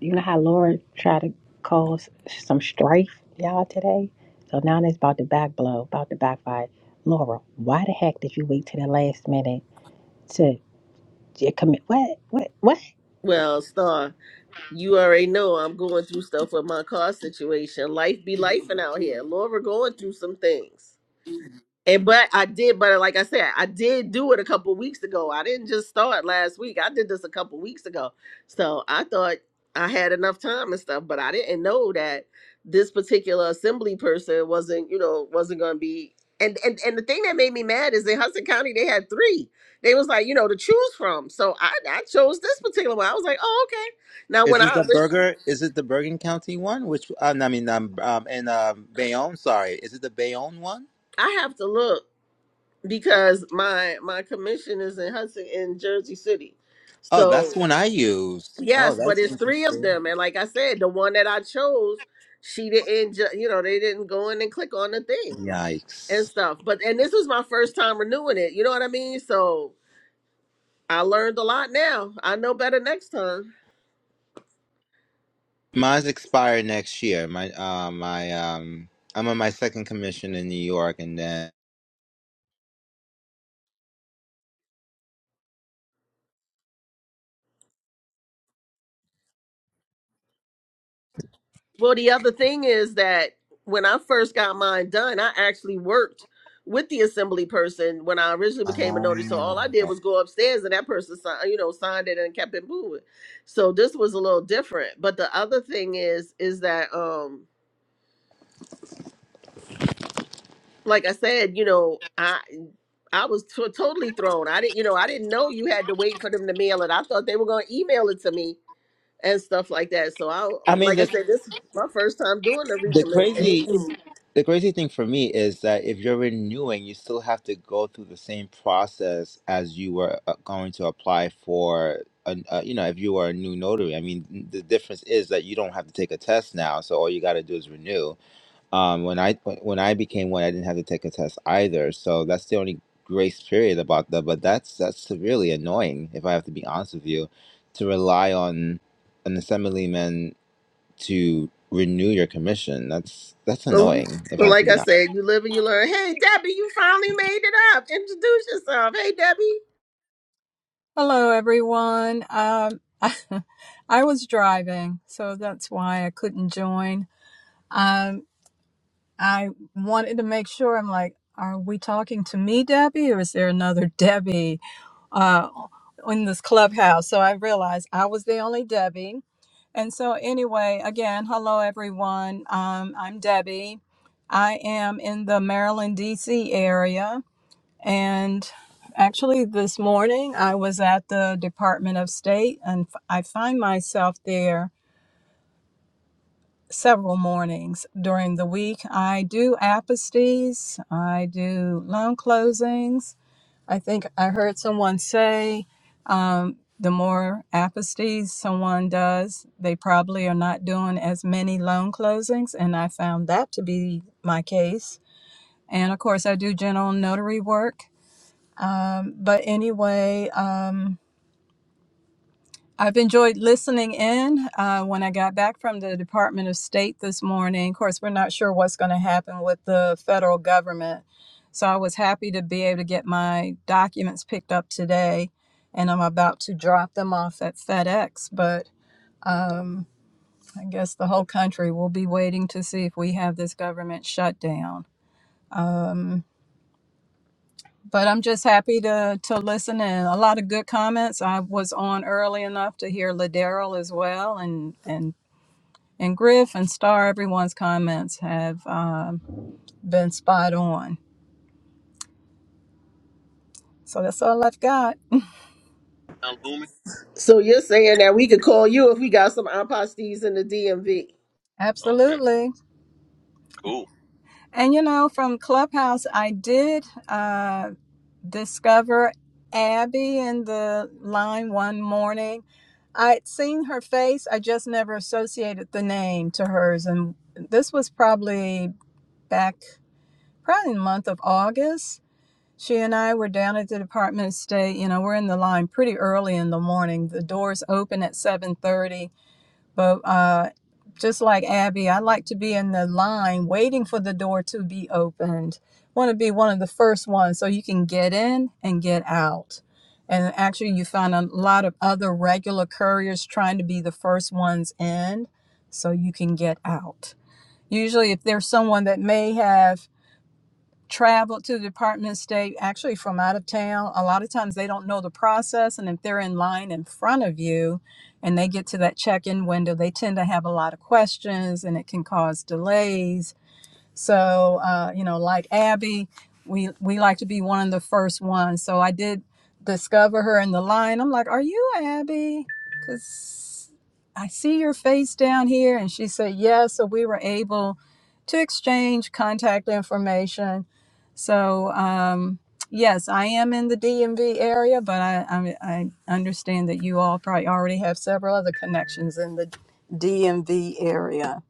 Speaker 2: you know how Laura tried to cause some strife, y'all, today? So now it's about to back blow, about to backfire. Laura, why the heck did you wait to the last minute to, to commit? What? What? What?
Speaker 7: Well, Star, you already know I'm going through stuff with my car situation. Life be life out here. Laura going through some things. And but I did, but like I said, I did do it a couple weeks ago. I didn't just start last week. I did this a couple weeks ago. So I thought I had enough time and stuff, but I didn't know that this particular assembly person wasn't, you know, wasn't gonna be and and, and the thing that made me mad is in Hudson County they had three. They was like, you know, to choose from. So I, I chose this particular one. I was like, oh, okay. Now
Speaker 8: Is
Speaker 7: when
Speaker 8: it
Speaker 7: I
Speaker 8: the burger? Is it the Bergen County one? Which uh, I mean, um, um in uh, Bayonne. Sorry, is it the Bayonne one?
Speaker 7: I have to look because my my commission is in Hudson in Jersey City.
Speaker 8: Oh, that's
Speaker 7: So
Speaker 8: the one I used. Oh,
Speaker 7: Yes, but
Speaker 8: that's
Speaker 7: it's three of
Speaker 8: interesting.
Speaker 7: them, and like I said, the one that I chose, she didn't. Ju- you know, they didn't go in and click on the thing and
Speaker 8: Yikes.
Speaker 7: stuff. But and this was my first time renewing it. You know what I mean? So I learned a lot now. I know better next time.
Speaker 8: Mine's expire next year. My uh, my um, I'm on my second commission in New York, and then.
Speaker 7: Well, the other thing is that when I first got mine done, I actually worked with the assembly person when I originally became a notary. So all
Speaker 8: Oh.
Speaker 7: I did was go upstairs, and that person signed, you know, signed it and kept it moving. So this was a little different. But the other thing is, is that um like I said, you know, I I was t- totally thrown. I didn't, you know, I didn't know you had to wait for them to mail it. I thought they were going to email it to me and stuff like that. So I,
Speaker 8: I mean
Speaker 7: like I
Speaker 8: the
Speaker 7: said, this is my first time doing the
Speaker 8: the crazy
Speaker 7: recommission.
Speaker 8: the crazy thing for me is that if you're renewing, you still have to go through the same process as you were uh, going to apply for. A, a, you know, if you are a new notary, I mean, the difference is that you don't have to take a test now, so all you got to do is renew. Um, when I when I became one, I didn't have to take a test either. So that's the only grace period about that. But that's that's severely annoying, if I have to be honest with you, to rely on an assemblyman to renew your commission. That's that's
Speaker 7: So,
Speaker 8: annoying, if
Speaker 7: so
Speaker 8: I have to
Speaker 7: like
Speaker 8: be
Speaker 7: I
Speaker 8: honest.
Speaker 7: said, you live and you learn. Hey, Debbie, you finally made it up. Introduce yourself. Hey, Debbie.
Speaker 9: Hello, everyone. Um, I was driving, so that's why I couldn't join. Um, I wanted to make sure. I'm like, are we talking to me, Debbie, or is there another Debbie uh, in this clubhouse? So I realized I was the only Debbie. And so, anyway, again, hello, everyone. Um, I'm Debbie. I am in the Maryland, D.C. area and actually, this morning I was at the Department of State, and f- I find myself there several mornings during the week. I do aposties, I do loan closings. I think I heard someone say um, the more aposties someone does, they probably are not doing as many loan closings, and I found that to be my case. And of course, I do general notary work Um, but anyway, um, I've enjoyed listening in. Uh, when I got back from the Department of State this morning, of course, we're not sure what's going to happen with the federal government. So I was happy to be able to get my documents picked up today, and I'm about to drop them off at FedEx. But um, I guess the whole country will be waiting to see if we have this government shutdown. but I'm just happy to to listen and a lot of good comments. I was on early enough to hear Ladero as well, and and and Griff and Star. Everyone's comments have um, been spot on. So that's all I've got.
Speaker 3: sound booming?
Speaker 7: So you're saying that we could call you if we got some impostees in the DMV
Speaker 3: Okay,
Speaker 9: Absolutely.
Speaker 3: cool.
Speaker 9: And you know, from Clubhouse, I did uh, discover Abby in the line one morning. I'd seen her face. I just never associated the name to hers, and this was probably back probably in the month of August. She and I were down at the Department of State. You know, we're in the line pretty early in the morning. The doors open at 7:30, but uh, just like Abby, I like to be in the line waiting for the door to be opened. Want to be one of the first ones so you can get in and get out. And actually, you find a lot of other regular couriers trying to be the first ones in so you can get out. Usually, if there's someone that may have travel to the Department of State, actually from out of town. A lot of times they don't know the process, and if they're in line in front of you and they get to that check in window, they tend to have a lot of questions and it can cause delays. So, uh, you know, like Abby, we we like to be one of the first ones. So I did discover her in the line. I'm like, "Are you Abby?" Cuz I see your face down here and she said, "Yes." Yeah. So we were able to exchange contact information. So, um Yes, I am in the DMV area, but I, I I understand that you all probably already have several other connections in the DMV area.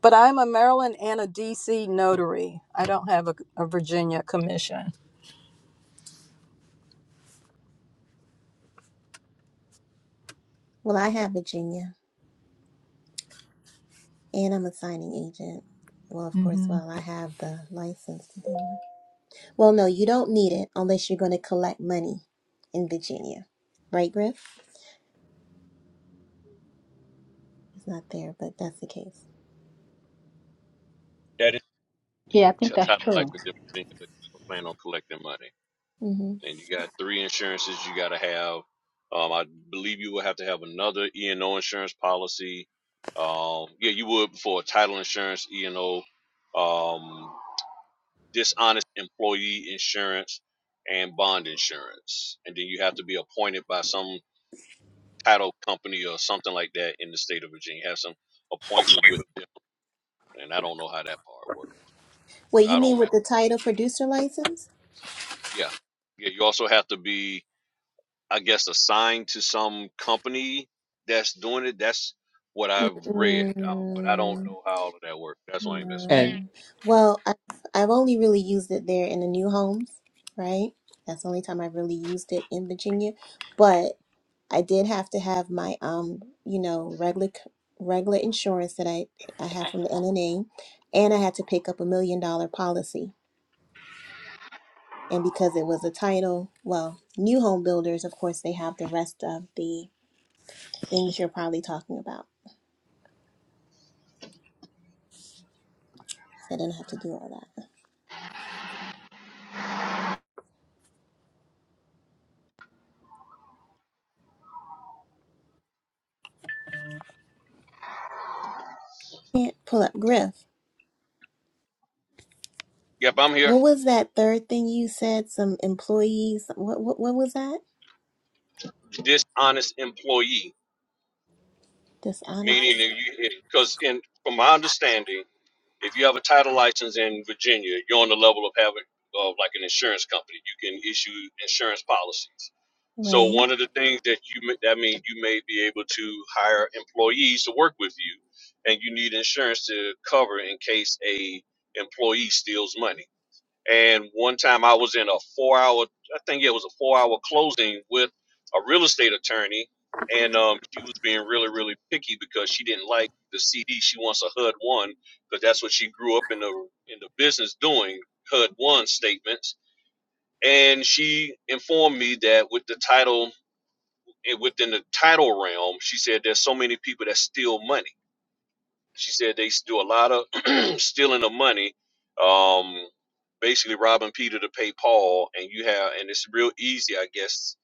Speaker 9: But I'm a Maryland and a DC notary. I don't have a, a Virginia commission.
Speaker 5: Well, I have Virginia and I'm a signing agent. Well, of course,
Speaker 9: Mm-hmm.
Speaker 5: well, I have the license to do it. Well, no, you don't need it unless you're going to collect money in Virginia. Right, Griff? It's not there, but that's the case.
Speaker 3: That is title life a different thing, but you plan on collecting money.
Speaker 5: hmm
Speaker 3: And you got three insurances you got to have. Um, I believe you will have to have another E and O insurance policy. Um, yeah, you would for title insurance, E and O, um, dishonest employee insurance, and bond insurance. And then you have to be appointed by some title company or something like that in the state of Virginia. Have some appointment with them, and I don't know how that part works.
Speaker 5: Wait, you
Speaker 3: I
Speaker 5: mean
Speaker 3: don't
Speaker 5: with
Speaker 3: mess.
Speaker 5: the title producer license?
Speaker 3: Yeah. Yeah. You also have to be, I guess, assigned to some company that's doing it. That's what I've read, um, but I don't
Speaker 5: Mm-mm,
Speaker 3: know how all of that works. That's why I ain't messing with.
Speaker 8: And
Speaker 5: no. Well, I've, I've only really used it there in the new homes, right? That's the only time I've really used it in Virginia. But I did have to have my um, you know, regular c- regular insurance that I I have from the NNA, and I had to pick up a million dollar policy. And because it was a title, well, new home builders, of course, they have the rest of the things you're probably talking about. So I didn't have to do all that. Can't pull up Griff.
Speaker 3: it. Yep, I'm here.
Speaker 5: What was that third thing you said? Some employees. What what what was that?
Speaker 3: Dishonest employee,
Speaker 5: Dishonest,
Speaker 3: meaning that you, because in from my understanding, If you have a title license in Virginia, you're on the level of having of like an insurance company. You can issue insurance policies. So
Speaker 5: right?
Speaker 3: one of the things that you may, that means you may be able to hire employees to work with you, and you need insurance to cover in case a employee steals money. And one time I was in a four hour, I think it was a four hour closing with a real estate attorney. And um, she was being really, really picky because she didn't like the CD. She wants a HUD one because that's what she grew up in the in the business doing HUD one statements. And she informed me that with the title within the title realm, she said there's so many people that steal money. She said they do a lot of stealing of money, um, basically robbing Peter to pay Paul, and you have, and it's real easy, I guess,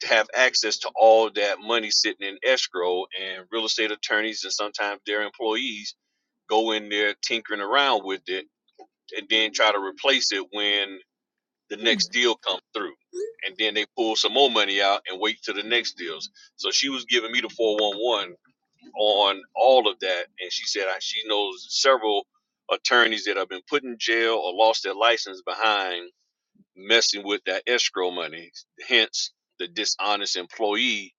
Speaker 3: to have access to all that money sitting in escrow, and real estate attorneys and sometimes their employees go in there tinkering around with it, and then try to replace it when the
Speaker 5: Hmm.
Speaker 3: next deal comes through. And then they pull some more money out and wait till the next deals. So she was giving me the 411 on all of that, and she said I, she knows several attorneys that have been put in jail or lost their license behind messing with that escrow money. Hence, the dishonest employee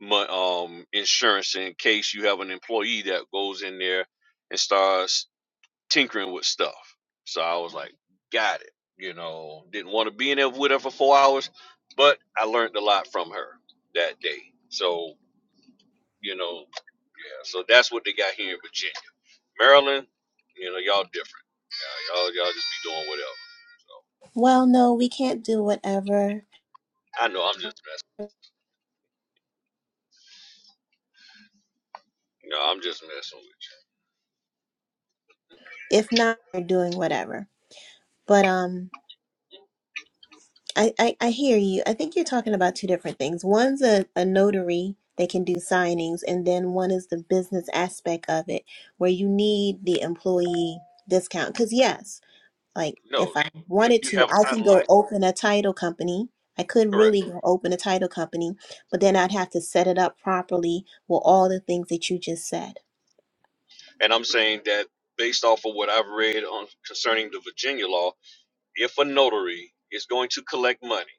Speaker 3: mon- um, insurance in case you have an employee that goes in there and starts tinkering with stuff. So I was like, got it. You know, didn't want to be in there with her for four hours, but I learned a lot from her that day. So you know, yeah. So that's what they got here in Virginia. Maryland, you know, y'all different. Y'all, y'all, y'all just be doing whatever. So
Speaker 5: Well, no, we can't do whatever.
Speaker 3: I know I'm just messing. You know, I'm just messing with
Speaker 5: If not, we're doing whatever. But um, I I, I hear you. I think you're talking about two different things. One's a, a notary. They can do signings, and then one is the business aspect of it, where you need the employee discount. Because yes, Like
Speaker 3: you.
Speaker 5: if
Speaker 3: No,
Speaker 5: I
Speaker 3: if
Speaker 5: wanted
Speaker 3: you
Speaker 5: to,
Speaker 3: have a
Speaker 5: I can
Speaker 3: title
Speaker 5: go
Speaker 3: license,
Speaker 5: open a title company. I could
Speaker 3: correct.
Speaker 5: really go open a title company, but then I'd have to set it up properly with all the things that you just said.
Speaker 3: And I'm saying that based off of what I've read on concerning the Virginia law, if a notary is going to collect money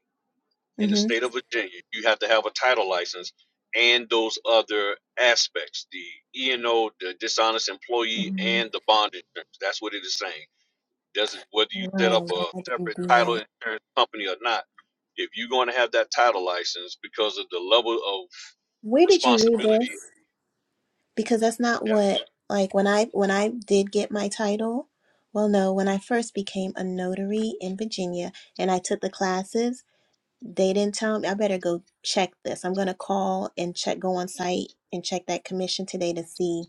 Speaker 3: in the
Speaker 5: Mm-hmm.
Speaker 3: state of Virginia, you have to have a title license and those other aspects, the E and O, the dishonest employee,
Speaker 5: hmm
Speaker 3: and the bond insurance. That's what it is saying doesn't whether you set up
Speaker 5: Wow,
Speaker 3: a
Speaker 5: I didn't
Speaker 3: separate
Speaker 5: do
Speaker 3: title
Speaker 5: that.
Speaker 3: insurance company or not. If you're going to have that title license because of the level of
Speaker 5: Where did you read this?
Speaker 3: responsibility,
Speaker 5: Because that's not
Speaker 3: yeah,
Speaker 5: what like when I when I did get my title. Well, no, when I first became a notary in Virginia and I took the classes, They didn't tell me. I better go check this. I'm gonna call and check, go on site and check that commission today to see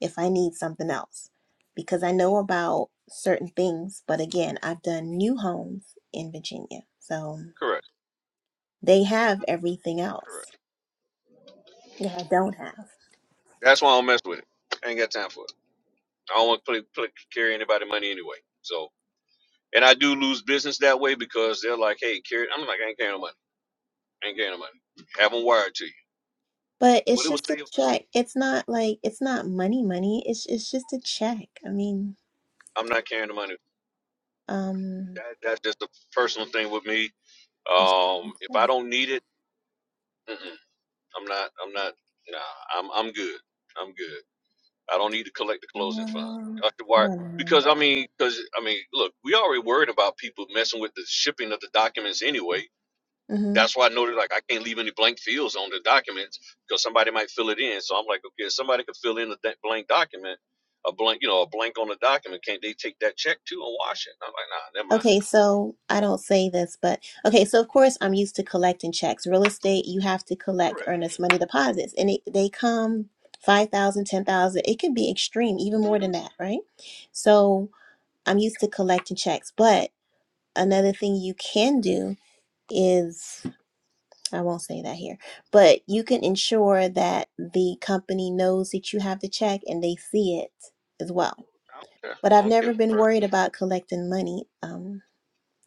Speaker 5: if I need something else. Because I know about certain things, but again, I've done new homes in Virginia. So
Speaker 3: correct,
Speaker 5: they have everything else
Speaker 3: correct.
Speaker 5: that I don't have.
Speaker 3: That's why I don't mess with it. I ain't got time for it. I don't want to play, play, carry anybody money anyway. So, and I do lose business that way because they're like, "Hey, carry." I'm like, "I ain't carrying no money. I ain't carrying no money. Have them wired to you."
Speaker 5: But
Speaker 3: Well,
Speaker 5: it's
Speaker 3: it was
Speaker 5: just a
Speaker 3: saved.
Speaker 5: check. It's not like it's not money money. It's it's just a check. I mean,
Speaker 3: I'm not carrying the money.
Speaker 5: um
Speaker 3: That, that's just a personal thing with me.
Speaker 5: it's
Speaker 3: Um,
Speaker 5: just a
Speaker 3: if I
Speaker 5: check.
Speaker 3: don't need it, mm-mm. I'm not. I'm not. Nah, I'm. I'm good. I'm good. I don't need to collect the closing fund.
Speaker 5: Well,
Speaker 3: Dr.
Speaker 5: I
Speaker 3: Wire,
Speaker 5: don't know.
Speaker 3: because I mean, because I mean, look, we already worried about people messing with the shipping of the documents anyway.
Speaker 5: Mm-hmm.
Speaker 3: That's why I noted like I can't leave any blank fields on the documents because somebody might fill it in. So I'm like, okay, if somebody could fill in a da- blank document, a blank, you know, a blank on the document. Can't they take that check too and wash it? I'm like, nah, never mind.
Speaker 5: Okay, so I don't say this, but okay, so of course I'm used to collecting checks. Real estate, you have to collect
Speaker 3: Correct.
Speaker 5: earnest money deposits, and it, they come 5,000, 10,000. It can be extreme, even more than that, right? So I'm used to collecting checks, but another thing you can do is I won't say that here, but you can ensure that the company knows that you have the check and they see it as well.
Speaker 3: I don't
Speaker 5: But
Speaker 3: care. I
Speaker 5: I've
Speaker 3: don't care.
Speaker 5: never been
Speaker 3: Per-
Speaker 5: worried about collecting money. Um,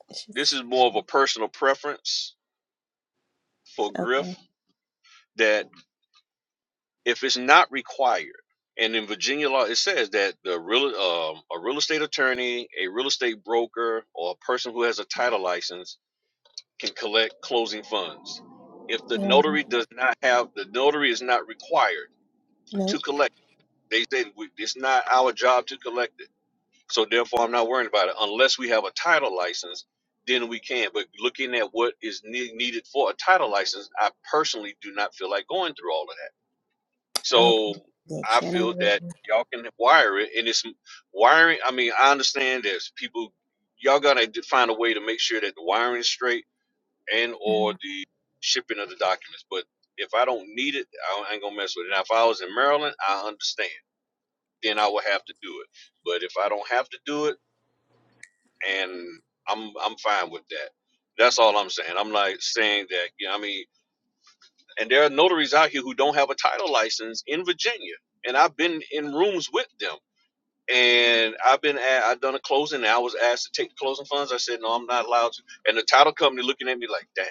Speaker 5: it's
Speaker 3: This
Speaker 5: just
Speaker 3: is more of a personal preference for
Speaker 5: okay.
Speaker 3: Griff that if it's not required, and in Virginia law it says that the real um, a real estate attorney, a real estate broker, or a person who has a title license can collect closing funds. If the
Speaker 5: No,
Speaker 3: notary does not have the notary is not required
Speaker 5: nope.
Speaker 3: to collect, they say we, it's not our job to collect it. So therefore, I'm not worried about it unless we have a title license. Then we can. But looking at what is ne- needed for a title license, I personally do not feel like going through all of that.
Speaker 5: Okay,
Speaker 3: So
Speaker 5: I get
Speaker 3: I
Speaker 5: you. are not.
Speaker 3: feel
Speaker 5: really,
Speaker 3: that y'all can wire it, and it's wiring. I mean, I understand there's people. Y'all gotta d- find a way to make sure that the wiring is straight and or the shipping of the documents. But if I don't need it, I don't- I ain't gonna mess with it. Now, if I was in Maryland, I understand. Then I would have to do it. But if I don't have to do it, and I'm I'm fine with that. That's all I'm saying. I'm like saying that. You know, I mean, and there are notaries out here who don't have a title license in Virginia. And I've been in rooms with them. And I've been at, I've done a closing and I was asked to take the closing funds. I said, no, I'm not allowed to. And the title company looking at me like, dang,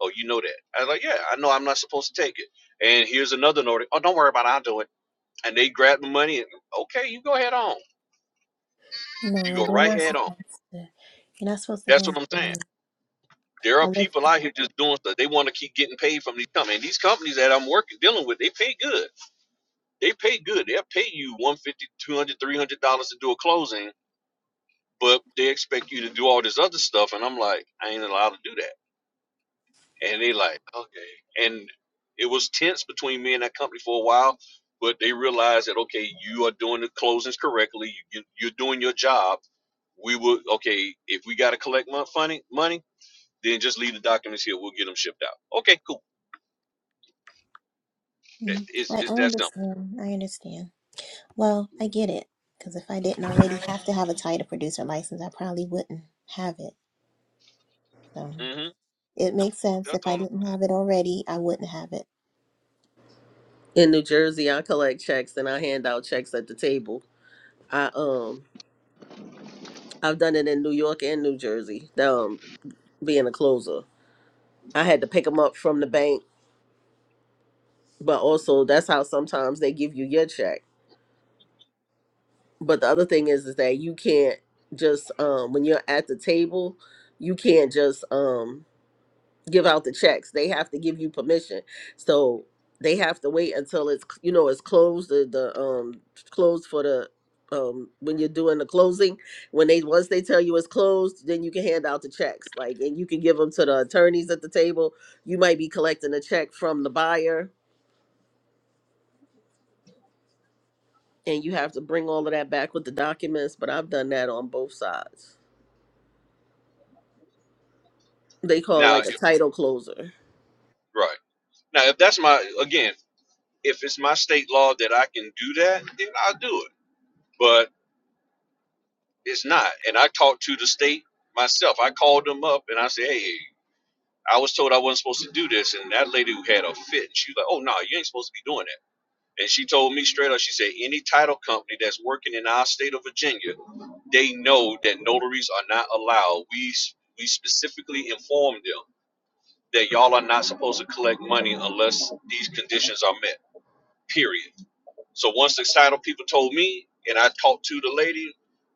Speaker 3: oh, you know that. I was like, yeah, I know I'm not supposed to take it. And here's another notary. Oh, don't worry about it. I'll do it. And they grab the money and, okay, you go head on. You
Speaker 5: no,
Speaker 3: go
Speaker 5: they're
Speaker 3: right
Speaker 5: not
Speaker 3: head on.
Speaker 5: supposed to. You're not supposed to
Speaker 3: That's what
Speaker 5: handle
Speaker 3: I'm saying.
Speaker 5: money
Speaker 3: There are
Speaker 5: unless.
Speaker 3: people out here just doing stuff. They want to keep getting paid from these companies. And these companies that I'm working, dealing with, they pay good They pay good. They'll pay you 150 200 300 dollars two hundred dollars, three hundred dollars to do a closing, but they expect you to do all this other stuff, and I'm like, I ain't allowed to do that. And they like, okay. And it was tense between me and that company for a while, but they realized that okay, you are doing the closings correctly. You, you're doing your job. We will okay if we got to collect money, money, then just leave the documents here. We'll get them shipped out. Okay, cool.
Speaker 5: Mhm.
Speaker 3: It's,
Speaker 5: I, I
Speaker 3: it's that simple.
Speaker 5: understand. I understand. Well, I get it. Because if I didn't already have to have a title producer license, I probably wouldn't have it. So
Speaker 3: hmm
Speaker 5: it makes sense. If
Speaker 3: That's
Speaker 5: I
Speaker 3: all.
Speaker 5: didn't have it already, I wouldn't have it.
Speaker 7: in New Jersey. I collect checks and I hand out checks at the table. I um I've done it in New York and New Jersey. Um, being a closer, I had to pick them up from the bank, but also that's how sometimes they give you your check. But the other thing is, is that you can't just um, when you're at the table, you can't just um, give out the checks. They have to give you permission. So they have to wait until it's you know it's closed the, the um closed for the um when you're doing the closing when they once they tell you it's closed then you can hand out the checks like and you can give them to the attorneys at the table you might be collecting a check from the buyer and you have to bring all of that back with the documents but i've done that on both sides they call it
Speaker 3: Now,
Speaker 7: like a title closer
Speaker 3: right now, if that's my again, if it's my state law that I can do that, then I'll do it. But it's not. And I talked to the state myself. I called them up and I said, hey, I was told I wasn't supposed to do this. And that lady who had a fit, she was like, oh, no, you ain't supposed to be doing that. And she told me straight up, she said, any title company that's working in our state of Virginia, they know that notaries are not allowed. We, we specifically informed them that y'all are not supposed to collect money unless these conditions are met, period. So once the title people told me, and I talked to the lady,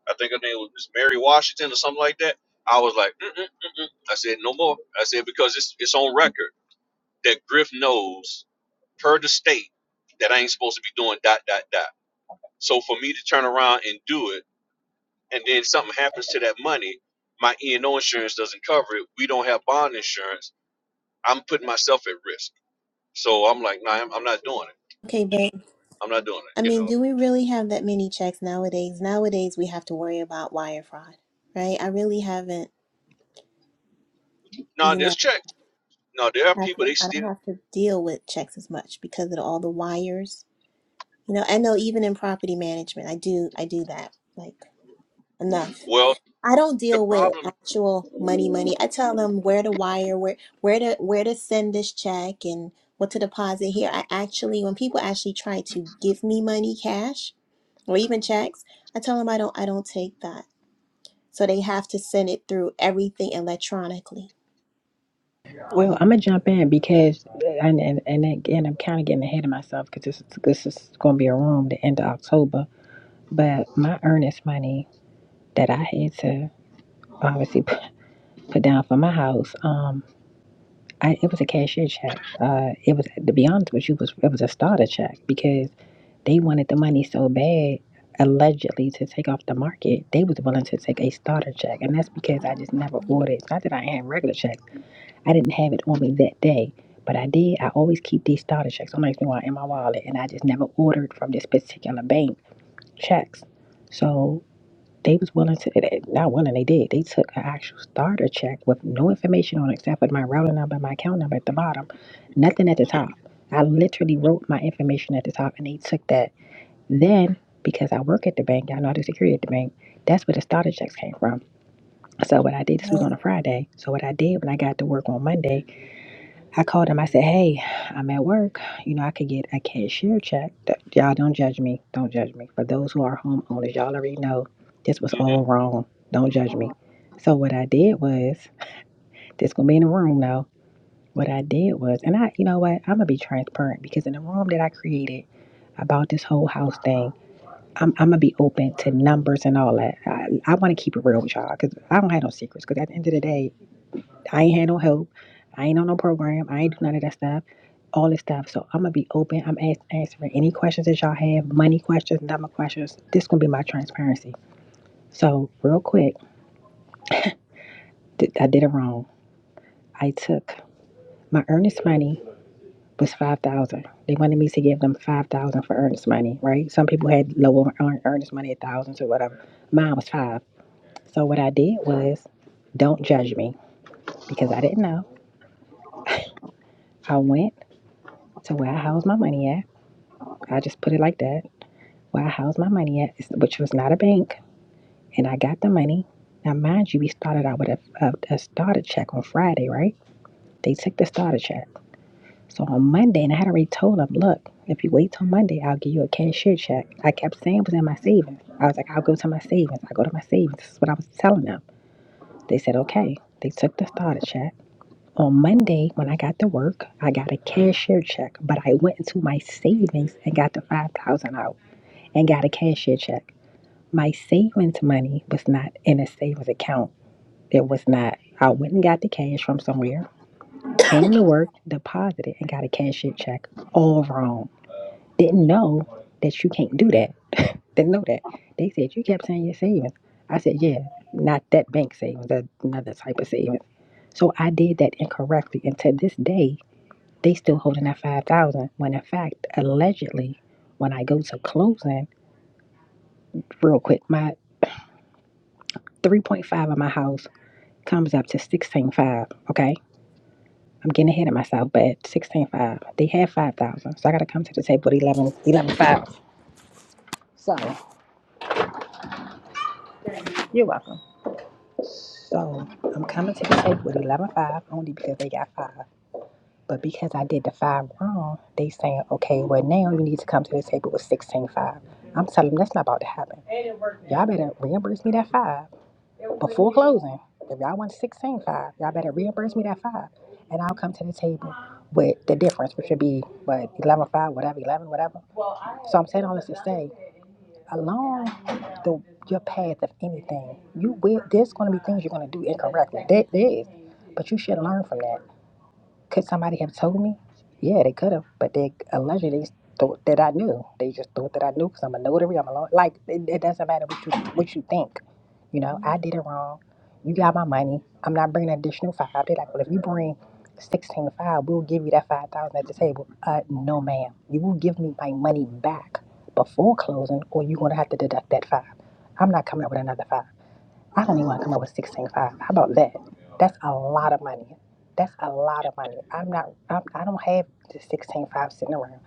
Speaker 3: I think her name was Miss Mary Washington or something like that. I was like, mm mm mm mm. I said no more. I said because it's it's on record that Griff knows per the state that I ain't supposed to be doing dot dot dot. So for me to turn around and do it, and then something happens to that money, my E and O insurance doesn't cover it. We don't have bond insurance. I'm putting myself at risk. So I'm like, nah, I'm, I'm not doing it.
Speaker 5: Okay, but
Speaker 3: I'm not doing
Speaker 5: I
Speaker 3: it. You
Speaker 5: mean,
Speaker 3: know,
Speaker 5: do we really have that many checks nowadays? Nowadays, we have to worry about wire fraud, right? I really haven't,
Speaker 3: no, nah,
Speaker 5: you know.
Speaker 3: there's checks. No, there are
Speaker 5: have
Speaker 3: people
Speaker 5: to,
Speaker 3: they
Speaker 5: I don't
Speaker 3: still
Speaker 5: have to deal with checks as much because of all the wires. You know, I know even in property management, I do I do that like enough.
Speaker 3: Well,
Speaker 5: I don't
Speaker 3: the
Speaker 5: deal with
Speaker 3: problem,
Speaker 5: actual money money. I tell them where to wire, where where to where to send this check and what to deposit here. I actually when people actually try to give me money cash or even checks, I tell them I don't I don't take that. So they have to send it through everything electronically.
Speaker 2: Well, I'm gonna jump in because, and and, and again, I'm kind of getting ahead of myself because this this is gonna be a room the end of October. But my earnest money that I had to obviously put down for my house, um, I, it was a cashier check. Uh, it was to be honest with you, was it was a starter check because they wanted the money so bad, allegedly to take off the market. They was willing to take a starter check, and that's because I just never ordered. It's Not that I had regular checks, I didn't have it on me that day, but I did. I always keep these starter checks. Don't ask me why in my wallet, and I just never ordered from this particular bank checks. So. They was willing to, they- not willing, they did. They took an actual starter check with no information on it except for my routing number, my account number at the bottom, nothing at the
Speaker 3: yeah,
Speaker 2: top. I literally wrote my information at the top and they took that. Then, because I work at the bank, I know the security at the bank, that's where the starter checks came from. So what I did, this was
Speaker 5: Right.
Speaker 2: on a Friday. So what I did when I got to work on Monday, I called him. I said, "Hey, I'm at work. You know, I could get a cashier check. Th- Y'all don't judge me. Don't judge me. For those who are homeowners, y'all already know this was
Speaker 3: hmm
Speaker 2: all wrong. Don't judge me." So what I did was, this gonna be in the room now. What I did was, and I, you know what, I'm gonna be transparent because in the room that I created about this whole house thing, I'm, I'm gonna be open to numbers and all that. I, I want to keep it real with y'all because I don't have no secrets. Because at the end of the day, I ain't had no help. I ain't on no program. I ain't do none of that stuff. All this stuff. So I'm gonna be open. I'm ask, answering any questions that y'all have, money questions, number questions. This gonna be my transparency. So real quick, th- I did it wrong. I took my earnest money was five thousand. They wanted me to give them five thousand for earnest money, right? Some people had lower earn- earnest money at thousands or whatever. Mine was five. So what I did was, don't judge me because I didn't know. I went to where I housed my money at. I just put it like that Where I housed my money at, which was not a bank, and I got the money. Now, mind you, we started out with a, a, a starter check on Friday, right? They took the starter check. So on Monday, and I had already told them, look, if you wait till Monday, I'll give you a cashier check. I kept saying it was in my savings. I was like, I'll go to my savings. I go to my savings. This is what I was telling them. They said, okay. They took the starter check. On Monday, when I got to work, I got a cashier check, but I went into my savings and got the 5000 out and got a cashier check. my savings money was not in a savings account. It was not. I went and got the cash from somewhere, came to work, deposited, and got a cashier check. All wrong. Didn't know that you can't do that. Didn't know that. They said you kept saying your savings. I said, yeah, not that bank savings, that another type of savings. So I did that incorrectly, and to this day, they still holding that five thousand. dollars When in fact, allegedly, when I go to closing, real quick, my three point five of my house comes up to sixteen five. Okay, I'm getting ahead of myself, but sixteen five. They had five thousand, so I got to come to the table with eleven, eleven five. So you're welcome. So I'm coming to the table with eleven five only because they got five, but because I did the five wrong, they saying okay, well now you need to come to the table with sixteen five. I'm telling them that's not about to happen. Y'all better reimburse me that five Before closing, if y'all want sixteen five, y'all better reimburse me that five, and I'll come to the table with the difference, which would be what eleven five, whatever, eleven, whatever. So I'm saying all this to say, along the your path of anything, you will. There's going to be things you're going to do incorrectly. There, there is, but you should learn from that. Could somebody have told me? Yeah, they could have, but they allegedly just thought that I knew. They just thought that I knew because I'm a notary. I'm a law. Like it, it doesn't matter what you what you think. You know, I did it wrong. You got my money. I'm not bringing an additional five. They're like, well, if you bring sixteen five, we'll give you that five thousand at the table. Uh, no, ma'am. You will give me my money back before closing, or you're gonna have to deduct that five. I'm not coming up with another five. I don't even want to come up with sixteen five. How about that? That's a lot of money. That's a lot of money. I'm not. I'm, I don't have the sixteen five sitting around.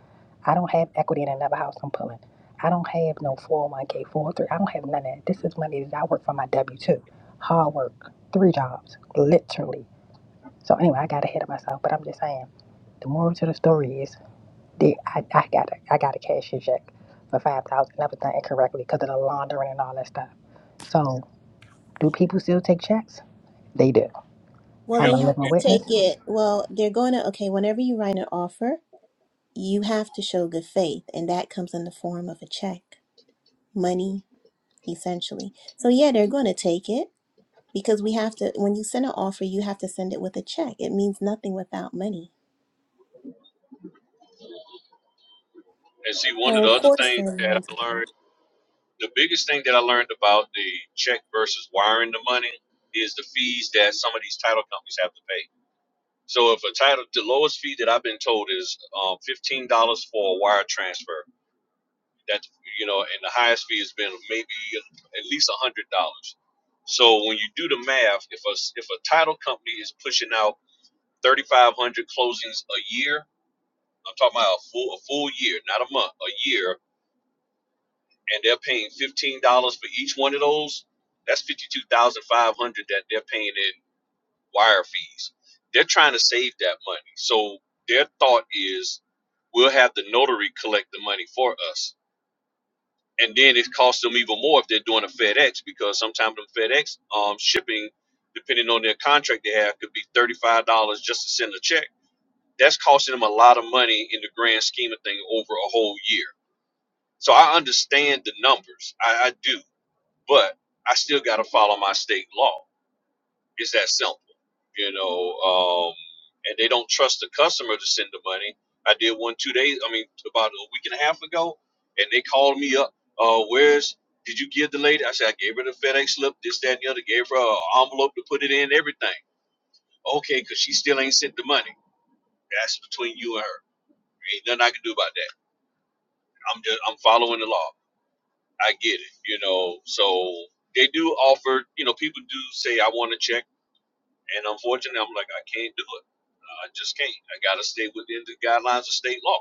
Speaker 2: I don't have equity in another house I'm pulling. I don't have no four hundred one k four oh three. I don't have none of that. This is money that I work for my W two. Hard work, three jobs, literally. So anyway, I got ahead of myself, but I'm just saying. The moral to the story is that I, I got a, I got a cashier's check for five thousand. That was done incorrectly because of the laundering and all that stuff. So. Do people still take checks? They do.
Speaker 5: Well,
Speaker 2: I'm
Speaker 3: yep.
Speaker 5: they
Speaker 2: a
Speaker 5: have
Speaker 2: living
Speaker 5: to
Speaker 2: witness.
Speaker 5: take it. Well, they're going to, okay, whenever you write an offer, you have to show good faith, and that comes in the form of a check, money, essentially. So yeah, they're going to take it because we have to. When you send an offer, you have to send it with a check. It means nothing without money.
Speaker 3: And see, one of
Speaker 5: So
Speaker 3: the
Speaker 5: of
Speaker 3: other
Speaker 5: course
Speaker 3: things
Speaker 5: they're
Speaker 3: that
Speaker 5: willing to
Speaker 3: I
Speaker 5: do
Speaker 3: learned,
Speaker 5: it.
Speaker 3: the biggest thing that I learned about the check versus wiring the money is the fees that some of these title companies have to pay. So if a title, the lowest fee that I've been told is um, fifteen dollars for a wire transfer. That's you know, and the highest fee has been maybe at least a hundred dollars. So when you do the math, if a if a title company is pushing out thirty five hundred closings a year, I'm talking about a full a full year, not a month, a year, and they're paying fifteen dollars for each one of those. That's fifty two thousand five hundred that they're paying in wire fees. They're trying to save that money, so their thought is we'll have the notary collect the money for us, and then it costs them even more if they're doing a FedEx because sometimes them FedEx um shipping, depending on their contract they have, could be thirty five dollars just to send a check. That's costing them a lot of money in the grand scheme of things over a whole year So I understand the numbers. I, I do, but I still got to follow my state law. It's that simple, you know. Um, and they don't trust the customer to send the money. I did one two days. I mean, about a week and a half ago, and they called me up. Uh, where's did you give the lady? I said I gave her the FedEx slip, this, that, and the other. Gave her an envelope to put it in, everything. Okay, because she still ain't sent the money. That's between you and her. Ain't nothing I can do about that. I'm just I'm following the law. I get it, you know. So they do offer, you know, people do say I want to check, and unfortunately, I'm like I can't do it. I just can't. I gotta stay within the guidelines of state law,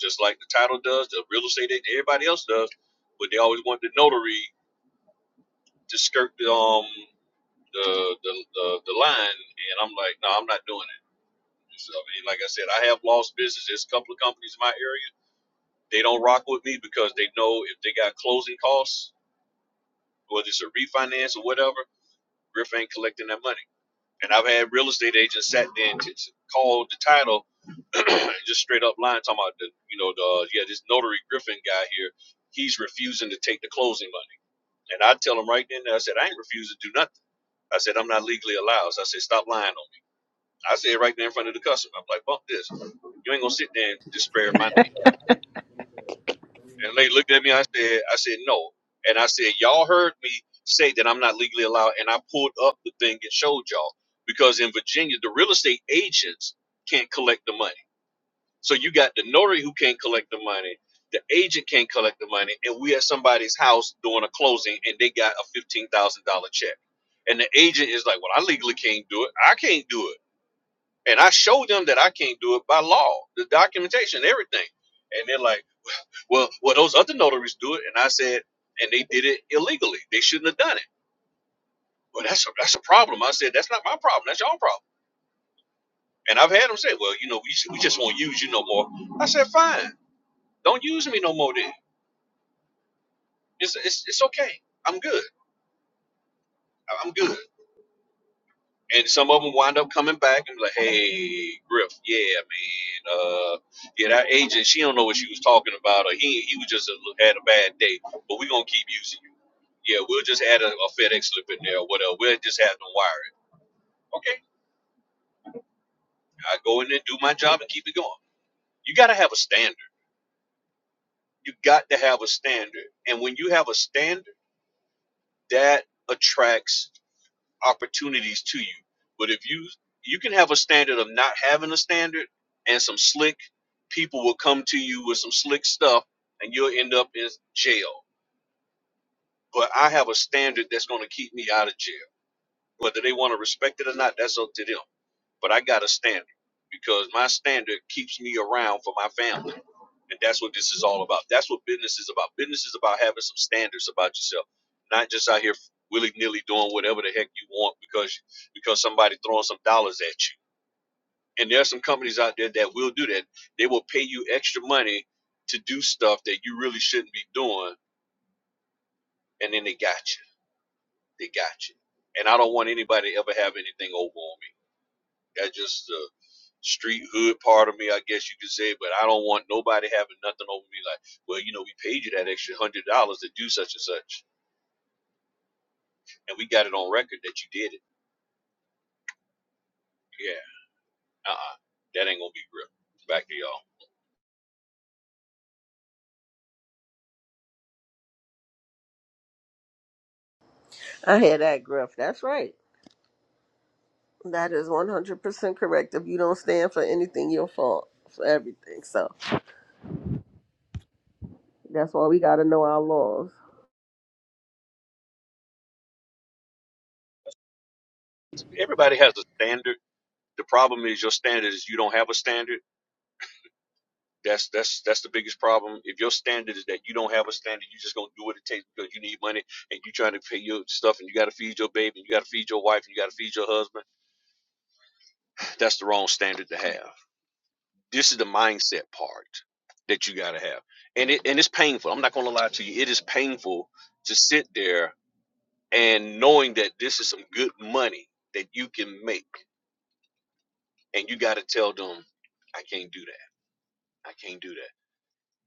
Speaker 3: just like the title does, the real estate agent, everybody else does. But they always want the notary to skirt the um the the the, the line, and I'm like, no, I'm not doing it. So, I mean, like I said, I have lost business. There's a couple of companies in my area. They don't rock with me because they know if they got closing costs, whether it's a refinance or whatever Griff ain't collecting that money. And I've had real estate agents sat there and called the title just straight up lying talking about the you know the uh, yeah this notary Griffin guy here he's refusing to take the closing money and I tell him right then I said I ain't refusing to do nothing I said I'm not legally allowed so I said stop lying on me I said right there in front of the customer I'm like bump this you ain't gonna sit there and despair my name And they looked at me. I said, I said no. And I said, y'all heard me say that I'm not legally allowed. And I pulled up the thing and showed y'all because in Virginia, the real estate agents can't collect the money. So you got the notary who can't collect the money, the agent can't collect the money, and we at somebody's house doing a closing and they got a fifteen thousand dollar check. And the agent is like, well, I legally can't do it. I can't do it. And I showed them that I can't do it by law, the documentation, everything. And they're like well, well, those other notaries do it, and I said, and they did it illegally. They shouldn't have done it. Well, that's a that's a problem. I said, that's not my problem. That's your problem. And I've had them say, well, you know, we we just won't use you no more. I said, fine, don't use me no more. Then it's it's, it's okay. I'm good. I'm good. and some of them wind up coming back and be like, "Hey, Griff, yeah, man, uh, yeah, that agent, she don't know what she was talking about, or he he was just a, had a bad day, but we gonna keep using you. Yeah, we'll just add a, a FedEx slip in there, or whatever. We'll just have them wire it. Okay, I go in there, do my job, and keep it going. You gotta have a standard. You got to have a standard, and when you have a standard, that attracts opportunities to you. But if you you can have a standard of not having a standard and some slick people will come to you with some slick stuff and you'll end up in jail. But I have a standard that's going to keep me out of jail. Whether they want to respect it or not, that's up to them. But I got a standard because my standard keeps me around for my family. And that's what this is all about. That's what business is about. Business is about having some standards about yourself, not just out here willy nilly doing whatever the heck you want because because somebody throwing some dollars at you. And there are some companies out there that will do that. They will pay you extra money to do stuff that you really shouldn't be doing, and then they got you. They got you. And I don't want anybody to ever have anything over on me That's just the street hood part of me, I guess you could say. But I don't want nobody having nothing over me like, well, you know, we paid you that extra hundred dollars to do such and such, and we got it on record that you did it. Yeah, uh, uh that ain't gonna be real. Back to y'all.
Speaker 7: i had that gruff that's right That is 100% correct. If you don't stand for anything, you'll fall for everything. So that's why we got to know our laws.
Speaker 3: Everybody has a standard. The problem is your standard is you don't have a standard. That's that's that's the biggest problem. If your standard is that you don't have a standard, you just gonna do what it takes because you need money and you trying to pay your stuff and you gotta feed your baby and you gotta feed your wife and you gotta feed your husband. That's the wrong standard to have. this is the mindset part that you got to have and it and it's painful i'm not going to lie to you it is painful to sit there and knowing that this is some good money that you can make and you got to tell them i can't do that i can't do that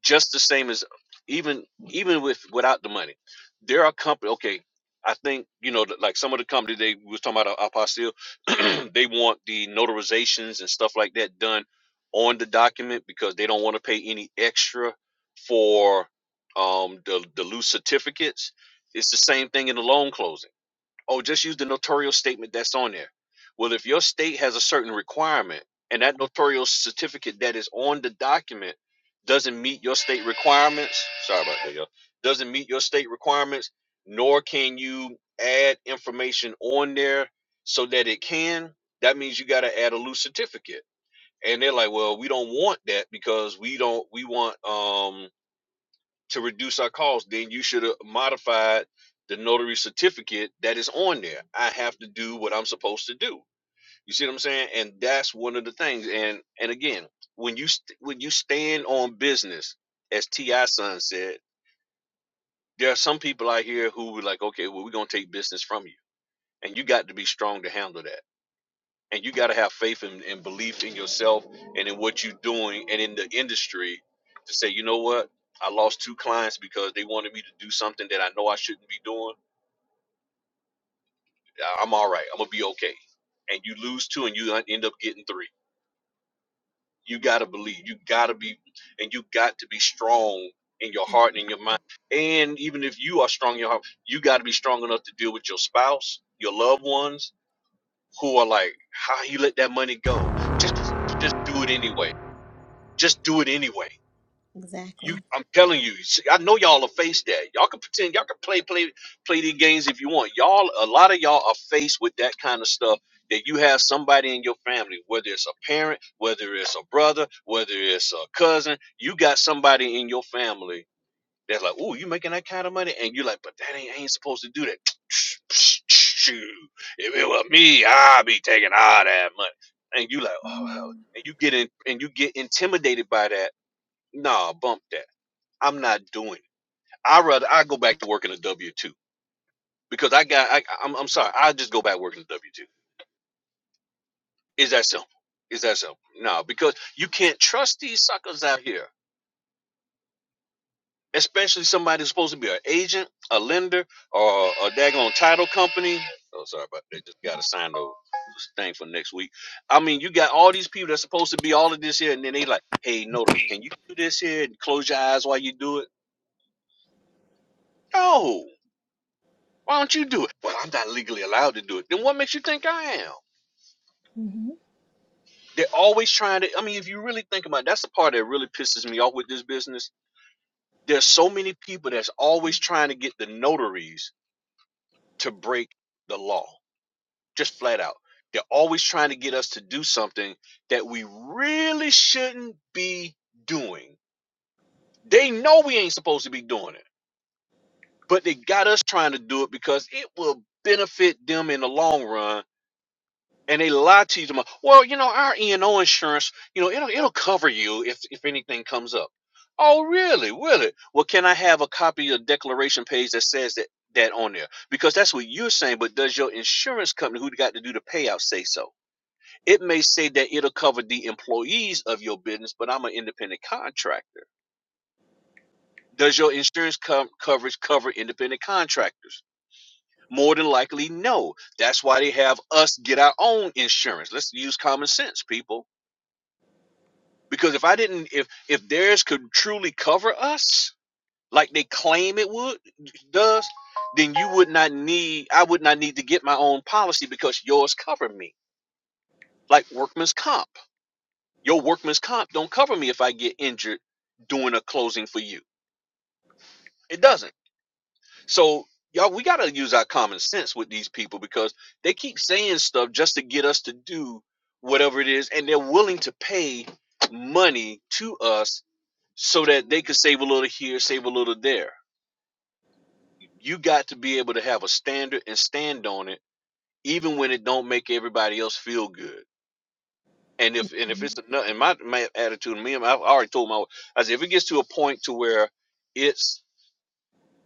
Speaker 3: just the same as even even with without the money there are company okay i think you know like some of the company they we was talking about uh, apostille they want the notarizations and stuff like that done on the document because they don't want to pay any extra for um the, the loose certificates it's the same thing in the loan closing Oh, just use the notarial statement that's on there. Well, if your state has a certain requirement and that notarial certificate that is on the document doesn't meet your state requirements, sorry about that, y'all, doesn't meet your state requirements, nor can you add information on there so that it can, that means you got to add a loose certificate. And they're like, well, we don't want that because we don't, we want, um to reduce our costs, then you should have modified the notary certificate that is on there. I have to do what I'm supposed to do. You see what I'm saying? And that's one of the things. And and again, when you st- when you stand on business, as Ti Son said, there are some people out here who were like, okay, well, we're gonna take business from you, and you got to be strong to handle that and you got to have faith and, and belief in yourself and in what you're doing and in the industry to say you know what i lost two clients because they wanted me to do something that i know i shouldn't be doing I- am all right i'm gonna be okay and you lose two and you end up getting three you got to believe you got to be and you got to be strong in your heart and in your mind and even if you are strong in your heart you got to be strong enough to deal with your spouse your loved ones who are like how you let that money go just just do it anyway Just do it anyway. You,
Speaker 5: Exactly.
Speaker 3: I'm telling you. see, I know y'all are faced that. Y'all can pretend. Y'all can play play play these games if you want. Y'all, a lot of y'all are faced with that kind of stuff. That you have somebody in your family, whether it's a parent, whether it's a brother, whether it's a cousin, you got somebody in your family that's like, "Ooh, you making that kind of money," and you're like, "But that ain't I ain't supposed to do that." Shoot, if it were me, I'd be taking all that money. And you like, oh,
Speaker 5: hmm
Speaker 3: and you get in, and you get intimidated by that nah, bump that. I'm not doing it. I rather I go back to working a W two because I got I I'm, I'm sorry. I just go back working a W two. Is that simple? Is that simple? No, because you can't trust these suckers out here, especially somebody who's supposed to be an agent, a lender, or a daggone title company. Oh, sorry about that. Just got to sign those thing for next week. I mean, you got all these people that's supposed to be all of this here, and then they like, hey, notary, can you do this here and close your eyes while you do it? No, Why don't you do it? Well, I'm not legally allowed to do it. Then what makes you think I am? They're always trying to. I mean, if you really think about it, that's the part that really pisses me off with this business. There's so many people that's always trying to get the notaries to break the law, just flat out. They're always trying to get us to do something that we really shouldn't be doing. They know we ain't supposed to be doing it, but they got us trying to do it because it will benefit them in the long run and they lie to you tomorrow. Well, you know, our E and O insurance, you know, it'll it'll cover you if if anything comes up. Oh, really? Will it? Well, can I have a copy of the declaration page that says that that on there? Because that's what you're saying. But does your insurance company, who got to do the payout, say so? It may say that it'll cover the employees of your business, but I'm an independent contractor. Does your insurance com- coverage cover independent contractors? More than likely, no. That's why they have us get our own insurance. Let's use common sense, people Because if I didn't, if if theirs could truly cover us, like they claim it would does, then you would not need. I would not need to get my own policy because yours covered me. Like workman's comp, your workman's comp don't cover me if I get injured doing a closing for you. It doesn't. So y'all, we gotta use our common sense with these people because they keep saying stuff just to get us to do whatever it is, and they're willing to pay money to us so that they could save a little here, save a little there. You got to be able to have a standard and stand on it, even when it don't make everybody else feel good. And if and if it's enough, and my my attitude, me, I've already told my, I said if it gets to a point to where it's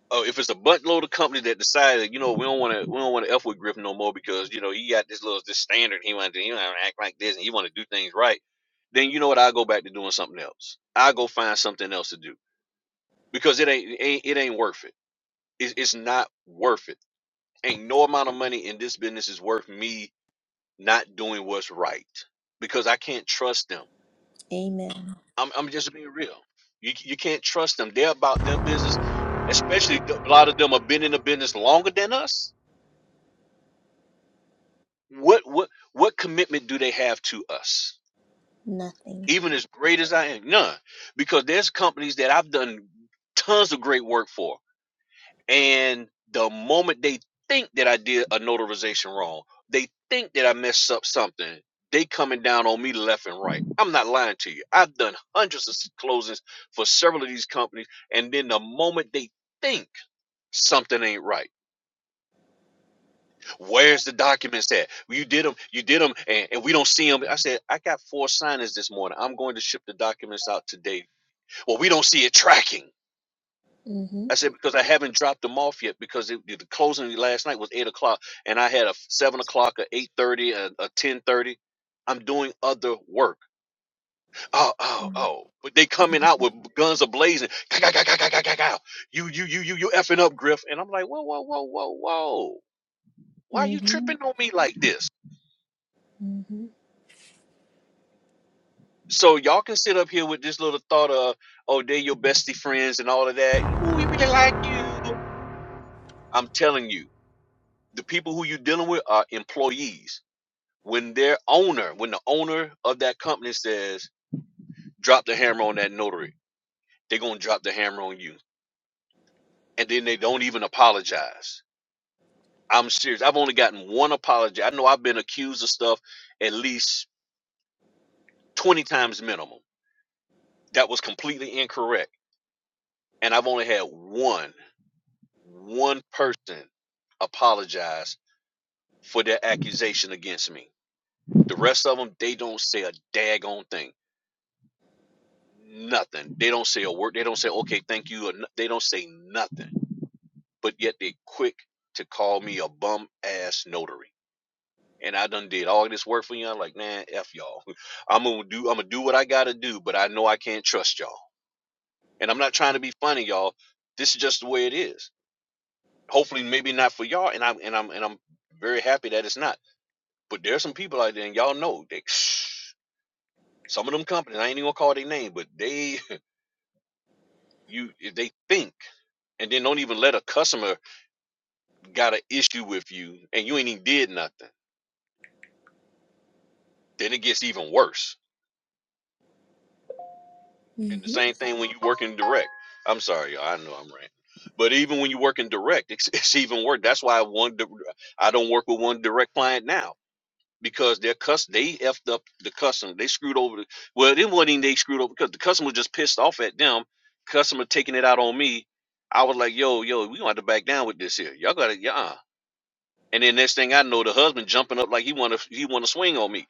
Speaker 3: Oh, if it's a buttload of company that decided, you know, we don't want to, we don't want to f with Griffin no more because you know he got this little this standard he want to, he want to act like this and he want to do things right. Then you know what? I go back to doing something else. I go find something else to do because it ain't, it ain't, it ain't worth it. It's, it's not worth it. Ain't no amount of money in this business is worth me not doing what's right because I can't trust them.
Speaker 5: Amen.
Speaker 3: I'm, I'm just being real. You, you can't trust them. They're about them business, especially th- a lot of them have been in the business longer than us what what what commitment do they have to us
Speaker 5: Nothing.
Speaker 3: even as great as i am none because there's companies that i've done tons of great work for and the moment they think that i did a notarization wrong they think that i messed up something they coming down on me left and right i'm not lying to you i've done hundreds of closings for several of these companies and then the moment they think something ain't right Where's the documents at? You did them, you did them, and, and we don't see them. I said, I got four signers this morning. I'm going to ship the documents out today. Well, we don't see it tracking.
Speaker 5: hmm
Speaker 3: I said, because I haven't dropped them off yet because it, the closing last night was eight o'clock and I had a seven o'clock, a eight thirty, a, a ten thirty. I'm doing other work. Oh, oh, oh. But they coming out with guns ablazing. Ka- ka- ka- ka- ka- ka- ka- ka. You, you, you, you, you effing up, Griff. And I'm like, whoa, whoa, whoa, whoa, whoa. Why are you
Speaker 5: hmm
Speaker 3: tripping on me like this?
Speaker 5: hmm
Speaker 3: So y'all can sit up here with this little thought of, oh, they're your bestie friends and all of that, and ooh, we really like you. I'm telling you, the people who you're dealing with are employees. When their owner, when the owner of that company says, drop the hammer on that notary, they're gonna drop the hammer on you. And then they don't even apologize. I'm serious. I've only gotten one apology. I know I've been accused of stuff at least 20 times minimum. That was completely incorrect. And I've only had one. one person apologized for their accusation against me. The rest of them, they don't say a daggone thing. Nothing. They don't say a word. They don't say, okay, thank you. Or, no- they don't say nothing. But yet they quick to call me a bum ass notary. And I done did all this work for y'all. Like, man, F y'all. I'm gonna do I'm gonna do what I gotta do, but I know I can't trust y'all. And I'm not trying to be funny, y'all. This is just the way it is. Hopefully maybe not for y'all, and I'm and I'm and I'm very happy that it's not. But there's some people out there, and y'all know that some of them companies, I ain't even gonna call their name, but they you if they think and then don't even let a customer got an issue with you and you ain't even did nothing. Then it gets even worse. And the
Speaker 5: hmm
Speaker 3: same thing when you working direct. I'm sorry, y'all, I know I'm ranting. But even when you work in direct, it's, it's even worse. That's why one di- I don't work with one direct client now because their cus they effed up the customer. They screwed over. The, well, it wasn't even they screwed over because the customer was just pissed off at them. Customer taking it out on me. I was like, yo, yo, we gonna have to back down with this here. Y'all gotta, yeah. And then next thing I know, the husband jumping up like he wanna he wanna swing on me.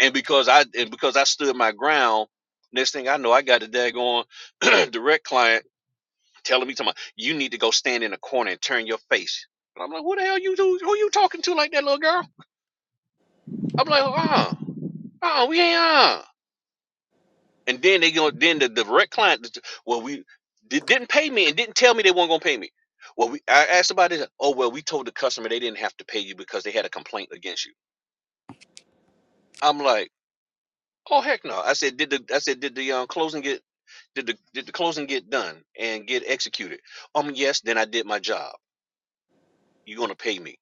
Speaker 3: And because I and because I stood my ground, next thing I know, I got the daggone direct client telling me, talking about, you need to go stand in a corner and turn your face. And I'm like, who the hell you who, who you talking to like that little girl? I'm like, uh, uh, we ain't uh. And then they gonna then the direct client, well, we they didn't pay me and didn't tell me they weren't gonna pay me. Well, we I asked about this. Oh well, we told the customer they didn't have to pay you because they had a complaint against you. I'm like, oh heck no. I said, did the I said did the um, closing get did the did the closing get done and get executed? Um, yes. Then I did my job. You're gonna pay me,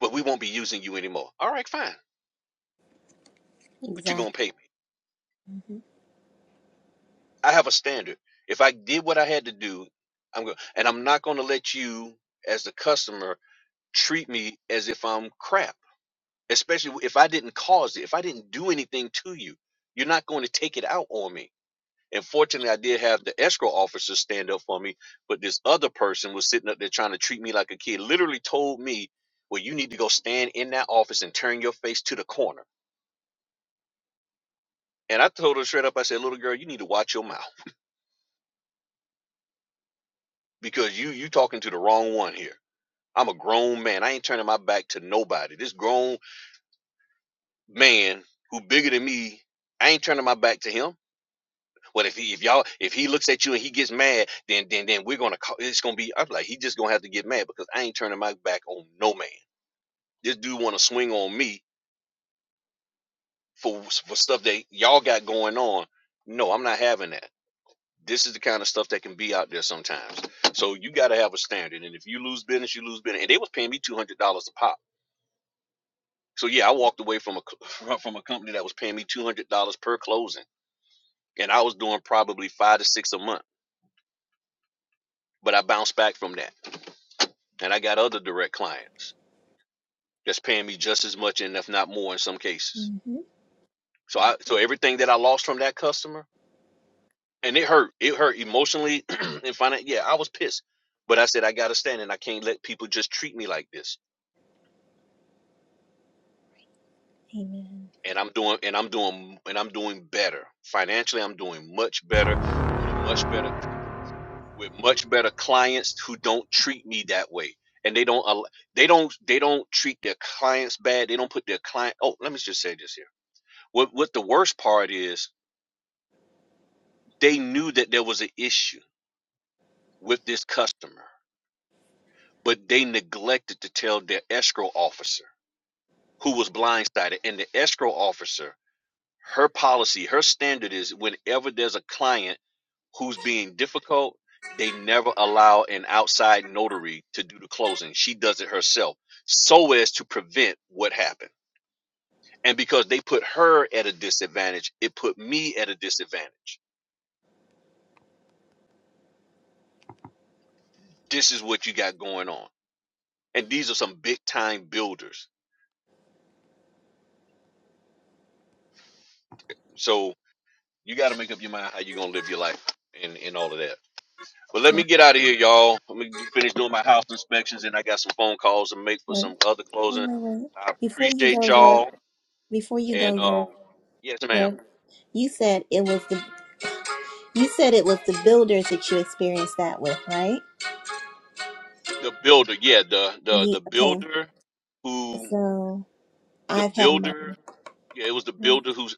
Speaker 3: but we won't be using you anymore. All right, fine. But you're
Speaker 5: Exactly.
Speaker 3: gonna pay me.
Speaker 5: hmm
Speaker 3: I have a standard. If I did what I had to do, I'm going to and I'm not gonna let you as the customer treat me as if I'm crap, especially if I didn't cause it, if I didn't do anything to you. You're not going to take it out on me. And fortunately, I did have the escrow officer stand up for me, but this other person was sitting up there trying to treat me like a kid, literally told me, Well, you need to go stand in that office and turn your face to the corner. And I told her straight up, I said, Little girl, you need to watch your mouth because you you talking to the wrong one here. I'm a grown man. I ain't turning my back to nobody. This grown man who bigger than me, I ain't turning my back to him. But if he if y'all if he looks at you and he gets mad, then then then we're gonna call it's gonna be I'm like he just gonna have to get mad because I ain't turning my back on no man. This dude wanna swing on me for for stuff that y'all got going on. No, I'm not having that. This is the kind of stuff that can be out there sometimes. So you gotta have a standard. And if you lose business, you lose business. And they was paying me two hundred dollars a pop. So yeah, I walked away from a from a company that was paying me two hundred dollars per closing. And I was doing probably five to six a month. But I bounced back from that and I got other direct clients that's paying me just as much and if not more in some cases.
Speaker 5: hmm
Speaker 3: So I so everything that I lost from that customer and it hurt. It hurt emotionally and financially. Yeah, I was pissed. But I said I got to stand and I can't let people just treat me like this.
Speaker 5: Amen.
Speaker 3: And I'm doing and I'm doing and I'm doing better. Financially, I'm doing much better with a much better with much better clients who don't treat me that way and they don't al- they don't they don't treat their clients bad they don't put their client oh let me just say this here What what the worst part is, they knew that there was an issue with this customer, but they neglected to tell their escrow officer who was blindsided. And the escrow officer, her policy, her standard is whenever there's a client who's being difficult, they never allow an outside notary to do the closing. She does it herself so as to prevent what happened. And because they put her at a disadvantage, it put me at a disadvantage. This is what you got going on. and these are some big time builders. So you got to make up your mind how you're gonna live your life and and all of that. But let
Speaker 5: Yeah.
Speaker 3: me get out of here, y'all. Let me finish doing my house inspections, and I got some phone calls to make for
Speaker 5: Wait,
Speaker 3: some other
Speaker 5: wait,
Speaker 3: closing.
Speaker 5: wait, wait.
Speaker 3: I
Speaker 5: Before you
Speaker 3: appreciate
Speaker 5: go, Griff.
Speaker 3: y'all,
Speaker 5: Before you
Speaker 3: and
Speaker 5: go, Griff.
Speaker 3: um, yes, ma'am.
Speaker 5: Griff. You said it was the. You said it was the builders that you experienced that with, right?
Speaker 3: The builder, yeah, the the
Speaker 5: Yeah,
Speaker 3: the
Speaker 5: okay.
Speaker 3: builder who
Speaker 5: So
Speaker 3: the
Speaker 5: I've had my
Speaker 3: builder, yeah, it was the builder who's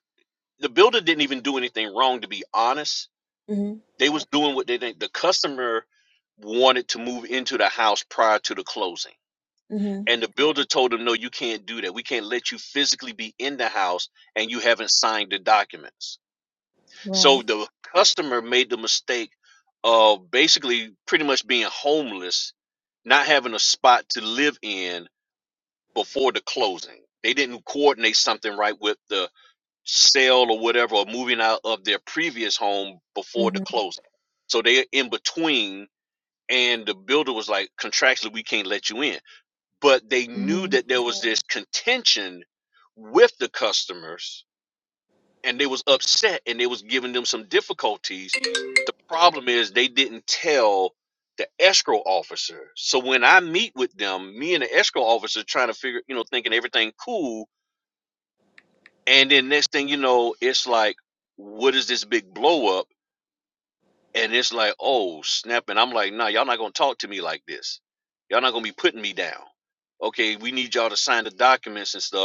Speaker 3: the builder didn't even do anything wrong. To be honest,
Speaker 5: hmm
Speaker 3: they was doing what they think the customer wanted to move into the house prior to the closing
Speaker 5: hmm
Speaker 3: And the builder told him, No, you can't do that. We can't let you physically be in the house and you haven't signed the documents. So
Speaker 5: right.
Speaker 3: the customer made the mistake of basically pretty much being homeless, not having a spot to live in before the closing. They didn't coordinate something right with the sale or whatever, or moving out of their previous home before the
Speaker 5: hmm
Speaker 3: closing. So they're in between, and the builder was like, contractually, we can't let you in but they knew
Speaker 5: hmm
Speaker 3: that there was this contention with the customers and they was upset and they was giving them some difficulties the problem is they didn't tell the escrow officer so when i meet with them me and the escrow officer trying to figure you know thinking everything cool and then next thing you know it's like what is this big blow up and it's like oh snap and i'm like nah y'all not gonna talk to me like this y'all not gonna be putting me down okay we need y'all to sign the documents and stuff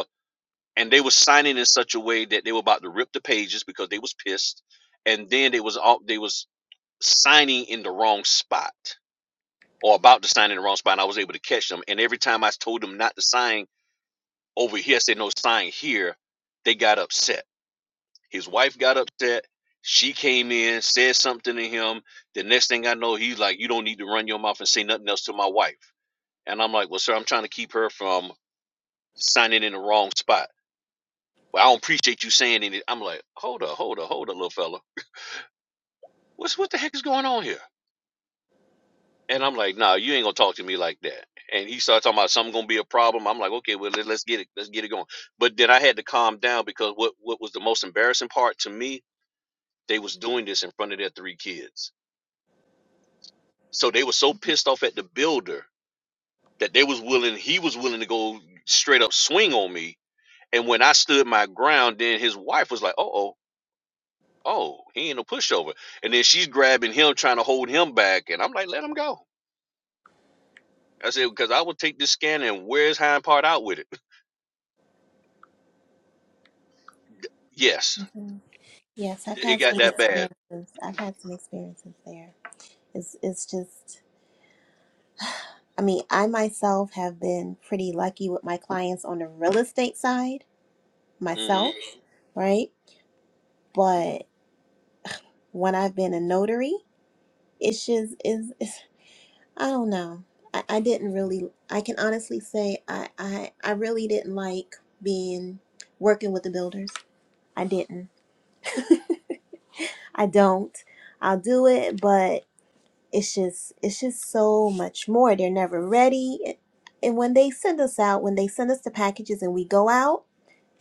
Speaker 3: and they were signing in such a way that they were about to rip the pages because they was pissed and then they was all they was signing in the wrong spot or about to sign in the wrong spot and i was able to catch them and every time i told them not to sign over here I said no sign here they got upset his wife got upset she came in said something to him the next thing i know he's like you don't need to run your mouth and say nothing else to my wife and i'm like well sir i'm trying to keep her from signing in the wrong spot Well, I don't appreciate you saying anything. I'm like, hold up, hold up, hold up, little fella. What's what the heck is going on here? And I'm like, nah, you ain't gonna talk to me like that. And he started talking about something gonna be a problem. I'm like, okay, well let, let's get it, let's get it going. But then I had to calm down because what what was the most embarrassing part to me? They was doing this in front of their three kids. So they were so pissed off at the builder that they was willing, he was willing to go straight up swing on me. And when I stood my ground, then his wife was like, uh oh, oh, he ain't no pushover. And then she's grabbing him, trying to hold him back. And I'm like, let him go. I said, because I will take this scanner and wear his hind part out with it. yes,
Speaker 5: hmm Yes, I've
Speaker 3: it
Speaker 5: had
Speaker 3: got
Speaker 5: some
Speaker 3: that bad.
Speaker 5: experiences. I've had some experiences there. It's it's just I mean, I myself have been pretty lucky with my clients on the real estate side
Speaker 3: hmm
Speaker 5: myself, right? But when I've been a notary, it's just is I don't know. I, I didn't really, I can honestly say I, I, I really didn't like being working with the builders. I didn't. I don't. I'll do it, but it's just, it's just so much more. They're never ready. And when they send us out, when they send us the packages and we go out,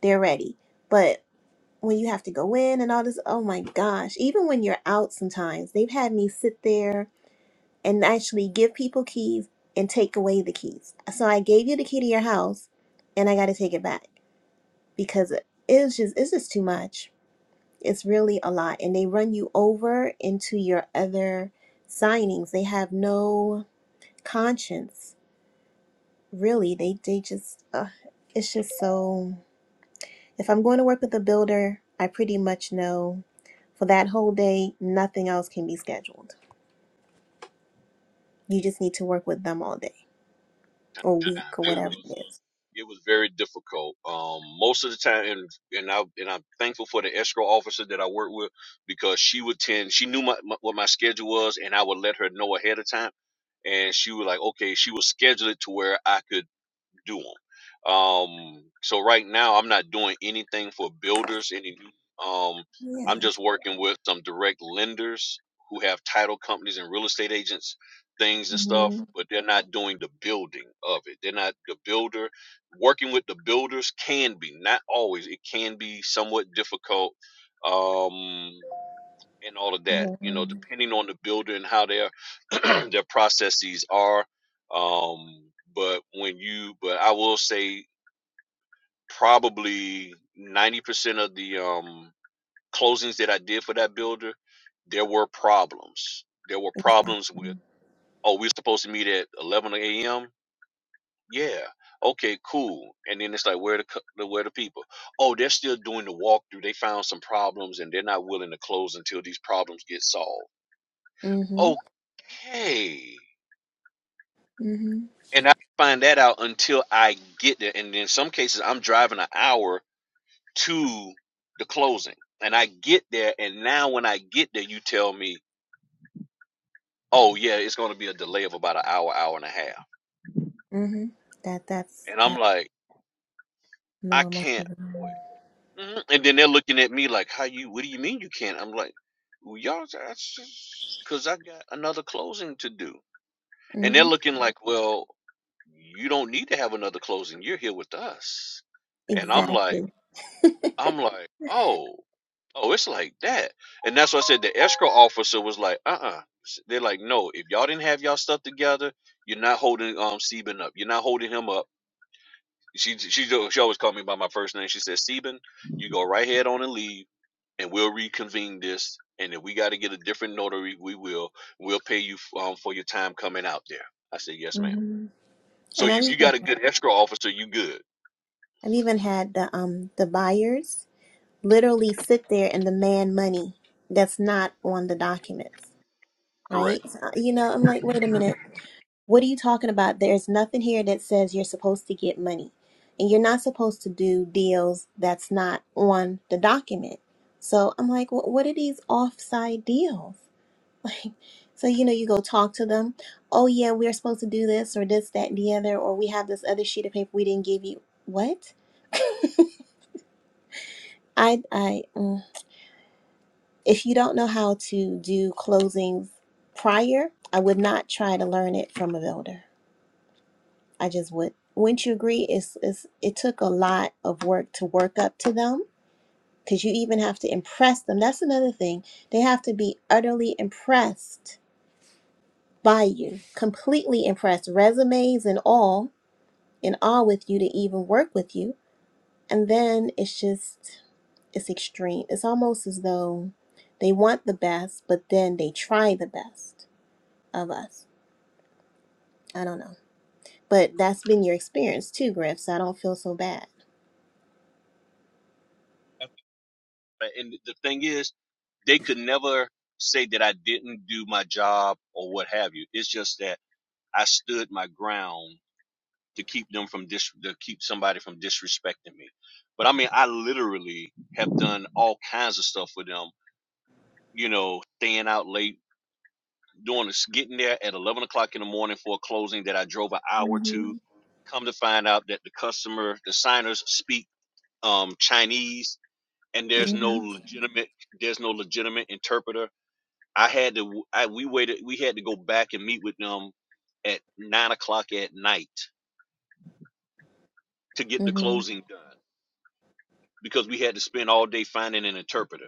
Speaker 5: they're ready. But when you have to go in and all this, oh my gosh, even when you're out sometimes, they've had me sit there and actually give people keys and take away the keys. So I gave you the key to your house and I got to take it back because it's just it's just too much. It's really a lot and they run you over into your other signings. They have no conscience. Really, they they just uh, it's just so if I'm going to work with a builder, I pretty much know for that whole day nothing else can be scheduled. You just need to work with them all day or week or
Speaker 3: It
Speaker 5: whatever
Speaker 3: was
Speaker 5: it is.
Speaker 3: it was very difficult. Um, most of the time, and and I and I'm thankful for the escrow officer that I work with because she would tend. She knew my, my what my schedule was, and I would let her know ahead of time. And she was like, okay, she would schedule it to where I could do them. Um, so right now, I'm not doing anything for builders. Any, um,
Speaker 5: Yeah.
Speaker 3: I'm just working with some direct lenders who have title companies and real estate agents, things and stuff.
Speaker 5: Mm-hmm.
Speaker 3: But they're not doing the building of it. They're not the builder. Working with the builders can be not always. It can be somewhat difficult. Um, and all of that. You know,
Speaker 5: Yeah,
Speaker 3: depending on the builder and how their their processes are. Um, but when you, but I will say probably ninety percent of the um, closings that I did for that builder, there were problems. There were problems with,
Speaker 5: exactly.
Speaker 3: oh, we're supposed to meet at eleven a.m. Yeah. Okay, cool. And then it's like, where the cu- where the people? Oh, they're still doing the walkthrough. They found some problems, and they're not willing to close until these problems get solved
Speaker 5: Mhm.
Speaker 3: okay.
Speaker 5: Mhm.
Speaker 3: And I didn't find that out until I get there. And in some cases, I'm driving an hour to the closing. And I get there. And now when I get there, you tell me, oh, yeah, it's going to be a delay of about an hour, hour and a half.
Speaker 5: Mhm. That that's
Speaker 3: And I'm
Speaker 5: that's
Speaker 3: like, I
Speaker 5: normal for
Speaker 3: can't
Speaker 5: them.
Speaker 3: wait. Mhm. And then they're looking at me like, how you, what do you mean you can't? I'm like, well, y'all, because I got another closing to do. And they're
Speaker 5: Mhm.
Speaker 3: looking like, well, you don't need to have another closing. You're here with us. And I'm like,
Speaker 5: Exactly.
Speaker 3: I'm like, oh, oh, it's like that. And that's why I said the escrow officer was like, uh uh They're like, no, if y'all didn't have y'all stuff together, you're not holding um Seben up. You're not holding him up. She she do- she always called me by my first name. She says, Seben, you go right head on and leave, and we'll reconvene this. And if we got to get a different notary, we will. We'll pay you um, for your time coming out there. I said, yes, ma'am.
Speaker 5: mhm.
Speaker 3: So
Speaker 5: And I've
Speaker 3: if you
Speaker 5: even
Speaker 3: got a good escrow officer, you good.
Speaker 5: I've even had the um the buyers literally sit there and demand money that's not on the documents,
Speaker 3: Correct.
Speaker 5: right? So, you know, I'm like, wait a minute. What are you talking about? There's nothing here that says you're supposed to get money. And you're not supposed to do deals that's not on the document. So I'm like, well, what are these offside deals? Like, so, you know, you go talk to them. Oh, yeah, we're supposed to do this or this, that, and the other, or we have this other sheet of paper we didn't give you. What? I, I, mm. if you don't know how to do closings prior, I would not try to learn it from a builder. I just would. Wouldn't you agree? It's, it's it took a lot of work to work up to them because you even have to impress them. That's another thing. They have to be utterly impressed by you, completely impressed, resumes and all, in awe with you to even work with you. And then it's just it's extreme. It's almost as though they want the best, but then they try the best of us. I don't know, but that's been your experience too, Griff. So I don't feel so bad.
Speaker 3: And the thing is, they could never say that I didn't do my job or what have you. It's just that I stood my ground to keep them from dis- to keep somebody from disrespecting me. But I mean, I literally have done all kinds of stuff with them. You know, staying out late, doing this, getting there at eleven o'clock in the morning for a closing that I drove an hour to.
Speaker 5: hmm
Speaker 3: Come to find out that the customer, the signers speak um, Chinese and there's no legitimate there's no legitimate interpreter. I had to I we waited we had to go back and meet with them at nine o'clock at night to get the
Speaker 5: Mm-hmm.
Speaker 3: closing done because we had to spend all day finding an interpreter.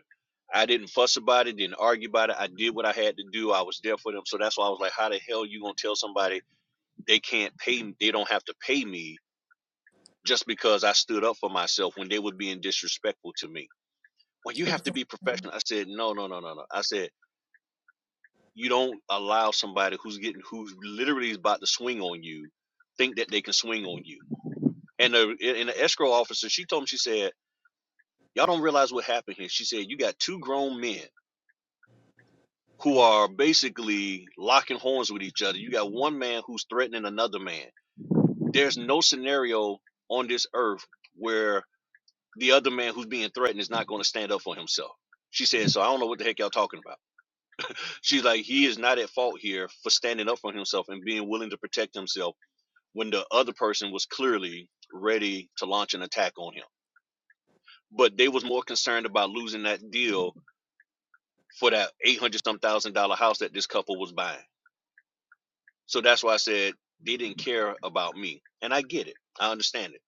Speaker 3: I didn't fuss about it, didn't argue about it. I did what I had to do. I was there for them. So that's why I was like, how the hell you gonna tell somebody they can't pay m- they don't have to pay me just because I stood up for myself when they were being disrespectful to me. Well, you
Speaker 5: Ex-
Speaker 3: have to be professional. I said, no, no, no, no, no. I said you don't allow somebody who's getting who's literally is about to swing on you think that they can swing on you. And the and the escrow officer, she told me, she said, "Y'all don't realize what happened here." She said, "You got two grown men who are basically locking horns with each other. You got one man who's threatening another man. There's no scenario on this earth where the other man who's being threatened is not going to stand up for himself." She said, "So I don't know what the heck y'all talking about." She's like, "He is not at fault here for standing up for himself and being willing to protect himself." when the other person was clearly ready to launch an attack on him. But they was more concerned about losing that deal for that eight hundred some thousand dollar house that this couple was buying. So that's why I said they didn't care about me, and I get it, I understand it.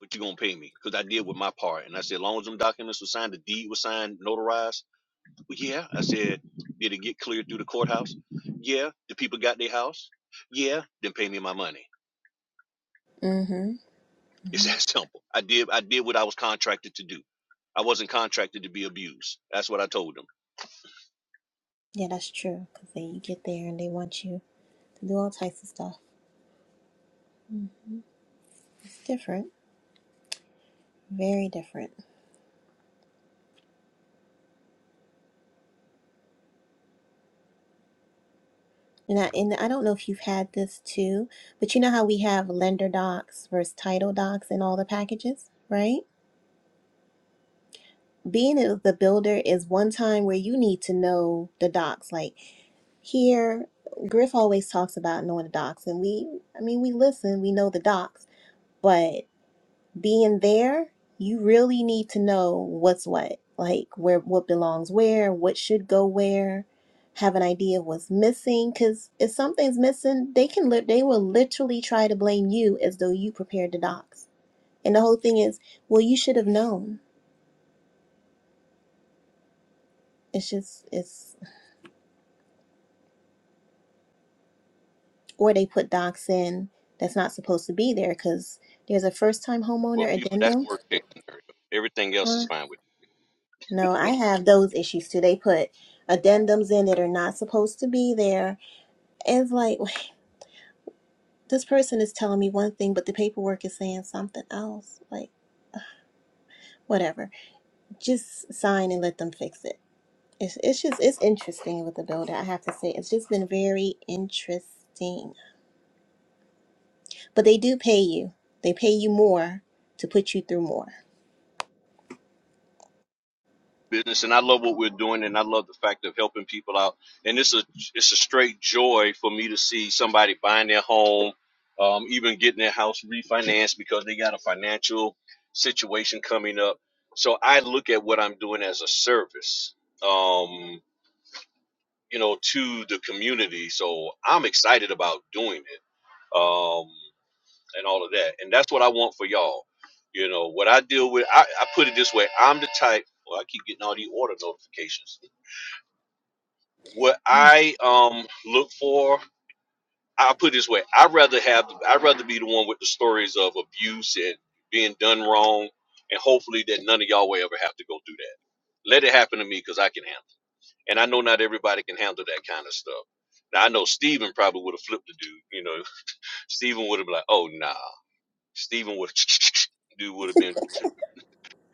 Speaker 3: But you gonna pay me because I did with my part, and I said, as long as them documents were signed, the deed was signed, notarized. Well, yeah, I said, did it get cleared through the courthouse? Yeah, the people got their house. Yeah, then pay me my money.
Speaker 5: Mm-hmm.
Speaker 3: It's
Speaker 5: hmm
Speaker 3: that simple. I did I did what I was contracted to do. I wasn't contracted to be abused. That's what I told them.
Speaker 5: Yeah, that's true. Because they you get there and they want you to do all types of stuff. It's different, very different. And I, and I don't know if you've had this too, but you know how we have lender docs versus title docs in all the packages, right? Being a- the builder is one time where you need to know the docs. Like here, Griff always talks about knowing the docs, and we, I mean, we listen, we know the docs, but. being there, you really need to know what's what, like where what belongs where, what should go where, have an idea of what's missing. Because if something's missing, they can li- they will literally try to blame you as though you prepared the docs. And the whole thing is, well, you should have known. It's just it's or they put docs in that's not supposed to be there because there's a first time
Speaker 3: Well,
Speaker 5: homeowner
Speaker 3: people, that's
Speaker 5: addendum.
Speaker 3: worst case scenario. Everything else
Speaker 5: Huh?
Speaker 3: is fine with
Speaker 5: No, I have those issues too. They put addendums in that are not supposed to be there It's like, wait, this person is telling me one thing, but the paperwork is saying something else. Like, whatever. Just sign and let them fix it. It's, it's just, it's interesting with the builder, I have to say. It's just been very interesting. But they do pay you, they pay you more to put you through more.
Speaker 3: business, and I love what we're doing, and I love the fact of helping people out. And it's a it's a straight joy for me to see somebody buying their home, um, even getting their house refinanced because they got a financial situation coming up. So I look at what I'm doing as a service. Um, you know, to the community. So I'm excited about doing it um, and all of that. And that's what I want for y'all. You know, what I deal with, I, I put it this way I'm the type, well, I keep getting all these order notifications. What I um, look for, I put it this way I'd rather have, I'd rather be the one with the stories of abuse and being done wrong. And hopefully that none of y'all will ever have to go through that. Let it happen to me because I can handle it And I know not everybody can handle that kind of stuff. Now I know Steven probably would have flipped the dude. You know, Steven would have been like, "Oh nah." Steven would dude would have been.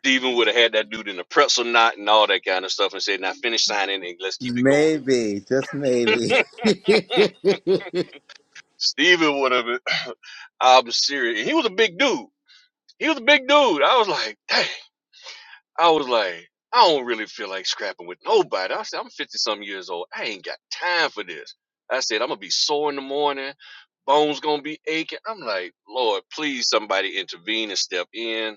Speaker 3: Steven would have had that dude in a pretzel knot and all that kind of stuff and said, "Now finish signing and let's keep it going."
Speaker 8: maybe, just maybe,
Speaker 3: Steven would have. been- I'm serious. He was a big dude. He was a big dude. I was like, "Dang." I was like, I don't really feel like scrapping with nobody. I said, I'm 50 some years old. I ain't got time for this. I said, I'm going to be sore in the morning. Bones going to be aching. I'm like, Lord, please somebody intervene and step in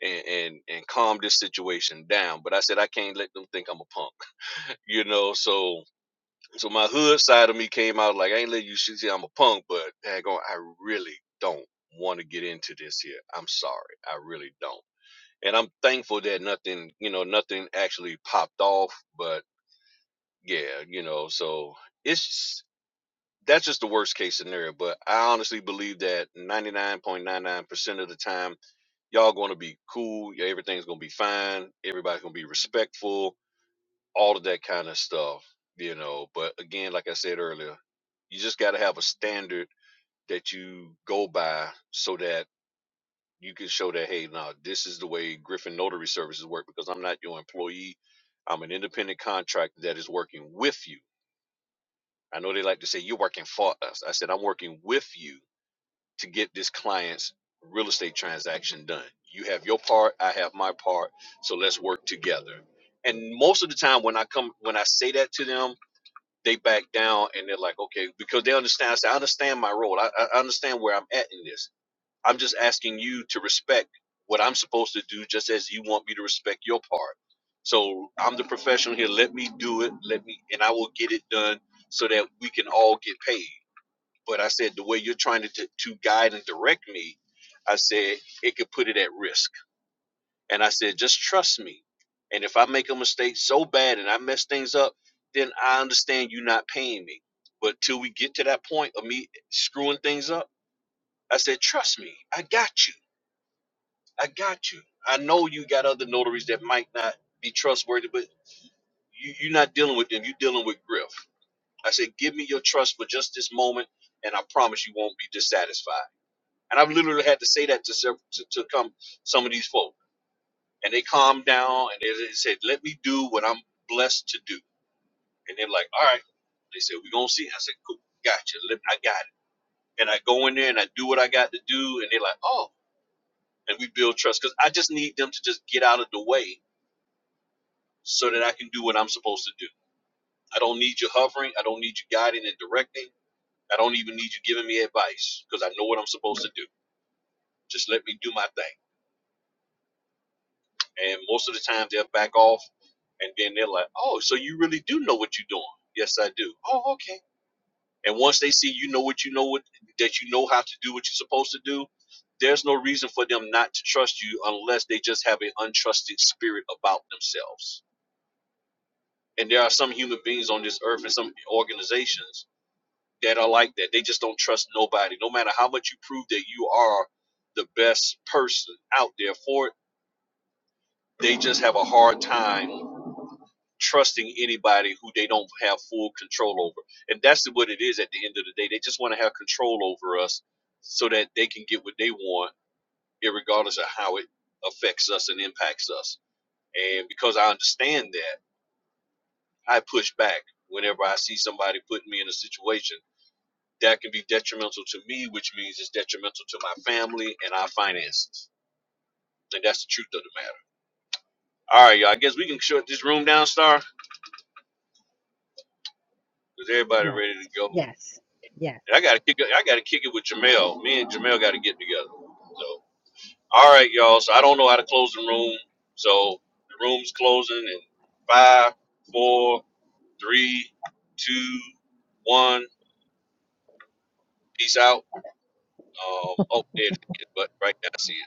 Speaker 3: and, and, and calm this situation down. But I said, I can't let them think I'm a punk, you know? So, so my hood side of me came out like, I ain't letting you see see I'm a punk, but daggone, I really don't want to get into this here. I'm sorry. I really don't and I'm thankful that nothing, you know, nothing actually popped off. But yeah, you know, so it's just- that's just the worst case scenario. But I honestly believe that 99.99% of the time, y'all going to be cool. yeah, Everything's going to be fine. Everybody's going to be respectful. All of that kind of stuff, you know. But again, like I said earlier, you just got to have a standard that you go by so that you can show that hey now this is the way griffin notary services work because i'm not your employee i'm an independent contractor that is working with you i know they like to say you're working for us i said i'm working with you to get this client's real estate transaction done you have your part i have my part so let's work together and most of the time when i come when i say that to them they back down and they're like okay because they understand i, say, I understand my role I, I I understand where i'm at in this I'm just asking you to respect what I'm supposed to do, just as you want me to respect your part. So I'm the professional here. Let me do it. Let me, and I will get it done so that we can all get paid. But I said the way you're trying to t- to guide and direct me, I said it could put it at risk. And I said just trust me. And if I make a mistake so bad and I mess things up, then I understand you not paying me. But till we get to that point of me screwing things up, I said trust me. I got you I got you. I know you got other notaries that might not be trustworthy, but you, you're not dealing with them. You're dealing with Griff. I said, give me your trust for just this moment, and I promise you won't be dissatisfied. And I've literally had to say that to several, to, to come some of these folk, and they calmed down and they, they said, let me do what I'm blessed to do. And they're like, all right. They said, we're gonna see. I said, cool, gotcha. Let, I got it. And I go in there and I do what I got to do, and they're like, oh. And we build trust because I just need them to just get out of the way so that I can do what I'm supposed to do. I don't need you hovering. I don't need you guiding and directing. I don't even need you giving me advice because I know what I'm supposed to do. Just let me do my thing. And most of the time they'll back off and then they're like, oh, so you really do know what you're doing. Yes, I do. Oh, okay. And once they see you know what you know what that you know how to do what you're supposed to do, there's no reason for them not to trust you unless they just have an untrusted spirit about themselves. And there are some human beings on this earth and some organizations that are like that. They just don't trust nobody. No matter how much you prove that you are the best person out there for it, they just have a hard time trusting anybody who they don't have full control over. And that's what it is at the end of the day. They just want to have control over us so that they can get what they want, regardless of how it affects us and impacts us. And because I understand that, I push back whenever I see somebody putting me in a situation that can be detrimental to me, which means it's detrimental to my family and our finances. And that's the truth of the matter. All right, y'all. I guess we can shut this room down, Star, because everybody ready to go. And I gotta kick. it- I gotta kick it with Jamel. Me and Jamel gotta get together. So, all right, y'all. So I don't know how to close the room. So the room's closing in five, four, three, two, one. Peace out. Um, oh, there it is. But right now, I see it.